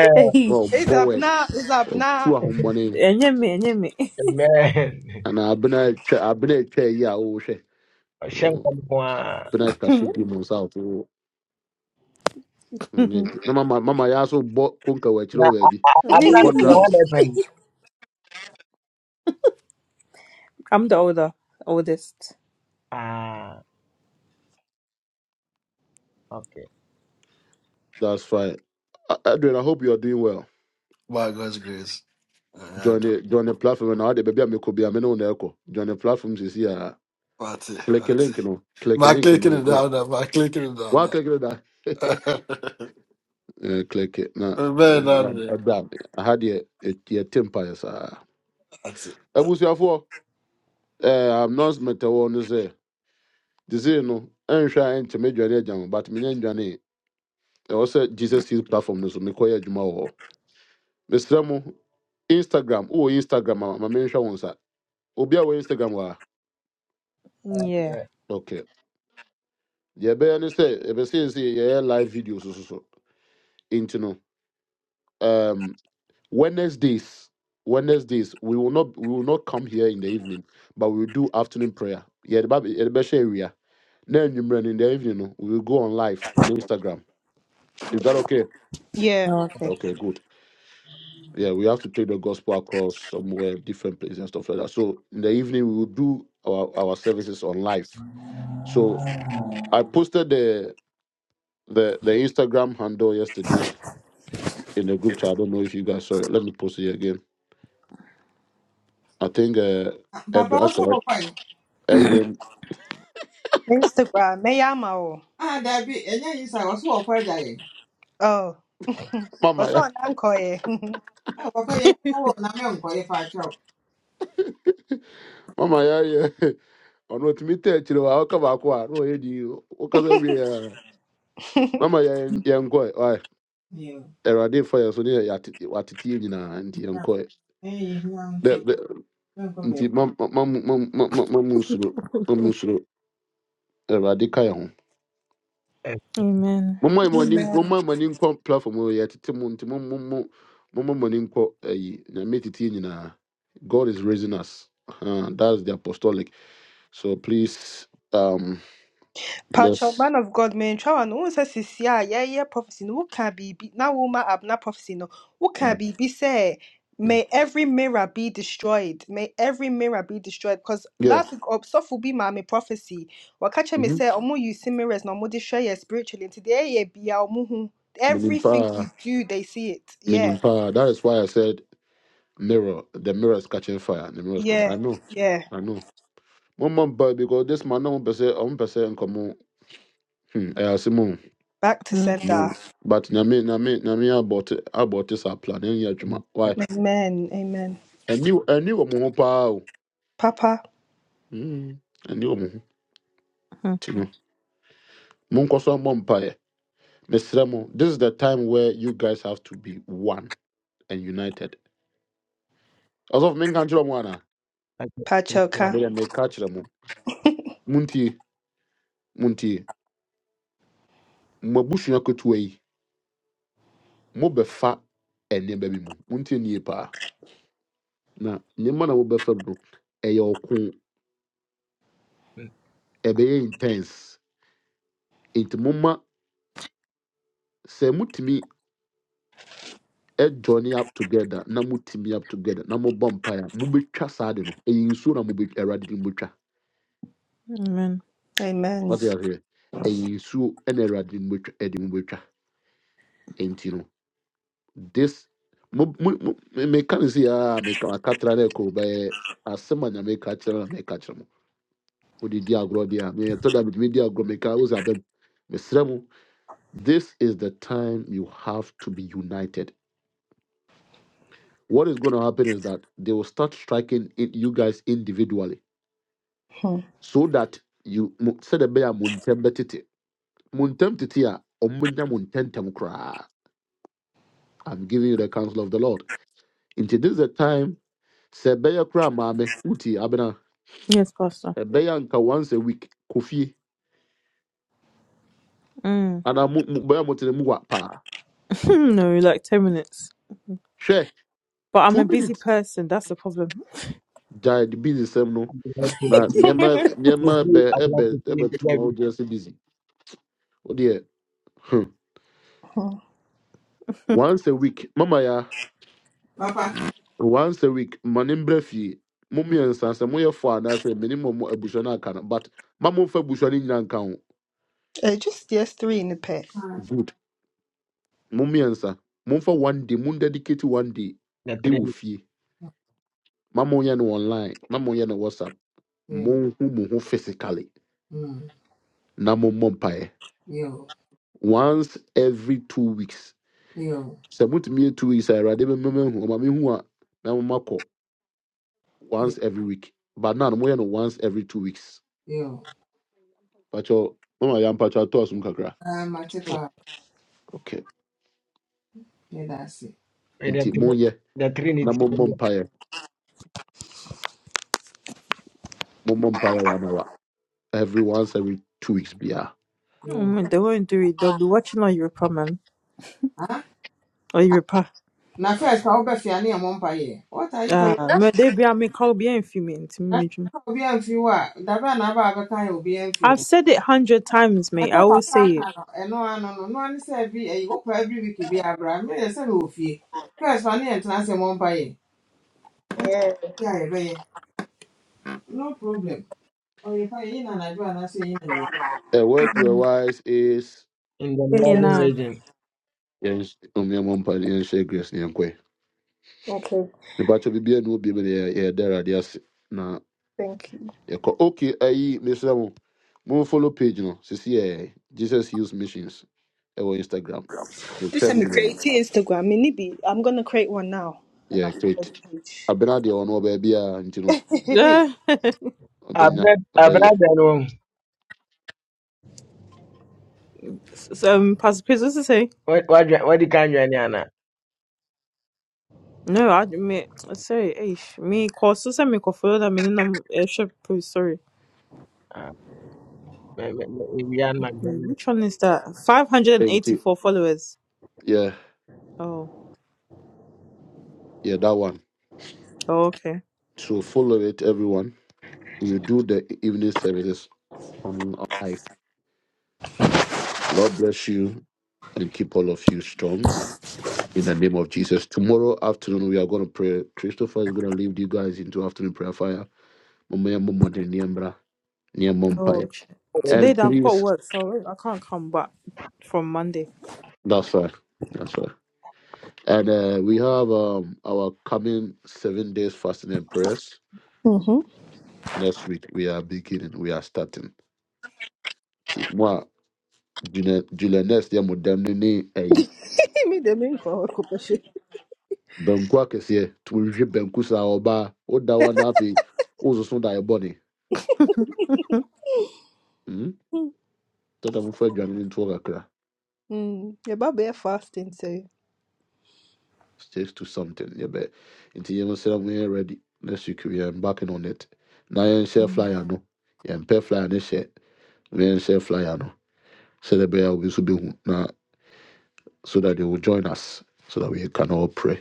D: Hey,
A: or
B: It's up
A: bowed
B: now. It's up
A: or
B: now.
A: two hundred money.
D: enye me,
C: amen
A: And anaa abena atwa abena atwa yi a wɔrehwɛ
C: ɔhyɛ
A: Oh,
C: nkɔm ko ara
A: abena kase
D: Hey.
A: di cast nsa ato nyɛ gye no, mama mama yɛ aso bɔ konka wɔ
C: Now,
A: akyerɛ
C: I-
A: baby
C: I've
A: or
C: not
A: ɔbɔ
C: looking at what
A: drums
C: happened.
D: I'm the older, oldest.
C: Ah, okay.
A: that's fine A- Adrian I hope you are doing well
F: By God's grace. Yeah, I
A: join
F: don't.
A: the join the platform na ɔde baabi a mekɔ be a me ne wo na join the platforms is here.
F: That's it.
A: click a
F: That's it.
A: link no click a
F: My
A: link
F: clicking
A: no
F: it
A: na
F: down now. My clicking it down
A: waa
F: now.
A: click da Eh, click it. na na-
F: Man,
A: na-
F: down there.
A: ɛda aha deɛ yɛte mpaeɛ saa
F: That's it.
A: four? eh, announcement a ɛwɔ no sɛ dizii no I ɛnhwɛ a ɛnkyɛ medwane agya ho but menyɛ ndwane ɛwɔ sɛ jesus heal platform no so mekɔyɛ adwuma wɔ hɔ mesrɛ mo instagram Oh, instagram a ma menhwɛ wo nsa obi a wɔ instagram wɔ a
D: Yeah.
C: Yeah.
A: ok Yeah, be any say, ɛbɛyɛ ne sɛ ɛbɛseesei yɛyɛ live videos so so so. nti no um, wednesdays wednesdays we will not we will not come here in the evening but we will do afternoon prayer yɛde ba yɛde bɛhyɛ awia na anwummerɛ no in the evening no we will go on live on instagram is that okay
B: Yeah.
D: Oh, okay.
A: okay good yeah, we have to take the gospel across somewhere, different places and stuff like that. So in the evening we will do our, our services on live. So I posted the the the Instagram handle yesterday in the group chat. I don't know if you guys saw it. Let me post it again. I think uh Edwin That's saw Edwin
B: Instagram. Meyamao. Oh.
A: Mama
B: What's
A: yeah,
B: on Anchor?
A: Mama yeah yeah. On what me tell you I come back no yeah you do. because every Mama yeah yeah go why Erade fire so near yatiti nyina nti yankɔ ɛ. nti mam- mam- mam- mam- mam- mam- mamu nsuro mamu nsuro awurade ka yɛ ho
C: Eh,
D: Amen.
A: momma yɛ mo ani momma yɛ mo ani nkɔ platform hɔ yɛtete mu nti mom- mom- mom- momma mo ani nkɔ ayi nyame tete yɛ nyinaa god is raising us uh, that's the apostolic so please um
B: Pacho,
A: let's
B: man of God, man, try no one says sisi a yeah yeah prophecy no what can be be now woman abna prophecy no what
A: yeah
B: can be be say
A: Mhm.
B: may every mirror be destroyed may every mirror be destroyed because
A: yeah
B: last week up so will be my me prophecy what catch me
A: mm-hmm.
B: say omo you see mirrors no more destroy you spiritually and today yeah be our muhu
A: menim
B: everything we
A: paa
B: do they see it yeah
A: that is why i said mirror the mirror is catching fire the mirror is catching
B: yeah
A: i know
B: yeah
A: i know momma boy, because this man na mo pɛ sɛ ɔmo pɛ sɛ nkɔmɔ hmm ɛyɛ ase
B: back to
D: Mm,
B: sender
A: Mm. But nyame nyame nyame abɔte abɔte saa plan ɛnyɛ
C: mm,
A: adwuma. Why?
B: amen amen
A: Ɛni ɛni wɔ mo ho paa o.
B: Papa
A: Mm, Ɛni wɔ mo ho.
D: mm,
A: Ti no. Monkɔ so mmɔ mpaeɛ. Mesrɛ mo, this is the time where you guys have to be one and united. Ɔsɔfo menka nkyerɛ mo ana?
C: Okay.
B: Pachoka
C: Um,
A: Meyɛ meka kyerɛ mo. Muntie, muntie. Mo abusua ketewa yi, mobɛfa nneɛma bi mu. Muntie nie paa. Na nneɛma na mo mu no, ɛyɛ ɔko.
C: mm.
A: Ɛbɛyɛ intense. Nti momma sɛ mutumi ɛjoin up together na mo team up together na mo bɔ mpaeɛ a betwa saa no ɛyɛ nsuo na mo bet ɛwurade de mo betwa
D: Amen.
B: amen
A: wate aseɛ ɛyɛ nsuo ɛna ɛwurade de mo betwa ɛde mo betwa ɛnti no this mo mo mo meka ne se aa meka akatra na ɛkɔ bɛyɛ asɛm a nyame ka kyerɛ na meka kyerɛ mo mo de di agorɔ deɛ a meyɛtɔ da metumi di agorɔ meka wo sɛ abɛm mesrɛ mo this is the time you have to be united what is going to happen is that they will start striking it, you guys individually so that you mo- said a bear muntem betite muntem titia omunya muntentem kra i'm giving you the counsel of the lord into this is the time se bear kra mame uti abena
D: Yes, Pastor.
A: a bear nka once a week kofi
D: Mm.
A: and I mu- bear mutene muwa pa
D: no, like 10 minutes.
A: hwe
D: But I'm a
A: 2
D: busy
A: minutes
D: person. That's the problem.
A: died busy sem no
C: I'd like to
A: na
C: give-
A: nyema
C: to
A: nyema
C: do-
A: be
C: I'd
A: ebe
C: like to claim
A: ebe
C: the Bible,
A: tuwa just busy Oh dear hmm. once a week mama ya once a week manimbrɛ fie mo mmiɛnsa sɛ moyɛ fo anaasɛ mene mmɔ mo abusua no aka no but ma momfa abusua no nyina nka ho
B: Uh, just yes, three in the pair.
A: good mo mmiɛnsa momfa one day mon dedicate one day
C: the
A: ɛwɔ
C: Trinity,
A: fie ma monyɛ no online ma monyɛ no whatsapp monhu mo ho physically na mommɔ mpaeɛ once every two weeks sɛ motumi yɛ two weeks a awurade bɛmamahu ɔma mehu a na momakɔ once every week but na no moyɛ no once every two weeks pakyɛ mama yɛ mpatwa tɔɔ som kakra Okay.
C: eh, the
A: nti
C: Trin-
A: monyɛ
C: the
A: na
C: Trinity
A: mommɔ mpaeɛ mommɔ mpaeɛ one hour every once every two weeks biara
D: Oh, man, they won't do it. They'll be watching on Europa, man. Or Europa. Ah, man, they be I'm a Caribbean female. I've said it hundred times, mate. I always say it.
B: Yeah.
A: a word to a
D: Mm.
A: wise is
C: in the
D: You
C: northern
D: know.
C: region.
A: yɛns- um, yɛmmɔ mpaeɛ na yɛnhyɛ grace ne yɛnkɔe
B: Okay,
A: mepakyɛ biribia ne obiam ne yɛda awurade ase na
B: Thank you.
A: yɛkɔ ok ayi mesrɛ mo momfollow page no sisi yɛ jesus use missions ɛwɔ instagram You
B: This time
A: travel.
B: I'm
A: mu nyinaa
B: creating Instagram. Me nibi. I'm gonna create one now and I
A: yɛ great
B: follow the page.
A: abena deɛ ɔno ɔbaabiaa nti no
D: Yeah.
C: I've
A: ɔbɛnya
C: not, I've
A: ɔbɛyɛ
C: not done one.
D: so, um, Pastor Piz, what's it say?
C: What, what, do- what you can join Anna?
D: No, I admit. Sorry, eish. Me, cause so say me call follow that meaning I'm airship post. Sorry.
C: Ah, me- me- me- me- me and my
D: Wait,
C: journey.
D: Which one is that? Five hundred and
A: nti
D: eighty-four followers.
A: Yeah,
D: Oh.
A: yeah, that one
D: Oh, okay.
A: so follow it everyone You do the evening services on on life. Lord bless you and keep all of you strong in the name of Jesus. Tomorrow afternoon, we are going to pray. Christopher is going to lead you guys into afternoon prayer fire. Mama ya mumo de niembra, niemom
D: Oh,
A: pai.
D: ch-
C: Oh,
D: today
A: And
D: that I've got
A: please,
D: work, so I can't come back from Monday.
A: that's right. That's right. And uh, we have um, our coming seven days fasting and prayers.
B: Mm-hmm.
A: Next week, we are beginning. We are starting. Ti- Moi, July
B: Me the main for occupation.
A: banku akɛseɛ tumohwehwɛ banku saa ɔbaa woda wa na afei wososo da ɛbɔne tata mofa adwane no ntoɔ kakra
B: Hmm. Your baby fasting say.
A: stakes to something yɛbɛ nti yɛno srɛ mo yɛ ready next week we are embarking on it na yɛnhyɛ
D: Mm.
A: flyer no yɛmpɛ flyer no hyɛ na yɛnhyɛ flyer no sɛdeɛ ɛbɛyɛ a obi nso bɛhu na so that they will join us so that we can all pray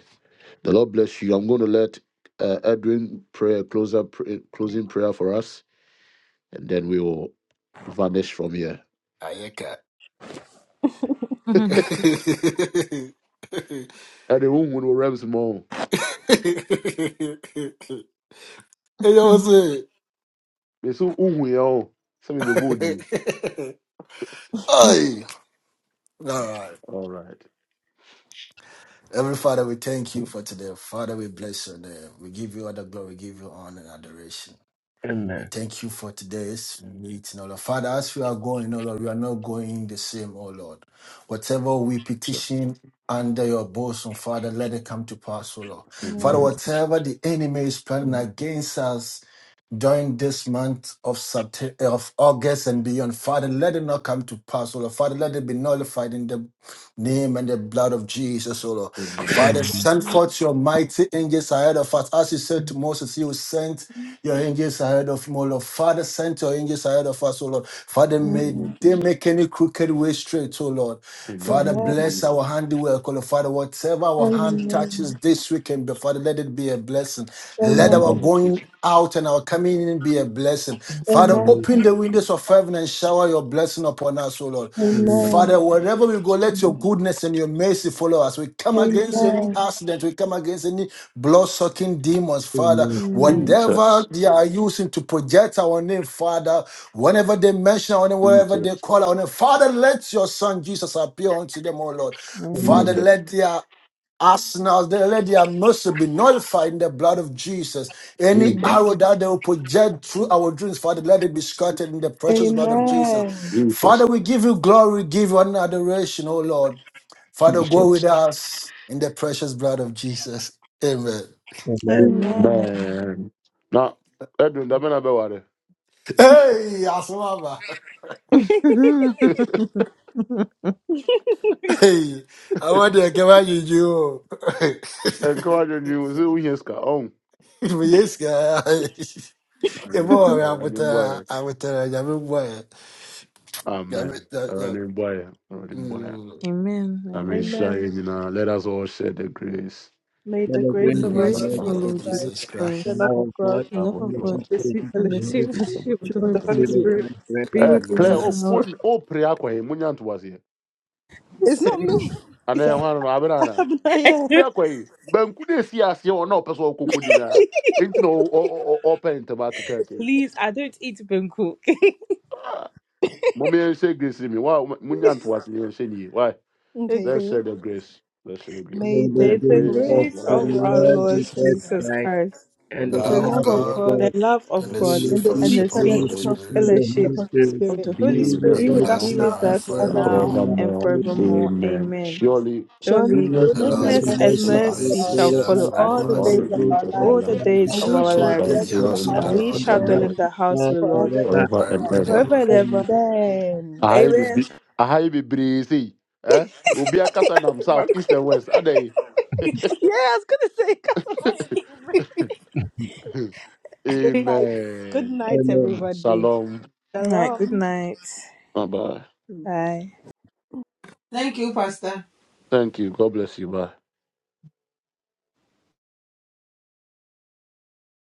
A: the lord bless you i'm going to let uh, edwin pray a closer pray, closing prayer for us and then we will vanish from here
F: I can't.
A: ɛde wohu no wɔ rems ma wo
F: Hey, yo, what's it?
A: me so wohu yɛ wo sɛ mebɛbɔ odin
F: Hey. All right.
A: all right
F: Heavenly Father, we thank you for today. Father, we bless your name. We give you all the glory, we give you honor and adoration.
C: Amen.
F: Thank you for today's meeting, O Lord. Father, as we are going, O Lord, we are not going the same, O Lord. Whatever we
A: just
F: petition under your bosom, Father, let it come to pass, O Lord.
B: Amen.
F: Father,
C: Amen.
A: amen
F: whatever the enemy is planning against us during this month of Sept- of August and beyond, Father, let it not come to pass, O Lord. Father, let it be nullified in the name and the blood of Jesus, O Lord.
A: amen
F: Father,
C: Amen.
F: send forth your mighty angels ahead of us. As you said to Moses, you sent your angels ahead of him, O Lord. Father, send your angels ahead of us, O Lord. Father,
A: in the
F: may
A: name of
F: they
A: jesus
F: make any crooked way straight, O Lord.
A: in the
F: Father,
A: name of
F: bless
A: jesus
F: our handiwork, O Lord. Father, whatever our hand touches this weekend, Father, let it be a blessing.
A: in
F: Let
A: the
F: our
A: name of
F: going
A: jesus
F: out and our coming in be a blessing blessing. Father,
C: Amen.
F: open
A: in the
F: the windows of heaven and shower your blessing upon us, O Lord.
C: Amen.
A: name
B: Amen.
F: Father,
A: of
F: wherever we go, let your goodness and your mercy follow us. We come against any accident, we come against any blood sucking demons, Father.
C: Amen.
F: Whatever
A: jesus jesus
F: they are using to project our name, Father, whenever they mention our name, wherever
A: jesus
F: they call our name, Father, let your son Jesus appear unto them, O Lord. Father,
C: Amen.
A: jesus
D: Amen.
F: let their as now, they let their mercy be nullified in the blood of Jesus. Any arrow that they will project through our dreams, Father, let it be scattered in the precious blood of Jesus.
B: Amen.
A: jesus
F: Father, we give you glory, we give you honor and adoration, oh Lord. Father, go with
A: jesus
F: us in the precious blood of Jesus. Amen.
C: Amen.
B: Amen.
D: Amen.
A: amen na ɛdu ndabɛ na bɛware
F: Hey, Asmama.
D: Amen.
F: Hey, I want to come out you. you.
A: ɛnka Encourage dwi wo Who wohia sika Oh.
F: Yes, guy. Yeah,
A: ayo
F: boy, I'm with
A: ɛwurade
F: uh,
A: boy.
F: I'm with uh, yeah,
A: amen
F: boy.
A: ɛwurade mboayɛ ɛwurade boy.
F: Mm.
A: I mean,
D: Amen.
A: Shai,
B: Amen.
A: you know, let us
F: May
A: all share the grace.
B: May
C: Let
B: the
C: us
A: The
B: grace
D: The
C: reign
F: the
B: of
C: in
B: our
A: grace
C: the
F: grace
A: of
D: grace
B: Lord
F: of
D: of
A: our
F: our
D: our
B: Jesus
F: Lord
D: Lord
A: Lord,
C: Lord.
D: Jesus
F: Jesus
B: Christ,
F: Christ
B: the
C: And
D: Christ,
C: I
B: love of
C: was
B: God,
C: not
D: the
A: love
D: love of
A: of
C: energy
D: God,
A: God,
B: the sweet
C: created for
D: and
C: the
D: the
B: fellowship
A: let's
C: Holy
D: sweet
A: give
C: Spirit,
A: for the
D: fellowship of
A: sake
D: the
A: of
B: of
D: Holy
A: the
B: the
A: Holy
B: Holy
C: little
D: Spirit
A: Spirit.
B: Spirit
C: and bread
B: be
C: on my
A: Eh,
B: with
F: Mm,
D: be
F: be
B: us.
A: Claire,
F: with
D: us
C: soul.
A: oh,
F: us.
D: now.
A: oh, oh, prayer kwa hii, munya ntu wazi.
B: It's not
D: Sorry.
B: me.
A: Ana
B: It's
A: ya
B: our
A: na abirana.
B: Have not
A: Oh,
B: yet.
A: prayer kwa hii. Banku de si asiye wana opesa okukuna.
D: Please, I don't eat Bangkok.
A: Mumi yense grace ni mi. Wa, munya ntu wazi yense ni. Why?
B: Okay.
A: Let's
D: okay.
A: share the grace. Let's share the grace.
C: May
B: May
A: With
C: the
A: The
D: May
B: the
D: the
C: grace
A: grace
C: of
A: of
D: grace
B: grace
A: our
C: the
B: of
A: Lord
D: of
B: our
D: our
A: Jesus
C: Lord
B: Lord
D: Lord
A: Christ,
B: Jesus
C: Jesus
D: Jesus
B: Christ,
C: Christ
D: Christ.
A: the
C: and
F: The
C: the
B: the
A: love
F: love of
A: of
B: love
C: love of
B: of
A: God,
F: God
B: God,
D: the
C: God
D: love of
F: and
A: and the
F: the
C: and
D: God,
A: sweet
F: sweet
B: and
C: the
B: the
C: deep
D: and
B: sweet
A: fellowship
D: the
F: fellowship of
A: of
F: the
A: the
F: Holy
D: sweet
B: fellowship
A: Holy
C: fellowship
B: of the
F: Spirit
C: of
B: Church
C: the
A: Spirit
B: of the
D: fellowship
C: Holy
B: Holy
C: Spirit
D: of the
B: Spirit
A: be
C: be
D: Holy
A: with
C: with
F: be
A: us
B: be
D: Spirit
F: with
C: us
B: with
A: now
B: us
D: be
F: us
C: now
F: now
B: now
D: with
F: and
B: and
D: us
A: and
C: and
B: forevermore.
F: forevermore.
D: now
C: forevermore.
D: and
A: forevermore.
B: Amen.
C: Amen.
D: forevermore.
A: Amen.
D: Amen.
A: Surely
B: Surely
D: Surely
C: Lord,
A: goodness
F: The
A: and
B: goodness
F: Lord's
C: have
B: and
A: mercy
D: goodness
B: mercy
A: shall
D: and
F: goodness
A: follow
B: shall
C: mercy
F: and
A: us
C: on us,
D: mercy
B: follow
F: mercy
B: us
D: shall
C: follow
F: shall
D: follow
C: us,
D: us
B: all
F: follow
B: the
C: and
A: all
F: us.
A: the
C: the
B: days of
C: grace
A: days
B: our
A: of
C: of
A: our
D: all
B: lives,
D: the
A: life.
F: We
C: God,
D: days
B: and
D: of
F: shall
B: we
D: our
A: We
B: shall
C: and
F: dwell
A: shall
F: in
C: the
B: dwell
F: the
B: in
D: lives,
C: good
A: dwell
B: the
F: house
A: in
F: of
A: the
D: and
F: the
B: house
A: house
B: of
D: we
B: the
C: in
F: Lord
A: of the
D: shall
C: the
B: Lord
D: dwell
C: heart
D: in
A: Lord
C: of
D: the house
C: God
D: of the Lord
B: forever
C: forever
B: and
A: forever and
F: forever
B: ever.
F: and
A: ever.
D: forever
F: ever.
D: and
C: and
D: ever.
C: ever.
B: Amen.
A: Ahai
F: Amen.
D: Amen.
A: bibi, ahai bibiri sei. Eh? Obi akasa nam south, east and west. Adey.
B: Yeah, I was gonna say, 'cause I am- good night. Good
A: Amen.
C: Amen.
B: night.
A: Shalom.
D: All right, good
B: Shalom.
D: night.
A: Bye bye.
D: Bye.
A: Thank you. God bless you. Bye.